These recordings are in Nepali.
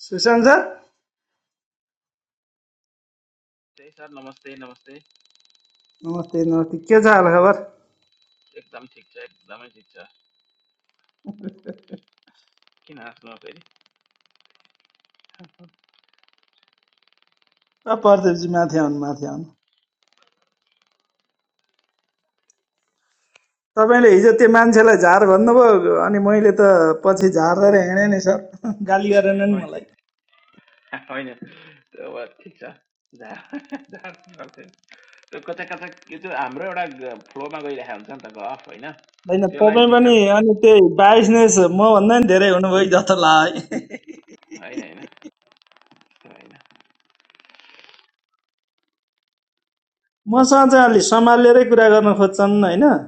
सुशान्त सर त्यही सर नमस्ते नमस्ते नमस्ते नमस्ते के छ हाल खबर एकदम ठिक छ एकदमै ठिक छ किन हाँस्नु फेरि अ प्रदीपजी माथि आउनु माथि आउनु तपाईँले हिजो त्यो मान्छेलाई झार भन्नुभयो अनि मैले त पछि झार्दै हिँडेँ नि सर गाली गरेन नि होइन मलाई होइन, त्यो अब ठिक छ जहाँ जहाँ गर्थ्यो। त्यो कता कता यो त्यो हाम्रो एउटा फ्लोमा गइरहेको हुन्छ नि त गफ होइन होइन त्यसलाई तपाईँ पनि डिस्टर्ब अनि त्यही बाइसनेस मभन्दा नि धेरै हुनुभयो जस्तो लाग्यो है होइन होइन त्यो होइन मसँग चाहिँ अलि सम्हालेरै कुरा गर्न खोज्छन् होइन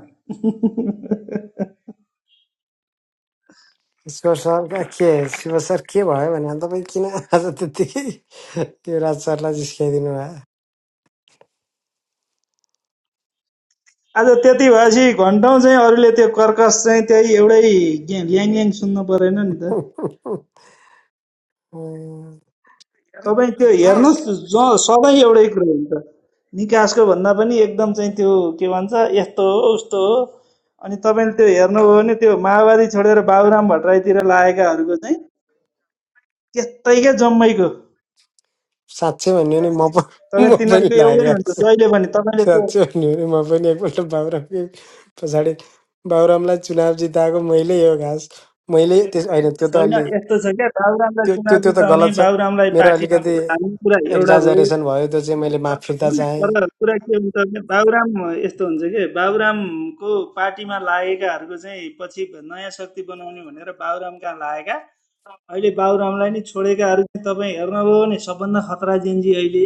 इसको सर के शिव सर के भयो भने अनि तपाईँ किन आज त्यत्तिकै त्यो राज सरलाई जिस्काइदिनु आज त्यति भएपछि घन्टौँ चाहिँ अरूले त्यो कर्कस चाहिँ त्यही एउटै ग्या- ल्याङ सुन्नु परेन नि त भयो अँ, तपाईँ त्यो हेर्नुहोस् ज सधैँ एउटै कुरो हुन्छ निकासको भन्दा पनि एकदम चाहिँ त्यो के भन्छ यस्तो हो उस्तो हो अनि तपाईँले त्यो हेर्नुभयो भने त्यो माओवादी छोडेर बाबुराम भट्टराईतिर लागेकाहरूको चाहिँ त्यस्तैकै जम्मैको साँच्चै भन्यो भने म प- तपाईँ म पनि तिनीहरूको एउटै हुन्छ लागेको जहिले पनि तपाईँले छु त्यो पछाडि बाबुरामलाई चुनाव जिताएको मैले यो घाँस मैले त्यस होइन त्यो त होइन अलि यस्तो छ क्या बाबुरामलाई त्यो त्यो चुनाव त्यो त जिताउने गलत छ बाबुरामलाई मेरो पार्टीमा अलिकति भोट हाल्ने कुरा एउटा भयो एक्जाजरेसन भयो त्यो चाहिँ मैले माफ फिर्ता होइन तर कुरा के हुन्छ भने बाबुराम यस्तो हुन्छ कि बाबुरामको पार्टीमा लागेकाहरूको चाहिँ पछि नयाँ शक्ति बनाउने भनेर बाबुराम कहाँ लागेका अहिले बाबुरामलाई नि छोडेकाहरू चाहिँ तपाईँ हेर्नुभयो भने सबभन्दा खतरा जेन्जी अहिले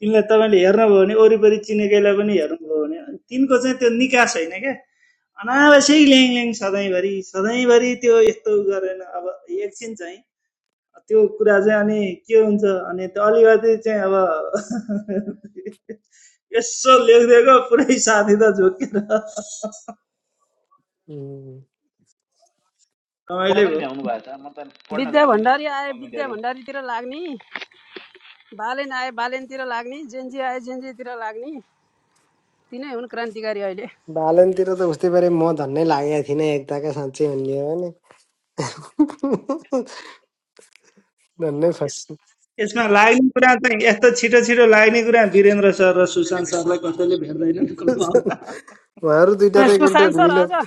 तिनलाई तपाईँले हेर्नुभयो भने वरिपरि चिनेकैलाई पनि हेर्नुभयो भने तिनको चाहिँ त्यो निकास होइन क्या अनावश्यक ल्याङ ल्याङ सधैँभरि सधैँभरि त्यो यस्तो गरेन अब एकछिन चाहिँ त्यो कुरा चाहिँ अनि के हुन्छ अनि त्यो अलिकति चाहिँ अब यसो लेखिदिएको पुरै साथी त झोकेर चाहेँ रमाइलै पढ्न पनि भयो भ्याउनु भएको छ म त पढ्न विद्या भ्याउँदिनँ भण्डारी त्यस्ता आए विद्या कमेन्टहरू भण्डारीतिर लाग्ने बालेन आए बालेनतिर लाग्ने जेन्जी आए जेन्जीतिर लाग्ने तिनै हुन् क्रान्तिकारी अहिले बालनतिर त उस्तै पारे म धन्नै लागेको थिइनँ एकताका साँच्चै भन्ने हो भने धन्नै फर्स्ट यसमा लाग्ने कुरा चाहिँ यस्तो छिटो छिटो लाग्ने कुरा वीरेन्द्र सर र सुशान्त सरलाई कसैले भेट्दैनन् क्लब हाउसमा। उहाँहरू दुइटा अनि त एकपल्ट सुशान्त सर मिलो अझ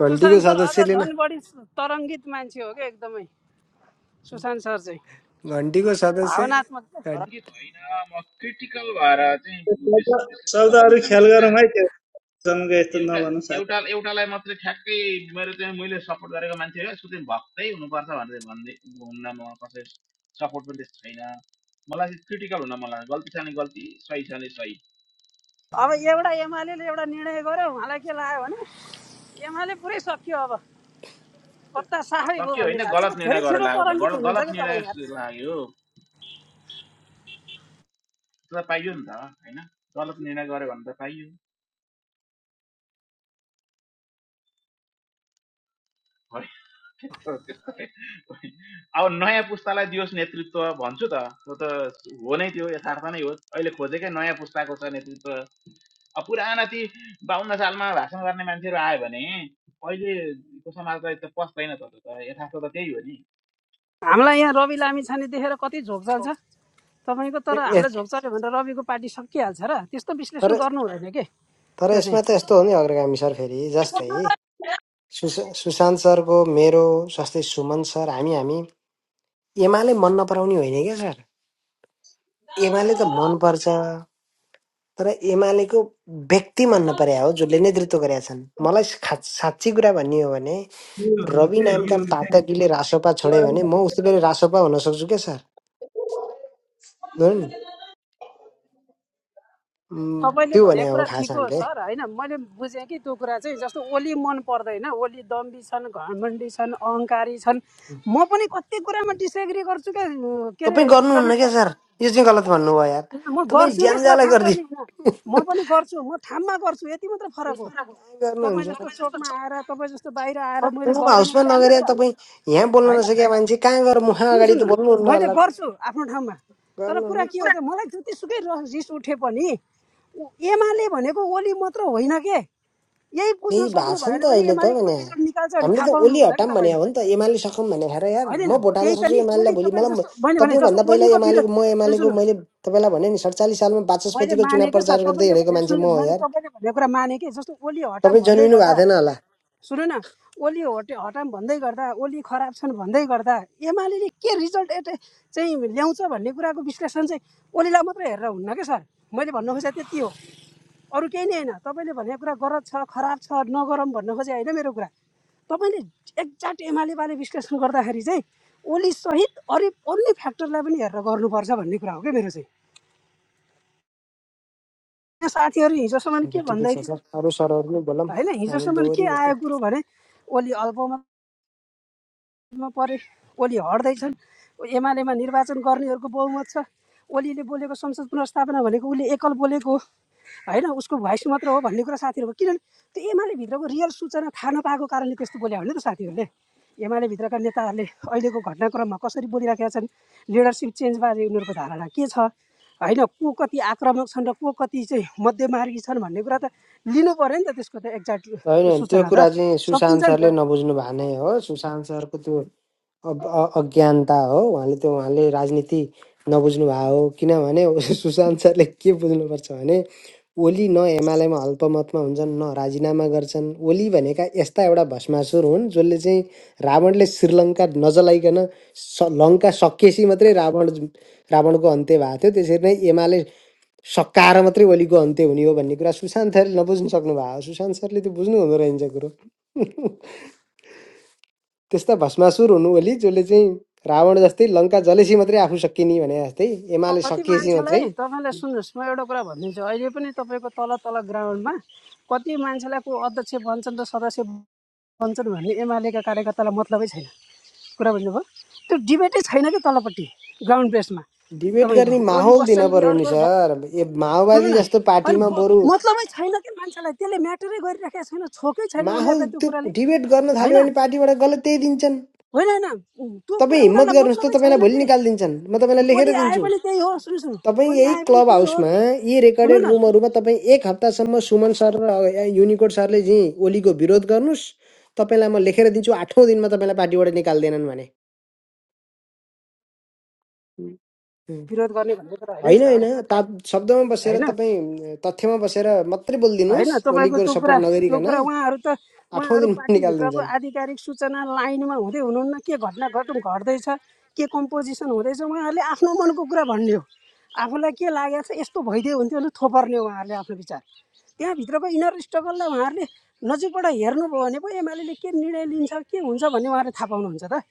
घन्टीको सुशान्त सर अझ सदस्यले न झन् बढी तरङ्गित मान्छे हो क्या एकदमै सुशान्त सर चाहिँ घन्टीको सदस्य भावनात्मक तर घन्- सङ्गीत होइन म क्रिटिकल भएर चाहिँ विस- विश्लेषण गर्न शब्दहरू ख्याल रुचाउँछु क्या गरौँ है त्यो सँग यस्तो एउटा नभनौँ साथी एउटा एउटालाई मात्रै ठ्याक्कै मेरो चाहिँ मैले सपोर्ट गरेको मान्छे हो यसको चाहिँ भक्तै हुनुपर्छ भनेर भन्दै हुन्न म कसै सपोर्ट पनि त्यस्तो छैन मलाई चाहिँ क्रिटिकल हुन मन लाग्छ गल्ती छ भने गल्ती सही छ भने सही अब एउटा एमाले एउटा निर्णय गर्यो उहाँलाई के लाग्यो भने एमाले पुरै सकियो अब पत्ता साफै भयो सक्यो भन्ने होइन लाग्छ गलत धेरै निर्णय गरेर छिटो लाग्यो त तरङ्गित गल- हुनुहुन्छ गलत क्या निर्णय तपाईँ जस्तो लाग्यो त्यो त पाइयो नि त होइन गलत निर्णय गर्यो भने त पाइयो होइन, त्यस्तो त्यस्तो होइन। अब नयाँ पुस्तालाई दियोस् नेतृत्व भन्छु त त्यो त हो नै त्यो यथार्थ नै हो अहिले खोजेकै नयाँ पुस्ताको छ नेतृत्व अब पुराना ती बाहन्न सालमा भाषण गर्ने मान्छेहरू आयो भने अहिलेको समाजलाई त पस्दैन त त्यो त यथार्थ त त्यही हो नि हामीलाई यहाँ रवि लामी छाने देखेर कति झोक चल्छ तपाईँको तर ए- ए- हामीलाई झोक चल्यो भने त रविको पार्टी सकिहाल्छ र त्यस्तो तर विश्लेषण गर्नु हुँदैन के तर त्यो चाहिँ यसमा त यस्तो हो नि अग्रगामी सर फेरि जस्तै सुस सुशान्त सरको मेरो जस्तै सुमन सर हामी हामी एमाले मन नपराउने होइन क्या सर एमाले त मनपर्छ तर एमालेको व्यक्ति मन नपरे हो जसले नेतृत्व गरेका छन् मलाई खास साँच्ची कुरा भन्ने हो भने के भन्नु रवि के नामका यो चाहिँ पाठकले रासोपा छोड्यो भने म उस्तै गरी रासोपा हुन सक्छु के सर हो नि उम्, तपाईँले त्यो भने भनेको हो कुरा खास ठिक हो हामीले सर होइन मैले बुझेँ कि त्यो कुरा चाहिँ जस्तो ओली मन पर्दैन ओली दम्बी छन् घमण्डी छन् अहङ्कारी छन् म पनि कति कुरामा डिसएग्री गर्छु क्या के तपाईँ अरे जनक गर्नुहुन्न क्या सर सर यो चाहिँ गलत भन्नुभयो यार म तपाईँ गर्छु कि ज्यान सर ज्याला नगर्ने गरिदिनु होइन म पनि गर्छु म ठाममा गर्छु यति मात्र फरक हो कहाँ तपाईँ गर्नुहुन्छ जस्तो चोकमा आएर तपाईँ जस्तो बाहिर आएर मैले क्लब गर्दिनँ हाउसमा मेरो राम्रो नगरे कुरा हो तपाईँ यहाँ बोल्न होइन नसकेका मान्छे कहाँ गएर मुख सुन्नु अगाडि त सुन्नु बोल्नुहुन्न मैले होला त। गर्छु आफ्नो ठाउँमा तर कुरा गर्नुहुन्न के हो त मलाई जतिसुकै र- रिस उठे पनि उ- एमाले भनेको ओली मात्र होइन के यही बुझ्न त्यही भएको सक्नु छ नि भएन त भने अहिले त एमाले कुन भने रिजल्ट निकाल्छ भने हामीले थाहा त पाउनु ओली हुन्न कि हटाम भने तपाईँले हो नि त एमाले सकौँ भने हेर यार होइन म भोट हाल्न त्यही त सक्छु नि एमालेलाई ओली भोलि तपाईँले मलाई म- जस्तो मैले भने जस्तो तपाईँभन्दा पहिला ओलीको विरोध एमालेको म सुन्नु एमालेको सुन्नु मैले तपाईँलाई भने नि सडचालिस सालमा मैले वाचस्पतिको चुनाव माने कि सर प्रचार गर्दै तपाईँले हिँडेको भनेको मान्छे सुन्नु म हो मैले यार तपाईँले भनेको कुरा माने कि जस्तो ओली हटाम तपाईँ भन्दै जन्मिनु गर्दा भएको थिएन होला सुन न ओली हटे हटाम भन्दै गर्दा ओली खराब छन् भन्दै गर्दा एमाले के रिजल्ट एट चाहिँ ल्याउँछ भन्ने कुराको विश्लेषण चाहिँ ओलीलाई मात्रै हेरेर हुन्न क्या सर मैले भन्नु खोजेँ त्यति हो अरू केही नै होइन तपाईँले भनेको कुरा गलत छ खराब छ नगरौँ भन्न खोजेँ होइन मेरो कुरा तपाईँले एक्ज्याक्ट एमालेबारे विश्लेषण गर्दाखेरि चाहिँ ओली सहित अरू अन्य फ्याक्टरलाई पनि हेरेर गर्नुपर्छ भन्ने कुरा हो क्या मेरो चाहिँ साथीहरू हिजोसम्म के हुन्छ ठिकै भन्दै छ थियो सर अरू सरहरू नै बोलौँ होइन हामी हिजोसम्म के दोहोरी भयो आयो कुरो भने ओली अल्पमत मा परे ओली हट्दैछन् एमालेमा निर्वाचन गर्नेहरूको बहुमत छ ओलीले बोलेको संसद पुनर्स्थापना भनेको उसले एकल बोलेको हो उसको भोइस मात्र हो भन्ने कुरा साथीहरूको किनभने त्यो एमाले भित्रको रियल सूचना थाहा नपाएको कारणले त्यस्तो बोले हो त साथीहरूले एमाले भित्रका नेताहरूले अहिलेको घटनाक्रममा कसरी बोलिराखेका छन् लिडरसिप चेन्जबारे उनीहरूको धारणा के छ होइन को कति आक्रामक छन् र को कति चाहिँ मध्यमार्गी छन् भन्ने कुरा त लिनु पऱ्यो नि त त्यसको त एक्ज्याक्ट होइन त्यो सूचना त कुरा चाहिँ सकिन्छ सुशान्त नि सरले त नबुझ्नु भए नै हो सुशान्त सरको त्यो अब अ- अज्ञानता हो उहाँले त्यो उहाँले राजनीति नबुझ्नु भएको हो किनभने सुशान्त सरले के बुझ्नुपर्छ भने ओली न एमालेमा अल्पमतमा हुन्छन् न राजीनामा गर्छन् ओली भनेका यस्ता एउटा भष्मासुर हुन् जसले चाहिँ रावणले श्रीलङ्का नजलाइकन स लङ्का सकिएपछि मात्रै रावण रावणको अन्त्य भएको थियो त्यसरी नै एमाले सकाएर मात्रै ओलीको अन्त्य हुने हो भन्ने कुरा सुशान्त सरले नबुझ्नु सक्नु भएको हो। सुशान्त सरले त्यो बुझ्नु हुँदो रहेछ कुरो त्यस्ता भष्मासुर हुनु ओली जसले चाहिँ रावण जस्तै लङ्का जलेसी मात्रै आफू सकिने भने जस्तै एमाले कति सकिएपछि मात्रै मान्छेलाई तपाईँलाई सुन्नुहोस् म एउटा कुरा भनिदिन्छु अहिले पनि तपाईँको तल तल ग्राउन्डमा कति मान्छेलाई को अध्यक्ष बन्छन् र सदस्य बन्छन् भन्ने एमालेका कार्यकर्तालाई मतलबै छैन कुरा बुझ्नुभयो त्यो डिबेटै छैन कि तलपट्टि ग्राउन्ड बेसमा डिबेट गर्ने तपाईँको ओली माहौल दिन बस्छन् कि पर्यो नि अर्को भ- सर ए सुन्नु माओवादी न जस्तो अनि पार्टीमा ब- बरु मतलबै छैन कि मान्छेलाई त्यसले म्याटरै गरिराखेको छैन छोकै छैन माहौल उनीहरूलाई त्यो त्यो कुराले डिबेट गर्न होइन थाल्यो भने पार्टीबाट गलत त्यही दिन्छन् होइन होइन त्यो कुरा तपाईँ हिम्मत उनीहरूलाई गर्नुहोस् त मतलबै छैन तपाईँलाई भोलि कि निकालिदिन्छन् म तपाईँलाई लेखेर ओली आए दिन्छु पनि त्यही हो सुन्नु सुन्नु तपाईँ ओली यही आए पनि क्लब त्यही हो हाउसमा यी सुन्नु रेकर्डेड न रुमहरूमा तपाईँ एक हप्तासम्म सुमन सर र युनिकोड सरले चाहिँ ओलीको विरोध गर्नुहोस् तपाईँलाई म लेखेर दिन्छु आठौँ दिनमा तपाईँलाई पार्टीबाट निकाल्दैनन् भने विरोध गर्ने भन्ने कुरा होइन है होइन होइन सर ता शब्दमा बसेर होइन तपाईँ तथ्यमा बसेर मात्रै बोलिदिनुहोस् होइन तपाईँको ओलीको त्यो सपोर्ट कुरा त्यो नगरिकन कुरा उहाँहरू त आठौँ उहाँहरू दिनमा पार्टीभित्रको निकालिदिन्छन् आधिकारिक सूचना लाइनमा हुँदै हुनुहुन्न के घटना घटुङ घट्दैछ के कम्पोजिसन हुँदैछ उहाँहरूले आफ्नो मनको कुरा भन्ने हो आफूलाई के लागेको छ यस्तो भइदियो हुन्थ्यो भने थोपर्ने उहाँहरूले आफ्नो विचार त्यहाँभित्रको इनर स्ट्रगललाई उहाँहरूले नजिकबाट हेर्नुभयो भने पो एमाले के निर्णय लिन्छ के हुन्छ भन्ने उहाँहरूले थाहा पाउनुहुन्छ त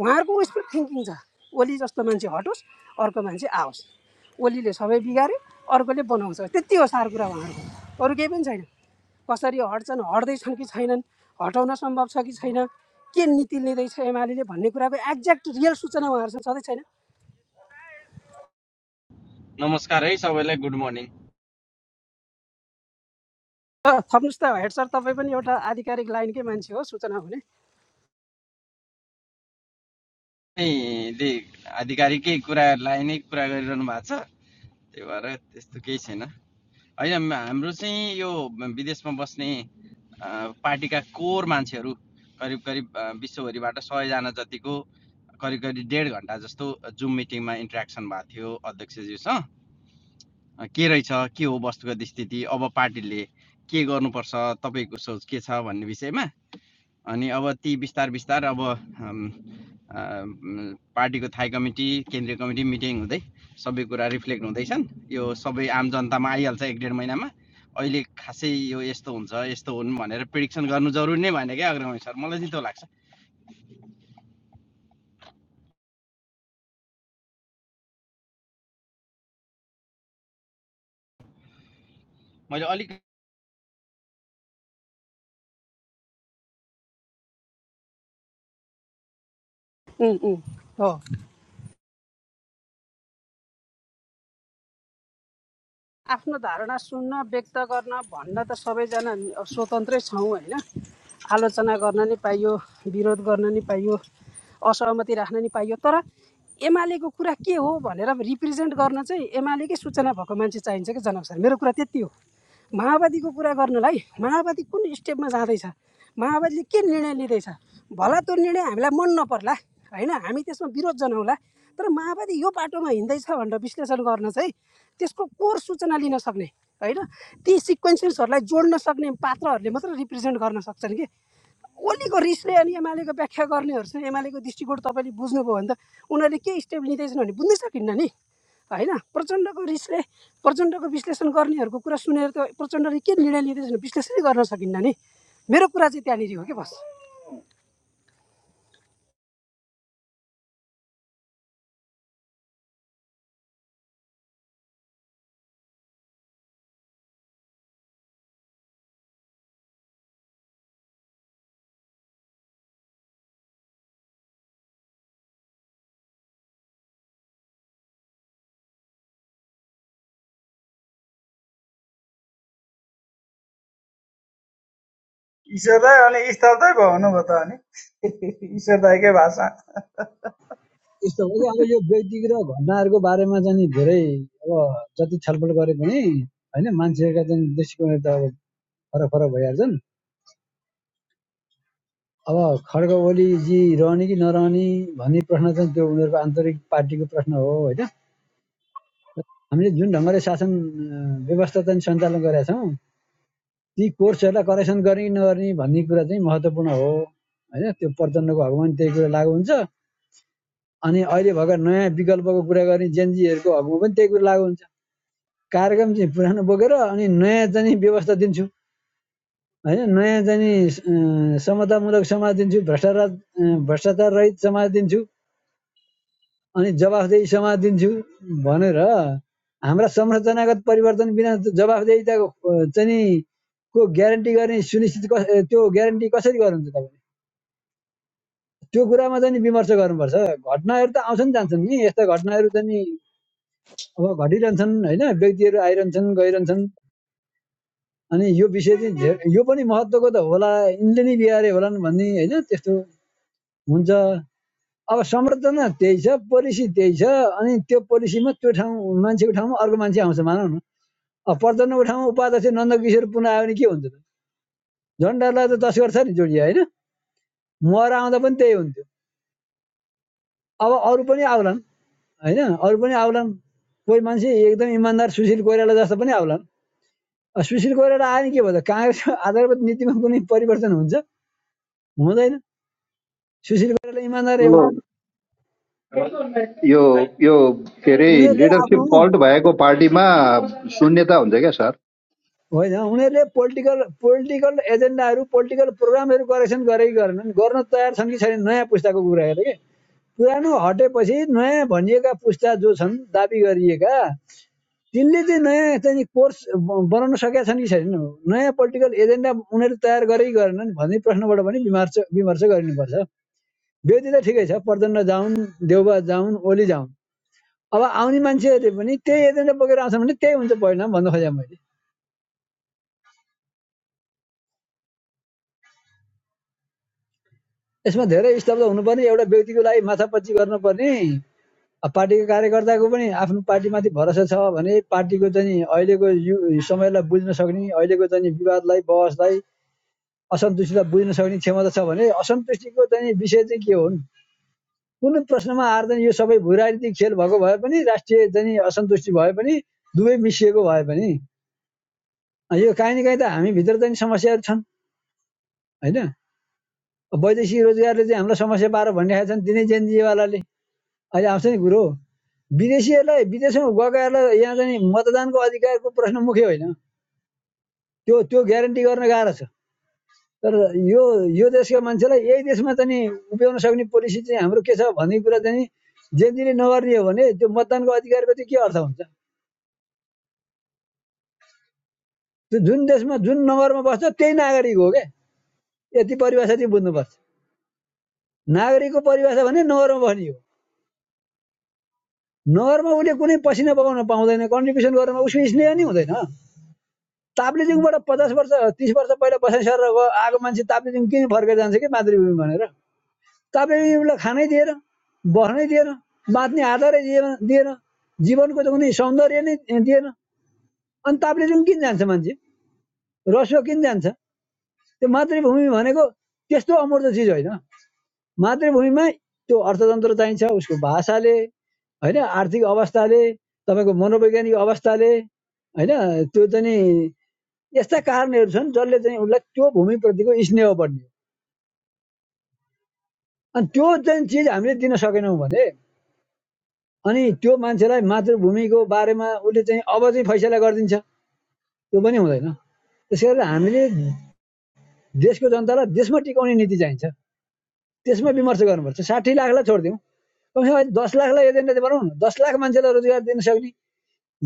उहाँहरूको उयसमा थिङ्किङ छ ओली जस्तो मान्छे हटोस् अर्को मान्छे आओस् ओलीले सबै बिगाऱ्यो अर्कोले बनाउँछ त्यति हो सार कुरा उहाँहरूको अरू केही पनि छैन कसरी हट्छन् हट्दैछन् कि छैनन् हटाउन सम्भव छ कि छैन के नीति लिँदैछ एमाले भन्ने कुराको एक्ज्याक्ट रियल सूचना उहाँहरूसँग छँदै छैन नमस्कार है सबैलाई गुड मर्निङ थप्नुहोस् त हेड सर तपाईँ पनि एउटा आधिकारिक लाइनकै मान्छे हो सूचना हुने यहाँले आधिकारिकै कुरालाई नै कुरा गरिरहनु भएको छ त्यही भएर त्यस्तो केही छैन होइन म- हाम्रो चाहिँ यो विदेशमा बस्ने अ, पार्टीका कोर मान्छेहरू करिब करिब अ, विश्वभरिबाट सयजना जतिको करिब करिब डेढ घन्टा जस्तो जुम मिटिङमा इन्ट्रेक्सन भएको थियो अध्यक्षज्यूसँग के रहेछ के हो वस्तुगत स्थिति अब पार्टीले के गर्नुपर्छ तपाईँको सोच के छ भन्ने विषयमा अनि अब ती बिस्तार बिस्तार अब अम्, अम्, पार्टीको थाई कमिटी केन्द्रीय कमिटी मिटिङ हुँदै सबै कुरा रिफ्लेक्ट हुँदैछन् यो सबै आम जनतामा आइहाल्छ एक डेढ महिनामा अहिले खासै यो यस्तो हुन्छ यस्तो हुन् भनेर प्रिडिक्सन गर्नु जरुरी नै भएन क्या अग्रगामी सर मलाई चाहिँ त्यो लाग्छ मैले अलिक हो आफ्नो धारणा सुन्न व्यक्त गर्न भन्न त सबैजना स्वतन्त्रै छौँ होइन आलोचना गर्न नि पाइयो विरोध गर्न नि पाइयो असहमति राख्न नि पाइयो तर एमालेको कुरा के हो भनेर रिप्रेजेन्ट गर्न चाहिँ एमालेकै सूचना भएको मान्छे चाहिन्छ कि जनकसर मेरो कुरा त्यति हो माओवादीको कुरा गर्नलाई माओवादी कुन स्टेपमा जाँदैछ माओवादीले के निर्णय लिँदैछ भला त्यो निर्णय हामीलाई मन नपर्ला होइन हामी त्यसमा विरोध जनाउला तर माओवादी यो बाटोमा हिँड्दैछ भनेर विश्लेषण गर्न चाहिँ त्यसको कोर सूचना लिन सक्ने होइन ती सिक्वेन्सेसहरूलाई जोड्न सक्ने पात्रहरूले मात्र रिप्रेजेन्ट गर्न सक्छन् कि ओलीको रिसले अनि एमालेको व्याख्या गर्नेहरूसँग एमालेको दृष्टिकोण तपाईँले बुझ्नुभयो भने त उनीहरूले के स्टेप लिँदैछन् भने बुझ्नै सकिन्न नि होइन प्रचण्डको रिसले प्रचण्डको विश्लेषण गर्नेहरूको कुरा सुनेर त प्रचण्डले के निर्णय लिँदैछन् विश्लेषणै गर्न सकिन्न नि मेरो कुरा चाहिँ त्यहाँनिर हो कि बस ईश्वरदाय अनि स्थलदाय भयो हुनुभयो त अनि ईश्वरदायकै भाषा यस्तो हो कि अब यो व्यक्तिगत र घटनाहरूको बारेमा चाहिँ नि धेरै अब जति छलफल गरे पनि होइन मान्छेहरूका चाहिँ दृष्टिकोण त अब फरक फरक भइहाल्छन् अब खड्ग ओलीजी रहने कि नरहने भन्ने प्रश्न चाहिँ त्यो उनीहरूको आन्तरिक पार्टीको प्रश्न हो होइन हामीले जुन ढङ्गले शासन व्यवस्था चाहिँ सञ्चालन गरेका छौँ ती कोर्सहरूलाई करेक्सन गर्ने कि नगर्ने भन्ने कुरा चाहिँ महत्त्वपूर्ण हो होइन त्यो प्रचण्डको हकमा पनि त्यही कुरा लागु हुन्छ अनि अहिले भर्खर नयाँ विकल्पको कुरा गर्ने जेनजीहरूको हकमा पनि त्यही कुरा लागु हुन्छ कार्यक्रम चाहिँ पुरानो बोकेर अनि नयाँ चाहिँ नि व्यवस्था दिन्छु होइन नयाँ चाहिँ नि समतामूलक समाज दिन्छु भ्रष्टाचार भ्रष्टाचार रहित समाज दिन्छु अनि जवाफदेही समाज दिन्छु भनेर हाम्रा संरचनागत परिवर्तन बिना जवाफदेहिताको अ, चाहिँ नि को ग्यारेन्टी गर्ने सुनिश्चित कस ए, त्यो ग्यारेन्टी कसरी गर्नुहुन्छ तपाईँले त्यो कुरामा चाहिँ विमर्श गर्नुपर्छ घटनाहरू त आउँछन् जान्छन् नि यस्ता घटनाहरू चाहिँ अब घटिरहन्छन् होइन व्यक्तिहरू आइरहन्छन् गइरहन्छन् अनि यो विषय चाहिँ धे- यो पनि महत्त्वको त होला यिनले नै बिगारे होलान् भन्ने होइन त्यस्तो हुन्छ अब संरचना त्यही छ पोलिसी त्यही छ अनि त्यो पोलिसीमा त्यो ठाउँ मान्छेको ठाउँमा अर्को मान्छे आउँछ मानौ न अब पर्यटनको ठाउँमा उपाध्यक्ष नन्दकिशोर पुनः आयो भने के हुन्छ त झन्डालाई त तस्कर छ नि जोडिया होइन मर आउँदा पनि त्यही हुन्थ्यो अब अरू पनि आउलान् होइन अरू पनि आउलान् कोही मान्छे एकदम इमान्दार सुशील कोइराला जस्तो पनि आउलान् सुशील कोइराला आयो भने के भयो त काङ्ग्रेसको आधारभूत नीतिमा कुनै परिवर्तन हुन्छ हुँदैन सुशील कोइराला इमान्दारै यो हो यो यो के अरे उनीहरूले आफ्नो लिडरसिप फल्ट भएको पार्टीमा शून्यता हुन्छ क्या सर होइन उनीहरूले पोलिटिकल पोलिटिकल एजेन्डाहरू पोलिटिकल प्रोग्रामहरू करेक्सन गरे कि गरेनन् गर्न तयार छन् कि छैनन् नयाँ पुस्ताको कुरा हेर कि पुरानो हटेपछि नयाँ भनिएका पुस्ता जो छन् दाबी गरिएका तिनले चाहिँ नयाँ चाहिँ नि कोर्स बनाउन सकेका छन् कि छैनन् नयाँ पोलिटिकल एजेन्डा उनीहरू तयार गरे गरेनन् भन्ने प्रश्नबाट पनि विमर्श विमर्श गरिनुपर्छ व्यक्ति त ठिकै छ प्रचण्ड जाउन् देउबा जाउन् ओली जाउन् अब आउने मान्छेहरूले पनि त्यही एजेन्डा बोकेर आउँछ भने त्यही हुन्छ परिणाम भन्नु खोजेँ मैले यसमा धेरै स्तब्ध हुनुपर्ने एउटा व्यक्तिको लागि माथापच्ची गर्नुपर्ने अब पार्टीको कार्यकर्ताको पनि आफ्नो पार्टीमाथि भरोसा छ भने पार्टीको चाहिँ अहिलेको समयलाई बुझ्न सक्ने अहिलेको चाहिँ विवादलाई बहसलाई असन्तुष्टिलाई बुझ्न सक्ने क्षमता छ भने असन्तुष्टिको चाहिँ विषय चाहिँ के हुन् कुनै प्रश्नमा आएर चाहिँ यो सबै भू खेल भएको भए पनि राष्ट्रिय चाहिँ असन्तुष्टि भए पनि दुवै मिसिएको भए पनि यो काहीँ न काहीँ त हामीभित्र चाहिँ समस्याहरू छन् होइन वैदेशिक रोजगारले चाहिँ हामीलाई समस्या पार भनिरहेका छन् दिनै जेएनजीवालाले अहिले आउँछ नि कुरो विदेशीहरूलाई विदेशमा गएकाहरूलाई यहाँ चाहिँ मतदानको अधिकारको प्रश्न मुख्य होइन त्यो त्यो ग्यारेन्टी गर्न गाह्रो छ तर यो यो देशका मान्छेलाई यही देशमा चाहिँ उभ्याउन सक्ने पोलिसी चाहिँ हाम्रो के छ भन्ने कुरा चाहिँ जेएनजीले नगर्ने हो भने त्यो मतदानको अधिकारको चाहिँ के अर्थ हुन्छ त्यो जुन देशमा जुन नगरमा बस्छ त्यही नागरिक हो क्या यति परिभाषा चाहिँ बुझ्नुपर्छ नागरिकको परिभाषा भने नगरमा बस्ने हो नगरमा उसले कुनै पसिना बगाउन पाउँदैन कन्ट्रिब्युसन गरेरमा उसको स्नेह नै हुँदैन ताप्लेजुङबाट पचास वर्ष तिस वर्ष पहिला बसाइ सरेर आएको मान्छे ताप्लेजुङ किन फर्केर जान्छ कि मातृभूमि भनेर ताप्लेजुङलाई खानै दिएर बस्नै दिएन बाँच्ने आधारै दिएन जीवनको त कुनै सौन्दर्य नै दिएन अनि ताप्लेजुङ किन जान्छ मान्छे रसो किन जान्छ त्यो मातृभूमि भनेको त्यस्तो अमूर्त चिज होइन मातृभूमिमा त्यो अर्थतन्त्र चाहिन्छ उसको भाषाले होइन आर्थिक अवस्थाले तपाईँको मनोवैज्ञानिक अवस्थाले होइन त्यो चाहिँ नि यस्ता कारणहरू छन् जसले चाहिँ उसलाई त्यो भूमिप्रतिको स्नेह बढ्ने अनि त्यो चाहिँ चिज हामीले दिन सकेनौँ भने अनि त्यो मान्छेलाई मातृभूमिको बारेमा उसले चाहिँ अब चाहिँ फैसला गरिदिन्छ त्यो पनि हुँदैन त्यस हामीले देशको जनतालाई देशमा टिकाउने नीति चाहिन्छ त्यसमा विमर्श गर्नुपर्छ साठी लाखलाई छोडिदिउँ कमसेकम दस लाखलाई एजेन्डा चाहिँ बनाउनु दस लाख मान्छेलाई रोजगार दिन सक्ने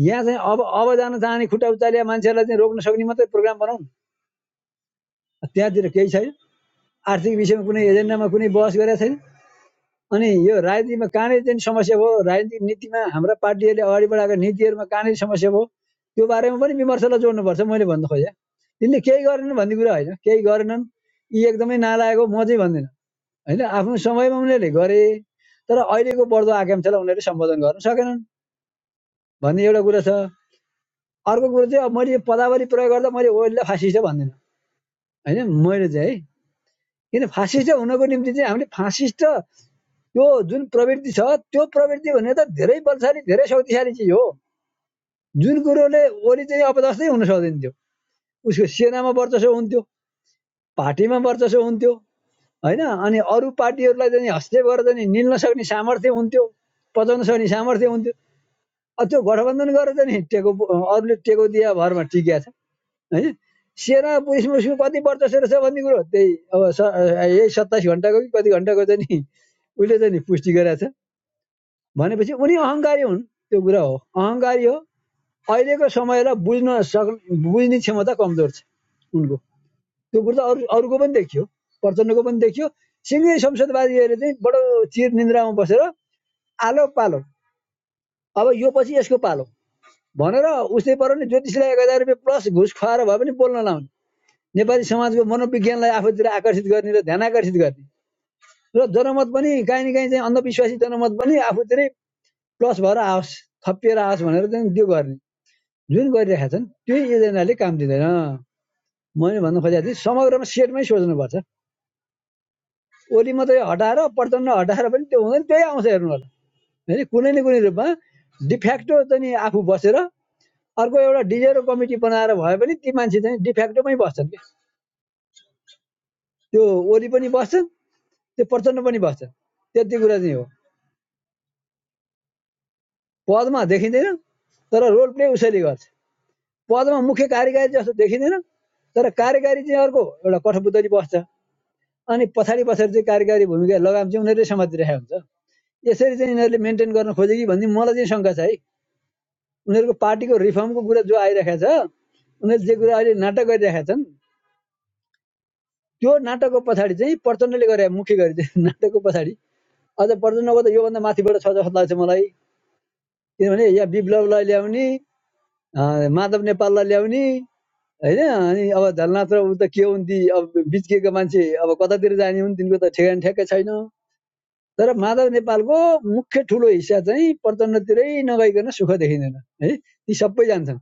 यहाँ चाहिँ अब अब जान चाहने खुट्टा उचालिया मान्छेहरूलाई चाहिँ रोक्न सक्ने मात्रै प्रोग्राम बनाउनु त्यहाँतिर केही छैन आर्थिक विषयमा कुनै एजेन्डामा कुनै बहस गरेका छैन अनि यो राजनीतिमा कहाँनिर चाहिँ समस्या भयो राजनीतिक नीतिमा हाम्रा पार्टीहरूले अगाडि बढाएको नीतिहरूमा कहाँनिर समस्या भयो त्यो बारेमा पनि विमर्शलाई जोड्नुपर्छ मैले भन्नु खोजेँ तिनले केही गरेनन् भन्ने कुरा होइन केही गरेनन् यी एकदमै नालायक हो म चाहिँ भन्दिनँ होइन आफ्नो समयमा उनीहरूले गरे तर अहिलेको बढ्दो आकाङ्क्षालाई उनीहरूले सम्बोधन गर्न सकेनन् भन्ने एउटा कुरा छ अर्को कुरो चाहिँ अब मैले पदावली प्रयोग गर्दा मैले ओइललाई फासिस्ट भन्दिनँ होइन मैले चाहिँ है किन फासिस्ट हुनको निम्ति चाहिँ हामीले फासिस्ट त्यो जुन प्रवृत्ति छ त्यो प्रवृत्ति भने त धेरै बलशाली धेरै शक्तिशाली चिज हो जुन कुरोले ओली चाहिँ अब जस्तै हुन सक्दैन थियो उसको सेनामा वर्चस्व हुन्थ्यो पार्टीमा वर्चस्व हुन्थ्यो होइन अनि अरू पार्टीहरूलाई चाहिँ हस्तक्षेप गरेर चाहिँ निल्न सक्ने सामर्थ्य हुन्थ्यो पचाउन सक्ने सामर्थ्य हुन्थ्यो अब त्यो गठबन्धन गरेर चाहिँ नि टेको अरूले टेको दिया भरमा टिकिया छ है सेना पुलिस मुलिसको कति वर्चस्व रहेछ भन्ने कुरो त्यही अब स- यही सत्ताइस घन्टाको कि कति घन्टाको चाहिँ नि उसले चाहिँ नि पुष्टि गरेको छ भनेपछि उनी अहङ्कारी हुन् त्यो कुरा हो अहङ्कारी हो अहिलेको समयलाई बुझ्न सक् बुझ्ने क्षमता कमजोर छ उनको त्यो कुरो त अरू अरूको पनि देखियो प्रचण्डको पनि देखियो सिङ्गै संसदवादीहरूले चाहिँ बडो चिर निन्द्रामा बसेर आलो पालो अब यो पछि यसको पालो भनेर उसले पर नि ज्योतिषलाई एक हजार रुपियाँ प्लस घुस खुवाएर भए पनि बोल्न लाउने नेपाली समाजको मनोविज्ञानलाई आफूतिर आकर्षित गर्ने र ध्यान आकर्षित गर्ने र जनमत पनि काहीँ न काहीँ चाहिँ अन्धविश्वासी जनमत पनि आफूतिरै प्लस भएर आओस् थपिएर आओस् भनेर चाहिँ त्यो गर्ने जुन गरिरहेका छन् त्यही एजेन्डाले काम दिँदैन मैले भन्नु खोजेको थिएँ समग्रमा सेटमै सोच्नुपर्छ ओली मात्रै हटाएर प्रचण्ड हटाएर पनि त्यो हुँदैन त्यही आउँछ हेर्नु होला होइन कुनै न कुनै रूपमा डिफ्याक्टो चाहिँ आफू बसेर अर्को एउटा डिजेरो कमिटी बनाएर भए पनि ती मान्छे चाहिँ डिफ्याक्टोमै बस्छन् क्या। त्यो ओली पनि बस्छन् त्यो प्रचण्ड पनि बस्छन् त्यति कुरा चाहिँ हो पदमा देखिँदैन तर रोल प्ले उसैले गर्छ पदमा मुख्य कार्यकारी जस्तो देखिँदैन तर कार्यकारी चाहिँ अर्को एउटा कठपुतली बस्छ अनि पछाडि पछाडि चाहिँ कार्यकारी भूमिका लगाम चाहिँ उनीहरूले समातिरहेको हुन्छ यसरी चाहिँ यिनीहरूले मेन्टेन गर्न खोजे कि भन्ने मलाई चाहिँ शङ्का छ है उनीहरूको पार्टीको रिफर्मको कुरा जो आइरहेको छ उनीहरूले जे कुरा अहिले नाटक गरिरहेका छन् त्यो नाटकको पछाडि चाहिँ प्रचण्डले गरे मुख्य गरी नाटकको पछाडि अझ प्रचण्डको त योभन्दा माथिबाट छ जस्तो लाग्छ मलाई किनभने यहाँ विप्लवलाई ल्याउने अँ, माधव नेपाललाई ल्याउने होइन अनि अब झलनाथ र ऊ त के हुन् अब बिच्किएको मान्छे अब कतातिर जाने हुन् तिनको त ठेगान ठ्याक्कै छैन तर माधव नेपालको मुख्य ठुलो हिस्सा चाहिँ प्रचण्डतिरै नगइकन सुख देखिँदैन है ती सबै जान्छन्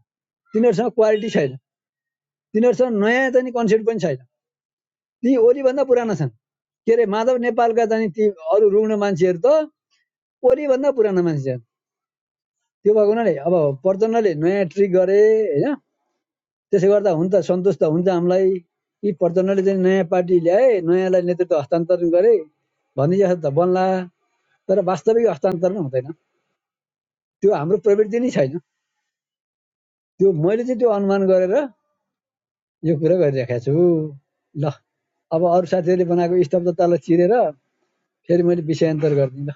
तिनीहरूसँग क्वालिटी छैन तिनीहरूसँग नयाँ चाहिँ कन्सेप्ट पनि छैन ती ओलीभन्दा पुराना छन् के अरे माधव नेपालका चाहिँ ती अरू रुग्ण मान्छेहरू त ओलीभन्दा पुराना मान्छे छन् त्यो भएको हुनाले अब प्रचण्डले नयाँ ट्रिक गरे होइन त्यसो गर्दा हुन्छ सन्तोष त हुन्छ हामीलाई यी प्रचण्डले चाहिँ नयाँ पार्टी ल्याए नयाँलाई नेतृत्व हस्तान्तरण गरे भन्ने जस्तो त बन्ला तर वास्तविक हस्तान्तरण हुँदैन त्यो हाम्रो प्रवृत्ति नै छैन त्यो मैले चाहिँ त्यो अनुमान गरेर यो कुरा गरिरहेको छु ल अब अरू साथीहरूले बनाएको स्तब्धतालाई चिरेर फेरि मैले विषयान्तर गरिदिएँ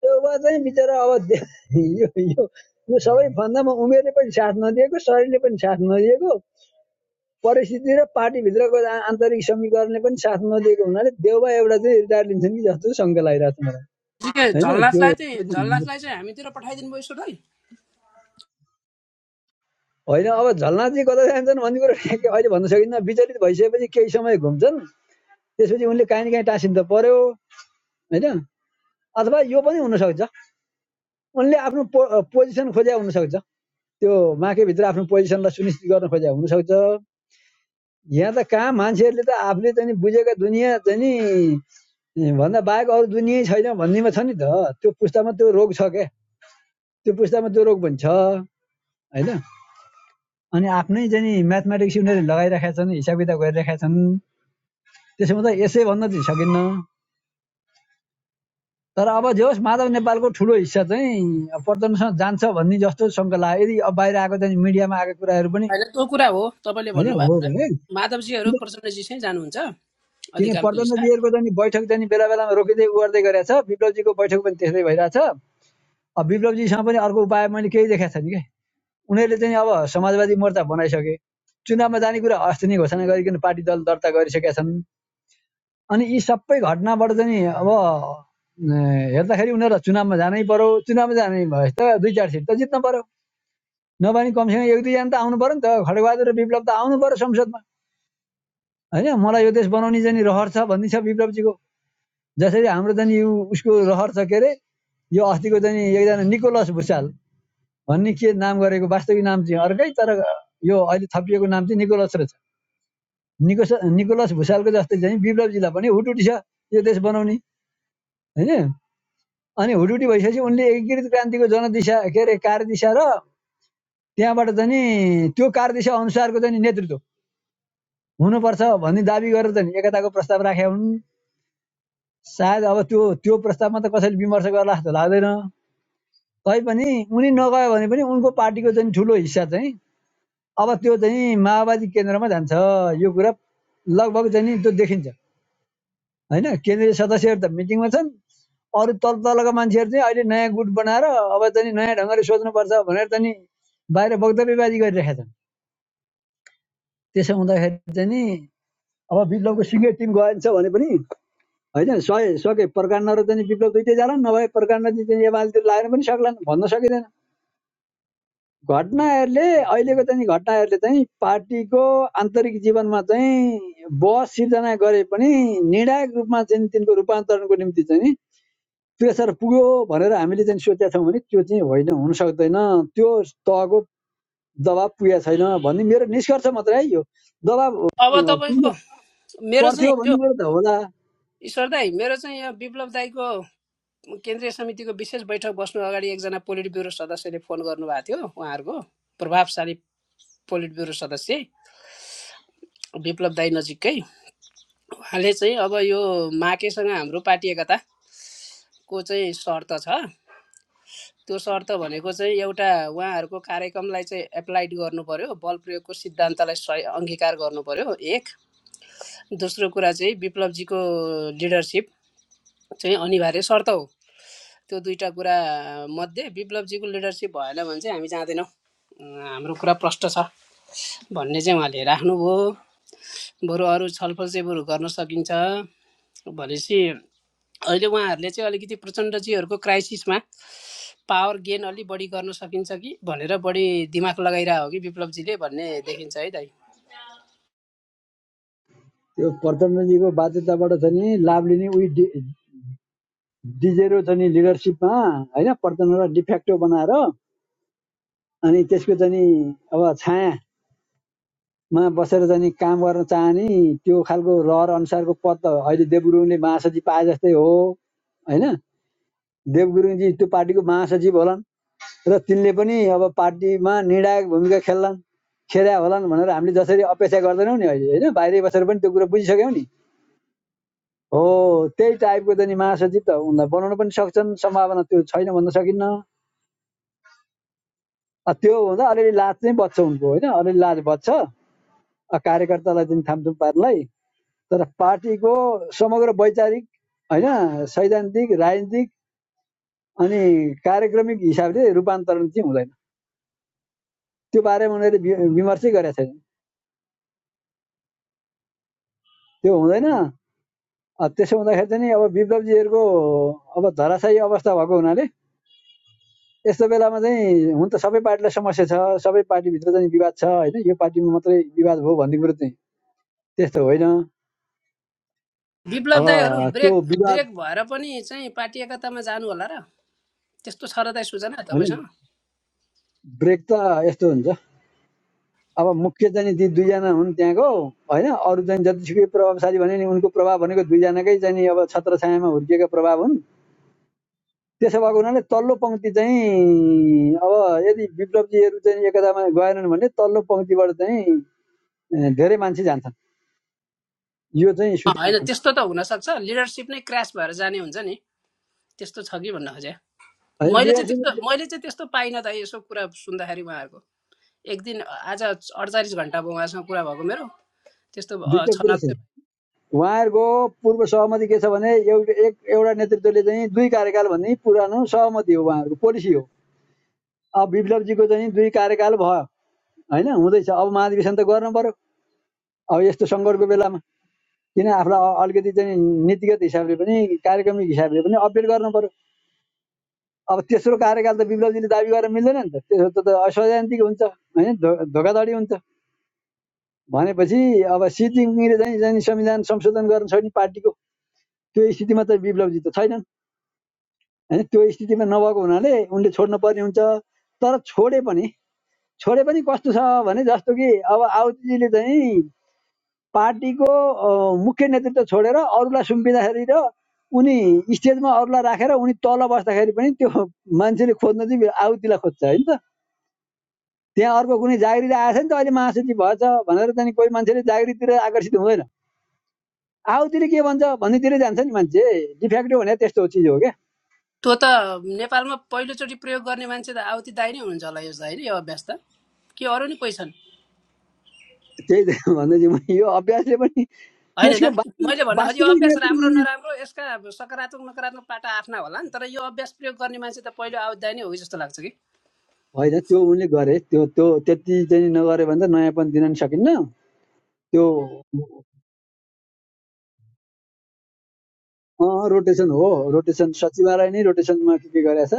त्यो चाहिँ बिचरा अब यो यो सबै फन्दामा उमेरले पनि साथ नदिएको शरीरले पनि साथ नदिएको परिस्थिति र पार्टीभित्रको आ- आन्तरिक समीकरणले पनि साथ नदिएको हुनाले देउबा एउटा चाहिँ रिटायर लिन्छन् कि जस्तो शङ्का लागिरहेको छ ठिकै मलाई होइन त्यो झलनाथलाई चाहिँ त्यो चाहिँ झलनाथलाई चाहिँ हामीतिर पठाइदिनु भयो यसोलाई होइन अब झलनाथजी कता जान्छन् भन्ने कुरो ठ्याक्कै अहिले भन्न सकिन्न विचलित भइसकेपछि केही समय घुम्छन् त्यसपछि उनले काहीँ न काहीँ टाँसिन त पर्यो होइन अथवा यो पनि हुनसक्छ उनले आफ्नो पो पोजिसन खोज्या हुनसक्छ त्यो माकेभित्र आफ्नो पोजिसनलाई सुनिश्चित गर्न खोज्या हुनसक्छ यहाँ त कहाँ मान्छेहरूले त आफूले चाहिँ बुझेका दुनियाँ चाहिँ नि भन्दा बाहेक अरू दुनियाँ छैन भन्नेमा छ नि त त्यो पुस्तामा त्यो रोग छ क्या त्यो पुस्तामा त्यो रोग पनि छ होइन अनि आफ्नै चाहिँ नि म्याथमेटिक्स उनीहरूले लगाइरहेका छन् हिसाब किताब गरिरहेका छन् त्यसोमा त यसै भन्न चाहिँ सकिन्न तर अब जे होस् माधव नेपालको ठुलो हिस्सा चाहिँ अब पर्यटनसँग जान्छ भन्ने जस्तो शङ्का लाग्यो यदि अब बाहिर आएको चाहिँ मिडियामा आएको कुराहरू पनि होइन त्यो कुरा हो तपाईँले होइन भन्नुभएको हो कुरा भने माधवजीहरू किन प्रचण्डजी चाहिँ जानुहुन्छ किन अधिकांश हिस्सा चाहिँ बैठक चाहिँ बेला बेलामा रोकिँदै उ गरेको छ विप्लवजीको बैठक पनि त्यस्तै भइरहेछ अब विप्लवजीसँग पनि अर्को उपाय मैले केही देखाएको छैन कि उनीहरूले चाहिँ अब समाजवादी मोर्चा बनाइसके चुनावमा जाने कुरा अस्ति नै घोषणा गरिकन पार्टी दल दर्ता गरिसकेका छन् अनि यी सबै घटनाबाट चाहिँ अब अ, हेर्दाखेरि उनीहरूलाई चुनावमा जानै पर्यो चुनावमा जाने भए त दुई चार सिट त जित्न पर्यो नभए कमसेकम एक दुईजना त आउनु पर्यो नि त खड्गबहादुर र विप्लव त आउनु पर्यो संसदमा होइन मलाई यो देश बनाउने चाहिँ रहर छ भन्ने छ विप्लवजीको जसरी हाम्रो चाहिँ यो उसको रहर छ के अरे यो अस्तिको चाहिँ एकजना निकोलस भुसाल भन्ने के नाम गरेको वास्तविक नाम चाहिँ अर्कै तर यो अहिले थपिएको नाम चाहिँ निकोलस र छ। निकोस निकोलस भुसालको जस्तै चाहिँ विप्लवजीलाई पनि हुटुटी छ यो देश बनाउने होइन अनि हुटुटी भइसकेपछि उनले एकीकृत क्रान्तिको जनदिशा के अरे कार्यदिशा र त्यहाँबाट चाहिँ नि त्यो कार्यदिशा अनुसारको चाहिँ नि नेतृत्व हुनुपर्छ भन्ने दाबी गरेर चाहिँ एकताको प्रस्ताव राखेका हुन् सायद अब त्यो त्यो प्रस्तावमा त कसैले विमर्श गर्ला जस्तो लाग्दैन तैपनि उनी नगयो भने पनि उनको पार्टीको चाहिँ ठुलो हिस्सा चाहिँ अब त्यो चाहिँ माओवादी केन्द्रमा जान्छ यो कुरा लगभग चाहिँ त्यो देखिन्छ होइन केन्द्रीय सदस्यहरू त मिटिङमा छन् अरू तल तलका मान्छेहरू चाहिँ अहिले नयाँ गुट बनाएर अब चाहिँ नि नयाँ ढङ्गले सोच्नुपर्छ भनेर चाहिँ नि बाहिर वक्तव्यबाजी गरिरहेका छन् त्यसो हुँदाखेरि चाहिँ नि अब विप्लवको सिङ्गै टिम गएछ भने पनि होइन सके सके प्रकाण्ड र चाहिँ विप्लव दुइटै जाला नभए प्रकाण्ड चाहिँ एमालेतिर लागेर पनि सक्लान् भन्न सकिँदैन घटनाहरूले अहिलेको चाहिँ नि चाहिँ पार्टीको आन्तरिक जीवनमा चाहिँ बहस सिर्जना गरे पनि निर्णायक रूपमा चाहिँ तिनको रूपान्तरणको निम्ति चाहिँ प्रेसर पुग्यो भनेर हामीले चाहिँ सोचेका छौँ भने त्यो चाहिँ होइन हुन सक्दैन त्यो तहको दबाब पुगेको छैन भन्ने मेरो निष्कर्ष मात्रै है यो दबाब अब अँ, तपाईँको पुग्नु मेरो चाहिँ पर्थ्यो हिजो भन्ने कुरो त होला ईश्वर दाई मेरो चाहिँ यहाँ विप्लव दाईको केन्द्रीय समितिको विशेष बैठक बस्नु अगाडि एकजना पोलिट ब्युरो सदस्यले फोन गर्नुभएको थियो उहाँहरूको प्रभावशाली पोलिट ब्युरो सदस्य विप्लव दाई नजिकै उहाँले चाहिँ अब यो माकेसँग हाम्रो पार्टी एकताको चाहिँ शर्त छ त्यो शर्त भनेको चाहिँ एउटा उहाँहरूको कार्यक्रमलाई चाहिँ एप्लाइड गर्नु पर्यो बल प्रयोगको सिद्धान्तलाई सही अङ्गीकार गर्नु पर्यो एक दोस्रो कुरा चाहिँ विप्लवजीको लिडरसिप चाहिँ अनिवार्य शर्त हो त्यो दुईटा कुरा मध्ये विप्लवजीको लिडरसिप भएन भने चाहिँ हामी जाँदैनौँ अँ, हाम्रो कुरा प्रष्ट छ भन्ने चाहिँ उहाँले राख्नुभयो बरु अरू छलफल चाहिँ बरु गर्न सकिन्छ भनेपछि अहिले उहाँहरूले चाहिँ अलिकति प्रचण्डजीहरूको क्राइसिसमा पावर गेन अलिक बढी गर्न सकिन्छ कि भनेर बढी दिमाग लगाइरहेको हो कि विप्लवजीले भन्ने देखिन्छ है दाइ त्यो प्रधानमन्त्रीको बाध्यताबाट छ लाभ लिने उही डिजेरो छ लिडरसिपमा होइन प्रधानमन्त्रीलाई डिफेक्टो बनाएर अनि त्यसको चाहिँ अब छायामा बसेर चाहिँ काम गर्न चाहने त्यो खालको रहर अनुसारको पद त अहिले देवगुरुङले महासचिव पाए जस्तै हो होइन देवगुरुङजी त्यो पार्टीको महासचिव होला र तिनले पनि अब पार्टीमा निर्णायक भूमिका खेल्लान् खेला होलान् भनेर हामीले जसरी अपेक्षा गर्दैनौँ नि अहिले होइन बाहिरै बसेर पनि त्यो कुरो बुझिसक्यौँ नि हो त्यही टाइपको त नि महासचिव त उनलाई बनाउन पनि सक्छन् सम्भावना त्यो छैन भन्न सकिन्न अ, त्यो हुँदा अलिअलि लाज चाहिँ बच्छ उनको होइन अलिअलि लाज बच्छ कार्यकर्तालाई जुन थाम्थुम पार्टीलाई तर पार्टीको समग्र वैचारिक होइन सैद्धान्तिक राजनीतिक अनि कार्यक्रमिक हिसाबले रूपान्तरण चाहिँ हुँदैन त्यो बारेमा उनीहरूले विमर्शै गरेका छैनन् त्यो हुँदैन अँ, त्यसो हुँदाखेरि चाहिँ नि अब विप्लवजीहरूको अब धराशायी अवस्था भएको हुनाले यस्तो बेलामा चाहिँ हुन त सबै पार्टीलाई समस्या छ सबै पार्टीभित्र चाहिँ विवाद छ होइन यो पार्टीमा मात्रै विवाद भयो भन्ने कुरो चाहिँ त्यस्तो होइन विप्लव अब दाईहरू त्यो ब्रेक विवाद ब्रेक भएर पनि चाहिँ पार्टी एकतामा जानु होला र त्यस्तो छ र दाई सूचना होइन तपाईँसँग ब्रेक त यस्तो हुन्छ अब मुख्य चाहिँ ती दुईजना हुन् त्यहाँको होइन अरू चाहिँ जतिसुकै प्रभावशाली भने नि उनको प्रभाव भनेको दुईजनाकै चाहिँ नि अब छत्र हुर्किएका प्रभाव हुन् त्यसो भएको हुनाले तल्लो पङ्क्ति चाहिँ अब यदि विप्लवजीहरू चाहिँ एकतामा गएनन् भने तल्लो पङ्क्तिबाट चाहिँ ए, धेरै मान्छे जान्छन् यो चाहिँ अँ, सुत्रमा होइन छन् त्यस्तो त हुनसक्छ लिडरसिप नै क्रास भएर जाने हुन्छ नि त्यस्तो छ कि भन्न खोजेँ है मैले चाहिँ त्यस्तो लिडरसिप मैले चाहिँ त्यस्तो पाइनँ त यसो कुरा सुन्दाखेरि उहाँहरूको एक दिन आज अडचालिस घन्टा भयो उहाँसँग कुरा भएको मेरो त्यस्तो अ, दुईटा कुरो छनक छ चाहिँ उहाँहरूको पूर्व सहमति के छ भने एउटा एक एउटा नेतृत्वले चाहिँ दुई कार्यकाल भन्ने पुरानो सहमति हो उहाँहरूको पोलिसी हो अब विप्लवजीको चाहिँ दुई कार्यकाल भयो होइन हुँदैछ अब महाधिवेशन त गर्नु पर्यो अब यस्तो सङ्कटको बेलामा किन आफूलाई अलिकति चाहिँ नीतिगत हिसाबले पनि कार्यक्रमिक हिसाबले पनि अपडेट गर्नु पर्यो अब तेस्रो कार्यकाल त विप्लवजीले दाबी गरेर मिल्दैन नि त त्यसो त त हुन्छ होइन धोकाधडी हुन्छ भनेपछि अब सिटिङले चाहिँ चाहिँ संविधान संशोधन गर्न छोड्ने पार्टीको त्यो स्थितिमा चाहिँ विप्लवजी त छैनन् होइन त्यो स्थितिमा नभएको हुनाले उनले छोड्नु पर्ने हुन्छ तर छोडे पनि छोडे पनि कस्तो छ भने जस्तो कि अब आउतीजीले चाहिँ पार्टीको मुख्य नेतृत्व छोडेर अरूलाई सुम्पिँदाखेरि र उनी स्टेजमा अरूलाई राखेर उनी तल बस्दाखेरि पनि त्यो मान्छेले खोज्न चाहिँ आउतीलाई खोज्छ होइन त त्यहाँ अर्को कुनै जागिरी आएछ नि त अहिले महासचिव भएछ भनेर चाहिँ कोही मान्छेले जागिरीतिर आकर्षित हुँदैन आउतिर के भन्छ भन्नेतिर जान्छ नि मान्छे डिफेक्टिभ भने त्यस्तो चिज हो क्या त्यो त नेपालमा पहिलोचोटि प्रयोग गर्ने मान्छे त आवती दाई नै हुनुहुन्छ होला यसलाई होइन यो अभ्यास त कि अरू नि कोही छन् त्यही त भन्दै थिएँ म यो अभ्यासले पनि होइन त्यसको होइन, वास्तव मैले भन्न खोजेँ यो वास्तविक अभ्यास नेतृत्व राम्रो दिने नराम्रो यसका सकारात्मक नकारात्मक पाटा आफ्ना होला नि तर यो अभ्यास प्रयोग गर्ने मान्छे त पहिलो आवती दाई नै हो कि जस्तो लाग्छ कि होइन त्यो उनले गरे त्यो त्यो त्यति चाहिँ नगरे भने त नयाँपन दिन नि सकिन्न त्यो रोटेसन हो रोटेसन सचिवालय नै रोटेसनमा के के गरेछ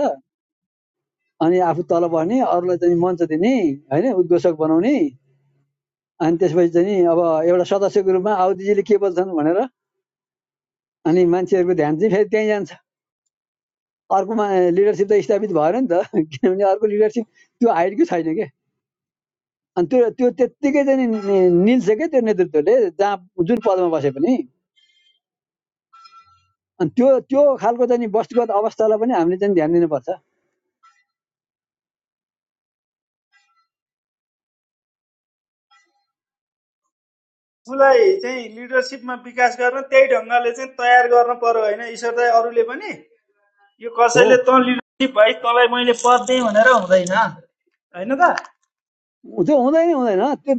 अनि आफू तल बस्ने अरूलाई चाहिँ मञ्च दिने होइन उद्घोषक बनाउने अनि त्यसपछि चाहिँ अब एउटा सदस्यको रूपमा आउदीजीले के बोल्छन् भनेर अनि मान्छेहरूको ध्यान चाहिँ फेरि त्यहीँ जान्छ अर्कोमा लिडरसिप त स्थापित भएन नि त किनभने अर्को लिडरसिप त्यो हाइटकै छैन के अनि त्यो त्यो त्यत्तिकै चाहिँ नि नि- निल्छ क्या त्यो नेतृत्वले जहाँ जुन पदमा बसे पनि अनि त्यो त्यो खालको चाहिँ नि वस्तुगत अवस्थालाई पनि हामीले चाहिँ ध्यान दिनुपर्छ उसलाई चाहिँ लिडरसिपमा विकास गर्न त्यही ढङ्गले चाहिँ तयार गर्न पर्यो होइन ईश्वर दाई अरूले पनि यो हो कसैले तँ लिडरसिप भाइ तँलाई मैले पद दिएँ भनेर हुँदैन होइन त त्यो हुँदैन हुँदैन त्यो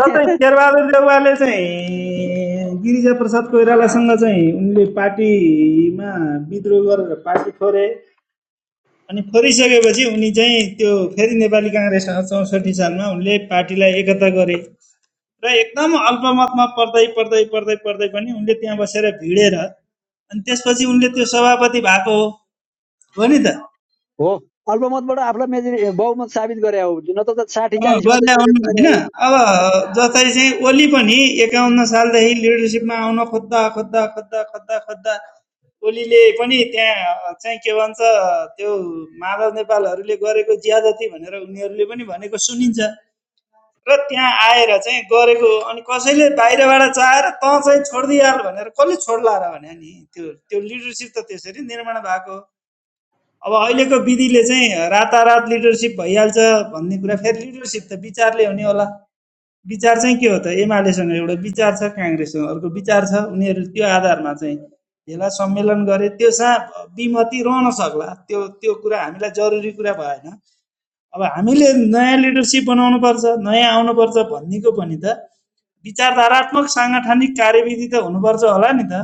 जतै शेरबहादुर देउवाले चाहिँ गिरिजा प्रसाद कोइरालासँग चाहिँ उनले पार्टीमा विद्रोह गरेर पार्टी फोरे अनि फोरिसकेपछि उनी चाहिँ त्यो फेरि नेपाली काङ्ग्रेससँग चौसठी सालमा उनले पार्टीलाई एकता गरे र एकदम अल्पमतमा पढ्दै पढ्दै पढ्दै पढ्दै पनि उनले त्यहाँ बसेर भिडेर अनि त्यसपछि उनले त्यो सभापति भएको हो हो नि त हो अल्पमतबाट आफूलाई मेजोरी बहुमत साबित गरे हो न त साठी अँ, चालिसमा गर्दा चाहिँ हुन् होइन अब जस्तै चाहिँ ओली पनि एकाउन्न सालदेखि लिडरसिपमा आउन खोज्दा खोज्दा खोज्दा खोज्दा खोज्दा ओलीले पनि त्यहाँ चाहिँ के भन्छ त्यो माधव नेपालहरूले गरेको ज्यादती भनेर उनीहरूले पनि भनेको सुनिन्छ र त्यहाँ आएर चाहिँ गरेको अनि कसैले बाहिरबाट चाहेर तँ चाहिँ छोडिदिइहाल भनेर कसले छोड्ला र भने नि त्यो त्यो लिडरसिप त त्यसरी निर्माण भएको हो। अब अहिलेको विधिले चाहिँ रातारात लिडरसिप भइहाल्छ भन्ने कुरा फेरि लिडरसिप त विचारले हुने होला विचार चाहिँ के हो त एमालेसँग एउटा विचार छ काङ्ग्रेससँग अर्को विचार छ उनीहरू त्यो आधारमा चाहिँ यसलाई सम्मेलन गरे त्योसँग विमति रहन सक्ला त्यो त्यो कुरा हामीलाई जरुरी कुरा भएन अब हामीले नयाँ लिडरसिप बनाउनुपर्छ नयाँ आउनुपर्छ भन्नेको पनि त विचारधारात्मक साङ्गठनिक कार्यविधि त हुनुपर्छ होला नि त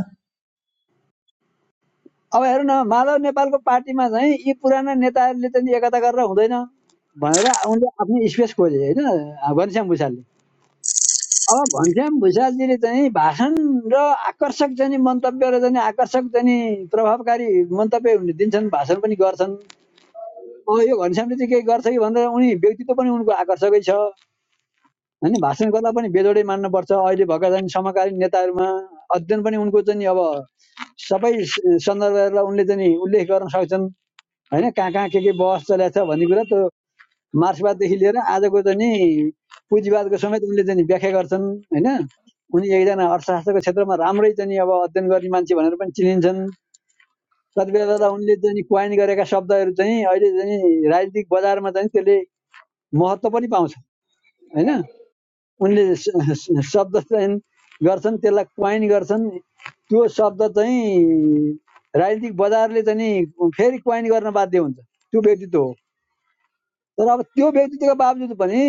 अब हेर्नु न माधव नेपालको पार्टीमा चाहिँ यी पुराना नेताहरूले चाहिँ एकता गरेर हुँदैन भनेर उनले आफ्नो स्पेस खोजे होइन घनश्याम भूषालले अब घनश्याम भुषालजीले चाहिँ भाषण र आकर्षक चाहिँ मन्तव्य र चाहिँ आकर्षक चाहिँ प्रभावकारी मन्तव्य हुने दिन्छन् भाषण पनि गर्छन् अब यो घनश्यामले चाहिँ केही गर्छ कि भनेर उनी व्यक्तित्व पनि उनको आकर्षकै छ होइन भाषण गर्दा पनि बेजोडै मान्नुपर्छ अहिले भएका चाहिँ समकालीन नेताहरूमा अध्ययन पनि उनको चाहिँ अब सबै सन्दर्भहरूलाई उनले चाहिँ उल्लेख गर्न सक्छन् होइन कहाँ कहाँ के के बहस चलेको छ भन्ने कुरा त्यो मार्क्सवाददेखि लिएर आजको चाहिँ नि पुँजीवादको समेत उनले चाहिँ नि व्याख्या गर्छन् होइन उनी एकजना अर्थशास्त्रको क्षेत्रमा राम्रै चाहिँ नि अब अध्ययन गर्ने मान्छे भनेर पनि चिनिन्छन् कति बेला बेला उनले चाहिँ क्वाइन गरेका शब्दहरू चाहिँ अहिले चाहिँ राजनीतिक बजारमा चाहिँ त्यसले महत्त्व पनि पाउँछ होइन उनले शब्द चयन गर्छन् त्यसलाई क्वाइन गर्छन् त्यो शब्द चाहिँ राजनीतिक बजारले चाहिँ फेरि क्वाइन गर्न बाध्य हुन्छ त्यो व्यक्तित्व हो तर अब त्यो व्यक्तित्वको बावजुद पनि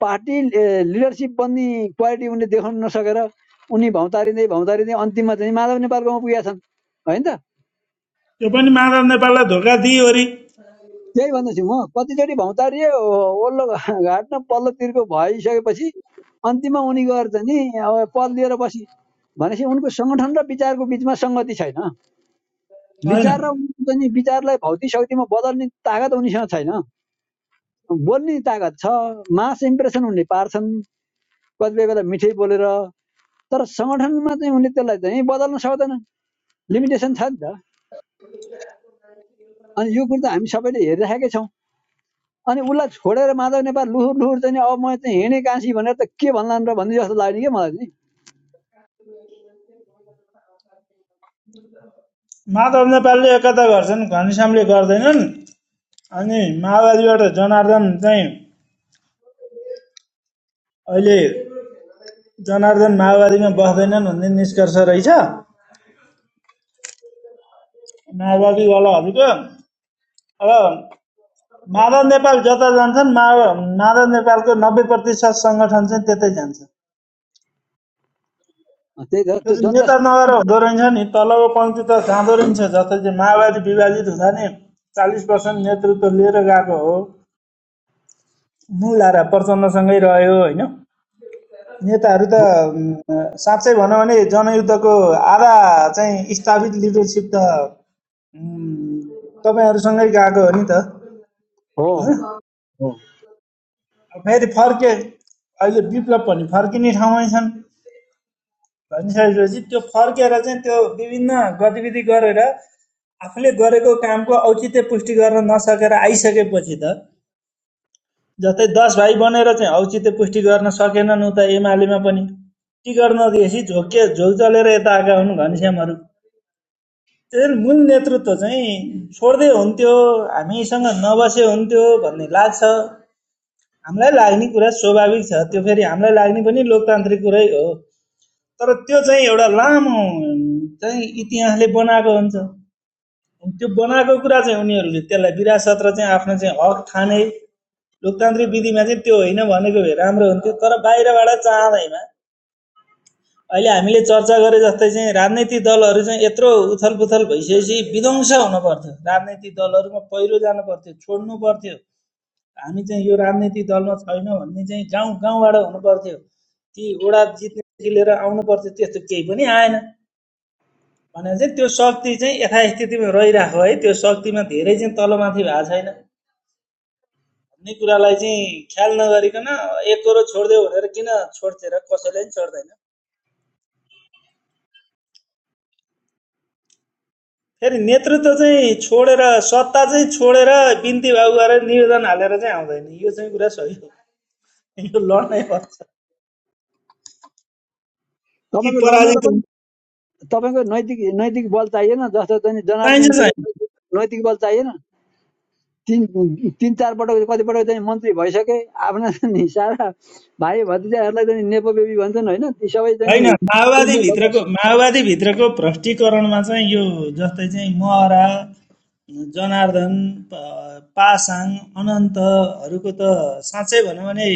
पार्टी ए, लिडरसिप बन्ने क्वालिटी उनले देखाउन नसकेर उनी भौतारिँदै भौतारिँदै अन्तिममा चाहिँ माधव नेपालकोमा पुगेका छन् होइन त यो पनि माधव नेपाललाई धोका दिइवरी त्यही भन्दैछु म कतिचोटि भौतारिए ओ- ओल्लो घाट न पल्लोतिरको भइसकेपछि अन्तिममा उनी गएर चाहिँ नि अब पद लिएर बसी भनेपछि उनको सङ्गठन र विचारको बिचमा सङ्गति छैन होइन विचार र उनको चाहिँ विचारलाई भौतिक शक्तिमा बदल्ने तागत उनीसँग छैन बोल्ने तागत छ मास इम्प्रेसन उनले पार्छन् कतिपय बेला मिठै बोलेर तर सङ्गठनमा चाहिँ उनले त्यसलाई चाहिँ बदल्न सक्दैनन् लिमिटेसन छ नि त अनि यो कुरो त हामी सबैले हेरिराखेकै छौँ अनि उसलाई छोडेर माधव नेपाल लुहुर लुहुर चाहिँ अब म चाहिँ हिँडेँ काँसी भनेर त के भन्लान् र भन्ने जस्तो लाग्ने क्या मलाई चाहिँ माधव नेपालले एकता गर्छन् घनश्यामले गर्दैनन् अनि माओवादीबाट जनार्दन चाहिँ अहिले जनार्दन माओवादीमा बस्दैनन् भन्ने निष्कर्ष रहेछ माओवादीवालाहरूको अब माधव नेपाल जता जान्छन् माधव नेपालको नब्बे प्रतिशत सङ्गठन चाहिँ त्यतै जान्छ त्यही त त्यो त्यो चाहिँ नेता जनतासँग नभएर हुँदो रहेछ नि तलको पङ्क्ति त जाँदो रहेछ जस्तै चाहिँ माओवादी विभाजित हुँदा नि चालिस पर्सेन्ट नेतृत्व लिएर गएको हो मुलारा प्रचण्डसँगै रह्यो होइन नेताहरू त उम्, साँच्चै भनौँ भने जनयुद्धको आधा चाहिँ स्थापित लिडरसिप त उम्, तपाईँहरूसँगै गएको हो नि त हो हो फेरि फर्के अहिले विप्लव पनि फर्किने ठाउँमै छन् भनिसकेपछि त्यो फर्केर चाहिँ त्यो विभिन्न गतिविधि गरेर आफूले गरेको कामको औचित्य पुष्टि गर्न नसकेर आइसकेपछि त जस्तै दस भाइ बनेर चाहिँ औचित्य पुष्टि गर्न सकेनन् उता एमालेमा पनि टिकट नदिएपछि झोके झोक चलेर यता आएका हुन् घनश्यामहरू त्यसैले मूल नेतृत्व चाहिँ छोड्दै हुन्थ्यो हामीसँग नबसे हुन्थ्यो भन्ने लाग्छ हामीलाई लाग्ने कुरा स्वाभाविक छ त्यो फेरि हामीलाई लाग्ने पनि लोकतान्त्रिक कुरै हो तर त्यो चाहिँ एउटा लामो चाहिँ इतिहासले बनाएको हुन्छ त्यो बनाएको कुरा चाहिँ उनीहरूले त्यसलाई विरासत र चाहिँ आफ्नो चाहिँ हक ठाने लोकतान्त्रिक विधिमा चाहिँ त्यो होइन भनेको भए राम्रो हुन्थ्यो तर बाहिरबाट चाहँदैमा अहिले हामीले चर्चा गरे जस्तै चाहिँ राजनैतिक दलहरू चाहिँ यत्रो उथल भइसकेपछि विध्वंस हुन पर्थ्यो राजनैतिक दलहरूमा पहिरो जानु पर्थ्यो छोड्नु पर्थ्यो हामी चाहिँ यो राजनैतिक दलमा छैनौँ भन्ने चाहिँ गाउँ गाउँबाट हुनु ती ओडा जित्नेदेखि लिएर आउनु पर्थ्यो त्यस्तो केही पनि आएन भने चाहिँ त्यो शक्ति चाहिँ यथास्थितिमा रहिरहेको है त्यो शक्तिमा धेरै चाहिँ तलमाथि भएको छैन भन्ने कुरालाई चाहिँ ख्याल नगरिकन एक करोड छोडिदियो भनेर किन छोड्थे र कसैले पनि छोड्दैन फेरि नेतृत्व चाहिँ छोडेर सत्ता चाहिँ छोडेर बिन्ती भाउ गरेर निवेदन हालेर चाहिँ आउँदैन यो चाहिँ कुरा सही हो यो लड्नै पर्छ कि तपाईँको लड्न र पराजित पनि हुन्छ तपाईँको नैतिक नैतिक बल चाहिएन जस्तो चाहिँ चाहिन्छ जनार्दनजीले चाहिँ नैतिक बल चाहिएन तिन तिन चार पटक कतिपटक चाहिँ मन्त्री भइसके आफ्ना सारा भाइ भतिजाहरूलाई चाहिँ नेपो बेबी भन्छन् होइन ती सबै चाहिँ होइन माओवादीभित्रको माओवादीभित्रको भ्रष्टीकरणमा चाहिँ यो जस्तै चाहिँ महरा जनार्दन प- पासाङ अनन्तहरूको त साँच्चै भनौँ भने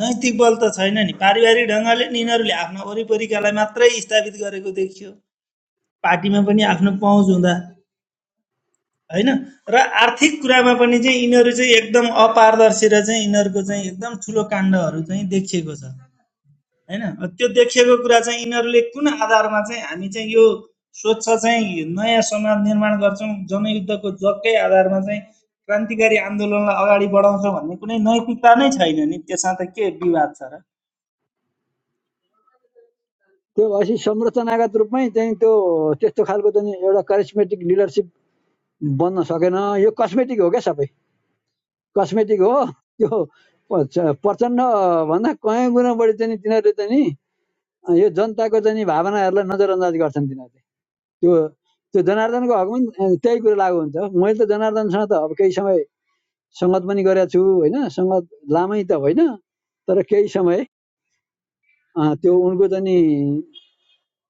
नैतिक बल त छैन नि पारिवारिक ढङ्गले नि यिनीहरूले आफ्ना वरिपरिकालाई मात्रै स्थापित गरेको देखियो पार्टीमा पनि आफ्नो पहुँच हुँदा होइन र आर्थिक कुरामा पनि चाहिँ यिनीहरू चाहिँ एकदम अपारदर्शी र चाहिँ यिनीहरूको चाहिँ एकदम ठुलो काण्डहरू चाहिँ देखिएको छ होइन अ त्यो देखिएको कुरा चाहिँ यिनीहरूले कुन आधारमा चाहिँ हामी चाहिँ यो स्वच्छ चाहिँ नयाँ समाज निर्माण गर्छौँ जनयुद्धको जगकै आधारमा चाहिँ क्रान्तिकारी आन्दोलनलाई अगाडि बढाउँछौँ भन्ने कुनै नैतिकता नै छैन नि त्यसमा त के विवाद छ र त्यो भएपछि संरचनागत रूपमै चाहिँ त्यो त्यस्तो खालको चाहिँ एउटा करिस्मेटिक लिडरसिप बन्न सकेन यो कस्मेटिक हो क्या सबै कस्मेटिक हो त्यो प- प्रचण्ड भन्दा कयौँ गुणा बढी चाहिँ नि तिनीहरूले चाहिँ नि यो जनताको चाहिँ नि भावनाहरूलाई नजरअन्दाज गर्छन् तिनीहरूले त्यो त्यो जनार्दनको हकमा नि, त्यही कुरो लागु हुन्छ मैले त जनार्दनसँग त अब केही समय सङ्गत पनि गरेको छु होइन सङ्गत लामै त होइन तर केही समय अँ, त्यो उनको चाहिँ नि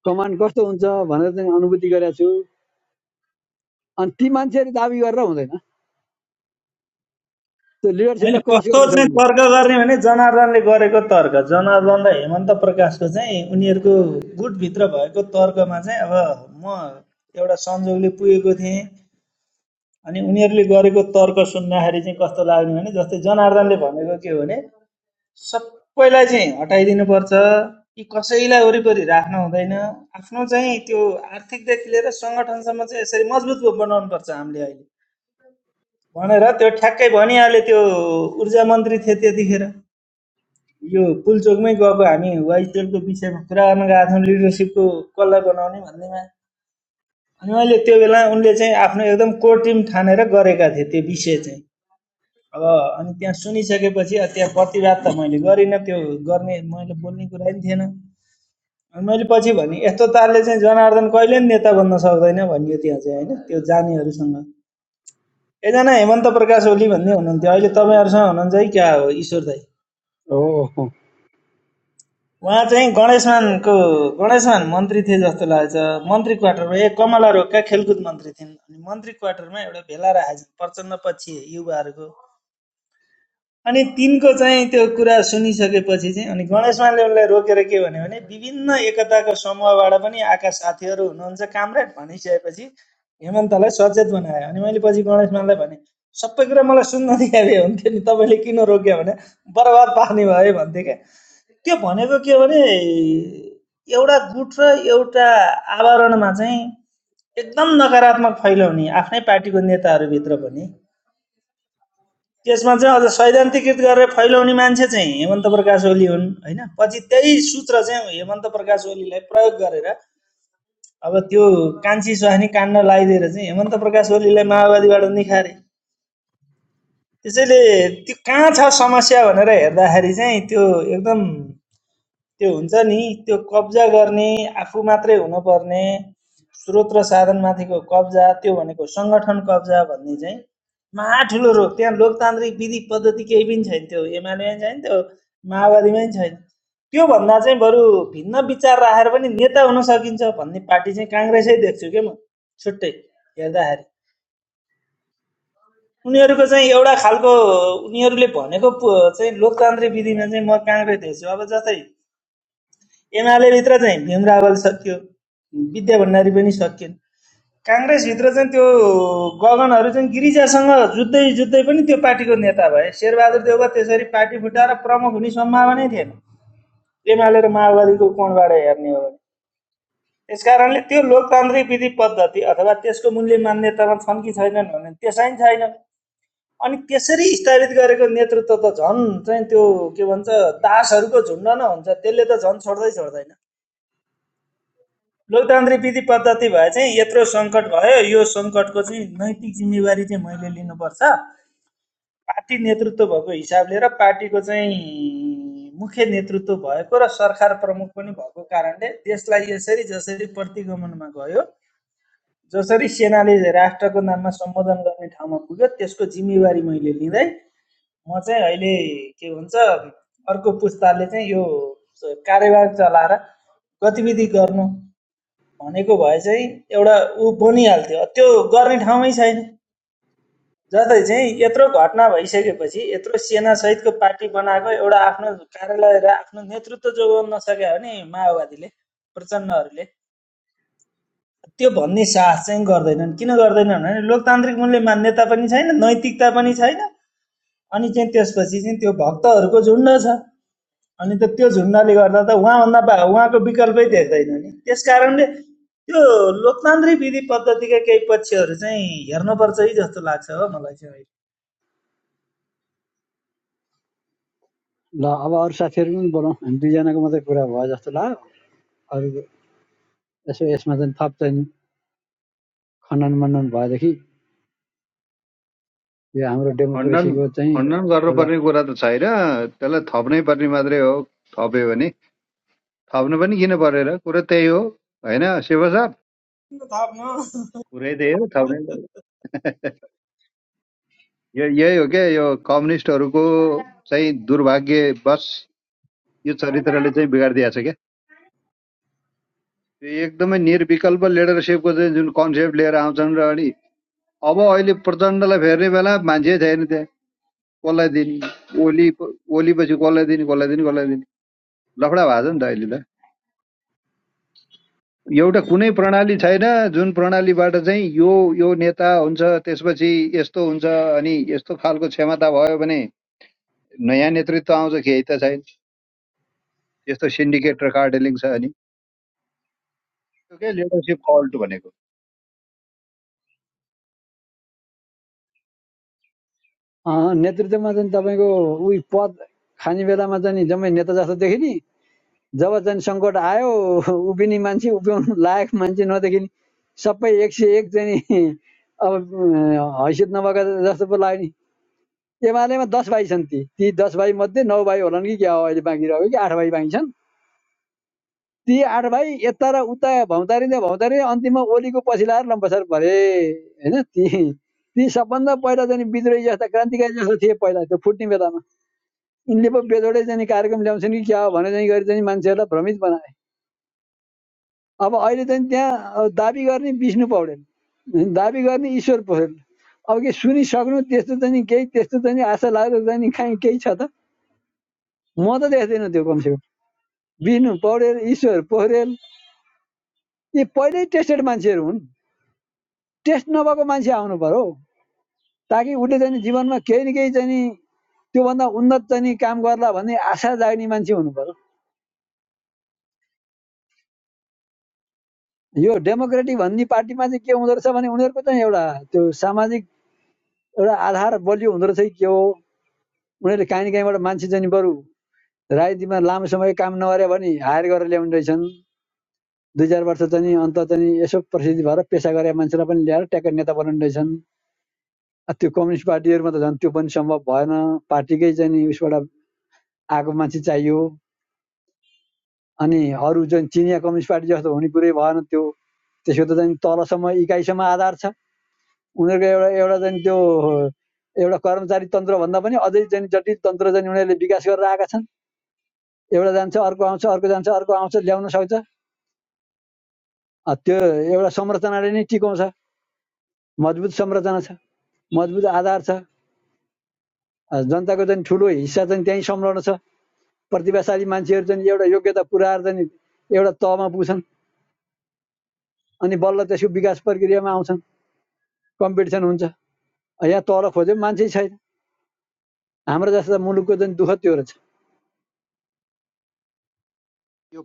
कमान्ड कस्तो हुन्छ भनेर चाहिँ अनुभूति गरेको छु अनि ती मान्छेहरू दाबी गरेर हुँदैन त्यो होइन लिडरसिपलाई क्रस कस्तो गर्नु चाहिँ सक्नु तर्क गर्ने भने जनार्दनले गरेको तर्क जनार्दन र हेमन्त प्रकाशको चाहिँ उनीहरूको गुटभित्र भएको तर्कमा चाहिँ अब म एउटा संजोगले पुगेको थिएँ अनि उनीहरूले गरेको तर्क सुन्दाखेरि चाहिँ कस्तो लाग्ने भने जस्तै जनार्दनले भनेको के हो भने सबैलाई चाहिँ हटाइदिनुपर्छ। यी कसैलाई वरिपरि राख्न हुँदैन। आफ्नो चाहिँ त्यो आर्थिकदेखि लिएर सङ्गठनसम्म चाहिँ यसरी मजबुत ब- बनाउनु पर्छ हामीले अहिले भनेर त्यो ठ्याक्कै भनिहाले त्यो ऊर्जा मन्त्री थिए त्यतिखेर यो पुलचोकमै गएको हामी वाइसएलको विषयमा कुरा गर्न गएको थियौँ लिडरसिपको कसलाई बनाउने भन्नेमा अनि मैले त्यो बेला उनले चाहिँ आफ्नो एकदम कोर टिम ठानेर गरेका थिए त्यो विषय चाहिँ अब अनि त्यहाँ सुनिसकेपछि अब त्यहाँ प्रतिवाद त मैले गरिनँ त्यो गर्ने मैले बोल्ने कुरा नि थिएन अनि मैले पछि भने यस्तो तालले चाहिँ जनार्दन कहिले पनि नेता बन्न सक्दैन भनियो त्यहाँ चाहिँ होइन त्यो जानेहरूसँग एकजना हेमन्त प्रकाश ओली भन्ने हुनुहुन्थ्यो अहिले तपाईँहरूसँग हुनुहुन्छ है क्या हो ईश्वर दाई पर्यो हो उहाँ चाहिँ गणेशमानको गणेशमान मन्त्री थिए जस्तो लाग्छ मन्त्री क्वार्टरमा ए कमला रोगका खेलकुद मन्त्री थिइन् अनि मन्त्री क्वार्टरमा एउटा भेला राखेछन् प्रचण्ड पछि युवाहरूको अनि तिनको चाहिँ त्यो कुरा सुनिसकेपछि चाहिँ अनि गणेश मानले उनलाई रोकेर के भन्यो भने विभिन्न एकताको समूहबाट पनि आएका साथीहरू हुनुहुन्छ कामरेड भनिसकेपछि हेमन्तलाई सचेत बनायो अनि मैले पछि गणेश मानलाई भने सबै कुरा मलाई सुन्न दिए भए हुन्थ्यो नि तपाईँले किन रोक्यो भने बर्बाद पार्ने भयो भन्थे क्या त्यो भनेको के हो भने एउटा गुट र एउटा आवरणमा चाहिँ एकदम नकारात्मक फैलाउने आफ्नै पार्टीको नेताहरूभित्र पनि त्यसमा चाहिँ अझ सैद्धान्तिकृत गरेर फैलाउने मान्छे चाहिँ हेमन्त प्रकाश ओली हुन् होइन पछि त्यही सूत्र चाहिँ हेमन्त प्रकाश ओलीलाई प्रयोग गरेर अब त्यो कान्छी सुहानी कान्न लगाइदिएर चाहिँ हेमन्त प्रकाश ओलीलाई माओवादीबाट निखारे त्यसैले त्यो कहाँ छ समस्या भनेर हेर्दाखेरि चाहिँ त्यो एकदम त्यो हुन्छ नि त्यो कब्जा गर्ने आफू मात्रै हुनुपर्ने स्रोत र साधनमाथिको कब्जा त्यो भनेको सङ्गठन कब्जा भन्ने चाहिँ महा ठुलो रोग त्यहाँ लोकतान्त्रिक विधि पद्धति केही पनि छैन त्यो एमालेमै छैन त्यो माओवादीमै छैन त्योभन्दा चाहिँ बरु भिन्न विचार राखेर पनि नेता हुन सकिन्छ भन्ने पार्टी चाहिँ काङ्ग्रेसै देख्छु के म छुट्टै हेर्दाखेरि उनीहरूको चाहिँ एउटा खालको उनीहरूले भनेको चाहिँ लोकतान्त्रिक विधिमा चाहिँ म काङ्ग्रेस देख्छु अब जस्तै एमाले भित्र चाहिँ भीम रावल विद्या भण्डारी पनि सकिएन काङ्ग्रेसभित्र चाहिँ त्यो गगनहरू चाहिँ गिरिजासँग जुत्दै जुत्दै पनि त्यो पार्टीको नेता भए शेरबहादुर देउवा त्यसरी पार्टी फुटाएर प्रमुख हुने सम्भावनै थिएन एमाले र माओवादीको कोणबाट हेर्ने हो भने त्यसकारणले त्यो लोकतान्त्रिक विधि पद्धति अथवा त्यसको मूल्य मान्यतामा छन् कि छैनन् भने त्यसै छैन अनि त्यसरी स्थापित गरेको नेतृत्व त झन् चाहिँ त्यो के भन्छ दासहरूको झुन्ड न हुन्छ त्यसले त झन् छोड्दै छोड्दैन लोकतान्त्रिक विधि पद्धति भए चाहिँ यत्रो सङ्कट भयो यो सङ्कटको चाहिँ नैतिक जिम्मेवारी चाहिँ मैले लिनुपर्छ पार्टी नेतृत्व भएको हिसाबले र पार्टीको चाहिँ मुख्य नेतृत्व भएको र सरकार प्रमुख पनि भएको कारणले देशलाई यसरी जसरी प्रतिगमनमा गयो जसरी सेनाले राष्ट्रको नाममा सम्बोधन गर्ने ठाउँमा पुग्यो त्यसको जिम्मेवारी मैले लिँदै म चाहिँ अहिले के भन्छ अर्को पुस्ताले चाहिँ यो कार्यभार चलाएर गतिविधि गर्नु भनेको भए चाहिँ एउटा ऊ बनिहाल्थ्यो त्यो गर्ने ठाउँमै छैन जसले चाहिँ यत्रो घटना भइसकेपछि यत्रो सेनासहितको पार्टी बनाएको एउटा आफ्नो कार्यालय र आफ्नो नेतृत्व जोगाउन सक्यो भने माओवादीले प्रचण्डहरूले त्यो भन्ने साहस चाहिँ गर्दैनन् किन गर्दैनन् भने लोकतान्त्रिक मूल्य मान्यता पनि छैन नैतिकता पनि छैन अनि चाहिँ त्यसपछि चाहिँ त्यो भक्तहरूको झुन्ड छ अनि त त्यो झुन्डले गर्दा त उहाँभन्दा बा उहाँको विकल्पै देख्दैन नि त्यस कारणले त्यो लोकतान्त्रिक विधि पद्धतिका केही पक्षहरू चाहिँ हेर्नुपर्छ है जस्तो लाग्छ हो मलाई चाहिँ अहिले। ल अब अरू साथीहरू पनि बोलाउँ हामी दुईजनाको मात्रै कुरा भयो जस्तो लाग्यो अरू यसो यसमा चाहिँ थप चाहिँ खनन मनन भएदेखि यो हाम्रो खण्डन डेमोक्रेसीको चाहिँ खण्डन एउटा गर्नुपर्ने कुरा त छैन त्यसलाई थप्नै पर्ने मात्रै हो थप्यो भने थप्नु पनि किन परेर कुरो त्यही हो होइन शिव सर कुरै त्यही हो थप्नै पर्यो। यो यही हो क्या यो कम्युनिस्टहरूको चाहिँ दुर्भाग्यवश यो चरित्रले चाहिँ बिगारिदिएको छ क्या त्यो एकदमै निर्विकल्प लिडरसिपको चाहिँ जुन कन्सेप्ट लिएर आउँछन् र अनि अब अहिले प्रचण्डलाई फेर्ने बेला मान्छे छैन त्यहाँ कसलाई दिने ओली ओली पछि कसलाई दिने कसलाई दिने कसलाई दिने लफडा भएको छ नि त अहिले त एउटा कुनै प्रणाली छैन जुन प्रणालीबाट चाहिँ यो यो नेता हुन्छ त्यसपछि यस्तो हुन्छ अनि यस्तो खालको क्षमता भयो भने नयाँ नेतृत्व आउँछ केही त छैन यस्तो सिन्डिकेट र कार्डेलिङ छ अनि त्यो के लिडरसिप फल्ट भनेको अँ, नेतृत्वमा चाहिँ तपाईँको उही पद खाने बेलामा चाहिँ नि जम्मै नेता जस्तो देखिने जब चाहिँ सङ्कट आयो उभिने मान्छे उभ्याउनु लायक मान्छे नदेखिने सबै एक सय एक चाहिँ अब हैसियत नभएको जस्तो पो लाग्यो नि एमालेमा दस भाइ छन् ती ती दस भाइ मध्ये नौ भाइ होलान् कि क्या हो अहिले बाँकी रह्यो कि आठ भाइ बाँकी छन् ती आठ भाइ यता र उता भौतारिँदै भौतारिँदै अन्तिममा ओलीको पछि लाएर लम्बसर भरे होइन ती ती सबभन्दा पहिला चाहिँ विद्रोही जस्ता क्रान्तिकारी जस्ता थिए पहिला त्यो फुट्ने बेलामा यिनले पो बेजोडै चाहिँ कार्यक्रम ल्याउँछन् कि क्या हो भने चाहिँ गरी चाहिँ मान्छेहरूलाई भ्रमित बनाए अब अहिले चाहिँ त्यहाँ दाबी गर्ने विष्णु पौडेल दाबी गर्ने ईश्वर पौडेल अब के सुनिसक्नु त्यस्तो चाहिँ केही त्यस्तो चाहिँ आशा लाग्दो चाहिँ नि केही छ त म त देख्दिनँ त्यो कमसेकम बिनु पौडेल ईश्वर पौडेल यी पहिल्यै टेस्टेड मान्छेहरू हुन् टेस्ट नभएको मान्छे आउनु पर्यो ताकि उसले चाहिँ नि जीवनमा केही न केही चाहिँ नि त्योभन्दा उन्नत चाहिँ नि काम गर्ला भन्ने आशा जाग्ने मान्छे हुनु पर्यो यो डेमोक्रेटिक भन्ने पार्टीमा चाहिँ के हुँदो रहेछ भने उनीहरूको चाहिँ एउटा त्यो सामाजिक एउटा आधार बलियो हुँदो रहेछ के हो उनीहरूले काहीँ न काहीँबाट मान्छे चाहिँ बरु राजनीतिमा लामो समय काम नगरे भने हायर गरेर ल्याउने रहेछन् दुई चार वर्ष चाहिँ अन्त चाहिँ यसो प्रसिद्धि भएर पेसा गरे मान्छेलाई पनि ल्याएर ट्याक्कै नेता बनाउने रहेछन् अब त्यो कम्युनिस्ट पार्टीहरूमा त झन् त्यो पनि सम्भव भएन पार्टीकै चाहिँ उसबाट आएको मान्छे चाहियो अनि अरू चाहिँ चिनिया कम्युनिस्ट पार्टी जस्तो हुने कुरै भएन त्यो त्यसको त चाहिँ तलसम्म इकाइसम्म आधार छ उनीहरूको एउटा एउटा चाहिँ त्यो एउटा कर्मचारी तन्त्रभन्दा पनि अझै चाहिँ जटिल तन्त्र चाहिँ उनीहरूले विकास गरेर आएका छन् एउटा जान्छ अर्को आउँछ अर्को जान्छ अर्को आउँछ ल्याउन सक्छ त्यो एउटा संरचनाले नै टिकाउँछ मजबुत संरचना छ मजबुत आधार छ जनताको चाहिँ ठुलो हिस्सा चाहिँ त्यहीँ संलग्न छ प्रतिभाशाली मान्छेहरू चाहिँ एउटा योग्यता पुऱ्याएर चाहिँ एउटा तहमा पुग्छन् अनि बल्ल त्यसको विकास प्रक्रियामा आउँछन् कम्पिटिसन हुन्छ यहाँ तल खोज्यो मान्छे छैन हाम्रो जस्ता मुलुकको चाहिँ दुःख त्यो रहेछ यो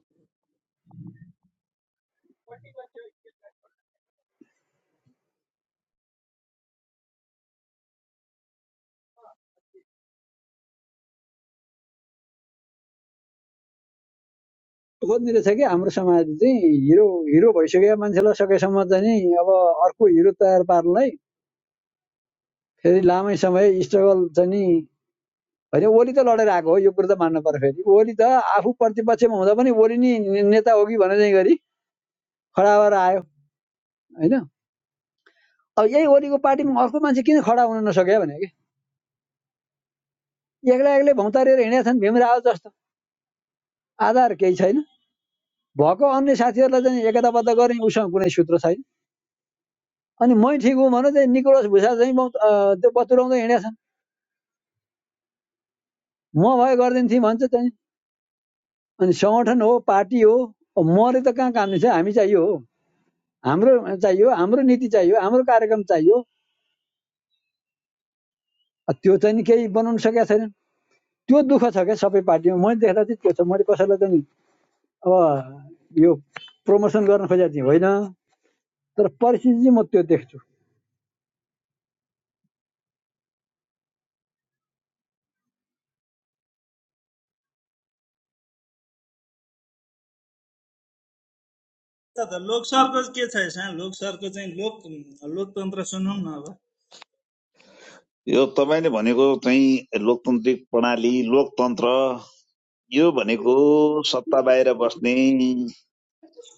खोज्ने रहेछ कि हाम्रो समाजले चाहिँ हिरो हिरो भइसकेका मान्छेलाई सकेसम्म चाहिँ अब अर्को हिरो तयार पार्नलाई फेरि लामै समय स्ट्रगल चाहिँ नि होइन ओली त लडेर आएको हो यो कुरो त मान्नु पर्यो फेरि ओली त आफू प्रतिपक्षमा हुँदा पनि ओली नि नेता हो कि भने गरी खडा भएर आयो होइन अब यही ओलीको पार्टीमा अर्को मान्छे किन खडा हुन नसक्यो भने एक्लै एक्लै भौतारिएर हिँडेका भीमराव जस्तो आधार केही छैन भएको अन्य साथीहरूलाई चाहिँ एकताबद्ध गर्ने उसँग कुनै सूत्र छैन अनि मै ठिक हुँ भने चाहिँ निकोलस भुषा चाहिँ त्यो बतुराउँदै हिँडेका म भए गरिदिने भन्छ चाहिँ अनि सङ्गठन हो पार्टी हो मले त कहाँ काम छ हामी चाहियो हो हाम्रो चाहियो हाम्रो नीति चाहियो हाम्रो कार्यक्रम चाहियो त्यो चाहिँ नि केही बनाउन सकेका छैनन् त्यो दुःख छ क्या सबै पार्टीमा मैले देख्दा चाहिँ त्यो छ मैले कसैलाई चाहिँ अब यो प्रमोसन गर्न खोजेको थिएँ होइन तर परिस्थिति चाहिँ म त्यो देख्छु लोकसरको के छ यसमा लोकसरको चाहिँ लोक लोकतन्त्र सुनौँ न अब यो तपाईँले भनेको चाहिँ लोकतान्त्रिक प्रणाली लोकतन्त्र यो भनेको सत्ता बाहिर बस्ने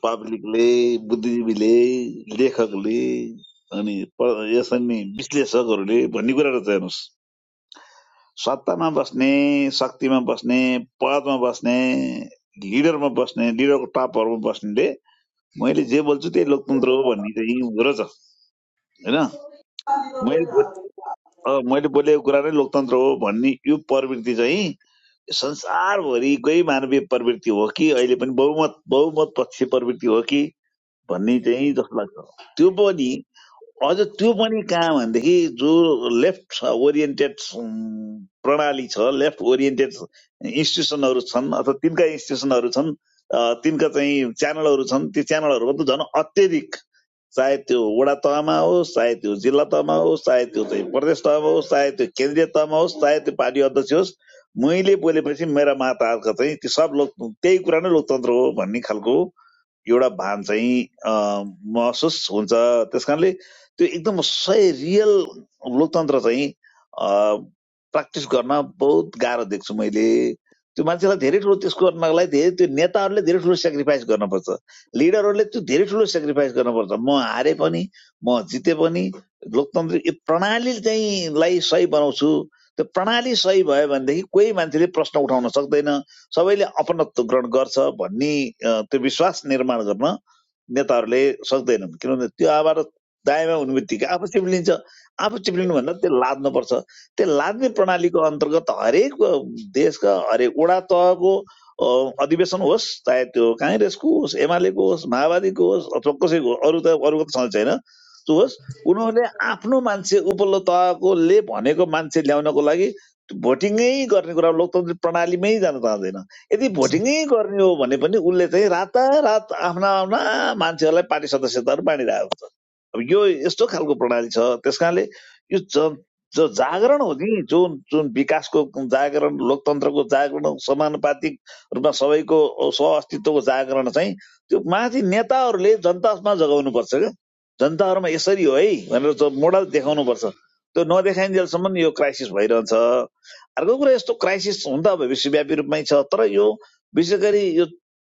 पब्लिकले बुद्धिजीवीले लेखकले अनि प- यसरी नै विश्लेषकहरूले भन्ने कुरा रहेछ हेर्नुहोस् सत्तामा बस्ने शक्तिमा बस्ने पदमा बस्ने लिडरमा बस्ने लिडरको टपहरूमा बस्नेले मैले जे बोल्छु त्यही लोकतन्त्र हो भन्ने चाहिँ रहेछ होइन मैले अब मैले बोलेको कुरा नै लोकतन्त्र हो भन्ने यो प्रवृत्ति चाहिँ संसारभरिकै मानवीय प्रवृत्ति हो कि अहिले पनि बहुमत बहुमत पक्ष प्रवृत्ति हो कि भन्ने चाहिँ जस्तो लाग्छ त्यो पनि अझ त्यो पनि कहाँ भनेदेखि जो लेफ्ट ओरिएन्टेड प्रणाली छ लेफ्ट ओरिएन्टेड इन्स्टिट्युसनहरू छन् अथवा तिनका इन्स्टिट्युसनहरू छन् तिनका चाहिँ च्यानलहरू छन् त्यो च्यानलहरूमा त झन् अत्यधिक चाहे त्यो वडा तहमा होस् चाहे त्यो जिल्ला तहमा होस् चाहे त्यो चाहिँ प्रदेश तहमा होस् चाहे त्यो केन्द्रीय तहमा होस् चाहे त्यो पार्टी अध्यक्ष होस् मैले बोलेपछि मेरा महाताजका चाहिँ ती सब लोक त्यही कुरा नै लोकतन्त्र हो भन्ने खालको एउटा भान चाहिँ अ, महसुस हुन्छ त्यस कारणले त्यो एकदम सय रियल लोकतन्त्र चाहिँ प्र्याक्टिस गर्न बहुत गाह्रो देख्छु मैले त्यो मान्छेलाई धेरै ठुलो त्यसको गर्नको लागि धेरै त्यो नेताहरूले धेरै ठुलो सेक्रिफाइस गर्नुपर्छ लिडरहरूले त्यो धेरै ठुलो सेक्रिफाइस गर्नुपर्छ म हारे पनि म जिते पनि लोकतन्त्र यो प्रणाली चाहिँ लाई सही बनाउँछु त्यो प्रणाली सही भयो भनेदेखि कोही मान्छेले प्रश्न उठाउन सक्दैन सबैले अपनत्व ग्रहण गर्छ भन्ने अ, त्यो विश्वास निर्माण गर्न नेताहरूले सक्दैनन् किनभने त्यो आवाज दायाँमा हुने बित्तिकै आफू चिप्लिन्छ आफू चिप्लिनु भन्दा त्यो लाद्नुपर्छ त्यो लाद्ने प्रणालीको अन्तर्गत हरेक अ, देशका हरेक वडा तहको अधिवेशन होस् चाहे त्यो काङ्ग्रेसको होस् एमालेको होस् माओवादीको होस् अथवा कसैको अरू त अरूको त सधैँ छैन त्यो होस् उनीहरूले आफ्नो मान्छे उपल्लो तहकोले भनेको मान्छे ल्याउनको लागि भोटिङै गर्ने कुरा लोकतान्त्रिक प्रणालीमै जान चाहँदैन यदि भोटिङै गर्ने हो भने पनि उसले चाहिँ रातारात आफ्ना आफ्ना मान्छेहरूलाई पार्टी सदस्यताहरू बाँडिरहेको अब यो यस्तो खालको प्रणाली छ त्यस यो ज जो जागरण हो नि जुन जुन विकासको जागरण लोकतन्त्रको जागरण समानुपातिक रूपमा सबैको सह जागरण चाहिँ त्यो माथि नेताहरूले जनतामा जगाउनु पर्छ क्या जनताहरूमा यसरी हो है भनेर जो मोडल देखाउनुपर्छ त्यो नदेखाइन्जेलसम्म यो क्राइसिस भइरहन्छ अर्को कुरा यस्तो क्राइसिस हुन विश्वव्यापी रूपमै छ तर यो विशेष गरी यो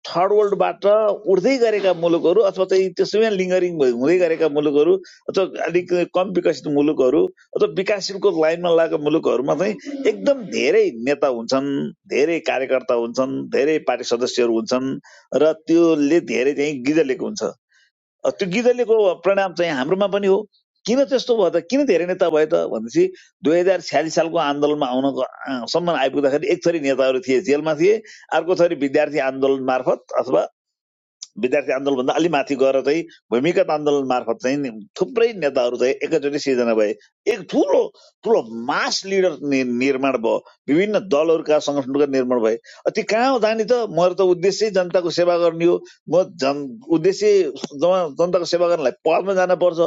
थर्ड वर्ल्डबाट उठ्दै गरेका मुलुकहरू अथवा चाहिँ त्यसैमा लिङ्गरिङ हुँदै गरेका मुलुकहरू अथवा अलिक कम विकसित मुलुकहरू अथवा विकासशीलको लाइनमा लागेका मुलुकहरूमा चाहिँ एकदम धेरै नेता हुन्छन् धेरै कार्यकर्ता हुन्छन् धेरै पार्टी सदस्यहरू हुन्छन् र त्योले धेरै चाहिँ गिजलेको हुन्छ अ, त्यो गिदलीको परिणाम चाहिँ हाम्रोमा पनि हो किन त्यस्तो भयो त किन धेरै नेता भयो त भनेपछि दुई हजार छ्यालिस सालको आन्दोलनमा आउनको आ, सम्म आइपुग्दाखेरि एक थरी नेताहरू थिए जेलमा थिए अर्को थरी विद्यार्थी आन्दोलन मार्फत अथवा विद्यार्थी आन्दोलनभन्दा अलि माथि गएर चाहिँ भूमिगत आन्दोलन मार्फत चाहिँ नि- थुप्रै नेताहरू चाहिँ एकैचोटि सिर्जना भए एक ठुलो ठुलो मास लिडर निर्माण भयो विभिन्न दलहरूका सङ्गठनहरूका निर्माण भए अब ती कहाँ हो जाने त मेरो त उद्देश्य जनताको सेवा गर्ने हो म जन उद्देश्य जनताको सेवा गर्नलाई पदमा जानुपर्छ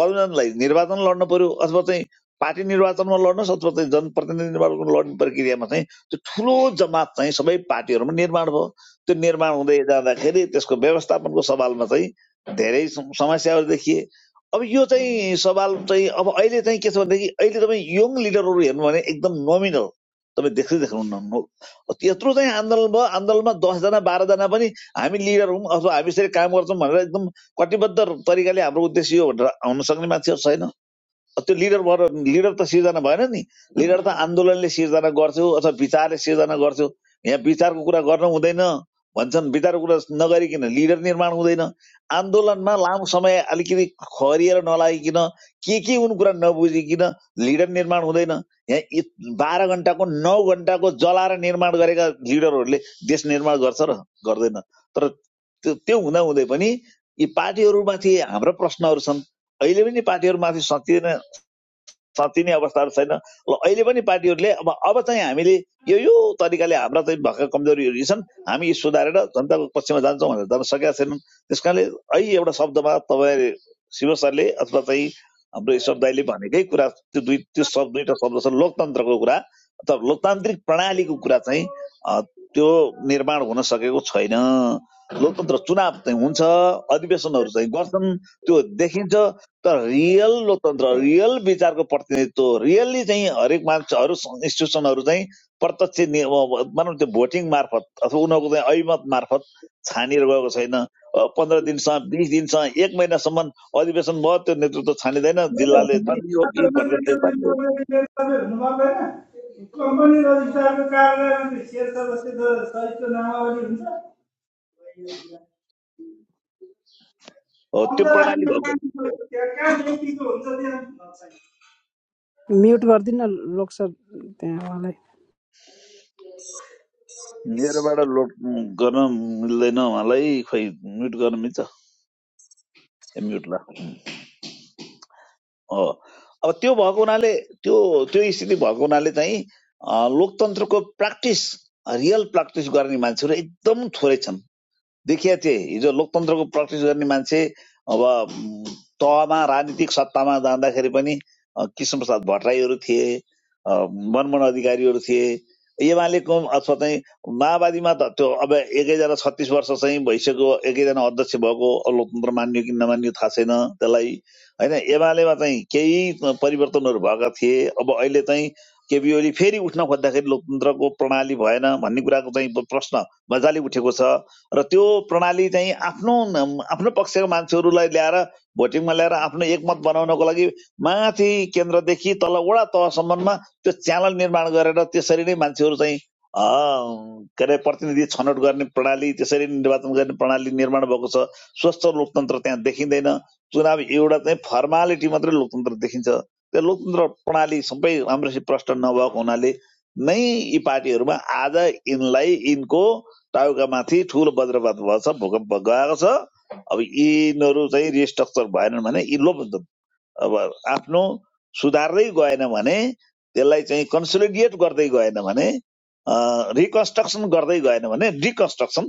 पदमा जानलाई निर्वाचन लड्न पर्यो अथवा चाहिँ पार्टी निर्वाचनमा लड्नुहोस् अथवा चाहिँ जनप्रतिनिधि निर्वाचनमा लड्ने प्रक्रियामा चाहिँ त्यो ठुलो जमात चाहिँ सबै पार्टीहरूमा निर्माण भयो त्यो निर्माण हुँदै जाँदाखेरि त्यसको व्यवस्थापनको सवालमा चाहिँ धेरै सम- समस्याहरू देखिए अब यो चाहिँ सवाल चाहिँ अब अहिले चाहिँ के छ भनेदेखि अहिले तपाईँ यङ लिडरहरू हेर्नु भने एकदम नोमिनल तपाईँ देख्दै देख्नुहुन्न नो- त्यत्रो चाहिँ आन्दोलन भयो आन्दोलनमा दसजना बाह्रजना पनि हामी लिडर हौँ अथवा हामी यसरी काम गर्छौँ भनेर एकदम कटिबद्ध तरिकाले हाम्रो उद्देश्य यो भनेर आउन सक्ने मान्छेहरू छैन त्यो लिडर भएर लिडर त सिर्जना भएन नि लिडर त आन्दोलनले सिर्जना गर्थ्यो अथवा विचारले सिर्जना गर्थ्यो यहाँ विचारको कुरा गर्नु हुँदैन भन्छन् विचारको कुरा नगरिकन लिडर निर्माण हुँदैन आन्दोलनमा लामो समय अलिकति खरिएर नलागिकन के के उन कुरा नबुझिकन लिडर निर्माण हुँदैन यहाँ यी बाह्र घन्टाको नौ घन्टाको जलाएर निर्माण गरेका लिडरहरूले देश निर्माण गर्छ र गर्दैन तर त्यो त्यो हुँदा हुँदै पनि यी पार्टीहरूमाथि हाम्रा प्रश्नहरू छन् अहिले पनि पार्टीहरूमाथि सकिँदैन साँच्चिने अवस्थाहरू छैन ल अहिले पनि पार्टीहरूले अब अब चाहिँ हामीले यो यो तरिकाले हाम्रा चाहिँ भएका कमजोरीहरू यी छन् हामी यी सुधारेर जनताको पक्षमा जान्छौँ भनेर जान सकेका छैनन् त्यस है एउटा शब्दमा तपाईँले शिव सरले अथवा चाहिँ हाम्रो ईश्वर दाईले भनेकै कुरा त्यो दुई त्यो शब्द दुईवटा शब्द छ लोकतन्त्रको कुरा अथवा लोकतान्त्रिक प्रणालीको कुरा चाहिँ त्यो निर्माण हुन सकेको छैन लोकतन्त्र चुनाव चाहिँ हुन्छ अधिवेशनहरू चाहिँ गर्छन् त्यो देखिन्छ तर रियल लोकतन्त्र रियल विचारको प्रतिनिधित्व रियल्ली चाहिँ हरेक मान्छेहरू इन्स्टिट्युसनहरू चाहिँ प्रत्यक्ष नि- अब- अब भनौँ त्यो भोटिङ मार्फत अथवा उनीहरूको चाहिँ ऐमत मार्फत छानिएर गएको छैन अब पन्ध्र दिनसम्म बिस दिनसम्म एक महिनासम्म अधिवेशन भयो त्यो नेतृत्व छानिँदैन जिल्लाले छान्ने हो कि प्रदेशले छान्ने हो कम्पनी रजिस्ट्रारको कार्यालयमा शेयर सदस्यको सहितको नामावली हुन्छ हो, त्यो प्रणाली अन्तर्राष्ट्रिय भएको ब्याङ्कको त्यहाँ कहाँ व्यक्तिको हुन्छ त्यहाँ छैन। म्युट गरिदिनु न लोक सर त्यहाँ मेरोबाट लोड उम्, गर्न मिल्दैन मलाई खोइ म्युट गर्न मिल्छ ए म्युट ल हो अब त्यो भएको हुनाले त्यो त्यो स्थिति भएको हुनाले चाहिँ अ, लोकतन्त्रको प्र्याक्टिस रियल प्र्याक्टिस गर्ने मान्छेहरू एकदम थोरै छन् देखिया थिए हिजो लोकतन्त्रको प्र्याक्टिस गर्ने मान्छे अब म, तहमा राजनीतिक सत्तामा जाँदाखेरि पनि अ, कृष्ण प्रसाद भट्टराईहरू थिए अ, मनमोहन अधिकारीहरू थिए एमालेको अथवा चाहिँ माओवादीमा त त्यो अब एकैजना छत्तिस वर्ष चाहिँ भइसक्यो एकैजना अध्यक्ष भएको लोकतन्त्र मान्यो कि नमान्यो थाहा छैन त्यसलाई होइन एमालेमा चाहिँ केही परिवर्तनहरू भएका थिए अब अहिले चाहिँ केपी ओली फेरि उठ्न खोज्दाखेरि लोकतन्त्रको प्रणाली भएन भन्ने कुराको चाहिँ प्रश्न मजाले उठेको छ र त्यो प्रणाली चाहिँ आफ्नो नम- आफ्नो पक्षको मान्छेहरूलाई ल्याएर भोटिङमा ल्याएर आफ्नो एकमत बनाउनको लागि माथि केन्द्रदेखि तल वडा तहसम्ममा त्यो च्यानल निर्माण गरेर त्यसरी नै मान्छेहरू चाहिँ अ, के अरे प्रतिनिधि छनौट गर्ने प्रणाली त्यसरी नै निर्वाचन गर्ने प्रणाली निर्माण भएको छ स्वस्थ लोकतन्त्र त्यहाँ देखिँदैन चुनाव एउटा चाहिँ फर्मालिटी मात्रै लोकतन्त्र देखिन्छ त्यो लोकतन्त्र प्रणाली सबै राम्रोसित प्रष्ट नभएको हुनाले नै यी पार्टीहरूमा आज यिनलाई यिनको टाउकामाथि ठुलो वज्रपात भएको छ भूकम्प गएको छ अब यिनीहरू चाहिँ रिस्ट्रक्चर भएनन् भने यी लोप अब आफ्नो सुधार्दै गएन भने त्यसलाई चाहिँ कन्सोलिडिएट गर्दै गएन भने रिकन्स्ट्रक्सन गर्दै गएन भने डिकन्स्ट्रक्सन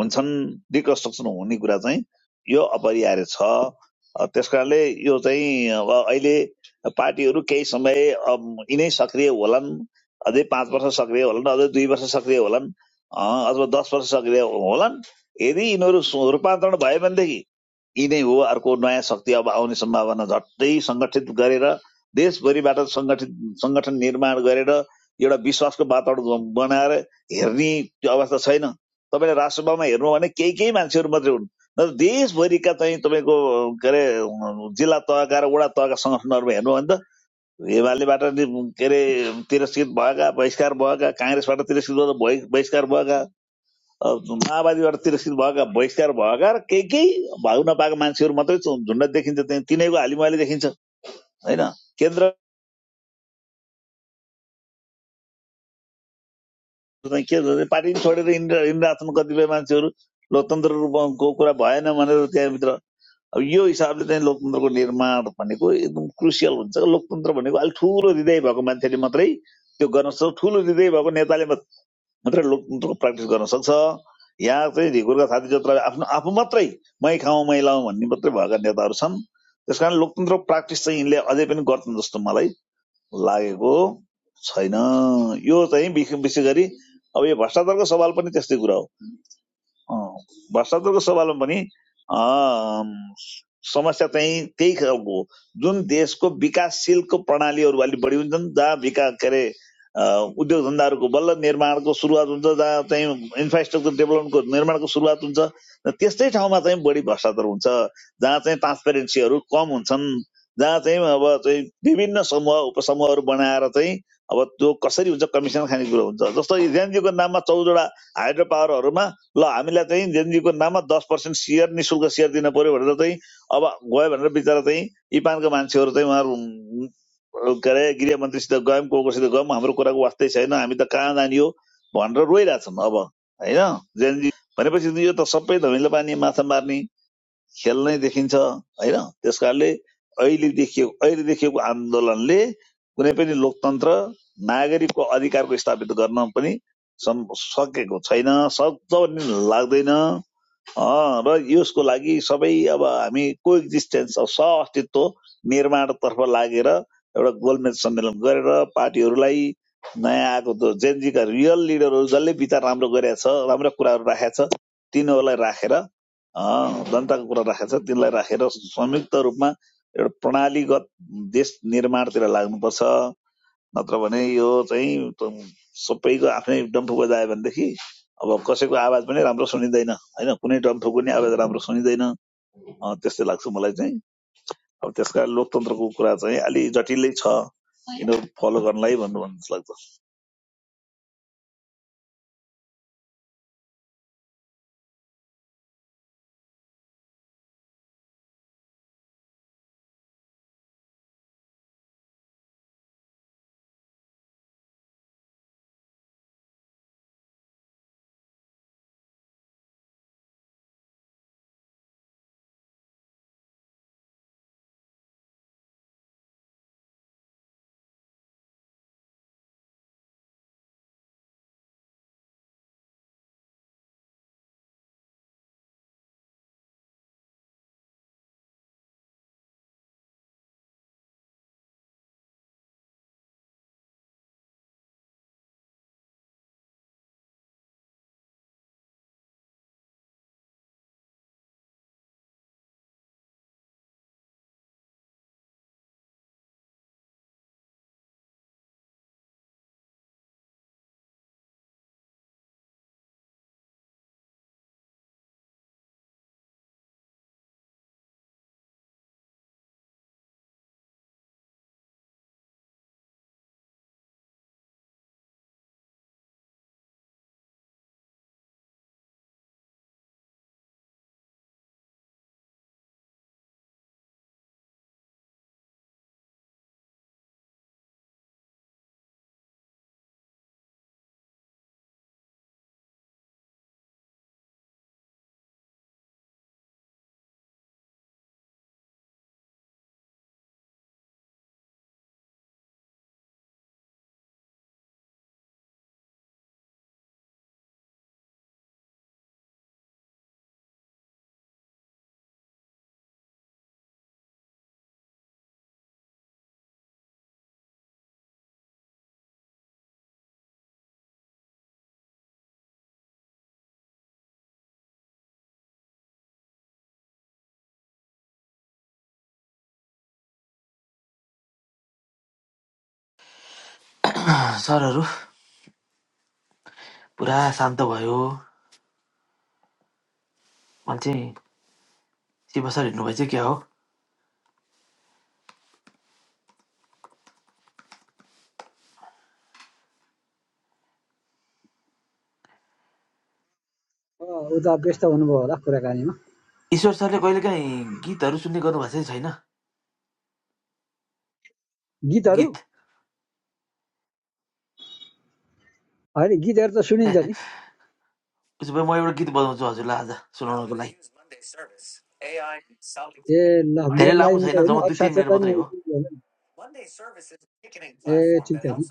हुन्छन् डिकन्स्ट्रक्सन हुने कुरा चाहिँ यो अपरिहार्य छ अ, त्यस कारणले यो चाहिँ अब अहिले पार्टीहरू केही समय अम, यिनै सक्रिय होलान् अझै पाँच वर्ष सक्रिय होलान् अझै दुई वर्ष सक्रिय होलान् अ, अथवा दस वर्ष सक्रिय होलान् यदि यिनीहरू सु- रूपान्तरण भयो भनेदेखि यी नै हो अर्को नयाँ शक्ति अब आउने सम्भावना झट्टै सङ्गठित गरेर देशभरिबाट सङ्गठित सङ्गठन निर्माण गरेर एउटा विश्वासको वातावरण बनाएर हेर्ने त्यो अवस्था छैन तपाईँले राष्ट्रसभामा हेर्नु भने केही केही मान्छेहरू मात्रै हुन् नत्र देशभरिका चाहिँ तपाईँको के अरे जिल्ला तहका र वडा तहका सङ्गठनहरूमा हेर्नु भने त एमालेबाट के अरे तिरस्कृत भएका बहिष्कार भएका काङ्ग्रेसबाट तिरस्कृत बहिष्कार भएका माओवादीबाट तिरस्कृत भएका बहिष्कार भएका र केही केही भाउ नपाएका मान्छेहरू मात्रै चु- झुन्ड देखिन्छ त्यहाँ तिनैको हालिमाली देखिन्छ होइन केन्द्र चाहिँ के भन्छ, पार्टी पनि छोडेर हिँडेर हिँडिरहेका छन् कतिपय मान्छेहरू लोकतन्त्र रूपको कुरा भएन भनेर त्यहाँभित्र अब यो हिसाबले चाहिँ लोकतन्त्रको निर्माण भनेको एकदम क्रुसियल हुन्छ लोकतन्त्र भनेको अलिक ठुलो हृदय भएको मान्छेले मात्रै त्यो गर्न सक्छ ठुलो हृदय भएको नेताले मात्रै लोकतन्त्रको प्र्याक्टिस गर्न सक्छ यहाँ चाहिँ ढिकुरका साथी जोत्रले आफ्नो आफू मात्रै मै खाउँ मै लाउँ भन्ने मात्रै भएका नेताहरू छन् त्यस कारण प्र्याक्टिस चाहिँ यिनले अझै पनि गर्छन् जस्तो मलाई लागेको छैन यो चाहिँ विशेष गरी अब यो भ्रष्टाचारको सवाल पनि त्यस्तै कुरा हो अँ, भ्रष्टाचारको सवालमा पनि अँ, समस्या चाहिँ त्यही खालको हो। जुन देशको विकासशीलको प्रणालीहरू अलिक बढी हुन्छन् जहाँ विकास के अरे अँ, उद्योग धन्दाहरूको बल्ल निर्माणको सुरुवात हुन्छ जहाँ चाहिँ इन्फ्रास्ट्रक्चर डेभलपमेन्टको निर्माणको सुरुवात हुन्छ र त्यस्तै ठाउँमा चाहिँ बढी भ्रष्टाचार हुन्छ जहाँ चाहिँ ट्रान्सपेरेन्सीहरू कम हुन्छन् जहाँ चाहिँ अब चाहिँ विभिन्न समूह उपसमूहहरू बनाएर चाहिँ अब त्यो कसरी हुन्छ कमिसन खाने कुरो हुन्छ जस्तो इज्यानजीको नाममा चौधवटा हाइड्रो पावरहरूमा ल हामीलाई चाहिँ जेनजीको नाममा दस पर्सेन्ट सेयर नि शुल्क सेयर दिन पर्यो भनेर चाहिँ अब गयो भनेर बिचरा चाहिँ इपानका मान्छेहरू चाहिँ उहाँहरू उम्, के अरे गृहमन्त्रीसित गयौँ को कोसित गयौँ हाम्रो कुराको वास्तै छैन हामी त कहाँ जाने हो भनेर रोइरहेछन् अब होइन जेनजी भनेपछि यो त सबै धमिलो पानी माछा मार्ने खेल नै देखिन्छ होइन त्यस कारणले अहिले देखिएको अहिले देखिएको आन्दोलनले कुनै पनि लोकतन्त्र नागरिकको अधिकारको स्थापित गर्न पनि सकेको छैन सक्छ भन्ने लाग्दैन अँ, र यसको लागि सबै अब हामी को एक्जिस्टेन्स अब सह अस्तित्व निर्माणतर्फ लागेर एउटा गोलमेज सम्मेलन गरेर पार्टीहरूलाई नयाँ आएको त्यो जेनजीका रियल लिडरहरू जसले विचार राम्रो गरेका छ राम्रो कुराहरू राखेको छ तिनीहरूलाई राखेर अँ, जनताको कुरा राखेको छ तिनलाई राखेर संयुक्त रूपमा एउटा प्रणालीगत देश निर्माणतिर लाग्नुपर्छ नत्र भने यो चाहिँ त- सबैको आफ्नै डम्फु बजायो भनेदेखि अब कसैको आवाज पनि राम्रो सुनिँदैन होइन कुनै डम्फुको नि आवाज राम्रो सुनिँदैन त्यस्तै लाग्छ मलाई चाहिँ अब त्यसका लोकतन्त्रको कुरा चाहिँ अलि जटिलै छ यिनीहरू फलो गर्नलाई भन्नु भन्नु जस्तो लाग्छ सरहरू पुरा शान्त भयो मैले चाहिँ शिव सर हिँड्नुभएछ क्या हो अँ, उता व्यस्त हुनुभयो होला कुराकानीमा ईश्वर सरले कहिलेकाहीँ गीतहरू सुन्ने गर्नुभएको चाहिँ छैन गीतहरू गीत होइन गीतहरू त सुनिन्छ नि उसो भए म एउटा गीत बजाउँछु हजुरलाई आज सुनाउनको लागि ए ल धेरै मेरो लागि लामो मात्रै छैन होइन जम्मा अरू दुई तिन मिनट साथीहरूलाई मात्रै नि हो गीत गाउनु नि। ए ठिक छ नि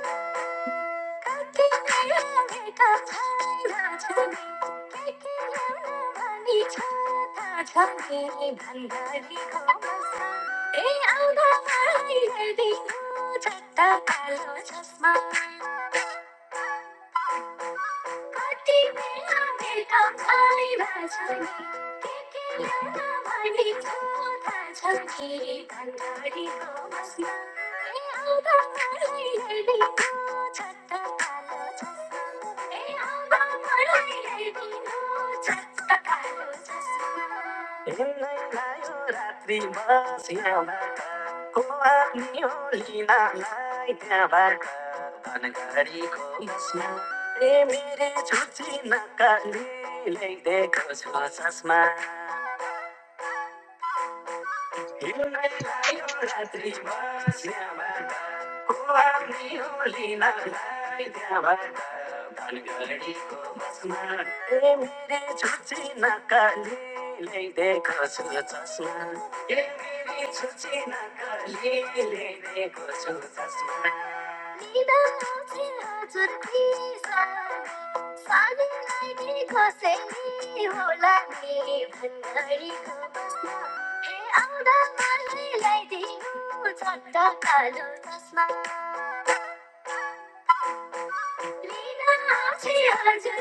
Kakinyam ne ka phai na chami, Kakinyam na vani chha na chami, Ban gani kho masan, In aadha maai le di ko chha taalo chasma. Kati me la me taalai bajani, ke ke la baani do taajani. Tan kariko mastna, ei aadharai lekin ho chatta karo. Ei aadharai lekin ho chatta karo. Ei na na yo ratri masti aapko aapniyo lekin aap ne bhar kar tan kariko mastna. ए मेरी छुट्टी नकालीलाई देखो छ चस्मा हिउँदै लायो रात्रि बस्याबाट को आउने हो लिनलाई त्यहाँबाट धनगढीको बसमा ए मेरी छुट्टी नकालीलाई देखो छ चस्मा ए मेरी छुट्टी नकालीलाई देखो छसमा निदा छ चस्मा I am the one who is holding you. I am the one who is holding you. मैले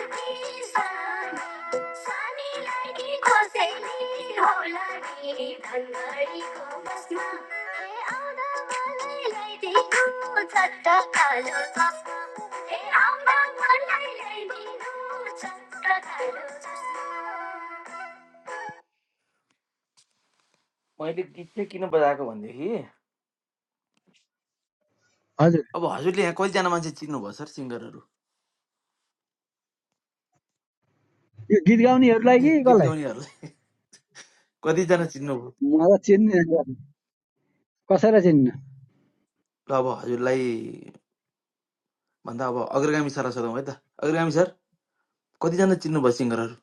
गीत चाहिँ किन बजाएको भनेदेखि हजुर अब हजुरले यहाँ कतिजना मान्छे चिन्नुभयो सर सिङ्गरहरू यो गीत गाउनेहरूलाई कि गीत कसलाई गाउनेहरूलाई कतिजना चिन्नुभयो मलाई चिन्ने कसैलाई चिन्न ल अब हजुरलाई भन्दा अब अग्रगामी सारा सोधौँ है त अग्रगामी सर कतिजना चिन्नुभयो सिङ्गरहरू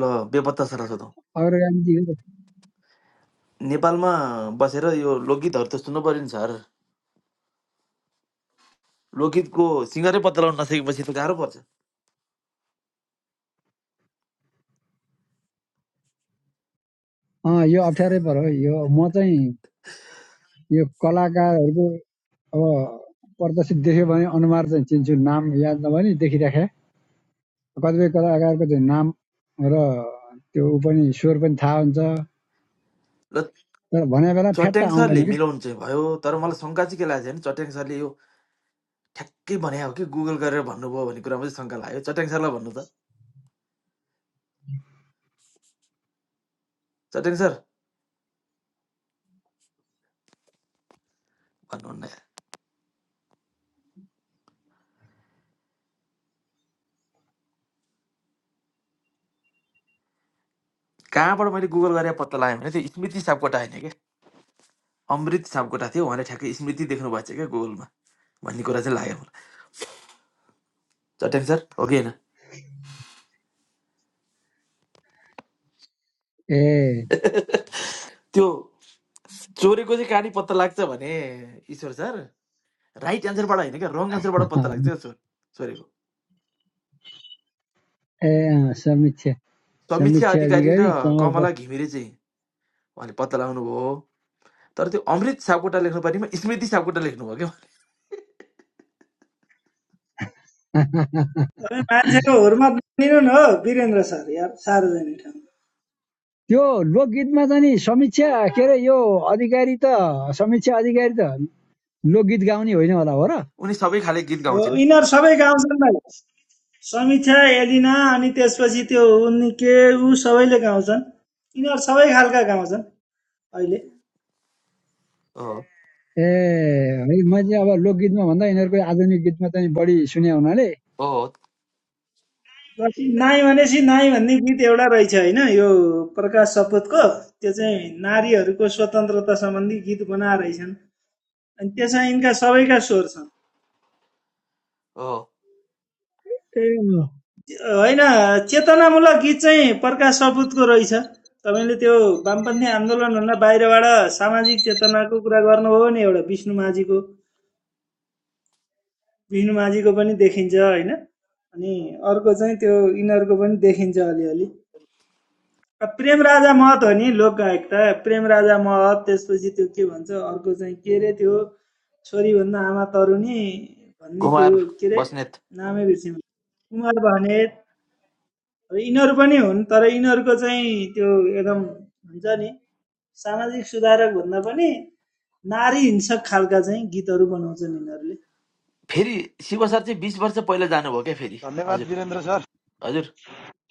ल बेपत्ता सारा सोधौँ अग्रगामी नेपालमा बसेर यो लोकगीतहरू त सुन्नु पऱ्यो नि सर लोकगीतको सिङ्गरै पत्ता लगाउन नसकेपछि त गाह्रो पर्छ अँ यो अप्ठ्यारै पर्यो यो म चाहिँ यो कलाकारहरूको अब प्रदर्शित देख्यो भने अनुहार चाहिँ चिन्छु नाम याद नभए नि देखिराखे कतिपय कलाकारको चाहिँ नाम र त्यो ऊ पनि स्वर पनि थाहा हुन्छ र तर भने बेला फ्याट्ट चट्याङ आउँदैन सरले क्या मिलाउनु चाहिँ भयो तर मलाई शङ्का चाहिँ के लागेको छ भने चट्याङ सरले यो ठ्याक्कै भने हो कि गुगल गरेर भन्नुभयो भन्ने कुरामा चाहिँ शङ्का लाग्यो चट्याङ सरलाई भन्नु त चट्याङ सर भन्नुहुन्न यार कहाँबाट मैले गुगल गरेर पत्ता लगाएँ भने त्यो स्मृति सापकोटा होइन क्या अमृत सापकोटा थियो उहाँले ठ्याक्कै स्मृति देख्नु भएको छ क्या गुगलमा भन्ने कुरा चाहिँ लाग्यो चट्याङ सर हो कि होइन ए त्यो चोरेको चाहिँ कहाँनिर पत्ता लाग्छ भने ईश्वर सर राइट एन्सरबाट होइन क्या रङ एन्सरबाट पत्ता लाग्छ ए क्या चोर चोरेको अँ, समीक्षा समीक्षा समीक्षा अधिकारी र अधिकारी कमल कमला प- घिमिरे चाहिँ उहाँले पत्ता लगाउनु भयो तर त्यो अमृत सापकोटा लेख्नु पर्नेमा स्मृति सापकोटा लेख्नुभयो क्या उहाँले। तपाईँ मान्छेको हुर्मा बनिनु न हो वीरेन्द्र सर यार सार्वजनिक ठाउँमा त्यो लोकगीतमा त नि समीक्षा के अरे यो अधिकारी त समीक्षा अधिकारी त लोकगीत गाउने होइन होला हो र उनी सबै खाले गीत हो गाउँछिन् यिनीहरू सबै गाउँछन् भाइ समीक्षा एलिना अनि त्यसपछि त्यो उनी के ऊ सबैले गाउँछन् यिनीहरू सबै खालका गाउँछन् अहिले हो ए है मैले अब लोकगीतमा भन्दा यिनीहरूको आधुनिक गीतमा त नि बढी सुने हुनाले हो जति नाई भनेपछि नाई भन्ने गीत एउटा रहेछ होइन यो प्रकाश सपुतको त्यो चाहिँ नारीहरूको स्वतन्त्रता सम्बन्धी गीत बनाएर रहेछन् अनि त्यसमा यिनका सबैका स्वर छन् हो ए होइन चेतनामूलक गीत चाहिँ प्रकाश सपुतको रहेछ तपाईँले त्यो वामपन्थी आन्दोलनभन्दा बाहिरबाट सामाजिक चेतनाको कुरा गर्नुभयो भने एउटा विष्णु माझीको विष्णु माझीको पनि देखिन्छ होइन अनि अर्को चाहिँ त्यो यिनीहरूको पनि देखिन्छ अलिअलि प्रेमराजा महत हो नि लोकगायक त प्रेमराजा महत त्यसपछि त्यो के भन्छ अर्को चाहिँ के रे त्यो छोरीभन्दा आमा तरुणी भन्ने त्यो कुमार के रे बस्नेत नामै बिर्सिनु कुमार बनेत अब यिनीहरू पनि हुन् तर यिनीहरूको चाहिँ त्यो एकदम हुन्छ नि सामाजिक सुधारक भन्दा पनि नारी हिंसक खालका चाहिँ गीतहरू बनाउँछन् यिनीहरूले फेरि शिव सर चाहिँ बिस वर्ष पहिला जानुभयो क्या फेरि धन्यवाद हजुर वीरेन्द्र सर हजुर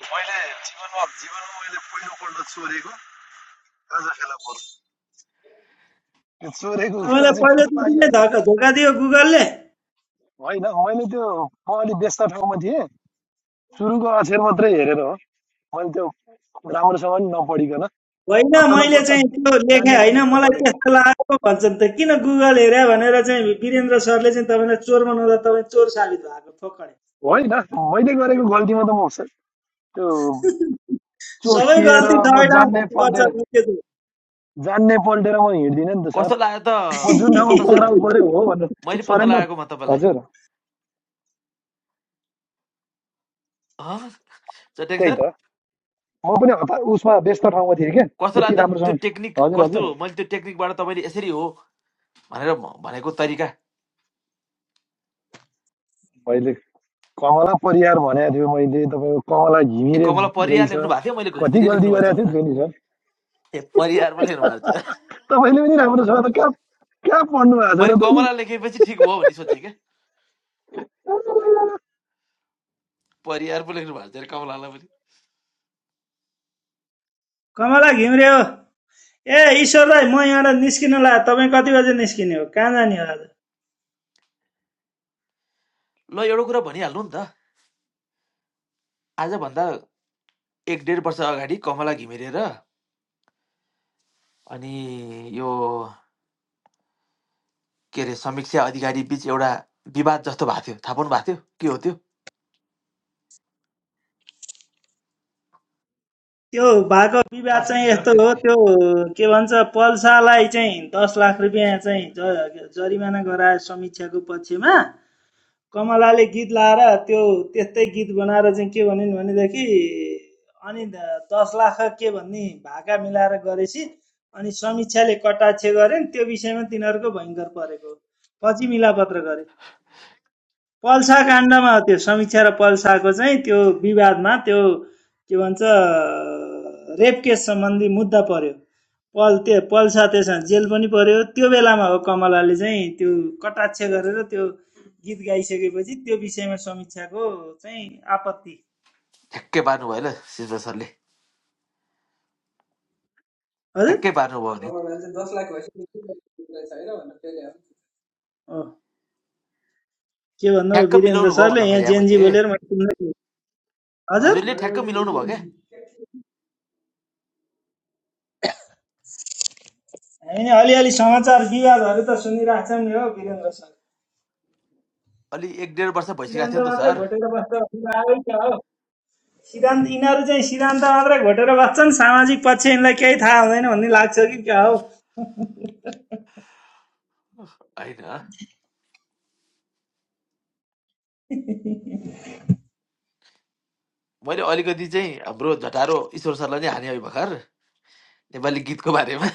मैले जीवनमा जीवनमा मैले पहिलोपल्ट चोरेको गाँजा फेला परेँ त्यो चोरेको कुरा तपाईँलाई चाहिँ पत्ता पहिलोचोटि नै आइहाल्छ धक्का धोका दियो गुगलले होइन मैले त्यो म अलिक व्यस्त ठाउँमा थिएँ सुरुको अक्षर मात्रै हेरेर हो मैले त्यो राम्रोसँग पनि नपढिकन होइन हत्ता मैले नपत्ता चाहिँ त्यो लेखेँ जान्ने होइन पनि मलाई पलेको त्यस्तो लागेको भन्छन् त किन गुगल हेरे भनेर चाहिँ वीरेन्द्र सरले चाहिँ तपाईँलाई चोर बनाउँदा तपाईँ चोर साबित भएको फोकड होइन मैले गरेको गल्तीमा त म त्यो सबै चोखिएर गल्ती म सबै ठाउँ जान्ने भन्नुपर्छ पल्टेर मुख्य चाहिँ। जान्ने पल्टेर म हिँड्दिनँ नि त सर कस्तो लाग्यो त म जुन ठाउँमा बेपत्ता सर पक्राउ पऱ्यो हो भनेर मैले पत्ता सरेन्डर लगाएकोमा तपाईँलाई हजुर अँ, चट्याङ त्यही सर त म पनि हतार उसमा व्यस्त ठाउँमा थिएँ क्या कस्तोलाई त्यति त त्यो राम्रोसँग टेक्निक हजुर कस्तो हजुर मैले त्यो टेक्निकबाट तपाईँले यसरी हो भनेर म- भनेको तरिका मैले कमला परियार भनेको थियो मैले तपाईँको कमला ए घिमिरे कमला परियार रहेछ लेख्नु भएको थियो मैले कति घुमिरे गल्ती लेख्नु भएको छ गरेको भनेर थियो थियो नि सर ए परियार पो लेख्नु भएको थियो तपाईँले पनि राम्रो छ त कहाँ कहाँ पढ्नु भएको छ र मैले त नि कमला लेखेपछि ठिक भयो भन्ने सोचेँ क्या परियार पो लेख्नु भएको थियो अरे कमलालाई पनि कमला घिम्रे हो ए ईश्वर भाइ म यहाँबाट निस्किन ला तपाईँ कति बजे निस्किने हो कहाँ जाने हो आज ल एउटा कुरा भनिहाल्नु नि त आजभन्दा एक डेढ वर्ष अगाडि कमला घिमिरेर अनि यो के अरे समीक्षा अधिकारी बिच एउटा विवाद जस्तो भएको थियो थाहा पाउनु भएको थियो के हो त्यो त्यो भएको विवाद थाहा छैन चाहिँ सर यस्तो हो त्यति त्यो के भन्छ पल्सालाई चाहिँ दस लाख रुपियाँ चाहिँ ज- जरिमाना गरायो समीक्षाको पक्षमा कमलाले गीत लाएर त्यो त्यस्तै गीत बनाएर चाहिँ के भनिन् भनेदेखि अनि द- दस लाख के भन्ने भाका मिलाएर गरेपछि अनि समीक्षाले कटाक्ष गरेन् त्यो विषयमा तिनीहरूको भयङ्कर परेको पछि मिलापत्र गरे पल्सा काण्डमा त्यो समीक्षा र पल्साको चाहिँ त्यो विवादमा त्यो के भन्छ रेप केस सम्बन्धी मुद्दा पर्यो पल त्यो पल्सा त्यसमा जेल पनि पर्यो त्यो बेलामा हो कमलाले चाहिँ त्यो कटाक्ष गरेर त्यो गीत गाइसकेपछि त्यो विषयमा समीक्षाको चाहिँ आपत्ति ठ्याक्कै पार्नु भयो ल सिद्ध सरले हजुर ठ्याक्कै पार्नु भयो भने ओ के भन्नु ठ्याक्क वीरेन्द्र मिलाउनु भयो सरले भन्न यहाँ खोजेँ जेनजी मैले बोलेर मैले सुन्दै थिएँ। हजुर हजुरले ठ्याक्क मिलाउनु भयो क्या हामी नि अलिअलि समाचार विवादहरू त सुनिरहेछौँ नि हो वीरेन्द्र सर अलि एक डेढ वर्ष भइसकेको सिद्धान्त थियो नि त मात्रै सर घोटेर बस्छ भन्ने सिद्धान्त यिनीहरू चाहिँ सिद्धान्त मात्रै घोटेर बस्छन् सामाजिक पक्ष यिनलाई केही थाहा हुँदैन भन्ने लाग्छ कि क्या हौ होइन मैले अलिकति चाहिँ हाम्रो झटारो ईश्वर सरलाई नै हाने हो भर्खर नेपाली गीतको बारेमा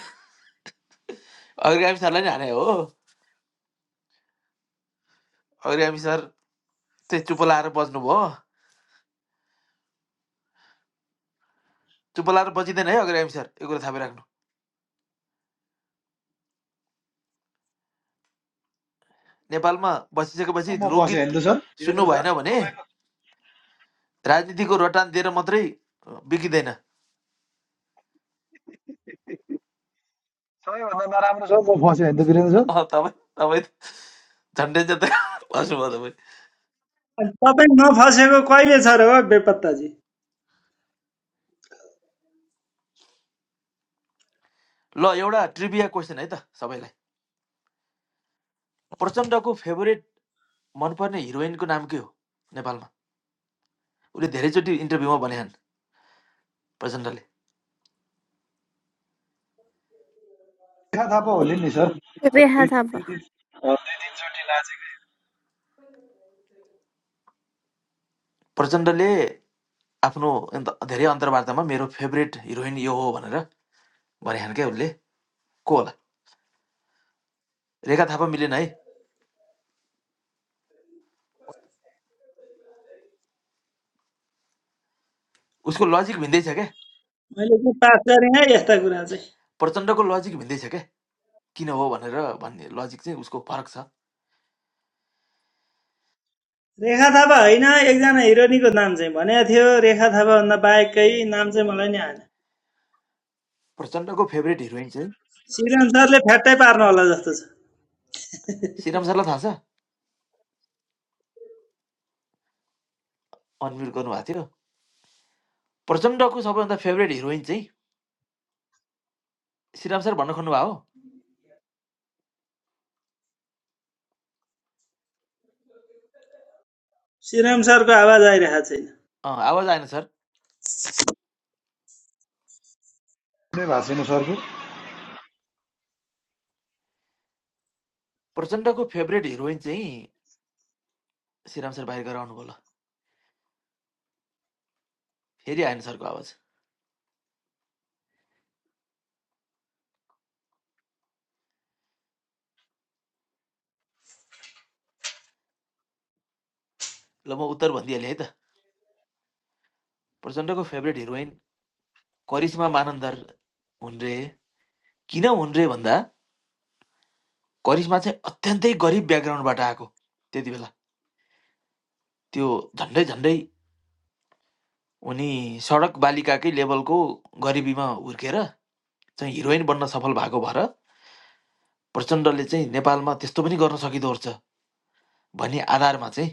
अग्रगामी सरलाई नै हाने हो अग्रगामी सर चाहिँ चुप लाएर बज्नुभयो चुप लाएर बजिँदैन है अग्रगामी सर यो कुरा थाहा राख्नु नेपालमा बसिसकेपछि म फसेँ होइन लोकगीत त सर सुन्नु वीरेन्द्र सर भएन भने तपाईँको राजनीतिको रटान दिएर मात्रै बिग्रिँदैन सबैभन्दा नराम्रो सर म फसेँ होइन त वीरेन्द्र सर अँ, तपाईँ तपाईँ झन्डै झन्डै हाँस्नुभयो तपाईँ अनि तपाईँ नफसेको कहिले छ र हो बेपत्ताजी ल एउटा ट्रिभिया क्वेसन है त सबैलाई प्रचण्डको फेभरेट मनपर्ने हिरोइनको नाम के हो नेपालमा उसले धेरैचोटि इन्टरभ्यूमा भनेछन् प्रचण्डले रेखा थापा होली नि सर We दुई had a दुई दिन अ, दुई तिनचोटि लाजेको प्रचण्डले आफ्नो अन्त धेरै अन्तर्वार्तामा मेरो फेभरेट हिरोइन यो हो भनेर भनेछन् क्या उसले को होला रेखा थापा मिलेन है उसको लजिक भिन्दै छ क्या मैले चाहिँ पास गरेँ है यस्ता कुरा चाहिँ प्रचण्डको लजिक भिन्दै छ क्या किन हो भनेर भन्ने लजिक चाहिँ उसको फरक छ रेखा थापा होइन एकजना हिरोनीको नाम चाहिँ भनेको थियो रेखा थापाभन्दा बाहेकै नाम चाहिँ मलाई नि आएन प्रचण्डको फेभरेट हिरोइन चाहिँ श्रीराम सरले फ्याट्टै पार्नु होला जस्तो छ श्रीराम सरलाई थाहा छ अनम्युट गर्नुभएको थियो प्रचण्डको सबैभन्दा फेभरेट हिरोइन चाहिँ श्रीराम सर भन्न खोज्नुभएको हो श्रीराम सरको आवाज आइरहेको छैन अँ, आवाज आएन सर कुनै भएको छैन सरको प्रचण्डको फेभरेट हिरोइन चाहिँ श्रीराम सर बाहिर गएर आउनुभयो ल फेरि आएन सरको आवाज ल म उत्तर भनिदिइहालेँ है त प्रचण्डको फेभरेट हिरोइन करिश्मा मानन्दर हुन् रे किन हुन् रे भन्दा करिश्मा चाहिँ अत्यन्तै गरिब ब्याकग्राउन्डबाट आएको त्यति बेला त्यो झन्डै झन्डै उनी सडक बालिकाकै लेभलको गरिबीमा हुर्केर चाहिँ हिरोइन बन्न सफल भएको भएर प्रचण्डले चाहिँ नेपालमा त्यस्तो पनि गर्न सकिँदो रहेछ भन्ने आधारमा चाहिँ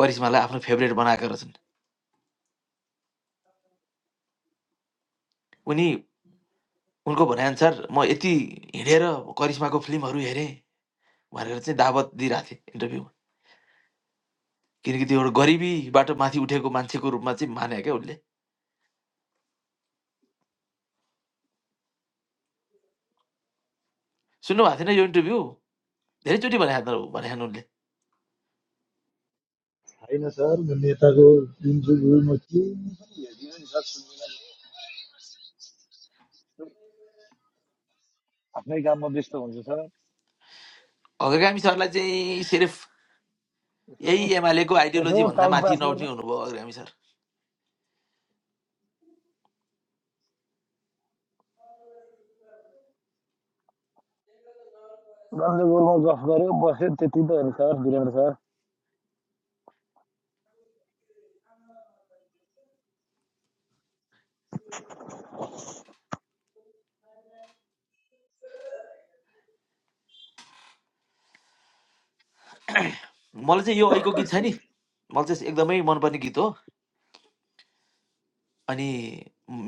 करिश्मालाई आफ्नो फेभरेट बनाएका रहेछन् उनी उनको भनाइअनुसार म यति हिँडेर करिश्माको फिल्महरू हेरेँ भनेर चाहिँ दावत दिइरहेको थिएँ इन्टरभ्यूमा किनकि त्यो एउटा गरिबीबाट माथि उठेको मान्छेको रूपमा चाहिँ माने क्या उसले सुन्नुभएको थिएन यो इन्टरभ्यू धेरैचोटि भने भने उनले होइन सर म नेताको दिन्छु गुरु म के हेरिदिनु नि सर आफ्नै काममा व्यस्त हुन्छ सर अग्रगामी सरलाई चाहिँ सिर्फ यसो यही एमालेको यसो आइडियोलोजी भन्दा टाइम माथि पास गर्नु नउठ्ने हुनुभयो अग्रगामी सर राम्रो गोलमा गफ गऱ्यो बस्यो त्यति त हो नि सर वीरेन्द्र सर मलाई चाहिँ यो ऐको गीत छ नि मलाई चाहिँ एकदमै मनपर्ने गीत हो अनि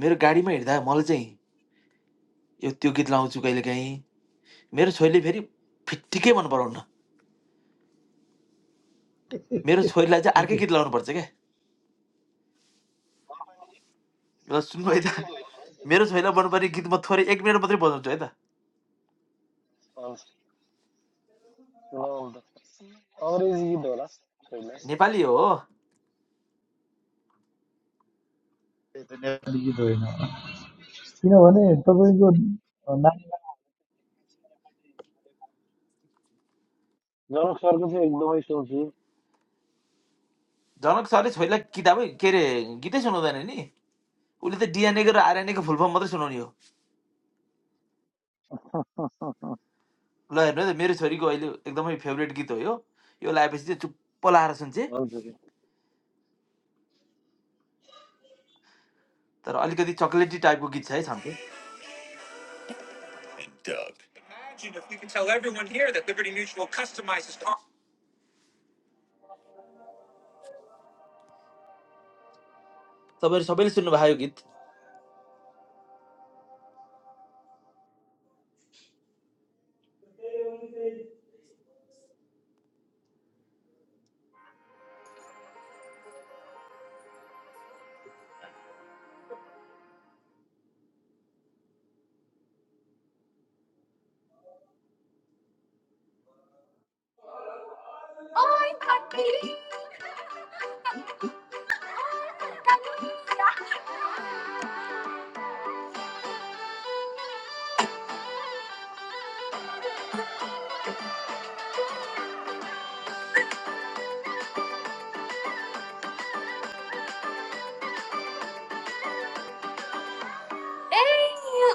मेरो गाडीमा हिँड्दा मलाई चाहिँ यो त्यो गीत लाउँछु कहिलेकाहीँ मेरो छोरीले फेरि फिट्टिकै मन पराउन मेरो छोरीलाई चाहिँ अर्कै गीत लाउनुपर्छ क्या ल सुन्नु है त मेरो छोइला पर्ने गीत म थोरै एक मिनट मात्रै बजाउँछु है त हवस्, ल हुन्छ अङ्ग्रेजी गीत होला पहिला नेपाली हो जनक सरको चाहिँ एकदमै सोच्छु जनक सरले छोइला किताबै के अरे गीतै सुनाउँदैन नि उसले त डिएनएको र आरएनएको फुल फर्म मात्रै सुनाउने हो ल हेर्नु है त मेरो छोरीको अहिले एकदमै फेभरेट गीत हो यो यो लगाएपछि चाहिँ चुप्प लाएर सुन्छे भन्छु तर अलिकति चक्लेटी टाइपको गीत छ है छाम्थे तपाईँहरू सबैले सुन्नुभयो यो गीत Oink! Oink! Oink! Oink!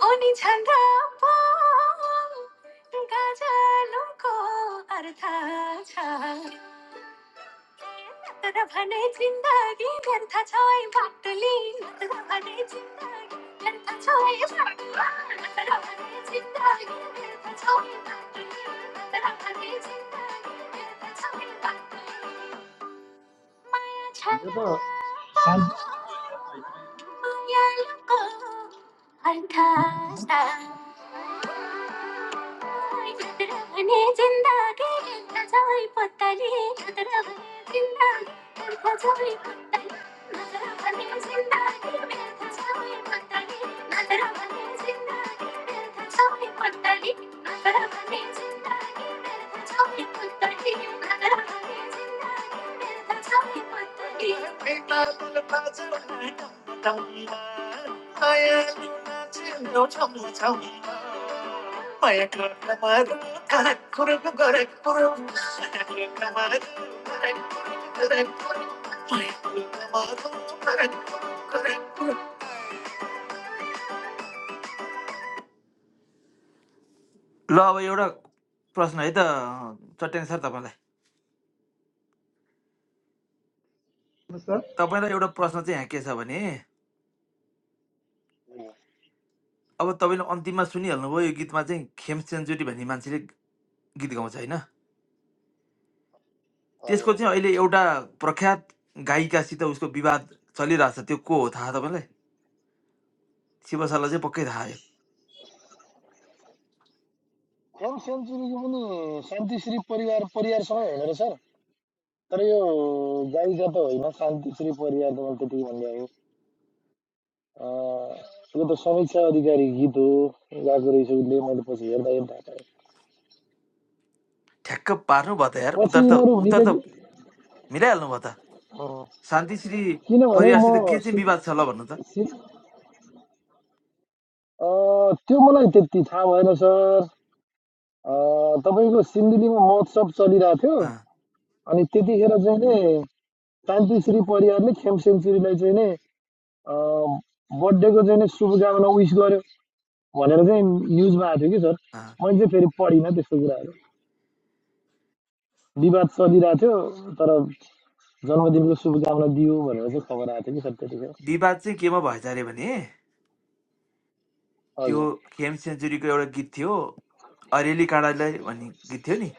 Aunty Chandan, gajalu ko artha cha. तर भने जिन्दगी व्यर्थ छै बाटोली तर भने जिन्दगी व्यर्थ छै भने जिन्दगी व्यर्थ छै बाटोली भने जिन्दगी व्यर्थ छै बाटोली మాయ చరాపా మాయలకు అర్థాస్తా ఎదురవనే జిందాగే ఎంతజాయి పొత్తలి ఎదురవనే జిందాగే ఎంతజాయి పొత్తలి నజరవనే జిందాగే ఎంతజాయి పొత్తలి నజరవనే జిందాగే ఎంతజాయి పొత్తలి ल अब एउटा प्रश्न है त चट्याङ सर तपाईँलाई कि सर तपाईँलाई एउटा प्रश्न चाहिँ यहाँ के छ भने अब तपाईँले अन्तिममा सुनिहाल्नुभयो यो गीतमा चाहिँ खेम सेन्चुरी भन्ने मान्छेले गीत गाउँछ होइन हजुर त्यसको चाहिँ अहिले एउटा प्रख्यात गायिकासित उसको विवाद चलिरहेछ त्यो को हो थाहा तपाईँलाई शिवशाला चाहिँ पक्कै थाहा यो एम सेन्चुरीको पनि शान्तिश्री परिवार परिवारसँगै होइन र सर तर यो गायिका त होइन शान्तिश्री परिवार त मैले त्यति भन्ने हो यो त समीक्षा अधिकारी गीत हो गाएको रहेछ उसले मैले पछि हेर्दा हेर्दा थाहा पाएँ ठ्याक्क पार्नु भयो त यार पछि उतार त यिनीहरू उतार हुनेले त कि मिलाइहाल्नु भयो त अँ, शान्तिश्री किनभने परिवारसित के म चाहिँ सि विवाद छ ल भन्नु त सि अँ, त्यो मलाई त्यति थाहा भएन सर अँ, तपाईँको सिन्धुलीमा महोत्सव चलिरहेको थियो अँ, अनि त्यतिखेर चाहिँ नि शान्तिश्री परियारले खेम सेन्चुरीलाई चाहिँ नि अँ, बर्थडेको चाहिँ नि शुभकामना विस गर्यो भनेर चाहिँ न्युजमा आएको थियो कि सर अँ। मैले चाहिँ फेरि पढिनँ त्यस्तो कुराहरू विवाद चलिरहेको थियो तर जन्मदिनको शुभकामना दियो भनेर चाहिँ खबर आएको थियो कि सर त्यतिखेर विवाद चाहिँ केमा भएछ अरे भने त्यो हजुर खेम सेन्चुरीको एउटा गीत थियो अरेली काँडालाई भन्ने गीत थियो नि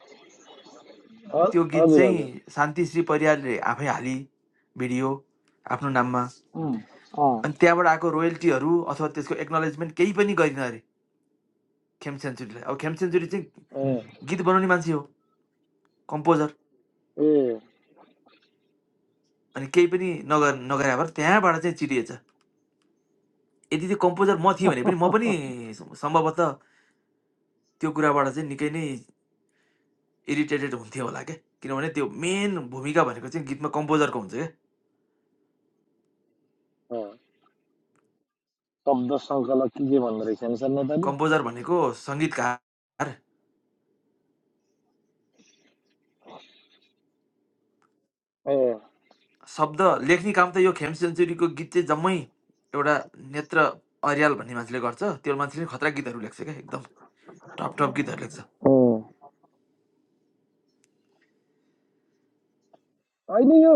त्यो ह- गीत हजुर चाहिँ हजुर शान्तिश्री परियारले आफै हाली भिडियो आफ्नो नाममा उम्, अँ अनि त्यहाँबाट आएको रोयल्टीहरू अथवा त्यसको एक्नोलेजमेन्ट केही पनि गरिन अरे खेम सेन्चुरीलाई अब खेम सेन्चुरी चाहिँ Eh, गीत बनाउने मान्छे हो कम्पोजर eh, अनि केही पनि नगर नगरे भएर त्यहाँबाट चाहिँ चिरिएछ यदि त्यो कम्पोजर म थिएँ भने पनि म पनि सम्भवतः त्यो कुराबाट चाहिँ निकै नै इरिटेटेड हुन्थेँ होला क्या किनभने त्यो मेन भूमिका भनेको चाहिँ गीतमा कम्पोजरको हुन्छ क्या अँ, शब्द सङ्कलक के के भन्दो रहेछ नि सर नेपाली कम्पोजर भनेको सङ्गीतकार ए शब्द लेख्ने काम त यो खेम सेन्चुरीको गीत चाहिँ जम्मै एउटा नेत्र अर्याल भन्ने मान्छेले गर्छ त्यो मान्छेले नि खतरा गीतहरू लेख्छ क्या एकदम टप टप गीतहरू लेख्छ हो होइन यो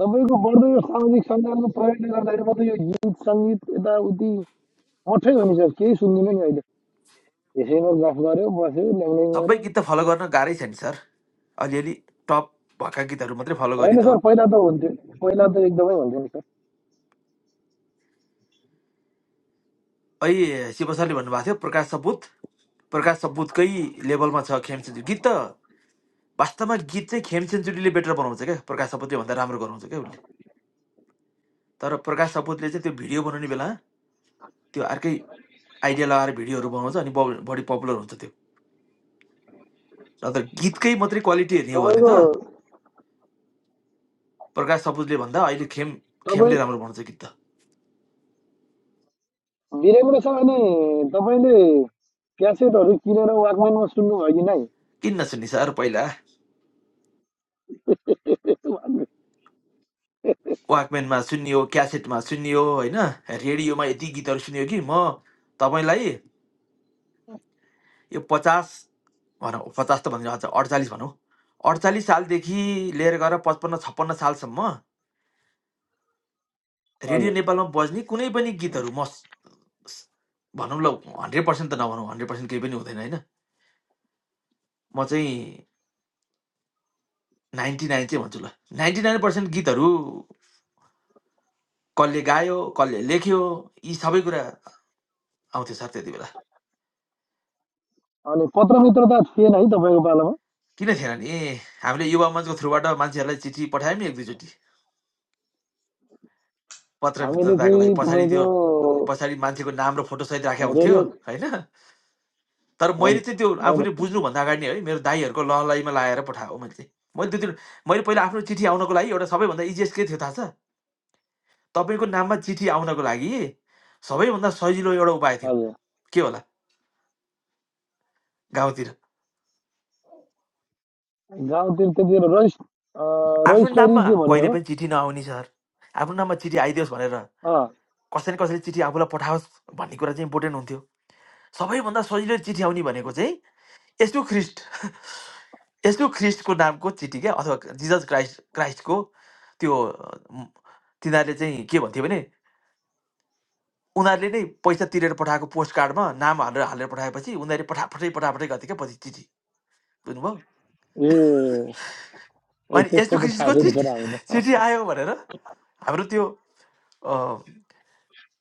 तपाईँको बढ्दो यो सामाजिक सञ्जालको प्रयोगले गर्दाखेरि म त यो गीत सङ्गीत यताउति मठै हो नि सर केही सुन्दिनँ नि अहिले यसैमा गफ गऱ्यो बस्यो ल्याङल्याङ सबै गऱ्यो गीत त फलो गर्न गाह्रै छ नि सर अलिअलि टप भएका गीतहरू मात्रै फलो गर्ने होइन त हो सर पहिला त हुन्थ्यो पहिला त एकदमै हुन्थ्यो नि सर अहिले शिव सरले भन्नुभएको थियो प्रकाश सपुत प्रकाश सपुतकै लेभलमा छ खेम सेन्चुरी गीत त वास्तवमा गीत चाहिँ खेम सेन्चुरीले बेटर बनाउँछ क्या प्रकाश सपुतले भन्दा राम्रो गराउँछ क्या उसले तर प्रकाश सपुतले चाहिँ त्यो भिडियो बनाउने बेला त्यो अर्कै आइडिया लगाएर भिडियोहरू बनाउँछ अनि बौ- बढी पपुलर हुन्छ त्यो अन्त गीतकै मात्रै क्वालिटी हेर्ने हो भने त तपाईँको प्रकाश सपुजले भन्दा अहिले खेम खेमले तपाईँ राम्रो बनाउँछ गीत त वीरेन्द्र सर तपाईँले क्यासेटहरू किनेर वाकम्यानमा सुन्नुभयो कि नै यस्तो किन नसुन्ने सर पहिला भएको? वाकम्यानमा सुनियो क्यासेटमा सुनियो होइन रेडियोमा यति गीतहरू सुनियो कि म तपाईँलाई यो पचास भनौँ पचास त भन्दिनँ हजुर अडचालिस भनौँ अडचालिस सालदेखि लिएर गएर पचपन्न छप्पन्न सालसम्म रेडियो हजुर नेपालमा बज्ने कुनै पनि गीतहरू म स- स- भनौँ ल हन्ड्रेड पर्सेन्ट त नभनौँ हन्ड्रेड पर्सेन्ट केही पनि हुँदैन होइन म चाहिँ नाइन्टी नाइन चाहिँ भन्छु ल नाइन्टी नाइन पर्सेन्ट गीतहरू कसले गायो कसले लेख्यो यी सबै कुरा आउँथ्यो सर त्यति बेला अनि पत्र मित्रता थिएन है तपाईँको पालामा किन थिएन नि हामीले युवा मञ्चको थ्रुबाट मान्छेहरूलाई चिठी पठायौँ नि एक दुईचोटि पत्र हामीले मित्रताको लागि चाहिँ पछाडि तपाईँको त्यो पछाडि मान्छेको नाम र फोटोसहित राखेको हुन्थ्यो रेडियो होइन तर हो मैले नि चाहिँ त्यो हो नि आफूले बुझ्नुभन्दा अगाडि नै है मेरो दाईहरूको लहलाइमा लाएर पठाएको मैले चाहिँ मैले त्यो दिन मैले पहिला आफ्नो चिठी आउनको लागि एउटा सबैभन्दा इजिएस्ट के थियो थाहा छ तपाईँको नाममा चिठी आउनको लागि सबैभन्दा सजिलो एउटा उपाय थियो हजुर के होला गाउँतिर गाउँतिर त्यतिखेर रजिस् आफ्नो रजिस्टरी नाममा के भन्ने कहिले हो पनि चिठी नआउने सर आफ्नो नाममा चिठी आइदियोस् भनेर अँ कसैले कसैले चिठी आफूलाई पठाओस् भन्ने कुरा चाहिँ इम्पोर्टेन्ट हुन्थ्यो सबैभन्दा सजिलो चिठी आउने भनेको चाहिँ यस्तो ख्रिस्ट यस्तो ख्रिस्टको नामको चिठी क्या अथवा जिजस क्राइस्ट क्राइस्टको त्यो अम, तिनीहरूले चाहिँ के भन्थ्यो भने उनीहरूले नै पैसा तिरेर पठाएको पोस्ट कार्डमा नाम हालेर हालेर पठाएपछि उनीहरूले पठापटै पठापटै गर्थ्यो क्या पछि चिठी बुझ्नुभयो ए ए, अनि त्यस्तो यस्तो त थाहा ख्रिस्टको छैन चिठी सर हामीलाई चिठी आयो भनेर हाम्रो त्यो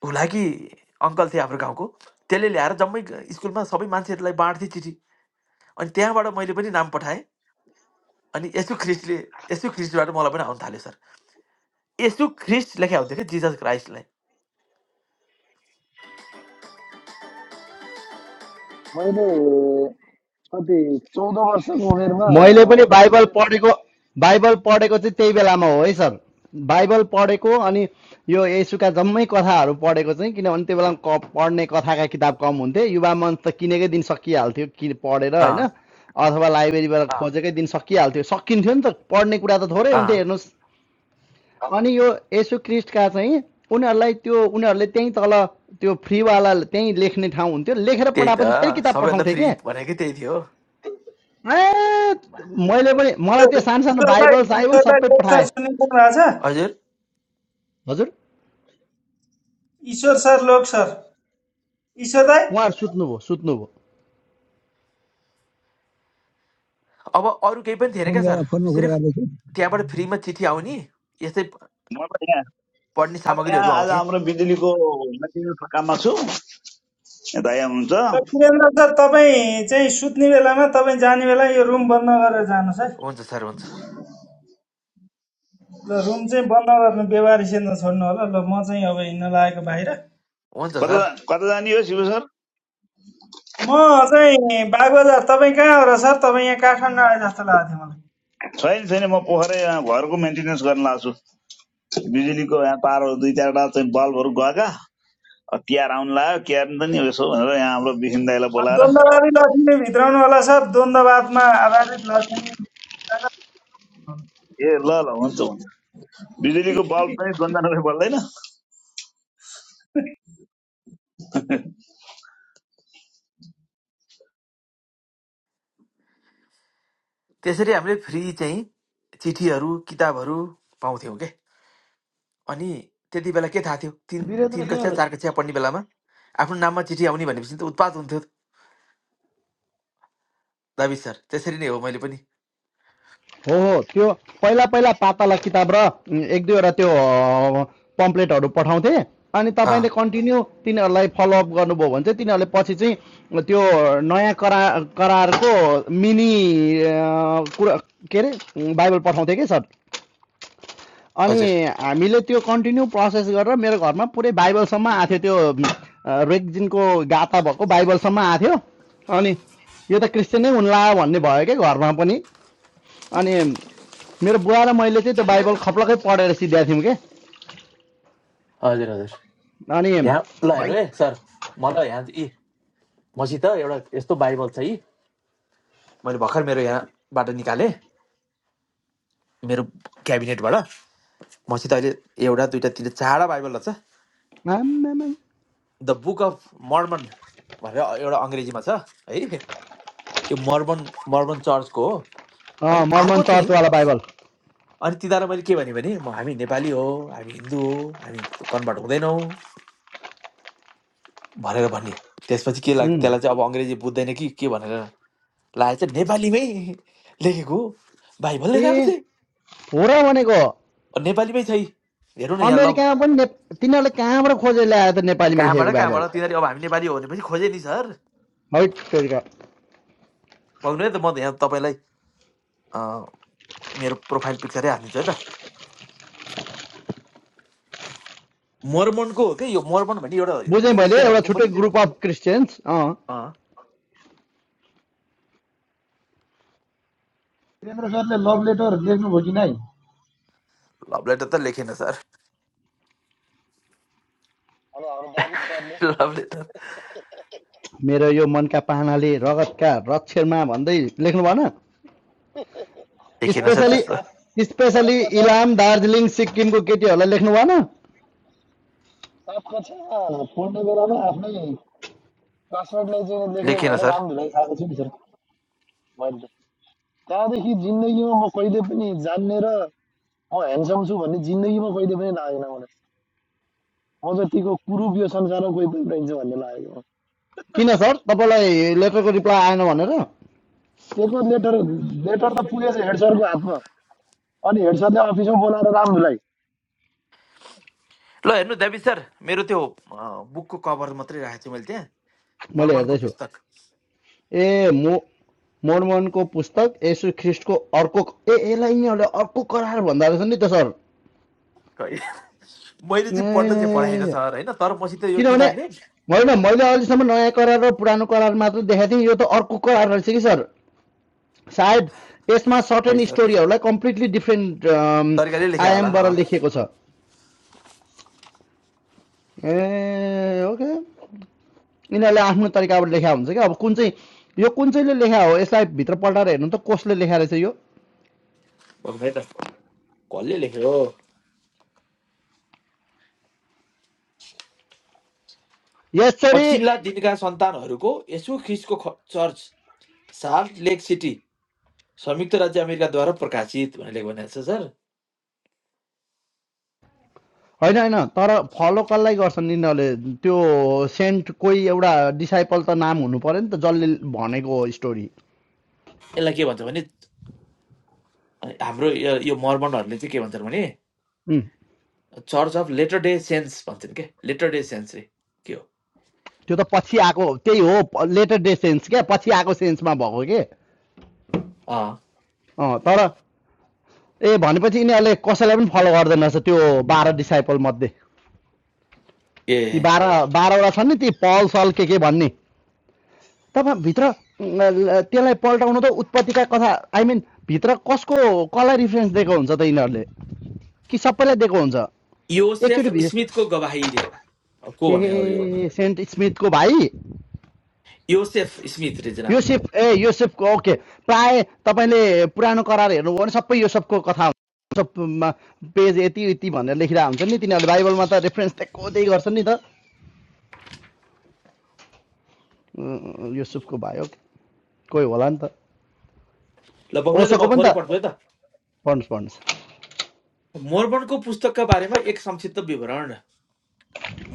हुलाकी अङ्कल थिए हाम्रो गाउँको त्यसले ल्याएर जम्मै ग- स्कुलमा सबै मान्छेहरूलाई बाँड्थे चिठी अनि त्यहाँबाट मैले पनि नाम पठाएँ अनि यसु ख्रिस्टले यसु ख्रिस्टबाट मलाई पनि आउनु थाल्यो सर यसु ख्रिस्ट लेखे हुन्थ्यो कि जिजस क्राइस्टलाई मैले कति चौध वर्षको उमेरमा मैले पनि बाइबल पढेको बाइबल पढेको चाहिँ त्यही बेलामा हो है सर बाइबल पढेको अनि यो येसुका जम्मै कथाहरू पढेको चाहिँ किनभने त्यो बेलामा क पढ्ने कथाका किताब कम हुन्थे युवा मञ्च त किनेकै दिन सकिहाल्थ्यो कि पढेर होइन अँ अथवा लाइब्रेरीबाट अँ, खोजेकै दिन सकिहाल्थ्यो सकिन्थ्यो नि त पढ्ने कुरा त थोरै हुन्थ्यो अँ हेर्नुहोस् अनि यो येसु क्रिस्टका चाहिँ उनीहरूलाई त्यो उनीहरूले त्यहीँ तल त्यो फ्रीवाला त्यहीँ लेख्ने ठाउँ हुन्थ्यो लेखेर त्यही त पठाएपछि फेरि किताब सबैभन्दा पठाउँथे फ्री के भनेकै त्यही थियो ए मैले पनि मलाई त्यो सानो सानो बाइबल साइबल सबै ईश्वर पठाएँ सर लोक सर सुनिपुग्नु भएको छ हजुर हजुर ईश्वर सर लोक सर ईश्वर दाई उहाँहरू सुत्नुभयो सुत्नुभयो अब अरू केही पनि थिएन फोन क्या गर सर फोनमा कुरा सिर्फ गर्दैछु त्यहाँबाट फ्रीमा चिठी आउने यस्तै म त यहाँ पढ्ने म यहाँ सामग्रीहरू आज आउँथे हाम्रो बिजुलीको maintenance काममा छु यहाँ दाइ र हुनुहुन्छ वीरेन्द्र सर तपाईँ चाहिँ सुत्ने बेलामा तपाईँ जाने बेला यो रुम बन्द गरेर जानुहोस् है हुन्छ सर हुन्छ ल रुम चाहिँ बन्द गर्नु व्यवहारिसेन छोड्नु होला ल म चाहिँ अब हिँड्न लागेको बाहिर हुन्छ कता सर कता जाने हो शिव सर म चाहिँ बागबजार तपाईँ कहाँ हो र सर तपाईँ यहाँ काठमाडौँ आए जस्तो लागेको थियो मलाई छैन छैन म पोखरै घरको मेन्टेनेन्स गर्न लाग्छु बिजुलीको यहाँ तारहरू दुई चारवटा चाहिँ बल्बहरू गएका तिहार आउनु लाग्यो क्यार नि त नि यसो भनेर यहाँ हाम्रो बिसिन दाईलाई बोलाएर ए द्वन्द्ववादी लक्ष्मी भित्राउनु होला सर द्वन्द्ववादमा आधारित लक्ष्मी ल ल हुन्छ हुन्छ बिजुलीको बल्ब पनि द्वन्द्वले बल्दैन त्यो त्यसरी हामीले फ्री चाहिँ चिठीहरू किताबहरू पाउँथ्यौँ के अनि त्यति बेला के थाहा थियो तिन वीरेन्द्र तिन सर कक्षा चार कक्षा पढ्ने बेलामा आफ्नो नाममा चिठी आउने भनेपछि त उत्पात हुन्थ्यो दाबी सर त्यसरी नै हो मैले पनि हो हो त्यो पहिला पहिला पाताला किताब र उम्, एक दुईवटा त्यो अ, पम्पलेटहरू पठाउँथे अनि अँ, तपाईँले कन्टिन्यू तिनीहरूलाई फलोअप गर्नुभयो भने चाहिँ तिनीहरूले पछि चाहिँ त्यो नयाँ करा करारको मिनी कुरा के अरे बाइबल पठाउँथे कि सर अनि हजुर हामीले त्यो कन्टिन्यू प्रोसेस गरेर मेरो घरमा पुरै बाइबलसम्म आएको त्यो रेक्जिनको गाता भएको बाइबलसम्म आएको अनि यो त क्रिस्चियन नै हुन्ला भन्ने भयो क्या घरमा पनि अनि मेरो बुवा र मैले चाहिँ त्यो बाइबल खप्लकै पढेर सिध्याएको थियौँ कि हजुर हजुर अनि यहाँ ल हेर्नु है सर मलाई यहाँ यी मसित एउटा यस्तो बाइबल छ यी मैले भर्खर मेरो यहाँबाट निकालेँ मेरो क्याबिनेटबाट मसित अहिले एउटा दुइटा तिनवटा चारवटा बाइबल छ आम्मामा। द बुक अफ मर्मन भनेर एउटा अङ्ग्रेजीमा छ है यो मर्मन मर्मन चर्चको हो अँ, अनि मर्मन अर्को चाहिँ चर्चवाला बाइबल अनि तिनीहरूलाई मैले के भने भने म हामी नेपाली हो हामी हिन्दू हो हामी कन्भर्ट हुँदैनौँ भनेर भन्ने त्यसपछि के लाग्यो उम्। त्यसलाई चाहिँ अब अङ्ग्रेजी बुझ्दैन कि के भनेर लाग्यो चाहिँ नेपालीमै लेखेको हो बाइबलले अब ए चाहिँ हो र भनेको अब नेपालीमै छै हेरौँ न यहाँ ल अमेरिकामा पनि ने तिनीहरूले कहाँबाट खोजेर ल्याएर त नेपालीमा लेखेको कहाँबाट बाइबल कहाँबाट तिनीहरू अब हामी नेपाली हो भनेपछि खोजेँ नि सर है तेरिका पाउनु है त म त यहाँ तपाईँलाई अँ, मेरो प्रोफाइल पिक्चरै हालिदिन्छु है त मर्मनको हो कि यो मर्मन भन्ने एउटा बुझेँ मैले एउटा क्रिस्चियनहरूको छुट्टै पनि ग्रुप अफ क्रिस्चियन्स अँ वीरेन्द्र सरले लभ लेटर लेख्नुभयो कि नै लभ लेटर त लेखेन सर हेलो हाम्रो डाविड सरले लभ लेटर मेरो यो मनका पाहनाले रगतका रक्षरमा भन्दै लेख्नु भएन लेखेन मन्टु सर सर स्पेसली त्यस्तो सात सात स्पेसली कक्षामा इलाम दार्जिलिङ सिक्किमको केटीहरूलाई लेख्नु भएन सात कक्षामा पढ्ने बेलामा आफ्नै पासवर्डलाई चाहिँ लेख्ने लेखेन भएर सर रामधुलाई खाएको छु नि सर मैले त्यहाँदेखि जिन्दगीमा म कहिले पनि जान्ने र म ह्यान्डसम छु भन्ने जिन्दगीमा कहिले पनि लागेन मलाई म जतिको कुरूप यो संसारमा कोही पनि रहन्छ भन्ने लागेको हो। किन सर तपाईँलाई लेटरको रिप्लाई आएन भनेर त्यसको लेटर लेटर त पुगेछ हेड सरको हातमा अनि हेड सरले अफिसमा बोलाएर राम्रोलाई ल हेर्नु देवी सर मेरो त्यो अँ, बुकको कभर मात्रै राखेको छु मैले त्यहाँ मैले मर्मनको हेर्दैछु पुस्तक ए मो मोर्मनको पुस्तक यसु ख्रिस्टको अर्को ए यसलाई यिनीहरूले अर्को करार भन्दा रहेछ नि त सर खै मैले चाहिँ पढ्न चाहिँ पढाएन ए सर होइन तर मसित यो किनभने तिनीहरूले होइन मैले अहिलेसम्म नयाँ करार र पुरानो करार मात्र देखाएको थिएँ यो त अर्को करार रहेछ कि सर सायद यसमा सर्ट खै एन्ड सर स्टोरीहरूलाई कम्प्लिटली डिफ्रेन्ट सरकारले लेख्या होला आयामबाट अँ लेखिएको छ ए ओके यिनीहरूले आफ्नो तरिकाबाट लेखा हुन्छ क्या अब कुन चाहिँ यो कुन चाहिँले लेखा हो यसलाई भित्र पल्टाएर हेर्नु त कसले लेखा रहेछ यो हो खै त कसले लेख्यो यसरी पछिल्ला दिनका सन्तानहरूको यसो ख्रिसको ख- चर्च साल्ट लेक सिटी संयुक्त राज्य अमेरिकाद्वारा प्रकाशित भनेर लेख भनेको छ सर होइन होइन तर फलो कसलाई गर्छन् यिनीहरूले त्यो सेन्ट कोही एउटा डिसाइपल त नाम हुनु पऱ्यो नि त जसले भनेको स्टोरी यसलाई के भन्छ भने अँ, हाम्रो यो यो मर्मनहरूले चाहिँ के भन्छन् भने church of latter day saints भन्छन् के लेटर डे सेन्स रे के हो त्यो त पछि आएको त्यही हो लेटर डे सेन्स क्या पछि आएको सेन्समा भएको के अँ तर ए भनेपछि यिनीहरूले कसैलाई पनि फलो गर्दैन रहेछ त्यो बाह्र डिसाइपल मध्ये ती ए बाह्र बाह्रवटा छन् नि ती पल सल के के भन्ने तपाईँ भित्र अम, ल- त्यसलाई पल्टाउनु त उत्पत्तिका कथा आई मिन भित्र कसको कसलाई रिफरेन्स दिएको हुन्छ त यिनीहरूले कि सबैलाई दिएको हुन्छ एकचोटि योसेफ स्मिथको गवाही रे अब को भने हो योमा ए सेन्ट स्मिथको भाइ योसेफ स्मिथ रे जना योसेफ ए योसेफको ओके प्राय तपाईँले पुरानो करार हेर्नुभयो भने सबै योसेफको कथा पेज यति यति भनेर लेखिरहेको हुन्छ नि तिनीहरूले बाइबलमा त रेफरेन्स त्यही गर्छन् नि त अँ, युसुफको भाइ हो कोही होला नि त ल बग्नु त ओसोको म पनि थोरै त पढ्छु है त पढ्नुहोस् पढ्नुहोस् मोर्बनको पुस्तकका बारेमा एक संक्षिप्त विवरण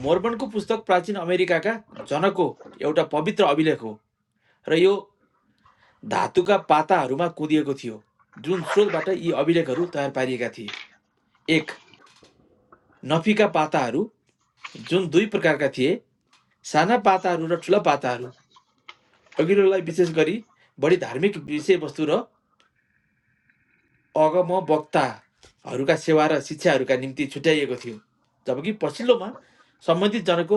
मोर्बनको पुस्तक प्राचीन अमेरिकाका जनको एउटा पवित्र अभिलेख हो र यो धातुका पाताहरूमा कुदिएको थियो जुन स्रोतबाट यी अभिलेखहरू तयार पारिएका थिए एक नफीका पाताहरू जुन दुई प्रकारका थिए साना पाताहरू र ठुला पाताहरू अघिल्लोलाई विशेष गरी बढी धार्मिक विषयवस्तु र अगम वक्ताहरूका सेवा र शिक्षाहरूका निम्ति छुट्याइएको थियो जबकि पछिल्लोमा सम्बन्धित जनको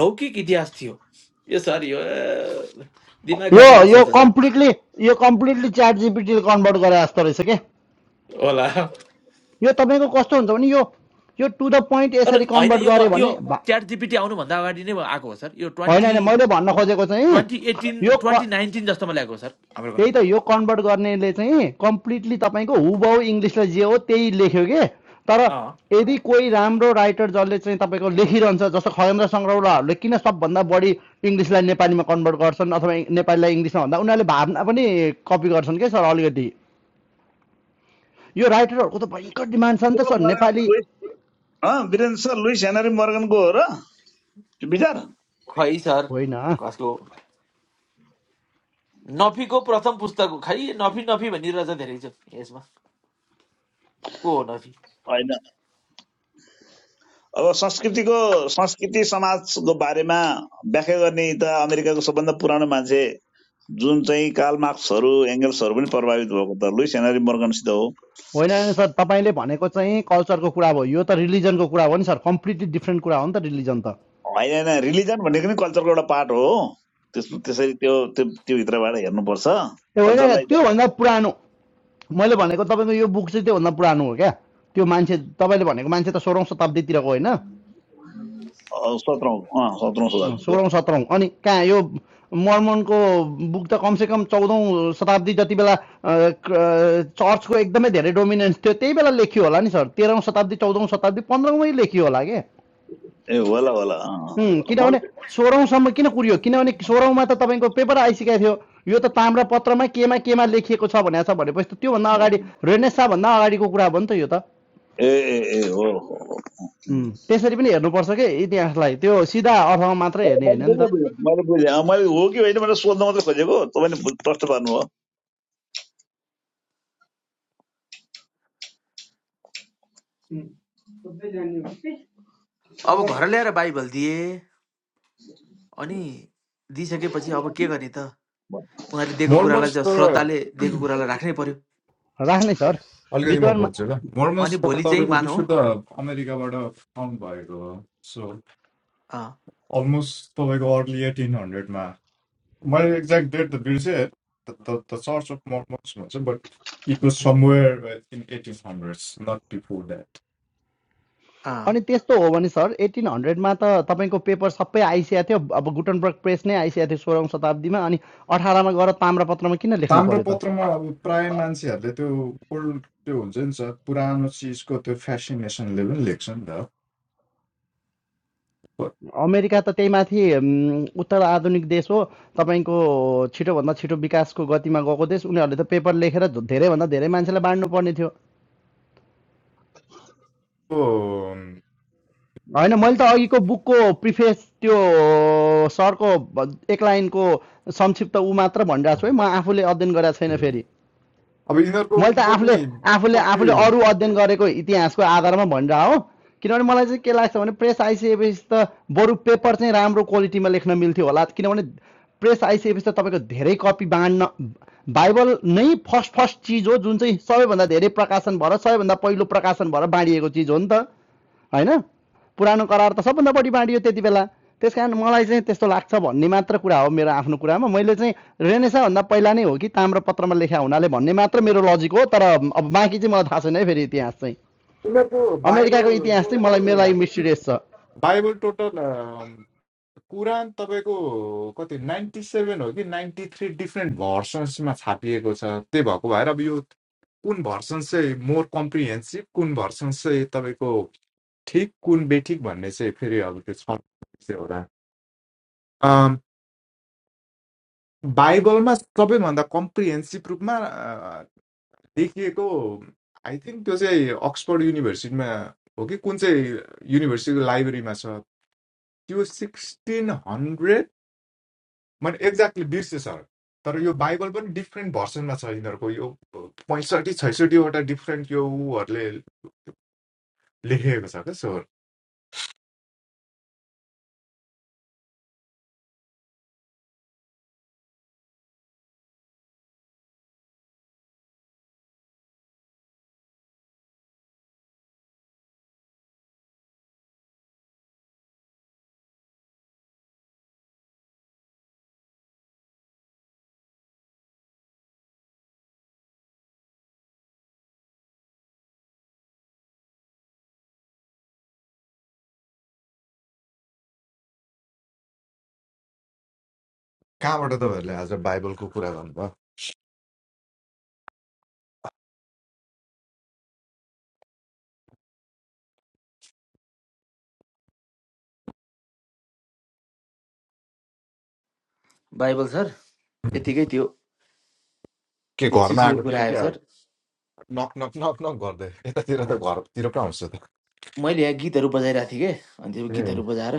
लौकिक इतिहास थियो यो सर यो ए, दिमाग यो खाने भाषा यो छ सर कम्प्लिटली यो कम्प्लिटली च्याट जिपिटीले कन्भर्ट गरे जस्तो रहेछ के होला यो तपाईँको कस्तो हुन्छ भने यो यो टु द पोइन्ट तर यसरी होइन कन्भर्ट यो म गऱ्यो यो भने भा- च्याट जिपिटी आउनुभन्दा अगाडि नै आएको हो सर यो होइन ट्वेन्टी होइन मैले भन्न खोजेको चाहिँ ट्वेन्टी एटिन यो ट्वेन्टी नाइन्टिन जस्तोमा ल्याएको हो सर हाम्रो घर त्यही त यो कन्भर्ट गर्नेले चाहिँ कम्प्लिटली तपाईँको हुबाउ इङ्ग्लिसलाई जे हो त्यही लेख्यो के तर अँ यदि कोही राम्रो राइटर जसले चाहिँ तपाईँको लेखिरहन्छ जस्तो खगेन्द्र सङ्ग्रौलाहरूले किन सबभन्दा बढी इङ्ग्लिसलाई नेपालीमा कन्भर्ट गर्छन् अथवा नेपालीलाई इङ्ग्लिसमा भन्दा उनीहरूले भावना पनि कपी गर्छन् क्या सर अलिकति यो राइटरहरूको त भयङ्कर डिमान्ड छ नि त sir Morgan Nepali Lewis Birendra sir Lewis Henry मर्गनको हो र त्यो विचार खै सर होइन कसको नफीको प्रथम पुस्तक हो खै नफी नफी भनिरहेछ धेरै छ यसमा को हो नफी होइन अब संस्कृतिको संस्कृति समाजको बारेमा व्याख्या गर्ने त अमेरिकाको सबभन्दा पुरानो मान्छे जुन चाहिँ कार्ल मार्क्सहरू एङ्गल्सहरू पनि प्रभावित भएको त लुइस हेनरी मर्गनसित हो होइन सर तपाईँले भनेको चाहिँ कल्चरको कुरा भयो यो त रिलिजनको कुरा हो नि सर कम्प्लिटली डिफ्रेन्ट कुरा हो नि त रिलिजन त होइन होइन रिलिजन भनेको नि कल्चरको एउटा पार्ट हो त्यस त्यसरी त्यो त्यो त्योभित्रबाट हेर्नुपर्छ ए होइन कल्चरलाई त्योभन्दा पुरानो मैले भनेको तपाईँको यो बुक चाहिँ त्योभन्दा पुरानो हो क्या त्यो मान्छे तपाईँले भनेको मान्छे त सोह्रौँ शताब्दीतिरको होइन अँ, सत्रौँ अँ सत्रौँ शताब्दीको सोह्रौँ सत्रौँ अनि कहाँ यो मर्मनको बुक त कमसेकम चौधौँ शताब्दी जति बेला अँ, क- अँ, चर्चको एकदमै धेरै डोमिनेन्स थियो त्यही बेला लेखियो होला नि सर तेह्रौँ शताब्दी चौधौँ शताब्दी पन्ध्रौँमै लेखियो होला के ए होला होला अँ, अँ, होला मैले किनभने त- सोह्रौँसम्म किन कुरियो किनभने सोह्रौँमा त तपाईँको पेपर आइसकेको थियो यो त ताम्रा केमा केमा लेखिएको छ भनेको छ भनेपछि त त्योभन्दा अगाडि म- रेनेसाभन्दा अगाडिको कुरा हो नि त यो त ए ए ए उम्, त्यसरी पनि हेर्नुपर्छ के इतिहासलाई त्यो सिधा अर्थमा मात्रै मैले हेर्ने होइन नि त बुझेँ अँ, मैले हो कि होइन भनेर सोध्न मात्रै खोजेको तपाईँले बु- प्रश्न पार्नुभयो अब घर ल्याएर बाइबल दिए अनि दिइसकेपछि अब के गर्ने त उनीहरूले दिएको कुरालाई मोर्मन्स चाहिँ त श्रद्धाले दिएको कुरालाई राख्नै पर्यो राख्ने सर अलिकति म विद्वान मा- बुझ्छु ल मोर्मन्स अनि त भोलि चाहिँ तपाईँको मानौ विशुद्ध अमेरिकाबाट फाउन्ड भएको हो सो अँ, अलमोस्ट तपाईँको अर्ली एटिन हन्ड्रेडमा मैले एक्ज्याक्ट डेट त बिर्सेँ द चर्च अफ मोर्मन्स भन्छ but it was somewhere in eighteen hundreds not before that अनि अँ, त्यस्तो हो भने सर एटिन हन्ड्रेडमा त तपाईँको पेपर सबै आइसकेको थियो अब गुटनबर्ग प्रेस नै आइसकेको थियो सोह्रौँ शताब्दीमा अनि अठारमा गएर ताम्रपत्रमा किन लेख्नु पर्यो त ताम्रपत्रमा अब प्राय मान्छेहरूले त्यो ओल्ड त्यो हुन्छ नि सर पुरानो चिजको त्यो फेसिनेसनले पनि लेख्छ नि त अमेरिका त त्यही माथि उम्, उत्तर आधुनिक देश हो तपाईँको छिटोभन्दा छिटो विकासको गतिमा गएको देश उनीहरूले त पेपर लेखेर धेरैभन्दा धेरै मान्छेलाई बाँड्नु पर्ने थियो अब त्यो, होइन मैले त अघिको बुकको प्रिफेस त्यो सरको भ- एक लाइनको संक्षिप्त ऊ मात्र भनिरहेको छु है म आफूले अध्ययन गरेको छैन फेरि अब यिनीहरूको मैले त पनि आफूले आफूले आफूले कति अरू अध्ययन गरेको इतिहासको आधारमा भनिरह हो किनभने मलाई चाहिँ के लाग्छ भने प्रेस आइसकेपछि त बरु पेपर चाहिँ राम्रो क्वालिटीमा लेख्न मिल्थ्यो होला किनभने प्रेस आइसकेपछि त तपाईँको धेरै कपी बाँड्न बाइबल नै फर्स्ट फर्स्ट चिज हो जुन चाहिँ सबैभन्दा धेरै प्रकाशन भएर सबैभन्दा पहिलो प्रकाशन भएर बाँडिएको चिज हो नि त होइन पुरानो करार त सबभन्दा बढी बाँडियो त्यति बेला त्यस कारण मलाई चाहिँ त्यस्तो लाग्छ भन्ने मात्र कुरा हो मेरो आफ्नो कुरामा मैले चाहिँ रेनेसाभन्दा पहिला नै हो कि ताम्रपत्रमा लेखा हुनाले भन्ने मात्र मेरो लजिक हो तर अब बाँकी चाहिँ मलाई थाहा छैन है फेरि इतिहास चाहिँ उनीहरूको अमेरिकाको बाइबल इतिहास चाहिँ मलाई मेरो लागि टोटल मिस्टिरियस छ बाइबल टोटल अम, कुरान तपाईँको कति नाइन्टी सेभेन हो कि नाइन्टी थ्री डिफ्रेन्ट भर्सन्समा छापिएको छ त्यही भएको भएर अब यो कुन भर्सन चाहिँ मोर कम्प्रिहेन्सिभ कुन भर्सन चाहिँ तपाईँको ठिक कुन बेठिक भन्ने चाहिँ फेरि अब त्यो छ चाहिँ एउटा अम, बाइबलमा सबैभन्दा कम्प्रिहेन्सिभ रूपमा अ, लेखिएको आई थिङ्क त्यो चाहिँ अक्सफोर्ड युनिभर्सिटीमा हो कि कुन चाहिँ युनिभर्सिटीको लाइब्रेरीमा छ त्यो सिक्सटिन हन्ड्रेड मैले एक्ज्याक्टली बिर्सेँ सर तर यो बाइबल पनि डिफ्रेन्ट भर्सनमा छ यिनीहरूको यो पैँसठी छैसठीवटा डिफ्रेन्ट यो उहरूले लेखेको छ क्या सर कहाँबाट तपाईँहरूले आज बाइबलको कुरा गर्नुभयो बाइबल सर यतिकै त्यो के त्यो घरमा चिठीको आएको कुरा थियो आयो क्या सर नक नक नक नक गर्दै यतातिर त घरतिर कहाँ हुन्छ त मैले यहाँ गीतहरू बजाइरहेको थिएँ कि अनि त्यो ए गीतहरू बजाएर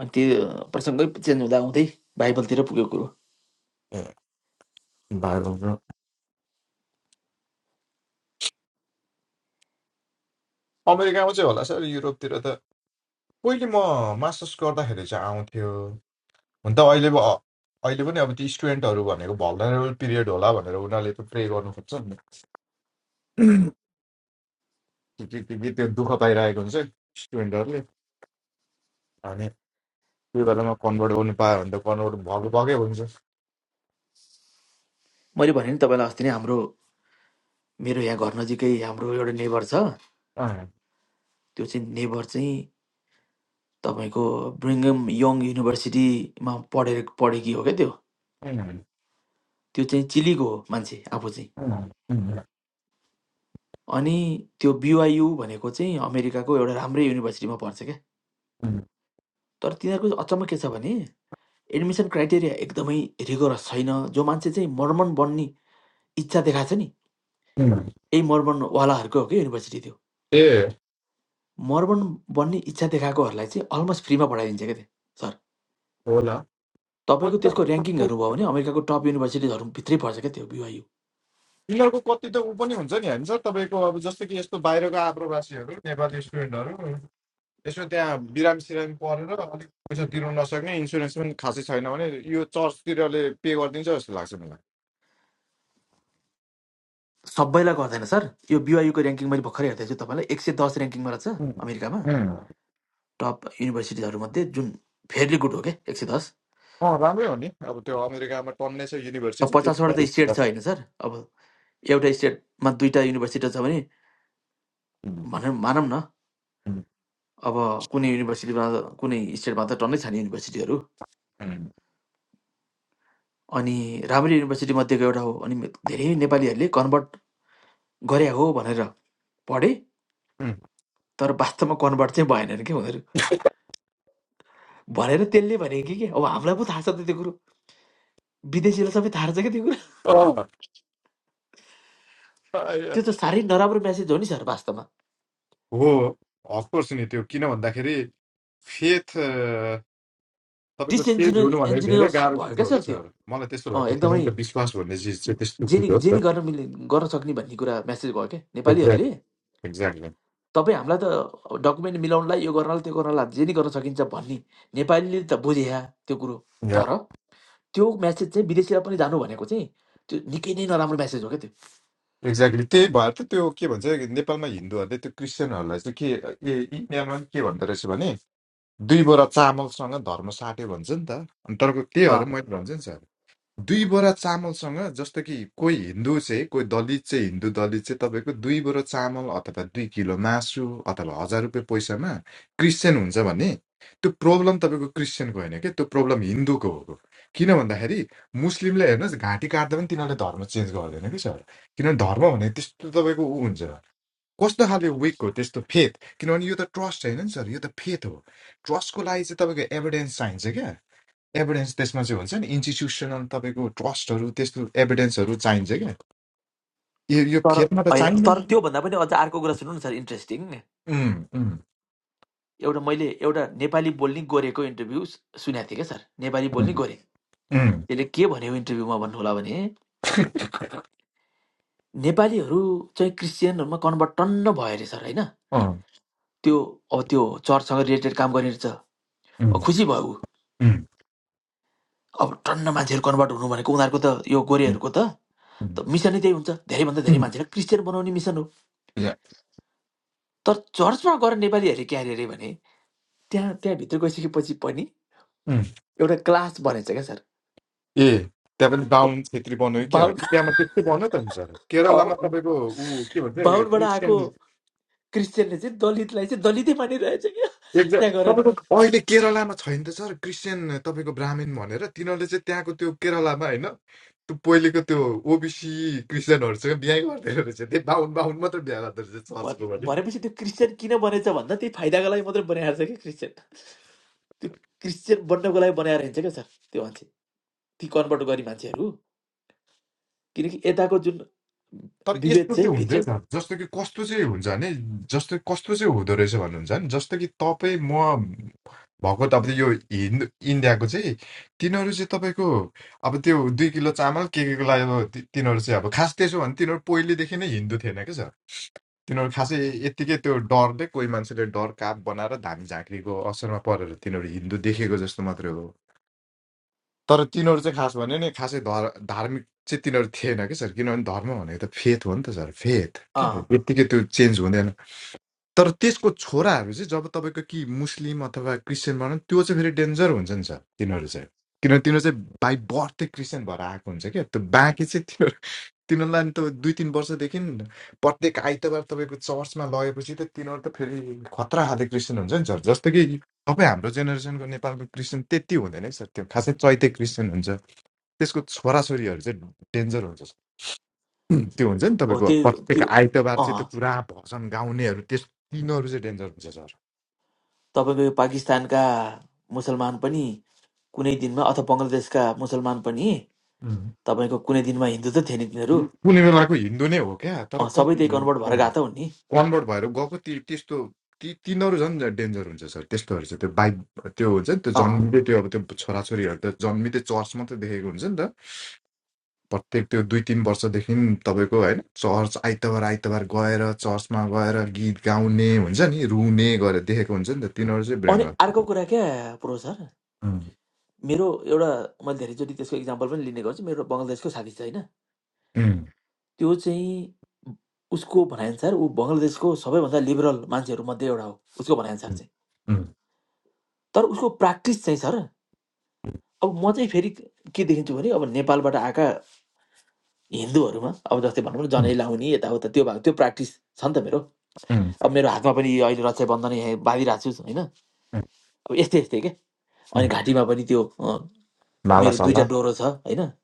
अनि त्यो प्रसङ्गै चेन्ज हुँदा हुँदै बाइबलतिर पुग्यो कुरो ए, बाहिर हुन्छ। अमेरिकामा चाहिँ होला सर युरोपतिर त पहिले म मास्टर्स गर्दाखेरि चाहिँ आउँथ्यो हुन त अहिले ब- अहिले पनि अब ती स्टुडेन्टहरू भनेको भलनरेबल पिरियड होला भनेर उनीहरूले त प्रे गर्नु खोज्छ नि के के के के त्यो दुःख पाइरहेको हुन्छ स्टुडेन्टहरूले अनि त्यो बेलामा कन्भर्ट गर्नु पायो भने त कन्भर्ट भएको भएकै हुन्छ मैले भने नि तपाईँलाई अस्ति नै हाम्रो मेरो यहाँ घर नजिकै हाम्रो एउटा नेबर छ अँ, त्यो चाहिँ नेबर चाहिँ तपाईँको ब्रिङ्गम यङ युनिभर्सिटीमा पढेर पढेकी हो क्या त्यो अँ, त्यो चाहिँ चिलीको हो मान्छे आफू चाहिँ अँ, अँ, अनि त्यो BYU भनेको चाहिँ अमेरिकाको एउटा राम्रै युनिभर्सिटीमा पर्छ क्या। अँ, तर तिनीहरूको अचम्म के छ भने एडमिसन क्राइटेरिया एकदमै रिगोरस छैन। जो मान्छे चाहिँ मर्मन बन्ने इच्छा देखाएको छ नि, अँ। यही मर्मनवालाहरूको हो क्या युनिभर्सिटी त्यो। ए मर्मन बन्ने इच्छा देखाएकोहरूलाई चाहिँ अलमोस्ट फ्रीमा पढाइदिन्छ क्या त्यहाँ सर। होला तपाईँको कति त्यसको ऱ्याङ्किङ त- हेर्नुभयो भने अमेरिकाको टप युनिभर्सिटिजहरूभित्रै पर्छ क्या त्यो BYU। यिनीहरूको कति त ऊ पनि हुन्छ नि होइन सर तपाईँको अब जस्तो कि यस्तो बाहिरको आप्रवासीहरू नेपाली स्टुडेन्टहरू यसमा त्यहाँ बिरामी सिरामी परेर अलिक पैसा तिर्नु नसक्ने इन्सुरेन्स पनि खासै छैन भने यो चर्चतिरले पे गरिदिन्छ जस्तो लाग्छ मलाई सबैलाई गर्दैन सर। यो BYU ऱ्याङ्किङ मैले भर्खरै हेर्दैछु तपाईँलाई 110 ऱ्याङ्किङमा रहेछ उम्, अमेरिकामा। उम्। टप युनिभर्सिटिजहरूमध्ये जुन फेयरली गुड हो क्या एक सय दस अँ राम्रै हो नि अब त्यो अमेरिकामा टन्नै छ अब युनिभर्सिटी पचासवटा त्यतिमै त स्टेट छ होइन सर अब एउटा स्टेटमा दुईवटा युनिभर्सिटी छ भने उम्, भनौँ मानौँ न उम्, अब कुनै युनिभर्सिटीमा त कुनै स्टेटमा त टन्नै छैन युनिभर्सिटीहरू उम्, अनि राम्रो युनिभर्सिटी एउटा हो अनि धेरै नेपालीहरूले कन्भर्ट गरे हो भनेर पढे उम्। तर वास्तवमा कन्भर्ट चाहिँ भएन अरे कि उनीहरू भनेर त्यसले भने कि के अब हामीलाई पो थाहा छ त त्यो कुरो विदेशीलाई सबै थाहा छ क्या त्यो कुरो अँ, प्राय- त्यो त साह्रै नराम्रो म्यासेज हो नि सर वास्तवमा हो अफकोर्स नि त्यो किन भन्दाखेरि फेथ तपाईँको चेन्ज डिसइन्जिनियस हुनु भनेको धेरै इन्जिनियस गाह्रो भयो चिज क्या हो सर क्या त्यो सर मलाई त्यस्तो अँ लाग्छ एकदमै किनभने त विश्वास भन्ने चिज चाहिँ त्यस्तो जेनी चिज हो नि त जेनी गर्न मिल्ने गर्न सक्ने भन्ने कुरा म्यासेज भयो क्या नेपालीहरूले एक्ज्याक्टली तपाईँ हामीलाई त डकुमेन्ट मिलाउनलाई यो गर्नलाई त्यो गर्नलाई जेनी गर्न सकिन्छ भन्ने नेपालीले त बुझे त्यो कुरो एक्ज्याक्टली तर त्यो म्यासेज चाहिँ विदेशीलाई पनि जानु भनेको चाहिँ त्यो निकै नै नराम्रो म्यासेज हो क्या त्यो एक्ज्याक्टली त्यही भएर त त्यो के भन्छ नेपालमा हिन्दूहरूले त्यो क्रिस्चियनहरूलाई चाहिँ के ए यिनीहरूमा के भन्दो रहेछ भने दुई बोरा चामलसँग धर्म साट्यो भन्छ नि त अनि तर त्यही अँ, भएर मैले भन्छु नि सर दुई बोरा चामलसँग जस्तो कि कोही हिन्दू चाहिँ कोही दलित चाहिँ हिन्दू दलित चाहिँ तपाईँको दुई बोरा चामल अथवा दुई किलो मासु अथवा हजार रुपियाँ पैसामा क्रिस्चियन हुन्छ भने त्यो प्रब्लम तपाईँको क्रिस्चियनको होइन कि त्यो प्रब्लम हिन्दूको हो किन भन्दाखेरि मुस्लिमले हेर्नुहोस् घाँटी काट्दा पनि तिनीहरूले धर्म चेन्ज गर्दैन कि सर किनभने धर्म भने त्यस्तो तपाईँको ऊ हुन्छ कस्तो खाले विक हो त्यस्तो फेथ किनभने यो त ट्रस्ट होइन नि सर यो त फेथ हो ट्रस्टको लागि चाहिँ तपाईँको एभिडेन्स चाहिन्छ क्या एभिडेन्स त्यसमा चाहिँ हुन्छ नि इन्स्टिट्युसनल तपाईँको ट्रस्टहरू त्यस्तो एभिडेन्सहरू चाहिन्छ क्या यो यो तर खेलमा त होइन तर चाहिँदैन त्योभन्दा पनि अझ अर्को कुरा सुन्नु न सर इन्ट्रेस्टिङ उम्, उम्, एउटा मैले एउटा नेपाली बोल्ने गोरेको इन्टरभ्यू सुनेको थिएँ क्या सर नेपाली बोल्ने उम्, गोरे उम्, त्यसले के भन्यो इन्टरभ्यूमा भन्नु होला भने नेपालीहरू चाहिँ क्रिस्चियनहरूमा कन्भर्ट टन्न भयो अरे सर होइन अँ, त्यो अब त्यो चर्चसँग रिलेटेड काम गर्ने रहेछ अब उम्, खुसी भयो ऊ उम्, अब टन्न मान्छेहरू कन्भर्ट हुनु भनेको उनीहरूको त यो गोरेहरूको त उम्, त मिसनै त्यही हुन्छ धेरैभन्दा धेरै उम्, मान्छेलाई क्रिस्चियन बनाउने मिसन हो या, तर चर्चमा गएर नेपालीहरूले के अरे भने त्यहाँ त्यहाँभित्र गइसकेपछि पनि उम्। एउटा क्लास बनेछ क्या सर ए त्यहाँ पनि बाहुन छेत्री बनायो क्या बाहुन इन्डियामा त्यस्तै बनायो त नि सर केरलामा तपाईँको ऊ के भन्छ बाहुनबाट आएको क्रिस्चियन क्रिस्चियनले चाहिँ दलितलाई चाहिँ दलितै मानिरहेछ क्या एक्ज्याक्ट त्यहाँ गएर नि। तपाईँको अहिले केरलामा छैन त सर क्रिस्चियन तपाईँको ब्राह्मण भनेर तिनीहरूले चाहिँ त्यहाँको त्यो केरलामा होइन त्यो पहिलेको त्यो ओबिसी क्रिस्चियनहरूसँग बिहा गर्दैन रहेछ त्यही बाहुन बाहुन मात्र बिहा गर्दो रहेछ भन- चर्चको भने भनेपछि त्यो क्रिस्चियन किन बनेछ भन्दा त्यही फाइदाको लागि मात्रै बनाएर छ कि क्रिस्चियन त्यो क्रिस्चियन बन्नको लागि बनाएर हिँड्छ क्या सर त्यो मान्छे ती कन्भर्ट गर्ने मान्छेहरू किनकि यताको जुन तर विभेद यस्तो चाहिँ चाहिँ भित्र हुँदैन जस्तो कि कस्तो चाहिँ हुन्छ भने जस्तो कस्तो चाहिँ हुँदो रहेछ भन्नुहुन्छ भने जस्तो कि तपाईँ म भएको त अब यो हिन्दू इन्डियाको चाहिँ तिनीहरू चाहिँ तपाईँको अब त्यो दुई किलो चामल के केको लागि अब ति- तिनीहरू चाहिँ अब खास त्यसो भने तिनीहरू पहिलेदेखि नै हिन्दू थिएन क्या सर। तिनीहरू खासै यत्तिकै त्यो डरले कोही मान्छेले डर काप बनाएर धामी झाँक्रीको असरमा परेर तिनीहरू हिन्दू देखेको जस्तो मात्रै हो तर तिनीहरू चाहिँ खास भन्यो नि खासै धर धार्मिक चाहिँ तिनीहरू थिएन कि सर किनभने धर्म भनेको त फेथ हो नि त सर फेथ क्या अँ, यत्तिकै त्यो चेन्ज हुँदैन तर त्यसको छोराहरू चाहिँ जब तपाईँको कि मुस्लिम अथवा क्रिस्चियन भनौँ त्यो चाहिँ फेरि डेन्जर हुन्छ नि सर तिनीहरू चाहिँ किनभने तिनीहरू चाहिँ बाई बर्थ चाहिँ क्रिस्चियन भएर आएको हुन्छ क्या त्यो बाँकी चाहिँ तिनीहरू तिनीहरूलाई त दुई तिन वर्षदेखि प्रत्येक आइतबार तपाईँको चर्चमा लगेपछि त तिनीहरू त फेरि खतरा खाले क्रिस्चियन हुन्छ नि सर जस्तो कि तपाईँ हाम्रो जेनेरेसनको नेपालको क्रिस्चियन त्यति हुँदैन है सर त्यो खासै चैते क्रिस्चियन हुन्छ त्यसको छोराछोरीहरू चाहिँ डेन्जर हुन्छ उम्, त्यो हुन्छ नि हो तपाईँको त्यो प्रत्येक त्यो आइतबार चाहिँ त्यो अँ पुरा भजन गाउनेहरू त्यस तिनीहरू चाहिँ डेन्जर हुन्छ सर तपाईँको यो पाकिस्तानका मुसलमान पनि कुनै दिनमा अथवा बङ्गलादेशका मुसलमान पनि उम्, तपाईँको कुनै दिनमा हिन्दू त थिए नि तिनीहरू कुनै बेलाको हिन्दू नै हो क्या तर अँ, सबै त्यही कस्तो कन्भर्ट भएर गएको त हुन् नि कन्भर्ट भएर गएको ती त्यस्तो ती तिनीहरू झन् डेन्जर हुन्छ सर त्यस्तोहरू चाहिँ त्यो बाइक त्यो हुन्छ नि त्यो अँ जन्मिँदै त्यो अब त्यो छोराछोरीहरू त जन्मिँदै चर्च मात्रै देखेको हुन्छ नि त प्रत्येक त्यो दुई तिन वर्षदेखि तपाईँको होइन चर्च आइतबार आइतबार गएर चर्चमा गएर गीत गाउने हुन्छ नि रुने गरेर देखेको हुन्छ नि त तिनीहरू चाहिँ अनि ब्रेन्डमा अर्को कुरा क्या प्रो सर मेरो एउटा मैले धेरैचोटि त्यसको इक्जाम्पल पनि लिने गर्छु मेरो बङ्गलादेशको साथी छ होइन उम्, त्यो चाहिँ उसको भनाइअनुसार ऊ बङ्गलादेशको सबैभन्दा लिबरल मान्छेहरूमध्ये एउटा हो उसको भनाइअनुसार चाहिँ तर उसको प्र्याक्टिस चाहिँ सर अब म चाहिँ फेरि के देखिन्छु भने अब नेपालबाट आएका हिन्दूहरूमा अब जस्तै भनौँ न Mm, जनै लाउने यताउता त्यो भएको त्यो प्र्याक्टिस छ नि त मेरो mm, अब मेरो हातमा पनि यो अहिले रक्षाबन्धन यहाँ बाँधिरहेको छु होइन mm, अब यस्तै यस्तै के अनि mm. घाँटीमा पनि त्यो अँ, Mala मेरो दुईवटा sala. डोरो छ होइन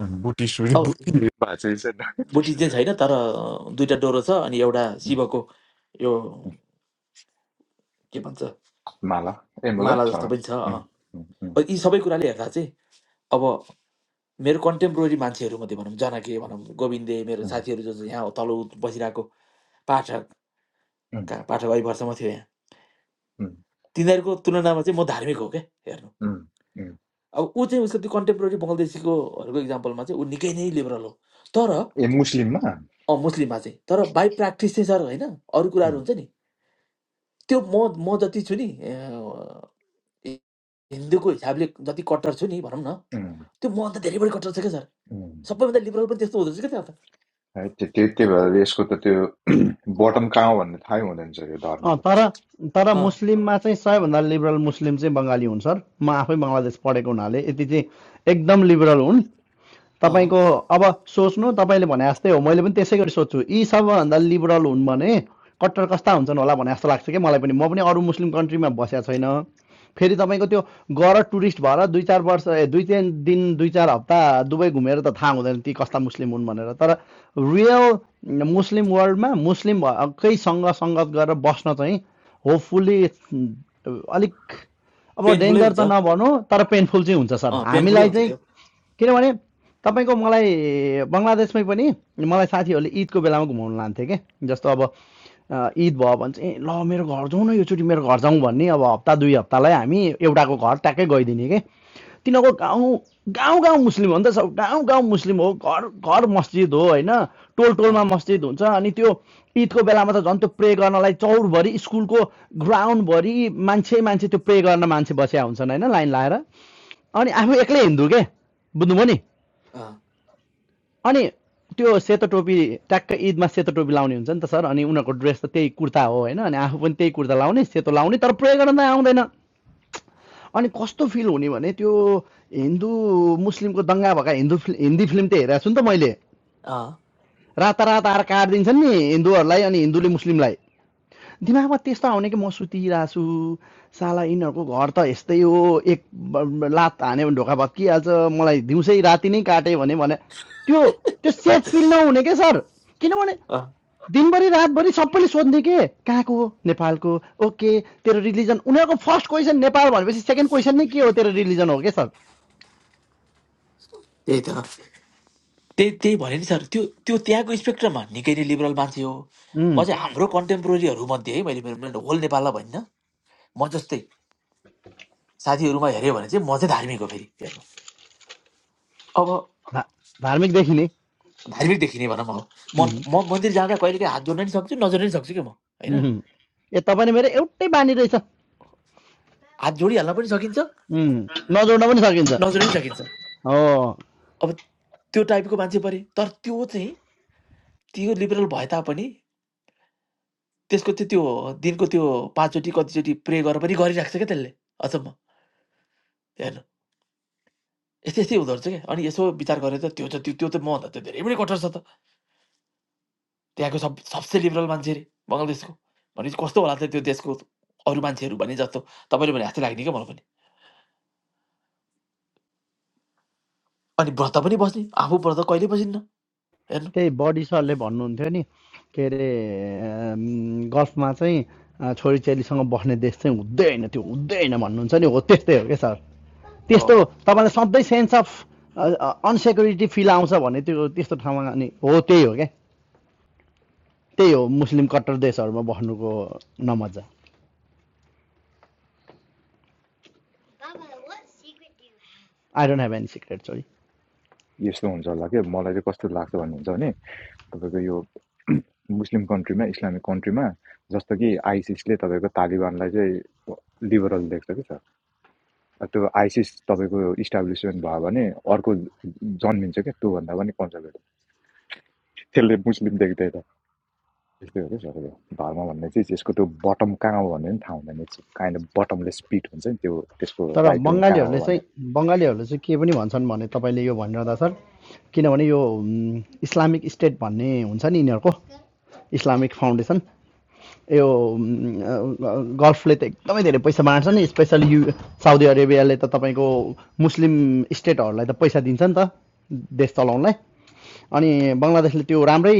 Mm, Buti suri buti. Bahasa Indonesia. बुटी चाहिँ छैन तर अँ, दुईवटा डोरो छ अनि एउटा Mm, शिवको यो के भन्छ Mala. Eh, mula माला जस्तो claro. पनि छ अँ। Mm, mm, mm, अब यी सबै कुराले हेर्दा चाहिँ अब मेरो कन्टेम्पोरेरी मान्छेहरू मध्ये भनौँ जनाके भनौँ गोविन्दे मेरो mm, साथीहरू जो चाहिँ यहाँ हो, तल उ- बसिरहेको पाठकका mm, पाठक अहिले वर्षमा थियो यहाँ mm, तिनीहरूको तुलनामा चाहिँ म धार्मिक हो क्या हेर्नु mm, mm. अब ऊ चाहिँ उसको त्यो कन्टेम्पोरेरी बङ्गलादेशीकोहरूको इक्जाम्पलमा चाहिँ ऊ निकै नै लिबरल हो तर ए मुस्लिममा अँ, मुस्लिममा चाहिँ तर बाई प्र्याक्टिस चाहिँ सर होइन अरू कुराहरू उम्, हुन्छ नि त्यो म म जति छु नि हि- हिन्दूको हिसाबले जति कट्टर छु नि भनौँ न उम्, त्यो मभन्दा धेरै बढी कट्टर छ क्या सर उम्। सबैभन्दा लिबरल पनि त्यस्तो हुँदो रहेछ क्या त्यहाँ त है त्यो त्यो त्यही भएर यसको त त्यो बटम कहाँ हो भन्ने थाहै हुँदैन रहेछ यो धर्मको त तर तर अँ मुस्लिममा चाहिँ सबैभन्दा लिबरल मुस्लिम चाहिँ बङ्गाली हुन् सर म आफै बङ्गलादेश पढेको हुनाले यति चाहिँ एकदम लिबरल हुन् अँ तपाईँको अब सोच्नु तपाईँले भने जस्तै हो मैले पनि त्यसै गरी सोध्छु यी सबभन्दा लिबरल हुन् भने कट्टर कस्ता हुन्छन् होला भने जस्तो लाग्छ कि मलाई पनि म पनि अरू मुस्लिम कन्ट्रीमा बसेको छैन फेरि तपाईँको त्यो गर टुरिस्ट भएर दुई चार वर्ष दुई तिन दिन दुई चार हप्ता दुबई घुमेर त थाहा हुँदैन ती कस्ता मुस्लिम हुन् भनेर तर रियल मुस्लिम वर्ल्डमा मुस्लिम सङ्गत गरेर बस्न चाहिँ होपफुल्ली अलिक अब पेनफुलै डेन्जर हुन्छ त नभनौँ तर पेनफुल चाहिँ हुन्छ सर अँ पेनफुलै हामीलाई हुन्छ चाहिँ त्यो किनभने तपाईँको मलाई बङ्गलादेशमै पनि मलाई साथीहरूले ईदको बेलामा घुमाउनु लान्थे के जस्तो अब अ, ईद भयो भने चाहिँ ए ल मेरो घर जाउँ न योचोटि मेरो घर जाउँ भन्ने अब हप्ता दुई हप्तालाई हामी एउटाको घर ट्याक्कै गइदिने के तिनीहरूको गाउँ गाउँ गाउँ मुस्लिम हो नि त सब गाउँ गाउँ मुस्लिम हो घर घर मस्जिद हो होइन टोल टोलमा अँ मस्जिद हुन्छ अनि त्यो ईदको बेलामा त झन् त्यो प्रे गर्नलाई चौरभरि स्कुलको ग्राउन्डभरि मान्छे मान्छे त्यो प्रे गर्न मान्छे बसेका हुन्छन् होइन लाइन लाएर अनि आफू एक्लै हिन्दू के बुझ्नुभयो नि अँ अनि त्यो सेतो टोपी ट्याक्क ईदमा सेतो टोपी लाउने हुन्छ नि त सर अनि उनीहरूको ड्रेस त त्यही कुर्ता हो होइन अनि आफू पनि त्यही कुर्ता लाउने सेतो लाउने तर प्रयोग गर्न त आउँदैन अनि कस्तो फिल हुने भने त्यो हिन्दू मुस्लिमको दङ्गा भएका हिन्दू फिल्म हिन्दी फिल्म त हेरेको छु नि त मैले अँ रातारात आएर काटिदिन्छन् नि हिन्दूहरूलाई अनि हिन्दूले मुस्लिमलाई दिमागमा त्यस्तो आउने कि म सुतिरहेको छु साला यिनीहरूको घर त यस्तै हो एक ब- लात हान्यो भने ढोका भत्किहाल्छ मलाई दिउँसै राति नै काट्यो भने भने त्यो त्यो सेफ फिल नहुने के सर किनभने अँ दिनभरि रातभरि सबैले सोध्ने के कहाँको हो? नेपालको ओके तेरो रिलिजन उनीहरूको फर्स्ट क्वेसन नेपाल भनेपछि सेकेन्ड क्वेसन नै के हो तेरो रिलिजन हो के सर त्यही त त्यही त्यही भने नि सर त्यो त्यो त्यहाँको स्पेक्ट्रममा निकै नै लिबरल मान्छे हो उम्, म चाहिँ हाम्रो कन्टेम्पोरेरीहरू मध्ये है मैले मेरो होल नेपाललाई भन्न म जस्तै साथीहरूमा हेऱ्यो भने चाहिँ म चाहिँ धार्मिक हो फेरि अब धा- धार्मिक देखिने भनौँ अब म म मन्दिर जाँदा कहिलेकाहीँ हात जोड्न नि सक्छु नजोड्न नि सक्छु कि म होइन ए तपाईँले मेरो एउटै बानी रहेछ हात जोडिहाल्न पनि सकिन्छ नजोड्न पनि सकिन्छ नजोड्न नि सकिन्छ हो अब त्यो टाइपको मान्छे परे तर त्यो चाहिँ त्यो लिबरल भए तापनि त्यसको चाहिँ त्यो दिनको त्यो पाँचचोटि कतिचोटि प्रे गरेर पनि गरिराख्छ क्या त्यसले अचम्म हेर्नु यस्तै यस्तै हुँदो रहेछ क्या अनि यसो विचार गरेर त त्यो त त्यो त्यो त मभन्दा त्यो धेरै पनि कठोर छ त त्यहाँको सब सबसे लिबरल मान्छे अरे बङ्गलादेशको भनेपछि कस्तो होला त त्यो देशको अरू मान्छेहरू भने जस्तो तपाईँले भने जस्तै लाग्ने क्या मलाई पनि अनि व्रत पनि बस्ने आफू व्रत कहिले बसिन्न हेर्नु त्यही बडी सरले भन्नुहुन्थ्यो नि के अरे अम, गल्फमा चाहिँ अ, छोरी चेलीसँग बस्ने देश चाहिँ हुँदै होइन त्यो हुँदै होइन भन्नुहुन्छ नि हो त्यस्तै हो क्या सर हो त्यस्तो तपाईँलाई सधैँ सेन्स अफ अनसेक्युरिटी फिल आउँछ भने त्यो त्यस्तो ठाउँमा अनि हो त्यही हो क्या त्यही हो मुस्लिम कट्टर देशहरूमा बस्नुको नमजा I don't have any secret sorry यस्तो हुन्छ होला कि मलाई चाहिँ कस्तो लाग्छ भन्नुहुन्छ भने तपाईँको यो मुस्लिम कन्ट्रीमा इस्लामिक कन्ट्रीमा जस्तो कि आइसिसले तपाईँको तालिबानलाई चाहिँ लिबरल देख्छ कि सर त्यो आइसिस तपाईँको इस्टाब्लिसमेन्ट भयो भने अर्को जन्मिन्छ क्या त्योभन्दा पनि कन्जर्भेटिभ त्यसले मुस्लिम देख्दै त त्यस्तै हो क्या सबैको धर्म भन्ने चिज यसको त्यो बटम कहाँ हो भन्ने पनि थाहा हुँदैन काइन्ड अफ बटमलेस पिट हुन्छ नि त्यो त्यसको तर राइट विङ कहाँ बङ्गालीहरूले हो चाहिँ भनेर बङ्गालीहरूले चाहिँ के पनि भन्छन् भने तपाईँले यो भनिरहँदा सर किनभने यो उम्, इस्लामिक स्टेट भन्ने हुन्छ नि यिनीहरूको इस्लामिक फाउन्डेसन यो गल्फले त एकदमै धेरै पैसा बाँड्छ नि स्पेसली यु साउदी अरेबियाले त तपाईँको मुस्लिम स्टेटहरूलाई त पैसा दिन्छ नि त देश चलाउनलाई अनि बङ्गलादेशले त्यो राम्रै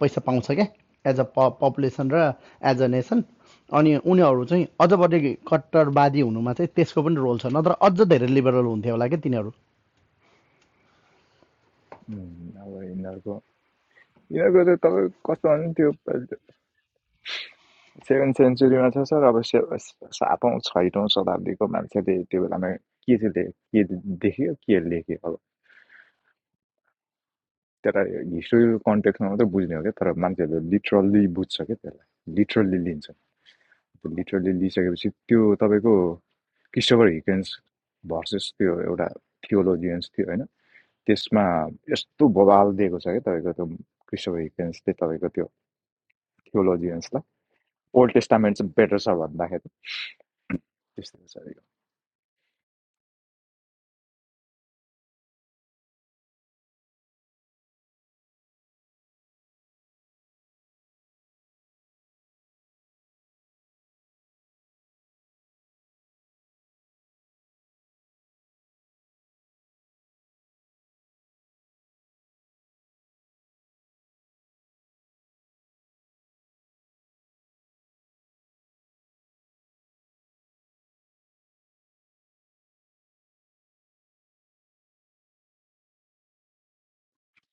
पैसा पाउँछ क्या एज अ प पपुलेसन र एज अ नेसन अनि उनीहरू चाहिँ अझ बढी कट्टरवादी हुनुमा चाहिँ त्यसको पनि रोल छ नत्र अझ धेरै लिबरल हुन्थ्यो होला क्या तिनीहरू उम्, अब यिनीहरूको यिनीहरूको त तपाईँ कस्तो भने त्यो सेभेन सेन्चुरीमा छ सर अब से सातौँ छैटौँ शताब्दीको मान्छेले त्यो बेलामा के चाहिँ के देख्यो के लेख्यो अब त्यसलाई हिस्टोरिकल कन्टेक्स्टमा मात्रै बुझ्ने हो क्या तर मान्छेहरूले लिटरल्ली बुझ्छ क्या त्यसलाई लिटरल्ली लिन्छ त्यो लिटरल्ली लिइसकेपछि त्यो तपाईँको क्रिस्टोफर हिकेन्स भर्सेस त्यो एउटा थियोलोजियन्स थियो होइन त्यसमा यस्तो बवाल दिएको छ क्या तपाईँको त्यो क्रिस्टोफर हिकेन्सले तपाईँको त्यो थियोलोजियन्सलाई ओल्ड टेस्टामेन्ट चाहिँ बेटर छ भन्दाखेरि त्यस्तो छ यो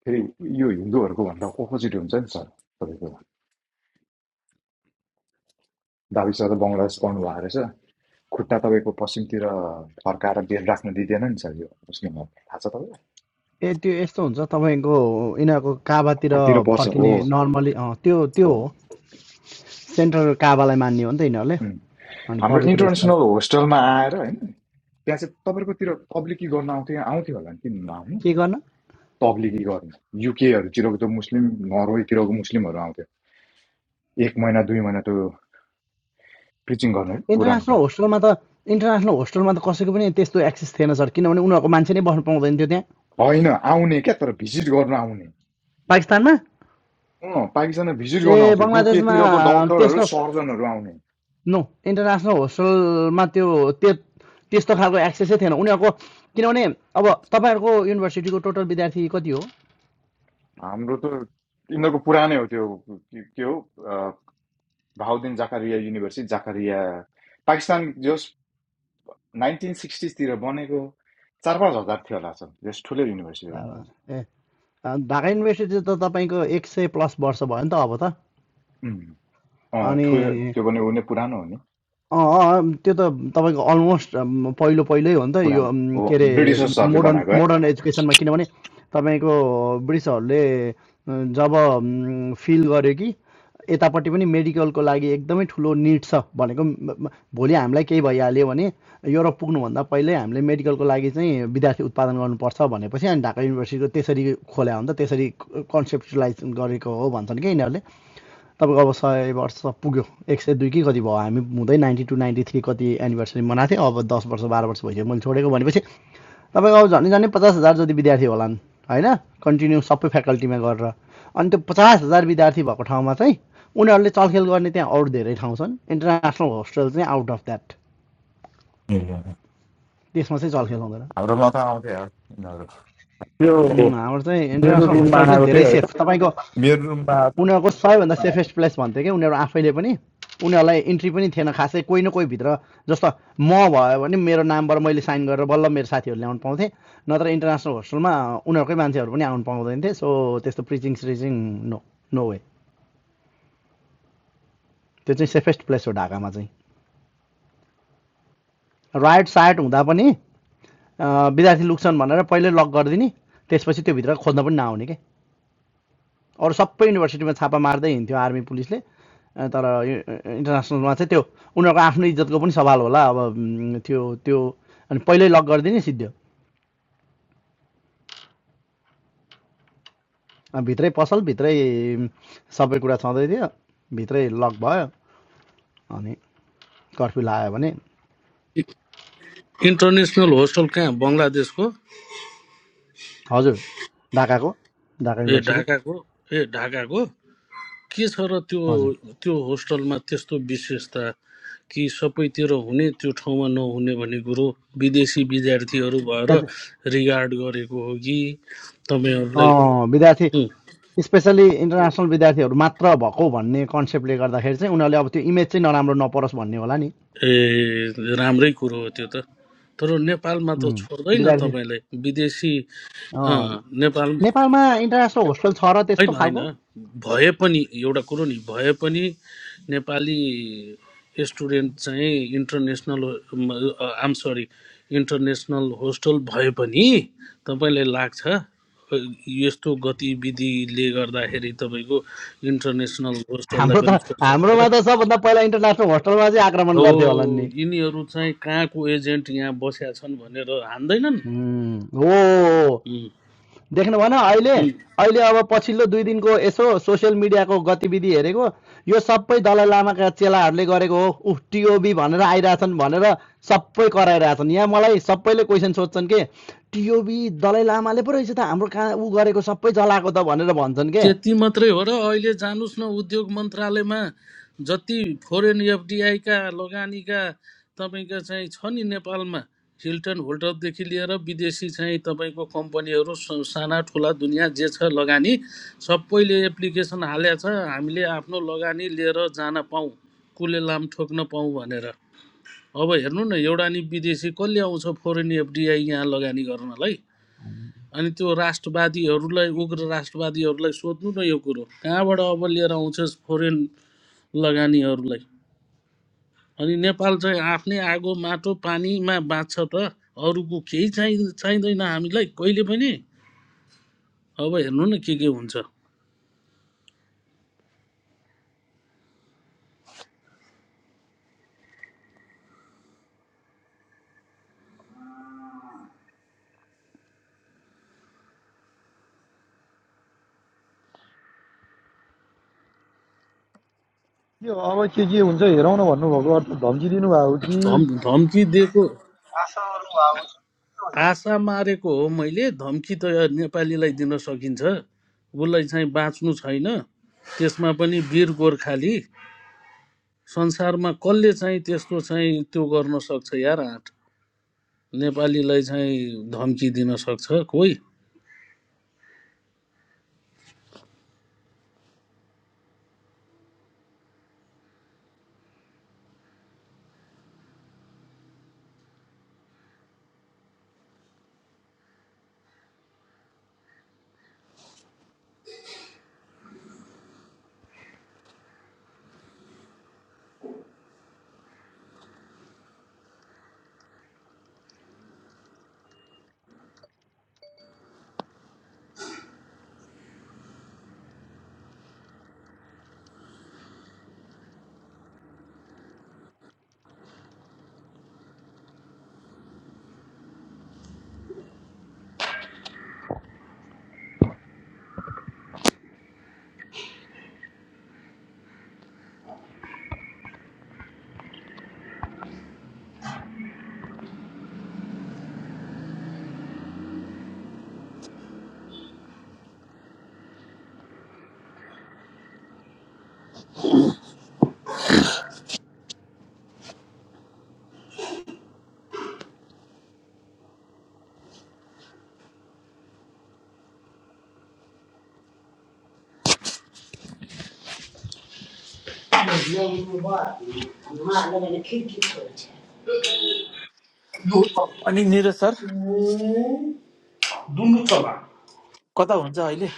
फेरि यो हिन्दूहरूको भन्दा अपोजिट हुन्छ नि सर तपाईँको दाबी सर त बङ्गलादेश पढ्नु भएको रहेछ खुट्टा तपाईँको पश्चिमतिर फर्काएर बेल राख्न दिँदैन नि सर यो मुस्लिमहरू थाहा छ तपाईँलाई ए त्यो यस्तो हुन्छ तपाईँको यिनीहरूको काबातिर कतातिर पर्छ हो फर्किने नर्मली त्यो त्यो हो हो सेन्ट्रल काबालाई मान्ने हो नि त यिनीहरूले उम्। अनि हाम्रो पवित्र स्थल इन्टरनेसनल होस्टलमा आएर होइन त्यहाँ चाहिँ तपाईँकोतिर तब्लिकी गर्न आउँथ्यो आउँथ्यो होला नि किन नआउनु के गर्न तब्लिकी गर्न युकेहरूतिरको त मुस्लिम नर्वेतिरको मुस्लिमहरू आउँथ्यो एक महिना दुई महिना त्यो प्रिचिङ गर्नु है इन्टरनेसनल कुरानको होस्टेलमा त इन्टरनेसनल होस्टेलमा त कसैको पनि त्यस्तो एक्सेस थिएन सर किनभने उनीहरूको मान्छे नै बस्नु पाउँदैन थियो त्यहाँ होइन आउने क्या तर भिजिट गर्न आउने पाकिस्तानमा अँ पाकिस्तानमा भिजिट गर्न ए आउँथ्यो बङ्गलादेशमा युकेतिरको डक्टरहरू त्यस्तो सर्जनहरू आउने नो इन्टरनेसनल होस्टेलमा त्यो त्यस्तो खालको एक्सेसै थिएन उनीहरूको किनभने अब तपाईँहरूको युनिभर्सिटीको टोटल विद्यार्थी कति हो हाम्रो त यिनीहरूको पुरानै हो त्यो के के हो अ, भाउदिन जाकारिया युनिभर्सिटी जाकारिया पाकिस्तान जस नाइन्टिन सिक्सटिजतिर बनेको चार पाँच हजार थियो होला सर जस ठुलो युनिभर्सिटी हो यिनीहरूको ए ढाका युनिभर्सिटी त तपाईँको एक सय प्लस वर्ष भयो नि त अब त उम्, अ, ठुलो अनि त्यो पनि उनी पुरानो हो नि अँ अँ, अँ, त्यो त तपाईँको अलमोस्ट पहिलो पहिल्यै हो नि त यो पुरानो अम्, के हो अरे ब्रिटिसर्सहरूले मोडर्न बनाएको है मोडर्न एजुकेसनमा किनभने तपाईँको ब्रिटिसहरूले अँ, जब अम्, फिल गर्यो कि यतापट्टि पनि मेडिकलको लागि एकदमै ठुलो निड छ भनेको म- म- भोलि हामीलाई केही भइहाल्यो भने युरोप पुग्नुभन्दा पहिल्यै हामीले मेडिकलको लागि चाहिँ विद्यार्थी उत्पादन गर्नुपर्छ भनेपछि अनि ढाका युनिभर्सिटीको त्यसरी खोल्या हो नि त त्यसरी कन्सेप्टलाइज गरेको हो भन्छन् कि यिनीहरूले तपाईँको अब सय वर्ष पुग्यो एक सय दुई कि कति भयो हामी हुँदै नाइन्टी टू नाइन्टी थ्री कति एनिभर्सरी मनाएको थिएँ अब दस वर्ष बाह्र वर्ष भइसक्यो मैले छोडेको भनेपछि तपाईँको अब झन् झन् पचास हजार जति विद्यार्थी होलान् होइन कन्टिन्यू सबै फ्याकल्टीमा गरेर अनि त्यो पचास हजार विद्यार्थी भएको ठाउँमा चाहिँ उनीहरूले चलखेल गर्ने त्यहाँ अरू धेरै ठाउँ छन् इन्टरनेसनल होस्टेल चाहिँ आउट अफ द्याट ए, त्यसमा चाहिँ चलखेल हुँदैन हाम्रोमा त आउँथ्यो यार यिनीहरू त्यो हाम्रो चाहिँ मेरो इन्टरनेसनल रुममा होस्टेल चाहिँ आएको धेरै थियो होइन सेफ तपाईँको मेरो रुममा आएको उनीहरूको सबैभन्दा थियो। सेफेस्ट प्लेस भन्थ्यो क्या उनीहरू आफैले पनि उनीहरूलाई इन्ट्री पनि थिएन खासै कोही न कोही भित्र जस्तो म भयो भने मेरो नामबाट मैले साइन गरेर बल्ल मेरो साथीहरू ल्याउनु पाउँथेँ नत्र इन्टरनेसनल होस्टेलमा उनीहरूकै मान्छेहरू पनि आउनु पाउँदैन थिए सो त्यस्तो preaching searching no no way त्यो चाहिँ सेफेस्ट प्लेस हो ढाकामा चाहिँ राइट साइट हुँदा पनि विद्यार्थी लुक्छन् भनेर पहिल्यै लक गरिदिने त्यसपछि त्योभित्र खोज्न पनि नआउने के अरू सबै युनिभर्सिटीमा छापा मार्दै हिँड्थ्यो आर्मी पुलिसले तर इन्टरनेसनलमा चाहिँ त्यो उनीहरूको आफ्नो इज्जतको पनि सवाल होला अब त्यो त्यो अनि पहिल्यै लक गरिदिने सिद्धो अब भित्रै पसल भित्रै सबै कुरा छँदै थियो भित्रै लक भयो अनि कर्फ्यू लगायो भने इन्टरनेसनल होस्टल कहाँ बङ्गलादेशको हजुर ढाकाको ढाका ए युनिभर्सिटी ढाकाको ए ढाकाको के छ र त्यो हजुर त्यो होस्टलमा त्यस्तो विशेषता कि सबैतिर हुने त्यो ठाउँमा नहुने भन्ने कुरो विदेशी विद्यार्थीहरू भएर त्यहाँ रिगार्ड गरेको हो कि तपाईँहरूलाई विद्यार्थी उम्, स्पेसल्ली इन्टरनेसनल विद्यार्थीहरू मात्र भएको भन्ने कन्सेप्टले गर्दाखेरि चाहिँ उनीहरूले अब त्यो इमेज चाहिँ नराम्रो नपरोस् भन्ने होला नि ए राम्रै कुरो हो त्यो त तर नेपालमा त छोड्दैन विद्यार्थी तपाईँलाई विदेशी अँ, नेपाल नेपालमा इन्टरनेसनल होस्टेल छ र त्यस्तो होइन होइन खालको भए पनि एउटा कुरो नि भए पनि नेपाली स्टुडेन्ट चाहिँ international um sorry international hostel भए पनि तपाईँलाई लाग्छ अ, यस्तो गतिविधिले गर्दाखेरि तपाईँको इन्टरनेसनल होस्टललाई हाम्रो त पनि छोड्छ भनेर हाम्रोमा त सबभन्दा पहिला इन्टरनेसनल होस्टलमा चाहिँ आक्रमण हो गर्थ्यो होला नि यिनीहरू चाहिँ कहाँको एजेन्ट यहाँ बसेका छन् भनेर उम्, ओ हान्दैनन् देख्नु भएन अहिले अहिले अब पछिल्लो दुई दिनको यसो सोसियल मिडियाको गतिविधि हेरेको यो सबै दलाइ लामाका चेलाहरूले गरेको हो उफ टिओबी भनेर आइरहेछन् भनेर सबै कराइरहेछन् यहाँ मलाई सबैले क्वेसन सोध्छन् के टिओबी दलाइ लामाले पो रहेछ त हाम्रो कहाँ ऊ गरेको सबै जलाएको त भनेर भन्छन् के त्यति मात्रै हो र अहिले जानुस् न उद्योग मन्त्रालयमा जति फोरेन एफडिआई का लगानीका तपाईँको चाहिँ छ नि नेपालमा हिल्टन होल्टरदेखि लिएर विदेशी चाहिँ तपाईँको कम्पनीहरू स- साना ठुला दुनियाँ जे छ लगानी सबैले एप्लिकेसन हालेको छ हामीले आफ्नो लगानी लिएर जान पाऊँ कुले लाम ठोक्न पाऊँ भनेर अब हेर्नु न एउटा नि विदेशी कसले आउँछ फोरेन एफडिआई यहाँ लगानी गर्नलाई अनि त्यो राष्ट्रवादीहरूलाई उग्र राष्ट्रवादीहरूलाई सोध्नु न यो कुरो कहाँबाट अब लिएर आउँछस् फोरेन लगानीहरूलाई अनि नेपाल चाहिँ आफ्नै आगो माटो पानीमा बाँच्छ त अरूको केही चाहिँ चाहिँदैन हामीलाई कहिले पनि अब हेर्नु न के के हुन्छ के हो अब के के हुन्छ हेरौँ न भन्नुभएको अर्थ धम्की दिनुभएको कि धम धम्की दिएको आशा मारेको हो मैले धम्की त नेपालीलाई दिन सकिन्छ उसलाई चाहिँ बाँच्नु छैन त्यसमा पनि वीर गोर्खाली संसारमा कसले चाहिँ त्यस्तो चाहिँ त्यो गर्न सक्छ यार आँट नेपालीलाई चाहिँ धम्की दिन सक्छ कोही अनि निरज सर दुन्नु चला कता हुन्छ अहिले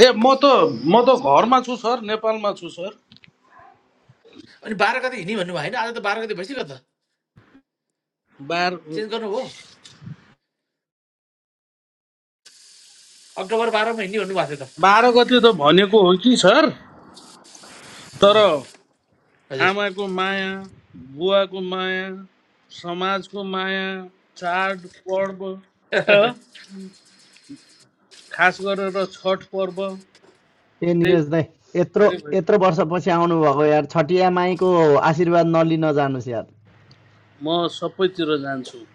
ए म त म त घरमा छु सर नेपालमा छु सर अनि बाह्र गते हिँड्ने भन्नुभयो होइन आज त बाह्र गते भइसक्यो त बाह्र चेन्ज गर्नु अक्टोबर बाह्रमा हिँड्ने भन्नुभएको थियो त बाह्र गते त भनेको हो कि सर तर हजुर आमाको माया बुवाको माया समाजको माया चाड पर्व हँ, खास गरेर छठ पर्व ए धेरै निरज दाई यत्रो धेरै यत्रो भयो। वर्षपछि आउनुभएको यार छटिया माईको आशीर्वाद नलिन जानुहोस् यार म सबैतिर जान्छु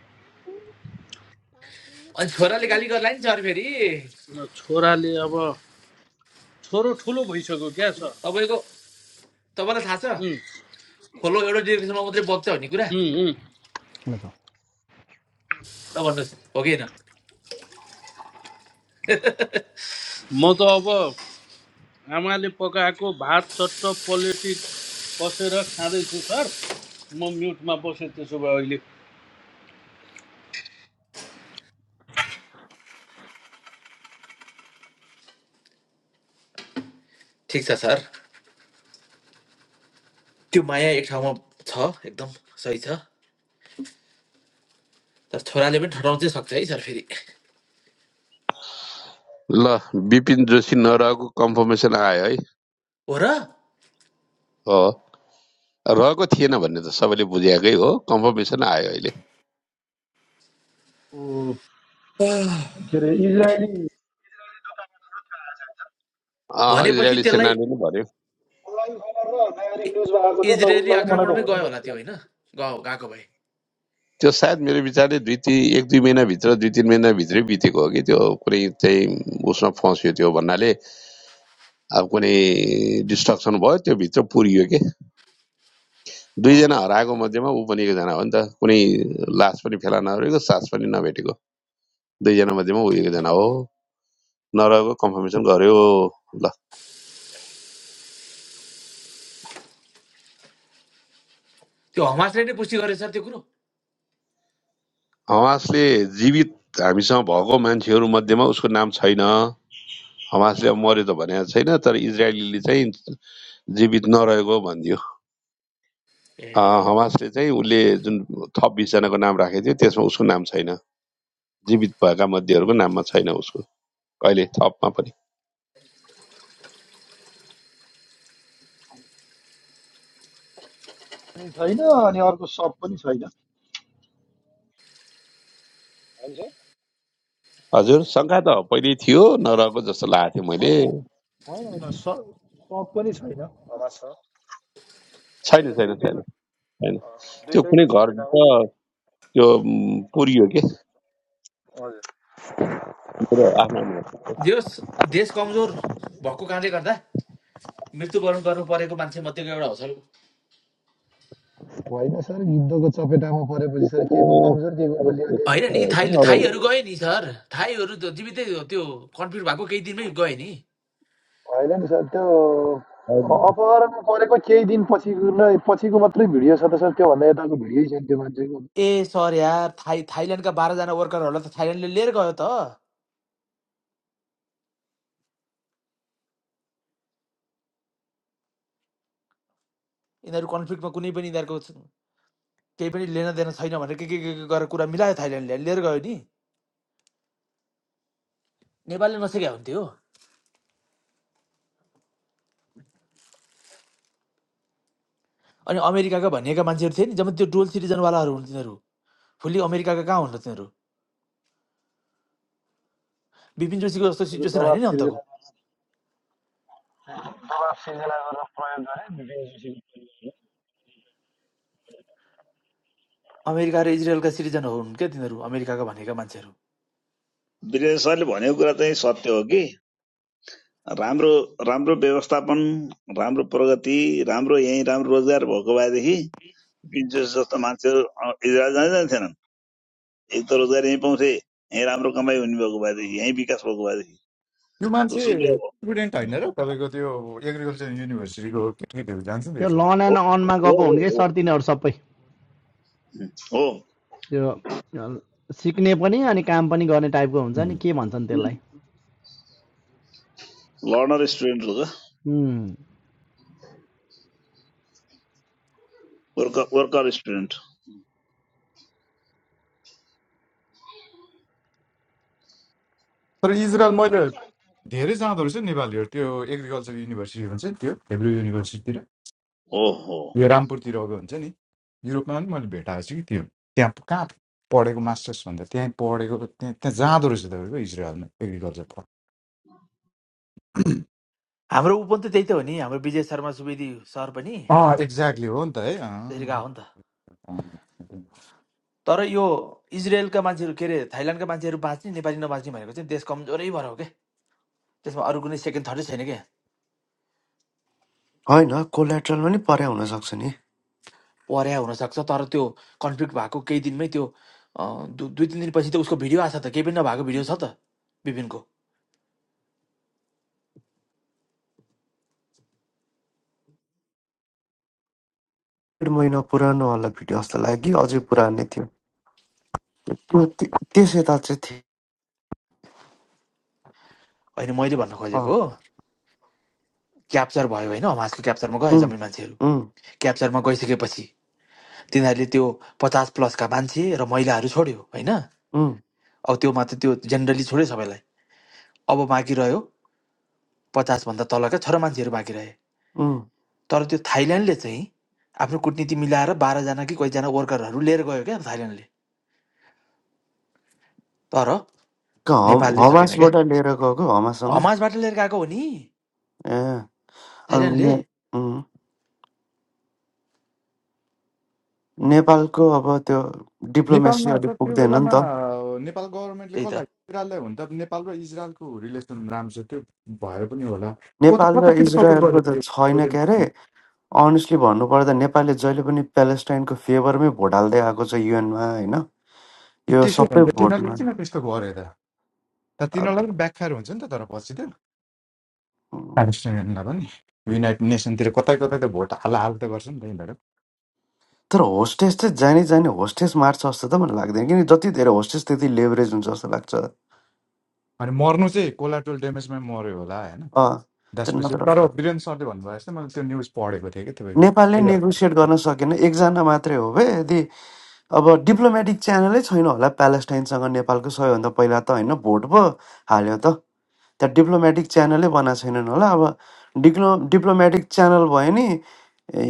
अनि छोराले गाली गर्ला नि सर फेरि छोराले अब छोरो ठुलो भइसक्यो क्या सर तपाईँको तपाईँलाई थाहा छ उम्, खोलो एउटा डिरेक्सनमा मात्रै बग्छ भन्ने कुरा उम्, ल त ल भन्नुहोस् हो कि होइन म त अब आमाले पकाएको भात चट्ट पलेटी कसेर खाँदैछु सर म म्युटमा बसेँ त्यसो भए अहिले ठिक छ सर त्यो माया एक ठाउँमा छ एकदम सही छ तर छोराले पनि ठटाउन चाहिँ सक्छ है सर फेरि ल विपिन जोशी नरहेको कन्फर्मेसन आयो है हो र हो रहेको थिएन भन्ने त सबैले बुझेकै हो कन्फर्मेसन आयो अहिले आह। के अरे इजरायली अँ, भनेपछि इजरायली त्यसलाई सेनाले नै भन्यो online खबर र नागरिक इ- न्युज आएको छ लगभग इजरायली लगभग मलाई त आक्रमणमै हो नै गयो होला जस्तो त्यो लाग्छ होइन गयो गएको भए त्यो सायद मेरो विचारले दुई तिन एक दुई महिनाभित्र दुई तिन महिनाभित्रै बितेको हो कि त्यो कुनै चाहिँ उसमा फस्यो त्यो भन्नाले अब कुनै डिस्ट्रक्सन भयो त्यो भित्र पुरियो कि अँ, दुईजना हराएको मध्येमा ऊ पनि एकजना हो नि त कुनै लास पनि फेला नरहेको सास पनि नभेटेको दुईजना मध्येमा ऊ एकजना हो नरहेको कन्फर्मेसन गर्यो त्यो हमासले नै पुष्टि गरेछ त्यो कुरो हमासले जीवित हामीसँग भएको मान्छेहरू मध्येमा उसको नाम छैन हमासले अब मर्यो त भनेको छैन तर इजरायलीले चाहिँ जीवित नरहेको भनिदियो ए, अ, हमासले चाहिँ उसले जुन थप बिसजनाको नाम राखेको थियो त्यसमा उसको नाम छैन जीवित भएका मध्येहरूको नाममा छैन उसको कहिले थपमा पनि पनि छैन अनि अर्को सप पनि छैन हजुर शङ्का त पहिल्यै थियो नरहेको जस्तो लागेको थियो मैले होइन होइन होइन सप सप पनि छैन हवा छ। अब छैन त्यो छैन छैन दुइटै छैन त्यो कुनै दुइटैको चपेटामा घरभित्र पऱ्यो त्यो म, पुरियो के हजुर मेरो आफ्नो अनुभव देश देश कमजोर भएको कारणले गर्दा मृत्यु वरण गर्नु परेको मान्छे मध्येको एउटा हो सर ऊ। होइन सर युद्धको चपेटामा परेपछि सर के को कमजोर के को अब बलियो देश त्यस्तो त सर होइन नि थाई थाईहरू होइन, गए नि सर थाईहरू त जीवितै त्यो कन्फ्लिक्ट भएको केही दिनमै गए नि होइन नि सर त्यो अब अ- अपहरणमा परेको केही दिन पछि नै पछिको मात्रै भिडियो छ त सर त्योभन्दा यताको भिडियो छैन त्यो मान्छेको ए सर यार थाइ थाइल्यान्डका बाह्रजना वर्करहरूलाई त थाइल्यान्डले लिएर गयो त यिनीहरू कन्फ्लिक्टमा कुनै पनि यिनीहरूको स- केही पनि लेन देन छैन भनेर के के के के गरेर कुरा मिलायो थाइल्यान्डले लिएर गयो नि नेपालले नसकेका हुन्थ्यो अनि अमेरिकाका भनिएका मान्छेहरू थिए नि जब त्यो डुअल सिटिजनवालाहरू हुन् तिनीहरू फुल्ली अमेरिकाका कहाँ हुन् र तिनीहरू बिपिन जोशीको जस्तो सिचुएसन होइन दबाब नि अन्तको सिर्जना अमेरिका र इजरायलका सिटिजन हुन् क्या तिनीहरू अमेरिकाका भनेका मान्छेहरू वीरेन्द्र सरले भनेको कुरा चाहिँ सत्य हो कि राम्रो राम्रो व्यवस्थापन राम्रो प्रगति राम्रो यहीँ राम्रो रोजगार भएको भएदेखि पिन्चेस जस्तो मान्छेहरू अँ, इजरायल जाँदै जान्थेनन् एक त रोजगार यहीँ पाउँथे यहीँ राम्रो कमाइ हुने भएको भएदेखि यहीँ विकास भएको भएदेखि त्यो मान्छे दोस्रो कुरा स्टुडेन्ट होइन र तपाईँको त्यो एग्रिकल्चर युनिभर्सिटीको केटाकेटीहरू जान्छ नि त्यो लन रहेछ एन्ड अनमा हो गएको हो हुन् कि हो सर तिनीहरू सबै ओ, त्यो सिक्ने पनि अनि काम पनि गर्ने टाइपको हुन्छ नि के भन्छन् त्यसलाई लौनर इस्ट्विएन्ट हुगा, उम्, वर्कार इस्ट्विएन्ट, तर इजरायल मैले धेरै जाँदो रहेछ नि नेपालीहरू त्यो एग्रिकल्चर युनिभर्सिटी भन्छ नि त्यो हेब्रो युनिभर्सिटीतिर ओ, हो. यो रामपुरतिर अब हुन्छ नि युरोपमा पनि मैले भेटाएको छु कि त्यो त्यहाँ कहाँ पढेको मास्टर्स भन्दा त्यहीँ पढेको त्यहाँ त्यहाँ जाँदो रहेछ तपाईँको इजरायलमा एग्रिकल्चर पढ हाम्रो ऊ पनि त त्यही त हो नि हाम्रो विजय शर्मा सुवेदी सर पनि अँ एक्ज्याक्टली हो नि त है त्यसरी गएको अँ, हो नि त अँ। तर यो इजरायलका मान्छेहरू के अरे थाइल्यान्डका मान्छेहरू बाँच्ने नेपाली नबाँच्ने भनेको चाहिँ देश कमजोरै भएर हो क्या त्यसमा अरू कुनै सेकेन्ड थर्डै छैन क्या होइन, कोल्याट्रल पनि परे हुनसक्छ नि। पर्या हुनसक्छ तर त्यो कन्फ्लिक्ट भएको केही दिनमै त्यो अँ, दु- दुई तिन दिनपछि त उसको भिडियो आएको छ त केही पनि नभएको भिडियो छ त बिपिनको डेढ महिना पुरानो होला भिडियो जस्तो लाग्यो कि अझै पुरानै थियो। त्यो त्य- त्यस यता चाहिँ थियो। होइन मैले भन्न खोजेको अँ, हो क्याप्चर भयो होइन हमासको क्याप्चरमा गए उम्, जम्मै मान्छेहरू उम्, क्याप्चरमा गइसकेपछि तिनीहरूले त्यो पचास प्लसका मान्छे र महिलाहरू छोड्यो होइन उम्, अब त्यो मात्र त्यो जेनरली छोड्यो सबैलाई अब बाँकी रह्यो पचासभन्दा तलका छोरा मान्छेहरू बाँकी रहे उम्। तर त्यो थाइल्यान्डले चाहिँ आफ्नो कुटनीति मिलाएर बाह्रजना कि कतिजना वर्करहरू लिएर गयो क्या थाइल्यान्डले तर क- हम- नेपालले सकेन क्या हमासबाट लिएर गएको हमाससँग हमासबाट लिएर गएको हो नि ए अनि थाइल्यान्डले ने- उम्, नेपालको अब त्यो डिप्लोमेसी नेपालमा अहिले सर त्यो पुग्दैन नि बेलामा त अ, नेपाल गभर्मेन्टले त्यही त कसलाई इजरायललाई हुन त नेपाल र इजरायलको रिलेसन राम्रो छ त्यो भएर पनि होला कता नेपाल र कतातिर सपोर्ट इजरायलको त गरेको छैन के थियो अरे अनेस्टली भन्नुपर्दा नेपालले जहिले पनि प्यालेस्टाइनको फेभरमै भोट हाल्दै आएको छ युएनमा होइन यो त्यसो सबै भन्दा तिनीहरूले भोटमा किन त्यस्तो गर्यो त त तिनीहरूलाई पनि ब्याकफायर हुन्छ नि त तर पछि त प्यालेस्टाइनलाई पनि युनाइटेड नेसनतिर कतै कतै त भोट हाल हाल त गर्छ नि त यिनीहरू तर होस्टेस चाहिँ जाने जाने होस्टेस मार्छ जस्तो त मलाई लाग्दैन किन जति धेरै होस्टेस त्यति लेभरेज हुन्छ जस्तो लाग्छ अनि मर्नु चाहिँ कोलाटोल ड्यामेजमै मर्यो होला होइन अँ त्यो त्यसपछि नत्र तर वीरेन सरले भन्नुभयो जस्तो मैले त्यो न्युज पढेको थिएँ कि तपाईँको नेपालले है। नेगोसिएट गर्न सकेन एकजना मात्रै हो बे यदि अब डिप्लोमेटिक च्यानलै छैन होला प्यालेस्टाइनसँग नेपालको सबैभन्दा पहिला त होइन भोट पो हाल्यो त त्यहाँ डिप्लोमेटिक च्यानलै बनाएको छैनन् होला अब डिप्लो डिप्लोमेटिक च्यानल भयो नि ए,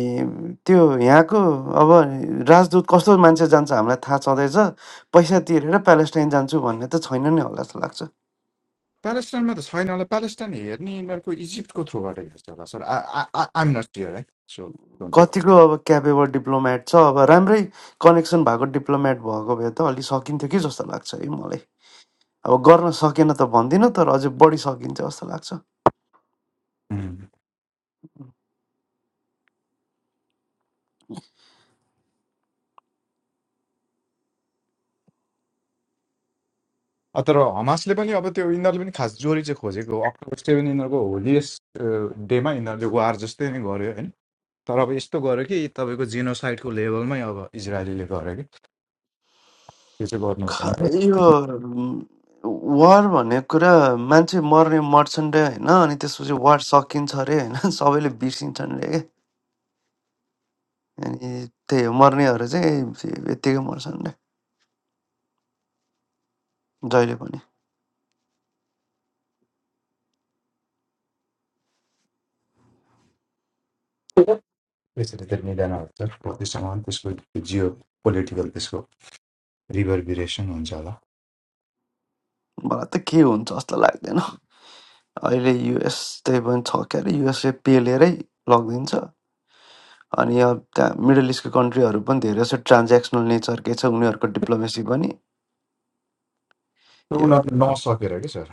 त्यो यहाँको अब राजदूत कस्तो मान्छे जान्छ हामीलाई थाहा छँदैछ पैसा तिरेर प्यालेस्टाइन जान्छु भन्ने त छैन नै होला जस्तो लाग्छ प्यालेस्टाइनमा त छैन होला प्यालेस्टाइन हेर्ने यिनीहरूको इजिप्टको थ्रुबाट हेर्छ होला सर आइम नट क्लियर है सो डोन्ट कतिको अब क्यापेबल डिप्लोमेट छ अब राम्रै कनेक्सन भएको डिप्लोमेट भएको भए त अलि सकिन्थ्यो कि जस्तो लाग्छ है मलाई अब गर्न सकेन त भन्दिनँ तर अझै बढी सकिन्थ्यो जस्तो लाग्छ टेक अ, तर हमासले पनि अब त्यो यिनीहरूले पनि खास जोरी चाहिँ खोजेको हो अक्टोबर सेभेन यिनीहरूको होलिएस्ट डेमा यिनीहरूले वार जस्तै नै गर्यो होइन तर अब यस्तो गर्यो कि तपाईँको जिनोसाइडको लेभलमै अब इजरायलीले गर्यो कि त्यो चाहिँ गर्नु हुँदैन खै यो वार भन्ने कुरा मान्छे मर्ने मर्छन् रे होइन अनि त्यसपछि वार सकिन्छ अरे होइन सबैले बिर्सिन्छन् रे के अनि त्यही हो मर्नेहरू चाहिँ यत्तिकै मर्छन् रे जहिले पनि त्यसरी त मिलेन हुन्छ त्यससँग पनि त्यसको जियो पोलिटिकल त्यसको रिभरभिरेसन हुन्छ होला मलाई त के हुन्छ जस्तो लाग्दैन अहिले युएस त्यही पनि छ क्यारे युएसले पेलेरै लगिदिन्छ अनि अब त्यहाँ मिडल इस्टको कन्ट्रीहरू पनि धेरै जस्तो ट्रान्जेक्सनल नेचरकै छ उनीहरूको डिप्लोमेसी पनि त्यो यो उनीहरूले नसकेर कि सर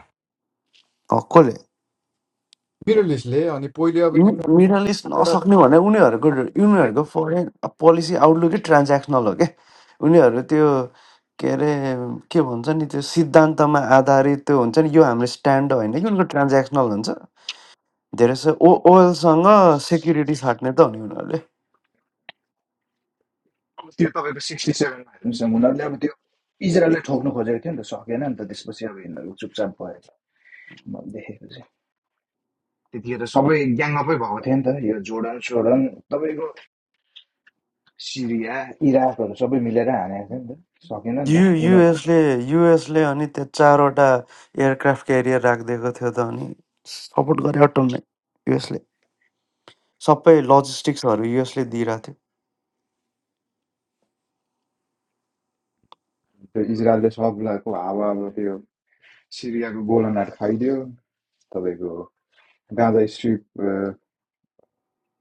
हक्कले बिरलिसले अनि पहिले अब मि- त्यसमा मिडल इस्ट नसक्ने भने उनीहरूको उनीहरूको फरेन पोलिसी आउटलुकै ट्रान्जेक्सनल हो के उनीहरू त्यो के अरे के भन्छ नि त्यो सिद्धान्तमा आधारित त्यो हुन्छ नि यो हाम्रो स्ट्यान्ड होइन कि उनीहरूको ट्रान्जेक्सनल हुन्छ धेरै जसो ओ ओइलसँग सेक्युरिटी साट्ने त हो नि उनीहरूले त्यो तपाईँको सिक्सटी सेभेनमा हेर्नुहोस् न उनीहरूले अब त्यो इजरायललाई ठोक्नु खोजेको थियो नि त सकेन नि त त्यसपछि अब यिनीहरू चुपचाप भयो देखेको चाहिँ त्यतिखेर सबै ग्याङअपै भएको थियो नि त यो जोर्डन सोर्डन तपाईँको सिरिया इराकहरू सबै मिलेर हानेको थियो नि त सकेन नि त यु उनीहरूकै युएसले युएसले अनि त्यहाँ चारवटा एयरक्राफ्ट क्यारियर राखिदिएको थियो त अनि सपोर्ट गरे अटमलाई युएसले सबै लजिस्टिक्सहरू युएसले दिइरहेको थियो त्यो इजरायलले सबलाको हावा अब त्यो सिरियाको गोलनहरू खाइदियो तपाईँको Gaza strip uh,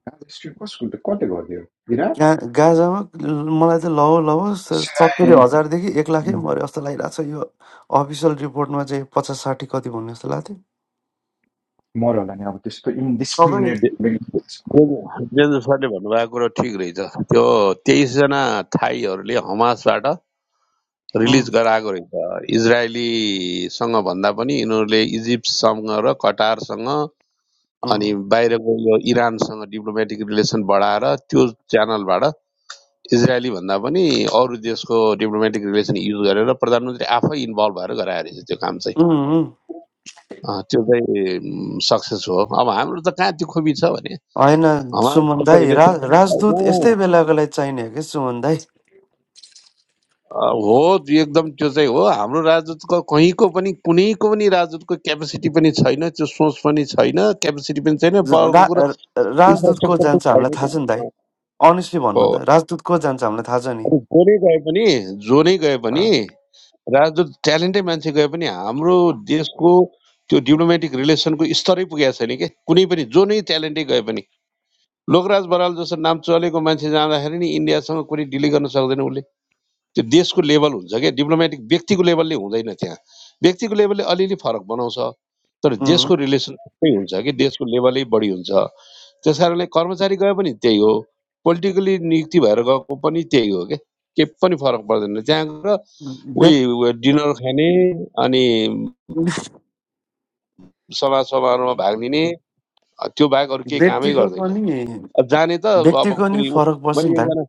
Gaza strip कसको कसले गरिदियो इराक गा गाजामा ल- मलाई त लौ लौ स- सिनाई सत्तरी हजारदेखि एक लाखै उम्, मऱ्यो जस्तो लागिरहेको छ यो अफिसियल रिपोर्टमा चाहिँ पचास साठी कति भन्ने जस्तो लाग्थ्यो मर होला नि अब त्यस्तो सबै इन्डिस्क्रिमिनेट जे जे जे सरले भन्नुभएको कुरो ठिक रहेछ त्यो तेइसजना थाईहरूले हमासबाट उम्, रिलिज गराएको रहेछ इजरायलीसँग भन्दा पनि यिनीहरूले इजिप्टसँग र कटारसँग अनि उम्, बाहिरको यो इरानसँग डिप्लोमेटिक रिलेसन बढाएर त्यो च्यानलबाट इजरायली भन्दा पनि अरू देशको डिप्लोमेटिक रिलेसन युज गरेर प्रधानमन्त्री आफै इन्भल्भ भएर गराएर त्यो काम चाहिँ उम्, उम्। अँ, त्यो चाहिँ सक्सेस हो अब हाम्रो त कहाँ त्यो खोपी छ भने होइन सुमन हमासको दाई रा रिलेसन पनि राजदूत छैन यस्तै बेलाको लागि चाहिने हो कि सुमन दाई अ, हो त्यो एकदम त्यो चाहिँ हो हाम्रो राजदूतको कहीँको पनि कुनैको पनि राजदूतको क्यापेसिटी पनि छैन त्यो सोच पनि छैन क्यापेसिटी पनि छैन ज- रा पावरको कुरा राजदूतको इन्फ्रास्ट्रक्चर पनि जान्छ हामीलाई छैन थाहा क्या छ नि दाई अँ, अनेस्टली हो भन्नु त राजदूत को जान्छ हामीलाई थाहा छ नि अनि जो नै गए पनि जो नै गए अँ। पनि राजदूत ट्यालेन्टै मान्छे गए पनि हाम्रो देशको त्यो डिप्लोमेटिक रिलेसनको स्तरै पुगेको छैन क्या कुनै पनि जो नै ट्यालेन्टै गए पनि लोकराज बराल जस्तो नाम चलेको मान्छे जाँदाखेरि नि इन्डियासँग कुनै डिल गर्न सक्दैन उसले त्यो देशको लेभल हुन्छ क्या डिप्लोमेटिक व्यक्तिको लेभलले हुँदैन त्यहाँ व्यक्तिको लेभलले अलिअलि फरक बनाउँछ तर उम्, देशको रिलेसन त्यस्तै हुन्छ कि देशको लेभलै बढी हुन्छ त्यस कारणले कर्मचारी गए पनि त्यही हो पोलिटिकली नियुक्ति भएर गएको पनि त्यही हो क्या के पनि फरक पर्दैन त्यहाँ गएर व्यक्- उही उ- डिनर खाने अनि सभा समारोहमा भाग लिने अ, त्यो बाहेक अरू केही कामै व्यक्तिको गर्दैन पनि अब जाने त अब व्यक्तिको नि कुनै फरक पर्छ नि मैले दाइ एकजना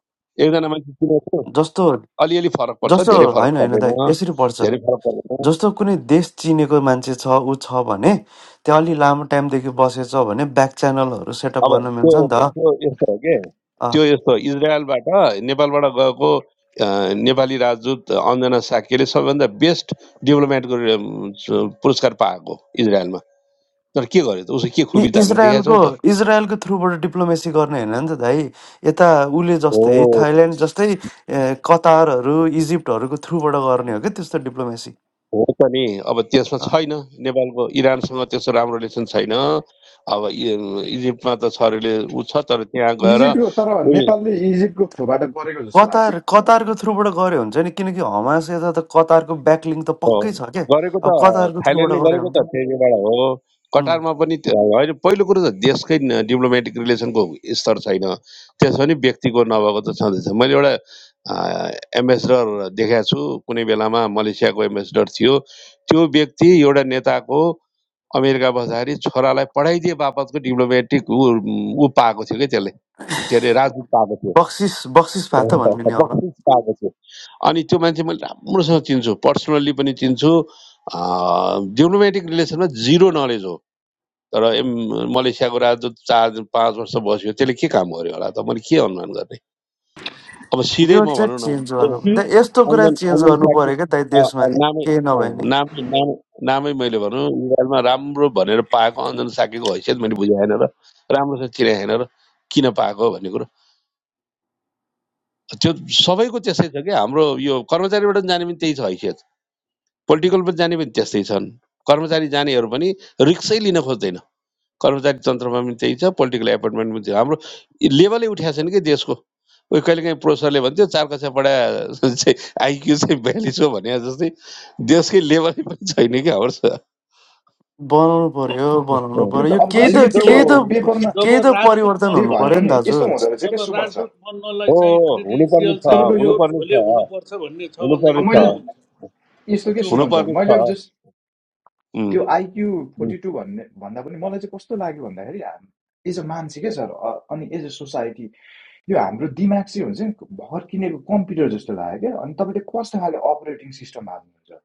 एकजना मान्छे चिनेको जस्तो अलिअलि फरक पर्छ जस्तो धेरै फरक होइन होइन पर्दैन दाइ यसरी पर्छ धेरै फरक पर्दैन जस्तो कुनै देश चिनेको मान्छे छ ऊ छ भने त्यहाँ अलि लामो टाइमदेखि बसेछ भने ब्याक च्यानलहरू सेटअप अब गर्न त्यो मिल्छ नि त त्यो यस्तो हो कि त्यो यस्तो इजरायलबाट नेपालबाट गएको अ, नेपाली राजदूत अञ्जना साक्यले सबैभन्दा बेस्ट डेभलपमेन्टको अम, स- पुरस्कार पाएको इजरायलमा तर के गर्यो त उसको के इ- खुबी त हामीले देखाएको इजरायलको छौँ त इजरायलको थ्रुबाट डिप्लोमेसी गर्ने होइन नि त भाइ यता उसले हो जस्तै थाइल्यान्ड जस्तै ए, कतारहरू इजिप्टहरूको थ्रुबाट गर्ने हो क्या त्यस्तो डिप्लोमेसी हो त नि अब त्यसमा अँ। छैन नेपालको इरानसँग त्यस्तो राम्रो रिलेसन छैन अब इ- इजिप्टमा त छ रिले ऊ छ तर त्यहाँ इजिप्टको तर गएर नेपालले इजिप्टको थ्रोबाट गरेको जस्तो लाग्छ कतार कतारको थ्रुबाट गऱ्यो हुन्छ नि किनकि हमास यता त कतारको ब्याकलिङ त हो, पक्कै छ क्या गरेको अब त कतारको थ्रुबाट थाइल्यान्डले गऱ्यो गरेको त हुन्थ्यो त्यसबाट हो उम्, कटारमा पनि त्यो- होइन पहिलो कुरो त देशकै डिप्लोमेटिक रिलेसनको स्तर छैन त्यसो भने व्यक्तिको नभएको त छँदैछ मैले एउटा एम्बेसडर देखाएको छु कुनै बेलामा मलेसियाको एम्बेसडर थियो त्यो व्यक्ति एउटा नेताको अमेरिका बस्दाखेरि छोरालाई पठाइदिए बापतको डिप्लोमेटिक ऊ ऊ पाएको थियो कि त्यसले के अरे राजदूत पाएको थियो बक्सिस बक्सिस भए त भन्ने नि अब बक्सिस पाएको छु अनि त्यो मान्छे मैले राम्रोसँग चिन्छु पर्सनल्ली पनि चिन्छु डिप्लोमेटिक रिलेसनमा जिरो नलेज हो तर एम मलेसियाको राजदूत चार पाँच वर्ष बस्यो त्यसले के काम गर्यो होला त मैले के अनुमान गर्ने अब सिधै यो म चाहिँ भनौँ न चेन्ज त्यो गर्नु अँ, दा- म्युट यस्तो कुरा अञ्जन चेन्ज अञ्जन गर्नु साकी पऱ्यो क्या दाइ अँ, देशमा अँ, नामै केही अँ, नभए नि नामै नामै नामै मैले भनौँ इजरायलमा राम्रो भनेर पाएको अञ्जन साकीको हैसियत मैले बुझाएन र राम्रोसँग चिनाएन र किन पाएको भन्ने कुरा त्यो सबैको त्यस्तै छ क्या हाम्रो यो कर्मचारीबाट पनि जाने पनि त्यही छ हैसियत पोलिटिकल पनि जाने पनि त्यस्तै छन् कर्मचारी जानेहरू पनि रिक्सै लिन खोज्दैन कर्मचारी तन्त्रमा पनि त्यही छ पोलिटिकल एपोइन्टमेन्ट पनि हाम्रो लेभलै उठाएको छैन कि देशको उयो कहिलेकाहीँ प्रोफेसरले भन्थ्यो चार कक्षा पढा चाहिँ आइक्यू चाहिँ बयालिस हो भने जस्तै देशकै लेभलै पनि छैन कि हाम्रो बनाउनु पर्यो बनाउनु त्यो पर्यो त यो अब केही जस्तो होइन त कि त्यो केही त पेपरमा जब जब केही त राजदूत परिवर्तन जे हुनु भए पर्यो नि बन्नलाई पनि दाजु यस्तो हुँदो रहेछ क्या जब सुमन सर राजदूत बन्नलाई हो चाहिँ हुनुपर्ने क्रिडेन्सियल छ चाहिँ तपाईँको यो प्योर हुनुपर्ने झोले छ हुनुपर्छ भन्ने छ अब हुनुपर्ने भनेदेखि मैले छ कहाँ हुन्छ यस्तो के त्यो सुमन पनि सर हुनुपर्ने हुन्छ मैले छ अब जस्ट त्यो आइक्यू फोर्टी टू भन्ने भन्दा पनि मलाई चाहिँ कस्तो लाग्यो भन्दाखेरि हाम एज अ मान्छे क्या सर अनि एज अ सोसाइटी यो हाम्रो दिमाग चाहिँ हुन्छ नि भर किनेको कम्प्युटर जस्तो लाग्यो क्या अनि तपाईँले कस्तो खाले अपरेटिङ सिस्टम हाल्नुहुन्छ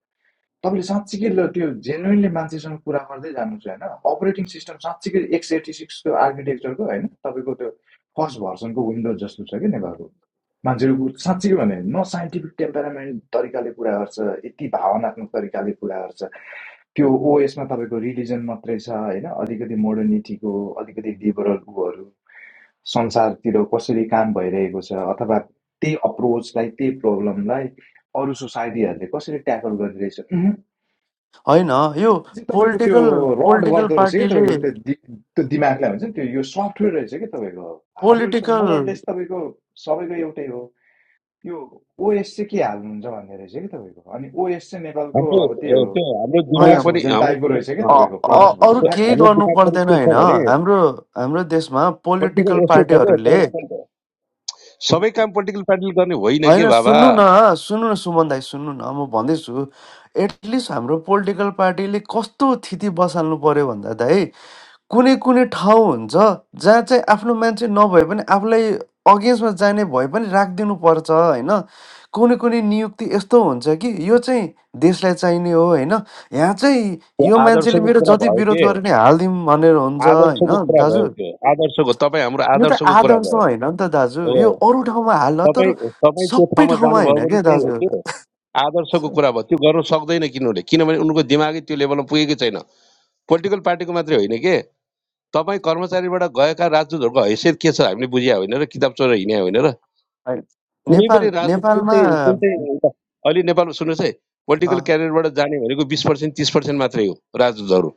तपाईँले साँच्चीकै ल त्यो जेन्युनली मान्छेसँग कुरा गर्दै जानु चाहिँ होइन अपरेटिङ सिस्टम साँच्चीकै एक्स एटी सिक्सको आर्किटेक्चरको होइन तपाईँको त्यो फर्स्ट भर्सनको विन्डोज जस्तो छ कि नेपालको मान्छेको साँच्चै हो भने न साइन्टिफिक टेम्परामेन्ट तरिकाले कुरा गर्छ यति भावनात्मक तरिकाले कुरा गर्छ त्यो ओएसमा तपाईँको रिलिजन मात्रै छ होइन अलिकति मोडर्निटीको अलिकति लिबरल ऊहरू संसारतिर कसरी काम भइरहेको छ अथवा त्यही अप्रोचलाई त्यही प्रब्लमलाई अरू सोसाइटीहरूले कसरी ट्याकल गरिरहेछ होइन यो त्यसले चाहिँ तपाईँको त्यो पोलिटिकल रड पोलिटिकल गर्दो रहेछ कि पार्टीले तपाईँको त्यो त्यो दिमागलाई हुन्छ नि त्यो यो सफ्टवेयर रहेछ कि तपाईँको हार्डवेयर पोलिटिकल मोरलेस तपाईँको सबैको एउटै हो यो ओएस चाहिँ के हाल्नुहुन्छ भन्ने रहेछ कि तपाईँको अनि ओएस चाहिँ नेपालको हाम्रो अब त्यही ए, हो त्यो हाम्रो दिमाग होइन प्रकाश पनि भुजेल हाम्रो टाइपको रहेछ क्या अँ, अँ, अ- तपाईँको अँ, प्रकाश अ- भुजेल अरू केही ठ्याक्कै हाम्रो गर्नु दिमाग पनि पर्दैन के होइन छ भने हाम्रो हाम्रो देशमा पोलिटिकल पोलिटिकल यस्तो छ कि पार्टीहरूले तपाईँले सबै काम पोलिटिकल पार्टीले गर्ने होइन के होइन बाबा सुन्नु न सुन्नु न सुमन दाई सुन्नु न म भन्दैछु एटलिस्ट हाम्रो पोलिटिकल पार्टीले कस्तो थिति बसाल्नु पर्यो भन्दा दाई कुनै कुनै ठाउँ हुन्छ जहाँ चाहिँ आफ्नो मान्छे नभए पनि आफूलाई अगेन्स्टमा जाने भए पनि राखिदिनु पर्छ होइन कुनै कुनै नियुक्ति यस्तो हुन्छ कि यो चाहिँ देशलाई चाहिने हो होइन यहाँ चाहिँ त्यो यो मान्छेले आदर्शको मेरो कुरा जति भयो विरोध के गरे नि हालिदिउँ भनेर हुन्छ होइन आदर्शको कुरा दाजु भयो के आदर्शको तपाईँ हाम्रो यो त आदर्शको कुरा आदर्श भयो होइन नि त दाजु हो यो अरू ठाउँमा हाल्न तर तपाईँ तपाईँ त्यो सबै ठाउँमा ठाउँमा जानुभयो होइन भने क्या त्यही हो दाजु कि आदर्शको कुरा भयो त्यो गर्नु सक्दैन किनभने किनभने उनको दिमागै त्यो लेभलमा पुगेकै छैन पोलिटिकल पार्टीको मात्रै होइन के तपाईँ कर्मचारीबाट गएका राजदूतहरूको हैसियत के छ हामीले बुझ्या होइन र किताब चोरेर हिँड्या होइन र होइन। कुनै पनि नेपाल राजनीति कुन चाहिँ कुन नेपालमा चाहिँ एउटा- अहिले नेपालमा सुन्नुहोस् है पोलिटिकल क्यारियरबाट जाने भनेको बिस पर्सेन्ट तिस पर्सेन्ट मात्रै हो राजदूतहरू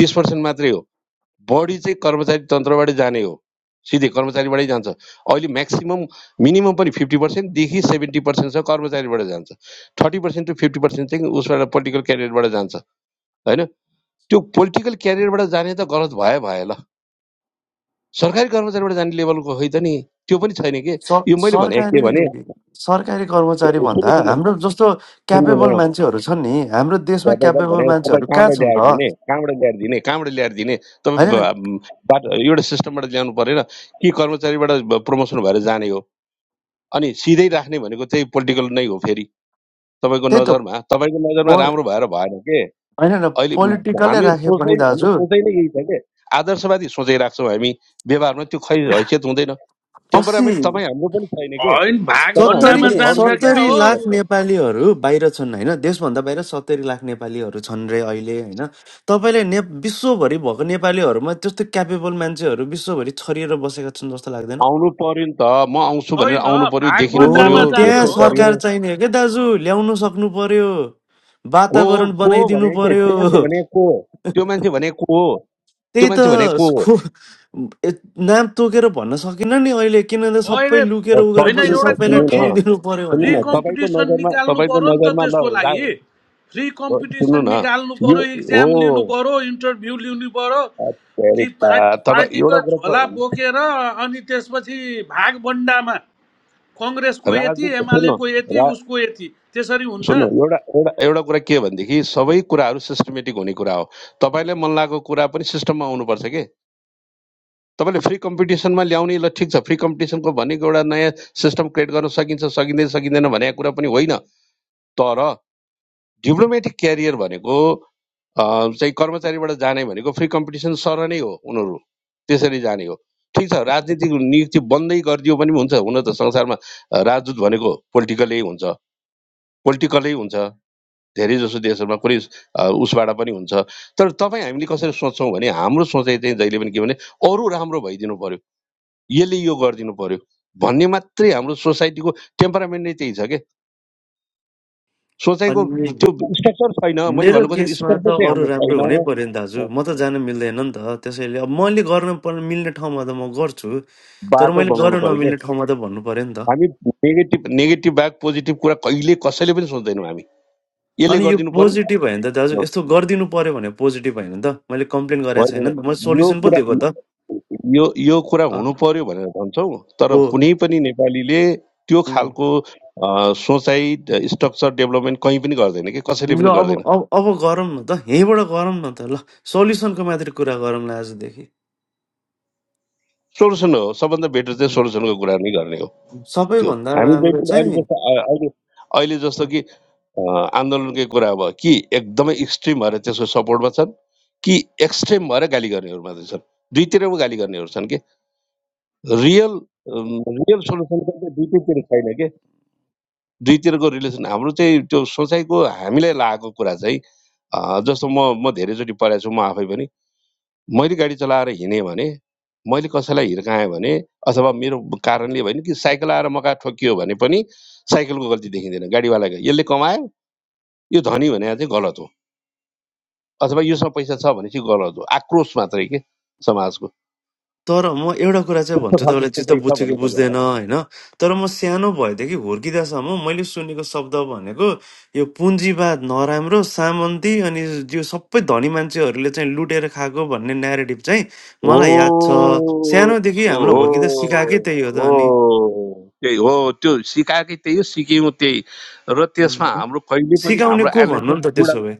तिस पर्सेन्ट मात्रै हो बढी चाहिँ कर्मचारी तन्त्रबाटै जाने हो सिधै कर्मचारीबाटै जान्छ अहिले म्याक्सिमम् मिनिमम पनि फिफ्टी पर्सेन्टदेखि सेभेन्टी पर्सेन्टसम्म कर्मचारीबाट जान्छ thirty percent to fifty percent चाहिँ उसबाट पोलिटिकल क्यारियरबाट जान्छ होइन त्यो पोलिटिकल क्यारियरबाट जाने त गलत भयो भयो ल सरकारी कर्मचारीबाट जाने लेभलको होइन त नि त्यो पनि छैन कि सर- यो मैले भने के भने सरकारी सरकारी कर्मचारी सुन्नु भन्दा सुन्नु हाम्रो जस्तो सुन्नु क्यापेबल न मान्छेहरू छन् नि हाम्रो देशमा तपाईँलाई भने क्यापेबल तपाईँ मान्छेहरू कहाँ कहाँबाट छन् त ल्याएर दिने कहाँबाट ल्याएर दिने कहाँबाट ल्याएर दिने तपाईँ होइन नि? ब- बाटो एउटा सिस्टमबाट ल्याउनु परेन कि कर्मचारीबाट ब- प्रमोसन भएर जाने हो अनि सिधै राख्ने भनेको चाहिँ पोलिटिकल नै हो फेरि तपाईँको त्यही त नजरमा तपाईँको नजरमा पो राम्रो भएर भएन के होइन न अहिले पोलिटिकल्लै हामी राखे पनि सोच्दै हाम्रो दाजु सोचाइ नै यही छ के आदर्शवादी सोचाइ राख्छौँ हामी व्यवहारमा त्यो खै हैसियत हुँदैन अस्सी टेम्परामेन्ट तपाईँ हाम्रो पनि छैन के होइन भाग तपाईँ हाम्रो सत्तरी भण्डामा पनि जान्छ अरूलाई क्या मात्र सत्तरी हो कोसिस लाख गर्छौँ नेपालीहरू बाहिर छन् होइन देशभन्दा बाहिर सत्तरी लाख नेपालीहरू छन् रे अहिले होइन तपाईँले ने विश्वभरि भएको नेपालीहरूमा त्यस्तो क्यापेबल मान्छेहरू विश्वभरि छरिएर बसेका छन् जस्तो लाग्दैन आउनु पर्यो नि त म आउँछु भनेर छैन आउनु पर्यो भाग देखिनु पर्यो भण्डामा हो जाने त्यहाँ भेट्नु हो पर्यो सरकार चाहिने हो क्या दाजु ल्याउनु सक्नु पर्यो को हो वातावरण को हो बनाइदिनु भने के पर्यो त्यो मान्छे भने को हो त्यो मान्छे भने को हो त्यो त्यही त मान्छे भने को हो स्कु ए- नाम तोकेर भन्न सकिनँ नि अहिले किनभने अहिले सबै लुकेर अ, उ गरेर होइन बसेर सकिन एउटा अ, कुरो सबैलाई सुन्नु ठाउँ नि न दिनु पर्यो फ्री भने सुन्नु न तपाईँको कम्पिटिसन नजरमा निकाल्नु तपाईँको पर्यो नि त नजरमा त्यसको ल लागि रा- फ्री अ, सुन्नु कम्पिटिसन न निकाल्नु यो पर्यो इक्जाम लिनु हो पर्यो इन्टरभ्यू लिनु पर्यो कि पार्ट अमेरिका तपाईँ एउटा पार्टीको कुरा झोला त- बोकेर अनि त्यसपछि भागभन्डामा कङ्ग्रेसको यति राजदूत सुन्नु एमालेको यति रा उसको यति त्यसरी हुन्छ सुन्नु एउटा एउटा एउटा कुरा के भनेदेखि सबै कुराहरू सिस्टमेटिक हुने कुरा हो तपाईँलाई मन लागेको कुरा पनि सिस्टममा आउनुपर्छ के तपाईँले फ्री कम्पिटिसनमा ल्याउने ल ठिक छ फ्री कम्पिटिसनको भनेको एउटा नयाँ सिस्टम क्रिएट गर्न सकिन्छ सकिँदैन सकिँदैन भनेको कुरा पनि होइन तर डिप्लोमेटिक क्यारियर भनेको अ, चाहिँ कर्मचारीबाट जाने भनेको फ्री कम्पिटिसन सर नै हो उनीहरू त्यसरी जाने हो ठिक छ राजनीतिक नियुक्ति बन्दै गरिदियो पनि हुन्छ हुन त संसारमा अ, राजदूत भनेको पोलिटिकलै हुन्छ पोलिटिकलै हुन्छ धेरै जसो देशहरूमा कुनै उसबाट पनि हुन्छ तर तपाईँ हामीले कसरी सोच्छौँ भने हाम्रो सोचाइ चाहिँ जहिले पनि के भने अरू राम्रो भइदिनु पर्यो यसले यो गरिदिनु पर्यो भन्ने मात्रै हाम्रो सोसाइटीको टेम्परामेन्ट नै त्यही छ सोचाइको अनि त्यो स्ट्रक्चर छैन मैले मेरो भन्नु खोजेको केसमा स्ट्रक्चर त चाहिँ अरू हाम्रो राम्रो छैन हुनै पर्यो नि दाजु अँ, म त जान मिल्दैन नि त त्यसैले अब मैले गर्न पर्ने मिल्ने ठाउँमा त म गर्छु तर बाटो मैले बनाउनु गर्न पऱ्यो क्या नमिल्ने ठाउँमा त भन्नु पर्यो नि त हामी नेगेटिभ नेगेटिभ बाहेक पोजिटिभ कुरा कहिले कसैले पनि सोच्दैनौँ हामी यसले अनि यो गरिदिनु पर्यो पोजिटिभ भयो नि त दाजु अँ, यस्तो गरिदिनु पर्यो भने पोजिटिभ होइन नि त मैले कम्प्लेन गरेको होइन छैन नि त मैले होइन। यो सोल्युसन पो कुरा दिएको त यो यो कुरा अ, हुनु पर्यो भनेर भन्छौँ तर ओ कुनै पनि नेपालीले त्यो उम्, खालको अँ, सोचाइ स्ट्रक्चर डेभलपमेन्ट कहीँ पनि गर्दैन कि कसैले ल पनि अब गर्दैन अब अब गरौँ न त यहीँबाट गरौँ न त ल सोल्युसनको मात्रै कुरा गरौँला आजदेखि सोल्युसन हो सबभन्दा बेटर चाहिँ उम्, सोल्युसनको कुरा नै गर्ने हो त्यो सबैभन्दा हामी राम्रो जहिले पनि अहिले चाहिँ जस्तो अहिले अहिले जस्तो कि अँ, आन्दोलनकै कुरा अब कि एकदमै एक्सट्रिमहरू त्यसको सपोर्टमा छन् कि एक्सट्रिम भएर गाली गर्नेहरू मात्रै छन् दुईतिर पो गाली गर्नेहरू छन् कि रियल अम्, रियल सोल्युसन चाहिँ दुईतिर छैन कि दुईतिरको रिलेसन हाम्रो चाहिँ त्यो सोचाइको हामीलाई लागेको कुरा चाहिँ अँ, जस्तो म म धेरैचोटि पढाएको छु म आफै पनि मैले गाडी चलाएर हिँडेँ भने मैले कसैलाई हिर्काएँ भने अथवा मेरो कारणले होइन कि साइकल आएर मका ठोकियो भने पनि साइकलको गल्ती देखिँदैन गाडीवालाको यसले कमायो यो धनी भने चाहिँ गलत हो अथवा योसँग पैसा छ भने चाहिँ गलत हो आक्रोश मात्रै के समाजको तर म एउटा कुरा चाहिँ त्यस्तो भन्छु खालको तपाईँलाई चित्त सोचाइ छ बुझ्छु कि भन्न खोजा बुझ्दैन होइन तर म सानो भएदेखि हुर्किँदासम्म मैले सुनेको शब्द भनेको यो पुँजीवाद नराम्रो सामन्ती अनि यो सबै धनी मान्छेहरूले चाहिँ लुटेर खाएको भन्ने न्यारेटिभ चाहिँ हो मलाई याद छ सानोदेखि हो हामीलाई हुर्किँदा सिकाएकै हो त्यही हो त अनि हो त्यही हो त्यो सिकाएकै त्यही हो सिक्यौँ त्यही र त्यसमा उम्, हाम्रो कहिले पनि सिकाउने हाम्रो को भन्नु नि एनालाइसिस त त्यसो बुढामा भए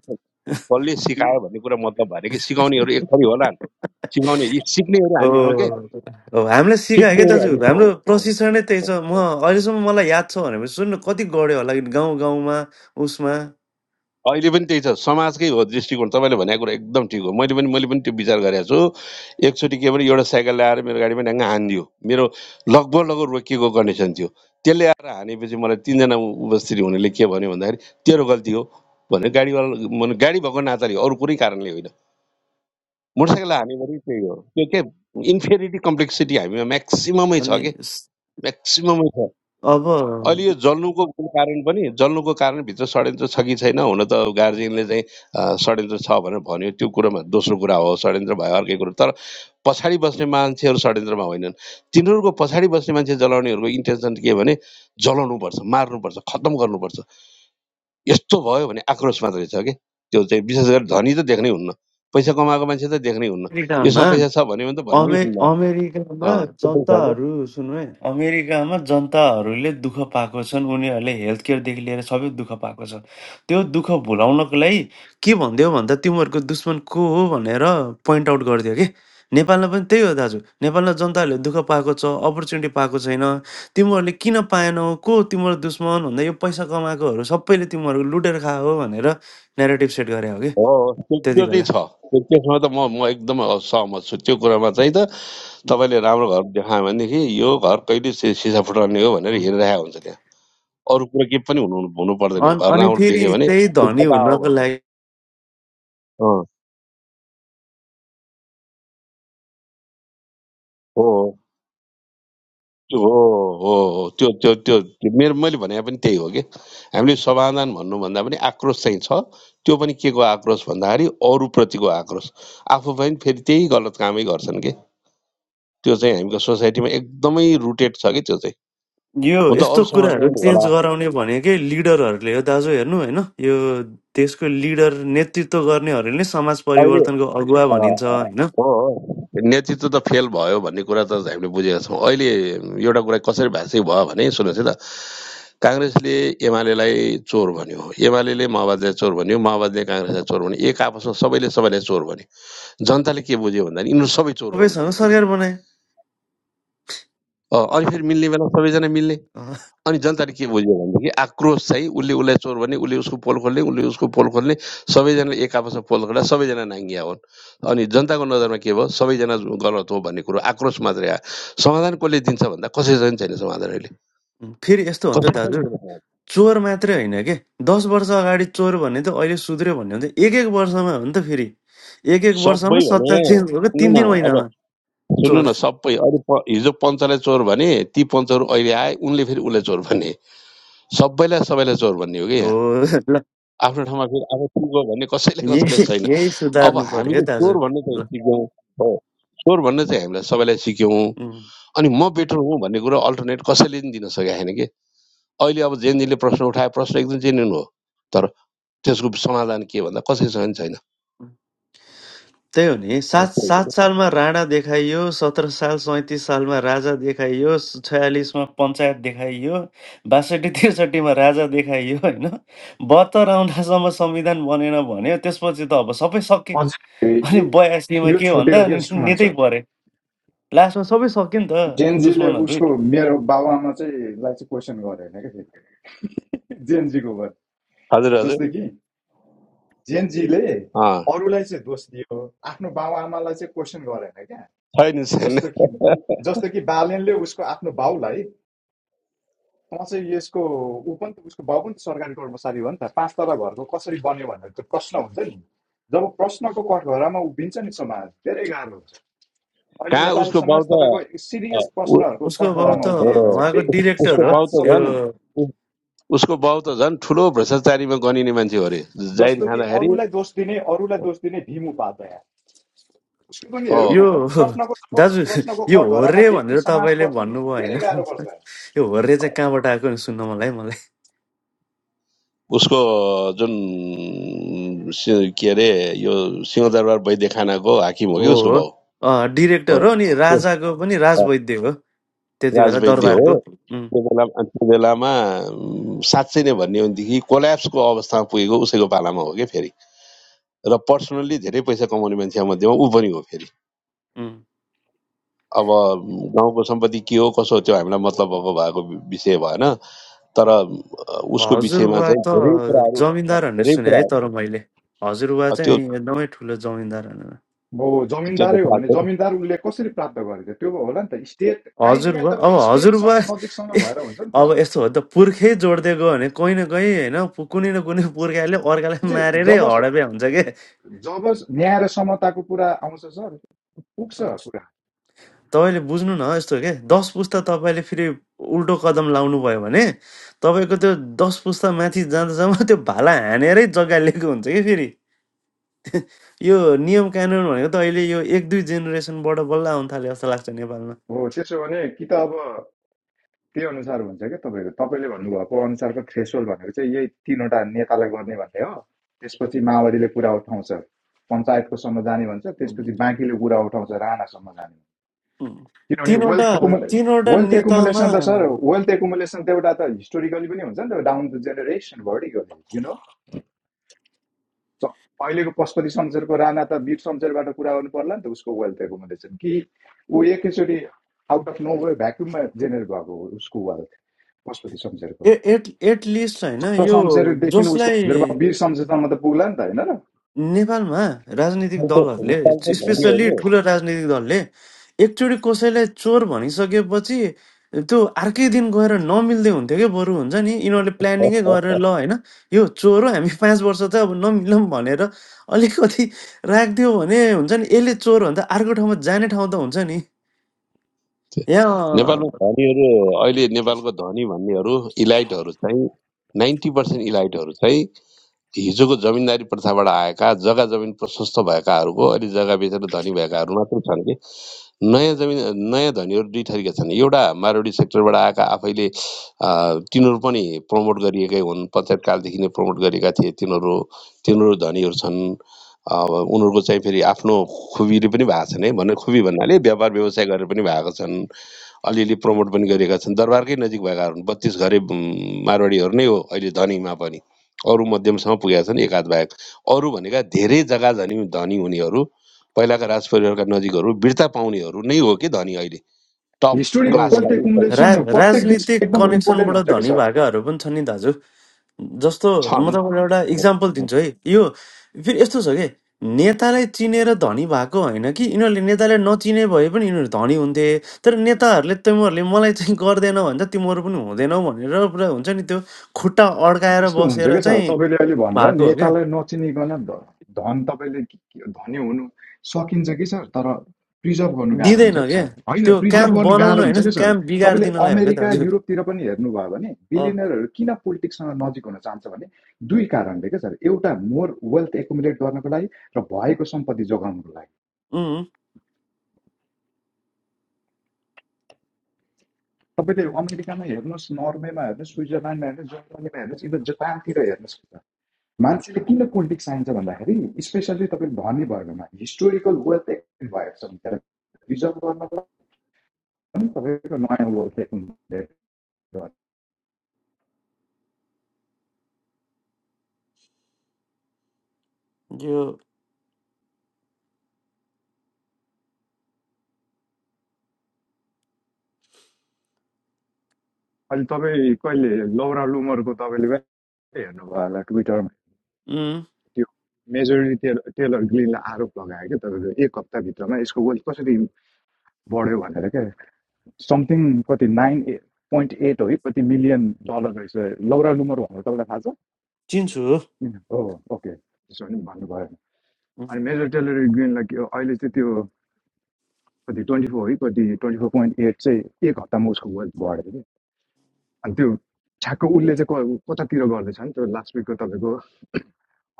कसले सिकायो भन्ने कुरा मतलब भएन कि सिकाउनेहरू एक थरी होलान् सिकाउने यी सिक्नेहरू ओ हामी छौँ के ओ, हामीलाई सिकायो क्या सिक्नेहरू दाजु हामी हाम्रो छौँ प्रशिक्षण नै त्यही छ म अहिलेसम्म मलाई याद छ भने पनि सुन्नु कति गढ्यो होला गाउँ गाउँमा उसमा अहिले पनि त्यही छ समाजकै हो दृष्टिकोण तपाईँले भनेको कुरा एकदम ठिक हो मैले पनि मैले पनि त्यो विचार गरेको छु एकचोटि के भने एउटा साइकल ल्याएर मेरो गाडीमा ढ्याङ्ग हानिदियो मेरो लगभग लगभग रोकिएको कन्डिसन थियो त्यसले आएर हानेपछि मलाई तिनजना उपस्थित हुनेले के भन्यो भन्दाखेरि तेरो गल्ती हो भने गाडीवाला मन- गाडी भएको नाताले हो, अरू कुनै कारणले होइन मोटरसाइकल हान्यो भने त्यही हो त्यो के इन्फेरिटी कम्प्लेक्सिटी हामीमा म्याक्सिममै छ अनि कि स- म्याक्सिममै छ अब अहिले यो जल्नुको कारण पनि जल्नुको कारणभित्र षड्यन्त्र छ कि छैन हुन त गार्जियनले चाहिँ अ, षड्यन्त्र छ भनेर भन्यो त्यो कुरोमा दोस्रो कुरा हो षड्यन्त्र भयो अर्कै कुरो तर पछाडि बस्ने मान्छेहरू षड्यन्त्रमा होइनन् तिनीहरूको पछाडि बस्ने मान्छे जलाउनेहरूको इन्टेन्सन के भने जलाउनुपर्छ मार्नुपर्छ खत्तम गर्नुपर्छ यस्तो भयो भने आक्रोश मात्रै छ कि त्यो चाहिँ विशेष गरी धनी त देख्नै हुन्न पैसा कमाएको मान्छे त देख्नै हुन्न यसमा टेलिग्राममा पैसा छ भन्यो भने त भन्नै अमे हुन्न अमेरिकामा अँ, त्यस्तो छ जनताहरू सुन्नु है अमेरिकामा जनताहरूले दुःख पाएको छन् उनीहरूले हेल्थ केयरदेखि लिएर सबै दुःख पाएको छ त्यो दुःख भुलाउनको लागि के भनिदियो भन्दा तिमीहरूको दुश्मन को हो भनेर पोइन्ट आउट गरिदियो कि नेपालमा पनि त्यही हो दाजु नेपालमा जनताहरूले दुःख पाएको छ अपर्च्युनिटी पाएको छैन तिमीहरूले किन पाएनौ को हो तिम्रो दुश्मन भन्दा यो पैसा कमाएकोहरू सबैले तिमीहरू लुटेर खायो भनेर नेरेटिभ सेट गरे हो कि हो त्यो त्यति त्यो चाहिँ बेला छ त्यो- त्यसमा त म म एकदमै सहमत छु त्यो कुरामा चाहिँ त तपाईँले राम्रो घर देखायो भनेदेखि यो घर कहिले सि- सिसा फुटाउने हो भनेर हेरिरहेको हुन्छ त्यहाँ अरू कुरो के पनि हुनु हुनु पर्दैन अन- घर अनि राम्रो फेरि देख्यो भने त्यही त्यो धनी फटा हो हुनको भन्छ लागि अँ, हो हो त्यो हो हो हो त्यो त्यो त्यो त्यो मेरो मैले भने पनि त्यही हो कि हामीले समाधान भन्नुभन्दा पनि आक्रोश चाहिँ छ त्यो पनि के को आक्रोश भन्दाखेरि अरूप्रतिको आक्रोश आफू पनि फेरि त्यही गलत कामै गर्छन् कि त्यो चाहिँ हामीको सोसाइटीमा एकदमै रुटेड छ कि त्यो चाहिँ यो हुन त यस्तो अरू समाजमा कुराहरू पनि होला चेन्ज गराउने भनेकै लिडरहरूले हो दाजु हेर्नु होइन यो देशको लिडर नेतृत्व गर्नेहरूले नै समाज अहिले परिवर्तनको अगुवा अ, भनिन्छ अ, होइन हो हो, नेतृत्व त फेल भयो भन्ने कुरा त हामीले बुझेका छौँ अहिले एउटा कुरा कसरी भाषिक भयो भने सुन्नुहोस् है त काङ्ग्रेसले एमालेलाई चोर भन्यो एमाले माओवादीलाई चोर भन्यो माओवादीले काङ्ग्रेसलाई चोर भन्यो एक आपसमा सबैले सबैलाई चोर भन्यो जनताले के बुझ्यो भन्दा नि यिनीहरू सबै चोर हुन् तपाईँसँग भन्ने बुझ्यो सरकार बनाए अ, अनि फेरि मिल्ने बेला सबैजना मिल्ने अँ, अनि जनताले के बुझ्यो भनेदेखि आक्रोश चाहिँ उसले उसलाई चोर भने उसले उसको पोल खोल्ने उसले उसको पोल खोल्ने सबैजनाले एक आपसमा पोल खोल्दा सबैजना नाङ्गिया हुन् अनि जनताको नजरमा के भयो सबैजना गलत हो भन्ने कुरो आक्रोश मात्रै आयो समाधान कसले दिन्छ भन्दा कसैसँग पनि छैन समाधान अहिले फेरि यस्तो हो नि त कसैसँग पनि दाजु छैन समाधान। चोर मात्रै होइन के दस वर्ष अगाडि चोर भन्ने त अहिले सुध्रियो भन्ने हो नि त एक एक वर्षमा हो नि त फेरि एक एक वर्षमा सबै भने सत्ता चेन्ज भएको सुन्नु तिन न तिन अब महिनामा सुन्नु चोर न सबै अहिले प- हिजो पञ्चलाई चोर भने ती पञ्चहरू अहिले आए उनले फेरि उसलाई चोर भने सबैलाई सबैलाई चोर भन्ने हो कि हो यहाँ ल आफ्नो ठाउँमा फेरि आफू ठिक हो भन्ने कसैले कसैले यही छैन यही अब सुधार्नु पर्यो है हामीले दाजु चोर भन्ने चाहिँ ल सिक्यौँ हो चोर भन्ने चाहिँ हामीलाई सबैलाई सिक्यौँ उम्। अनि म बेटर हुँ भन्ने कुरो अल्टरनेट कसैले पनि दिन सकेको छैन कि अहिले अब जेनजीले प्रश्न उठाए प्रश्न एकदम जेन्युन हो तर त्यसको समाधान के भन्दा कसैसँग पनि छैन त्यही हो नि अँ, सात त्यही हो कि। सात सालमा राणा देखाइयो सत्र साल सैँतिस सालमा राजा देखाइयो छयालिसमा पञ्चायत देखाइयो बासठी त्रिसठीमा राजा देखाइयो होइन बहत्तर आउन्दासम्म संविधान बनेन भन्यो त्यसपछि त अब सबै सके हजुर ए- अनि ए- बयासीमा यो के छुट्टै भन्दा हो क्या अनि सुमन नेतै सर परे लास्टमा सबै सक्यो नि त जेनजीले दुश्मनहरू उसको मेरो बाबुआमा चाहिँ लाई चाहिँ क्वेसन गरेन क्या फेरि जेनजीको भयो हजुर हजुर जस्तो कि जेनजीले अँ, अरूलाई चाहिँ दोष दियो आफ्नो बाबुआमालाई चाहिँ क्वेसन गरेन क्या छैन छैन जस्तो कि जस्तो कि बालेनले उसको आफ्नो बाउलाई म चाहिँ यसको ऊ पनि त उसको बाउ पनि त सरकारी कोर्टमा साथी हो नि त पाँच तला घरको कसरी बन्यो भनेर त प्रश्न हुन्छ नि जब प्रश्नको कठघरामा उभिन्छ नि समाज धेरै गाह्रो हुन्छ अहिले कहाँ नेपाली उसको बाउ समाज त तपाईँको अँ, सिरियस उ- प्रश्नहरूको उसको अँ, बाउ कठघरामा त उभिएको छ हो। उहाँको व्यक्ति डिरेक्टर उसको हो समाज बाउ त त्यो झन् सबैजना उसको बाउ त झन् ठुलो भ्रष्टाचारीमा गनिने मान्छे हो अरे जाहिर जस्तो कि खाँदाखेरि अरूलाई दोष दिने अरूलाई दोष दिने भीम उपाध्याय उसको पनि हो हेरौँ यो न त प्रश्नको दाजु प्रश्नको यो कठघरामा होर्रे व्यक्ति भनेर समाज तपाईँले पर्छ नि भन्नुभयो होइन धेरै गाह्रो पर्छ यो होर्रे चाहिँ कहाँबाट आएको नि सुन्न मलाई उसको जुन सि- के अरे यो सिंहदरबार वैद्य खानाको हाकिम हो कि हो उसको हो भाउ अँ, हो डिरेक्टर हो अनि राजाको पनि हो। राजवैद्य हो त्यति बेला राजवैद्य हो दरबारको उम्, त्यो बेला त्यो बेलामा उम्, साँच्चै नै भन्ने हो भनेदेखि कोल्याप्सको अवस्थामा पुगेको उसैको पालामा हो कि फेरि र पर्सनल्ली धेरै पैसा कमाउने मान्छे मध्येमा ऊ पनि हो फेरि उम्। अब गाउँको सम्पत्ति के हो कसो हो त्यो हामीलाई मतलब भएको भएको विषय भएन तर अ, उसको विषयमा हजुरबा चाहिँ धेरै त कुराहरू जमिनदार भन्ने धेरै सुने है कुराहरू तर मैले हजुरबा अ, त्यो चाहिँ एकदमै ठुलो जमिनदार भनेर म त्यो त जमिनदारै हो थाहा भने छैन जमिनदार उसले कसरी प्राप्त गरेको त्यो होला नि त स्टेट काहीँ न काहीँ हजुरबा तपाईँको अब हजुरबा स्टेटसँग नजिकसँग ए, भएर हुन्छ नि त अब त्यो यस्तो हो नि त पुर्खै जोड्दै गयो भने कोही न कोही होइन पु- कुनै न कुनै पुर्खाले अर्कालाई चाहिँ मारेरै जब हडपे हुन्छ के जब न्याय र समताको कुरा आउँछ सर पुग्छ कुरा तपाईँले बुझ्नु न यस्तो के दस पुस्ता तपाईँले फेरि उल्टो कदम लाउनु भयो भने तपाईँको त्यो दस पुस्ता माथि जाँदा जाँदा त्यो भाला हानेरै जग्गा लिएको हुन्छ कि फेरि यो नियम कानुन भनेको त अहिले यो एक दुई जेनेरेसनबाट बल्ल आउनु थाल्यो जस्तो लाग्छ नेपालमा हो त्यसो भने कि त अब त्यही अनुसार हुन्छ क्या तपाईँको तपाईँले भन्नुभएको अनुसारको थ्रेसोल्ड भनेको चाहिँ यही तिनवटा नेतालाई गर्ने भन्ने हो त्यसपछि माओवादीले कुरा उठाउँछ पञ्चायतकोसम्म जाने भन्छ त्यसपछि बाँकीले कुरा उठाउँछ राणासम्म जाने उम्, किनभने वेल्थ तिनवटा एकुमुले तिनवटा वेल्थ नेतामा एकुमुलेसन त सर वेल्थ एकुमुलेसन त एउटा त हिस्टोरिकली पनि हुन्छ नि त down the generation vertically you know अहिलेको पशुपति शमशेरको राणा त वीर शमशेरबाट कुरा गर्नु पर्ला नि त उसको वेल्थ एकुमुलेसन कि ऊ एकैचोटि आउट अफ नो वे भ्याक्युममा जेनेरेट भएको हो उसको वेल्थ पशुपति शमशेरको ए- एट एटलिस्ट होइन चन्द्र यो शमशेरदेखि उसको जसलाई हजुरबा वीर शमशेरसम्म त पुग्ला नि त होइन र नेपालमा राजनीतिक नेपालको दलहरूले नेपालको स्पेसल्ली धनीहरू ठुलो राजनीतिक दलले एकचोटि कसैलाई चोर भनिसकेपछि त्यो अर्कै दिन गएर नमिल्दै हुन्थ्यो क्या बरु हुन्छ नि यिनीहरूले प्लानिङै गरेर ल होइन यो चोर हो हामी पाँच वर्ष त अब नमिलौँ भनेर अलिकति राखिदियो भने हुन्छ नि यसले चोर हो भने त अर्को ठाउँमा जाने ठाउँ त हुन्छ नि यहाँ नेपालमा धनीहरू अहिले नेपालको धनी भन्नेहरू इलाइटहरू चाहिँ नाइन्टी पर्सेन्ट इलाइटहरू चाहिँ हिजोको जमिनदारी प्रथाबाट आएका जग्गा जमिन प्रशस्त भएकाहरूको अहिले जग्गा बेचेर धनी भएकाहरू मात्र छन् नयाँ जमिन नयाँ धनीहरू दुई थरीका छन् एउटा मारुडी सेक्टरबाट आएका आफैले अ, तिनीहरू पनि प्रमोट गरिएकै हुन् पञ्चायतकालदेखि नै प्रमोट गरेका थिए तिनीहरू तिनीहरू धनीहरू छन् अब उनीहरूको चाहिँ फेरि आफ्नो खुबीले पनि भएको छन् है भन्ने खुबी भन्नाले व्यापार व्यवसाय गरेर पनि भएको छन् अलिअलि प्रमोट पनि गरिएका छन् दरबारकै नजिक भएका हुन् बत्तिस घरे उम्, मारवाडीहरू नै हो अहिले धनीमा पनि अरू मध्यमसम्म पुगेका छन् एकाध बाहेक अरू भनेका धेरै जग्गा धनी धनी हुनेहरू पहिलाका राज परिवारका नजिकहरू बिर्ता पाउनेहरू नै हो कि धनी अहिले टप अनि हिस्टोरिकल क्लासका वेल्थ यी सब रा एकुमुलेसन प्रत्येक राजनीतिक डिस्ट्रिक्ट एकदम कनेक्सनबाट इम्पोर्टेन्ट हुन्छ कि धनी सर भएकाहरू पनि छन् नि दाजु जस्तो म छन् तपाईँलाई एउटा इक्जाम्पल दिन्छु है यो फेरि यस्तो छ कि नेतालाई चिनेर धनी भएको होइन कि यिनीहरूले नेताले नचिने भए पनि यिनीहरू धनी हुन्थे तर नेताहरूले तिमीहरूले मलाई चाहिँ गर्दैन भन्छ तिमीहरू पनि हुँदैनौ भनेर पुरा हुन्छ नि त्यो खुट्टा अड्काएर यस्तो हुन्छ बसेर क्या सर चाहिँ तपाईँले अहिले भन्नुभयो भएको हो क्या नेतालाई नचिनिकन ध- धन तपाईँले के- के- धनी हुनु सकिन्छ कि सर तर प्रिजर्भ गर्नु गाह्रो हुन्छ दिँदैन कि क्या सर होइन त्यो प्रिजर्भ काम गर्नु बनाउन गाह्रो हुन्छ होइन कि सर काम तपाईँले बिगारिदिनलाई हो क्या अमेरिका दाजु युरोपतिर पनि हेर्नुभयो भने अँ, बिलियनरहरू किन पोलिटिक्ससँग नजिक हुन चाहन्छ भने दुई कारणले क्या सर एउटा मोर वेल्थ एकुमुलेट गर्नको लागि र भएको सम्पत्ति जोगाउनको लागि उम्, तपाईँले अमेरिकामा हेर्नुहोस् नर्वेमा हेर्नुहोस् स्विजरल्यान्डमा हेर्नुहोस् जर्मनीमा हेर्नुहोस् इभन जापानतिर हेर्नुहोस् मान्छेले किन पोलिटिक्स चाहिन्छ भन्दाखेरि स्पेसल्ली तपाईँले धनी वर्गमा हिस्टोरिकल वेल्थ एक्टिभ भएको छ भनेर प्रिजर्भ गर्नको लागि तपाईँको नयाँ वेल्थ एक्टिभ। यो अहिले तपाईँ कहिले लौरा लुमरको तपाईँले कहिले हेर्नुभयो होला ट्विटरमा उम्, त्यो मेजोरिटी टेलर टेलर ग्लिनलाई आरोप लगायो क्या तपाईँको एक हप्ताभित्रमा यसको वेल्थ कसरी बढ्यो भनेर क्या समथिङ कति नाइन पोइन्ट एट हो कति मिलियन डलर रहेछ लौरा लुमर भनेर तपाईँलाई थाहा चिन्छु छ हो ओके त्यसो भने भन्नुभयो अनि मेजर टेलर ग्रिनलाई के हो, अहिले चाहिँ त्यो कति ट्वेन्टी फोर है कति ट्वेन्टी फोर पोइन्ट एट चाहिँ एक हप्तामा उसको वेल्थ बढ्यो कि अनि त्यो ठ्याक्क उसले चाहिँ कतातिर गर्दैछ नि त्यो लास्ट विकको तपाईँको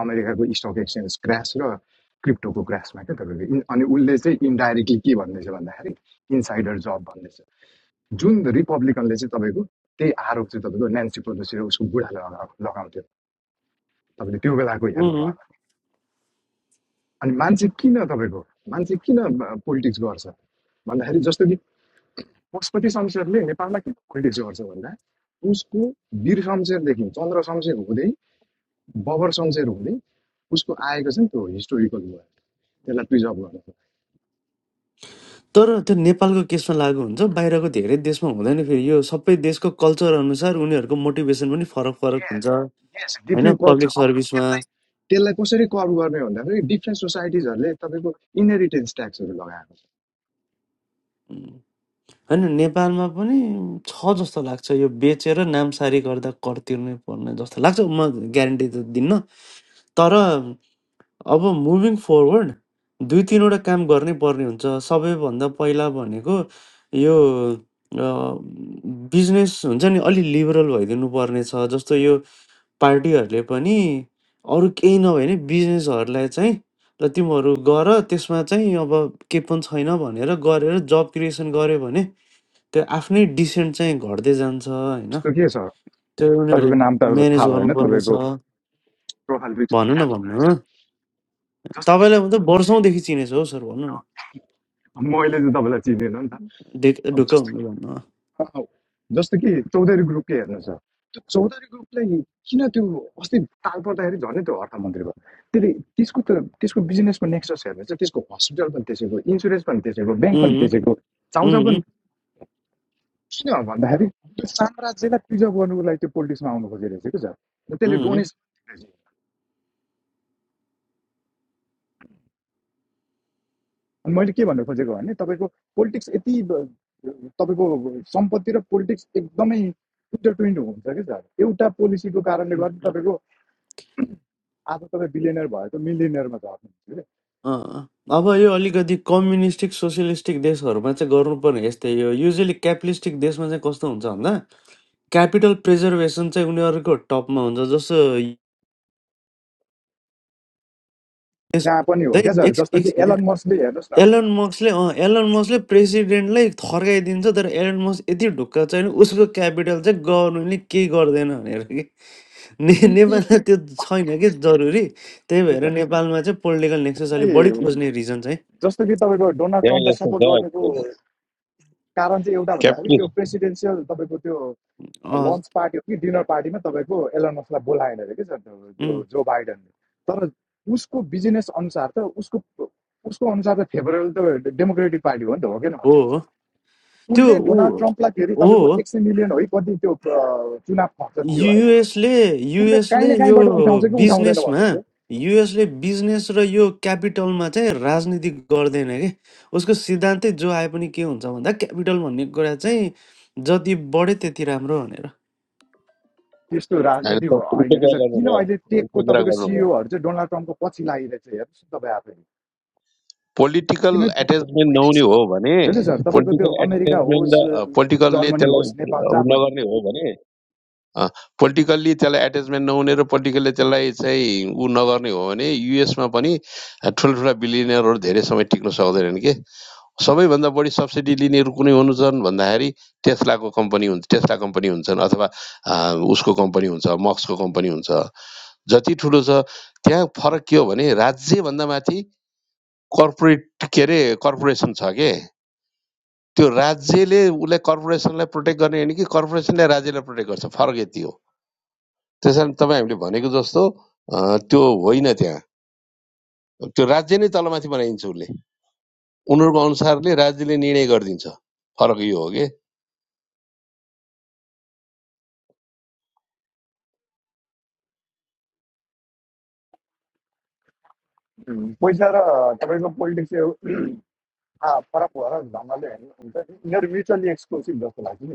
अमेरिकाको स्टक एक्सचेन्ज क्रास र क्रिप्टोको क्रासमा क्या तपाईँको इन- अनि उसले चाहिँ इन्डाइरेक्टली के भन्दैछ भन्दाखेरि इनसाइडर जब भन्दैछ जुन रिपब्लिकनले चाहिँ तपाईँको त्यही आरोप चाहिँ तपाईँको नेन्सी पेलोसी र उसको बुढाले लगाएको लगाउँथ्यो तपाईँले त्यो बेलाको हेर्नुभयो अनि मान्छे किन तपाईँको मान्छे किन पोलिटिक्स गर्छ भन्दाखेरि जस्तो कि पशुपति शमशेरले नेपाललाई किन खुल्टी गर्छ भन्दा उसको वीर शमशेरदेखि चन्द्र शमशेर हुँदै बबर शमशेर हुँदै उसको आएको छ नि त्यो हिस्टोरिकल भयो त्यसलाई प्रिजर्भ गर्नु तर त्यो नेपालको केसमा लागु हुन्छ बाहिरको धेरै देशमा हुँदैन फेरि यो सबै देशको कल्चर अनुसार उनीहरूको मोटिभेसन पनि फरक फरक हुन्छ यस होइन डिफ्रेन्ट पब्लिक कल्चर अब सर्भिसमा त्यसलाई त्यसलाई कसरी कल्भ गर्ने भन्दाखेरि डिफ्रेन्ट सोसाइटिजहरूले तपाईँको इनहेरिटेन्स ट्याक्सहरू लगाएको उम्, होइन नेपालमा पनि छ जस्तो लाग्छ यो बेचेर नामसारी गर्दा कर तिर्नै पर्ने जस्तो लाग्छ म ग्यारेन्टी त दिन्न तर अब मुभिङ फरवर्ड दुई तिनवटा काम गर्नै पर्ने हुन्छ सबैभन्दा पहिला भनेको यो बिजनेस हुन्छ नि अलि लिबरल भइदिनु पर्ने छ जस्तो यो पार्टीहरूले पनि अरू केही नभए नि बिजनेसहरूलाई चाहिँ ल तिमीहरू गर त्यसमा चाहिँ अब केही पनि छैन भनेर गरेर जब क्रिएसन गऱ्यो भने त्यो आफ्नै डिसेन्ट चाहिँ घट्दै जान्छ छ होइन जस्तो के छ त्यो उनीहरूले तपाईँको नाम त अब म्यानेज थाहा भएन गर्नुपर्ने छ तपाईँको प्रोफाइल पिक्चर भन्नु न क्याप्सन भन्नु हो। रहेछ जस्तो कि तपाईँलाई म त वर्षौँदेखि चिनेछु हौ सर भन्नु न अब अँ, मैले चाहिँ तपाईँलाई चिनेन नि त ढिक- ढुक्क अब हुनु भन्नु अँ, जस्तो कि चौधरी ग्रुपले हेर्नुहोस् त, त्यो चौधरी ग्रुपलाई किन त्यो अस्ति ताल पर्दाखेरि झन् त्यो अर्थमन्त्री भयो त्यसले त्यसको त त्यसको बिजनेसको नेक्सस हेर्नुहोस् त त्यसको हस्पिटल पनि त्यसैको इन्सुरेन्स पनि त्यसैको ब्याङ्क पनि उम्, त्यसैको चाउचाउ पनि उम्, किन भन्दाखेरि त्यो साम्राज्यलाई प्रिजर्भ गर्नुको लागि त्यो पोलिटिक्समा आउनु खोजिरहेछ कि सर त्यसले उम्, डोनेसन दिइरहेछ। अनि मैले के भन्नु खोजेको भने तपाईँको पोलिटिक्स यति ब- तपाईँको सम्पत्ति र पोलिटिक्स एकदमै इन्टरट्विन्ड हुन्छ कि सर एउटा पोलिसीको कारणले गर्दा तपाईँको आज तपाईँ बिलियनर भयो त मिलियनरमा झर्नुहुन्छ कि अँ। अब यो अलिकति कम्युनिस्टिक सोसियलिस्टिक देशहरूमा चाहिँ गर्नुपर्ने यस्तै यो युजली क्यापिटलिस्टिक देशमा चाहिँ कस्तो हुन्छ भन्दा क्यापिटल प्रिजर्भेसन चाहिँ उनीहरूको टपमा हुन्छ जस्तो यस जहाँ पनि हुँदा हो क्या हुँदै सर एक जस्तो एक कि मिनट एलन मस्कले हेर्नुहोस् न एलन मस्कले अँ एलन मस्कले प्रेसिडेन्टलाई थर्काइदिन्छ तर एलन मस्क यति ढुक्क छैन उसको क्यापिटल चाहिँ गभर्मेन्टले केही गर्दैन भनेर कि ने यी- यी- यी- नेपालमा त्यो छैन कि जरुरी त्यही यस्तो भएर सर नेपालमा चाहिँ पोलिटिकल नेक्सस अलिक बढी त्यसलाई खोज्ने रिजन चाहिँ जस्तो कि तपाईँको डोनाल्ड ट्रम्पलाई सपोर्ट गर्नुको कारण चाहिँ एउटा भन्दाखेरि त्यो प्रेसिडेन्सियल तपाईँको त्यो अँ, लन्च पार्टी हो कि डिनर पार्टीमा तपाईँको एलन मस्कलाई बोलाएन अरे कि सर त्यो त्यो उम्, जो बाइडनले तर उसको बिजनेस अनुसार त उसको उसको अनुसार त फेभरेबल त डेमोक्रेटिक पार्टी हो नि त हो किन हो भन्नुपर्छ हो त्यो उसले डोनाल्ड ऊ ट्रम्पलाई फेरि तपाईँको हो एक सय मिलियन है कति त्यो चुनाव खर्च दियो होइन युएसले उसले काहीँ युएसले न यो काहीँबाट उठाउँछ कि उठाउँदैन बिजनेसमा भन्नुभयो युएसले बिजनेस र यो क्यापिटलमा चाहिँ राजनीति गर्दैन कि उसको सिद्धान्तै जो आए पनि के हुन्छ भन्दा क्यापिटल भन्ने कुरा चाहिँ जति बढ्यो त्यति राम्रो भनेर त्यस्तो राजनीति हो- होइन क्या सर किन अहिले टेकको तपाईँको सिइओहरू चाहिँ डोनाल्ड ट्रम्पको पछि लागिरहेछ हेर्नुहोस् न तपाईँ आफै पोलिटिकल किन प- प- एट्याचमेन्ट नहुने हो भने छ कि सर तपाईँको त्यो पोलिटिकल अमेरिका एट्याचमेन्ट होस् पोलिटिकलले जर्मनी होस् त्यसलाई नेपाल जहाँ पनि नगर्ने हो भने अँ, पोलिटिकल्ली त्यसलाई एट्याचमेन्ट नहुने र पोलिटिकल्ली त्यसलाई चाहिँ ऊ नगर्ने हो भने युएसमा पनि ठुल्ठुला बिलिनियरहरू धेरै समय टिक्न सक्दैनन् के सबैभन्दा बढी सब्सिडी लिनेहरू कुनै हुनु छन् भन्दाखेरि टेस्लाको कम्पनी हुन्छ टेस्ला कम्पनी हुन्छन् अथवा अँ, उसको कम्पनी हुन्छ मक्सको कम्पनी हुन्छ जति ठुलो छ त्यहाँ फरक के हो भने राज्यभन्दा माथि कर्पोरेट के अरे कर्पोरेसन छ के त्यो राज्यले उसलाई कर्पोरेसनलाई प्रोटेक्ट गर्ने होइन कि कर्पोरेसनले राज्यलाई प्रोटेक्ट गर्छ फरक यति हो त्यसकारण तपाईँ हामीले भनेको जस्तो अँ, त्यो होइन त्यहाँ त्यो राज्य नै तलमाथि बनाइन्छ उसले उनीहरूको अनुसारले राज्यले निर्णय गरिदिन्छ फरक यो हो कि पैसा र तपाईँको पोलिटिक्स फरक भएर ढङ्गले हेर्नुहुन्छ यिनीहरू म्युचुअली एक्सक्लुसिभ जस्तो लाग्छ नि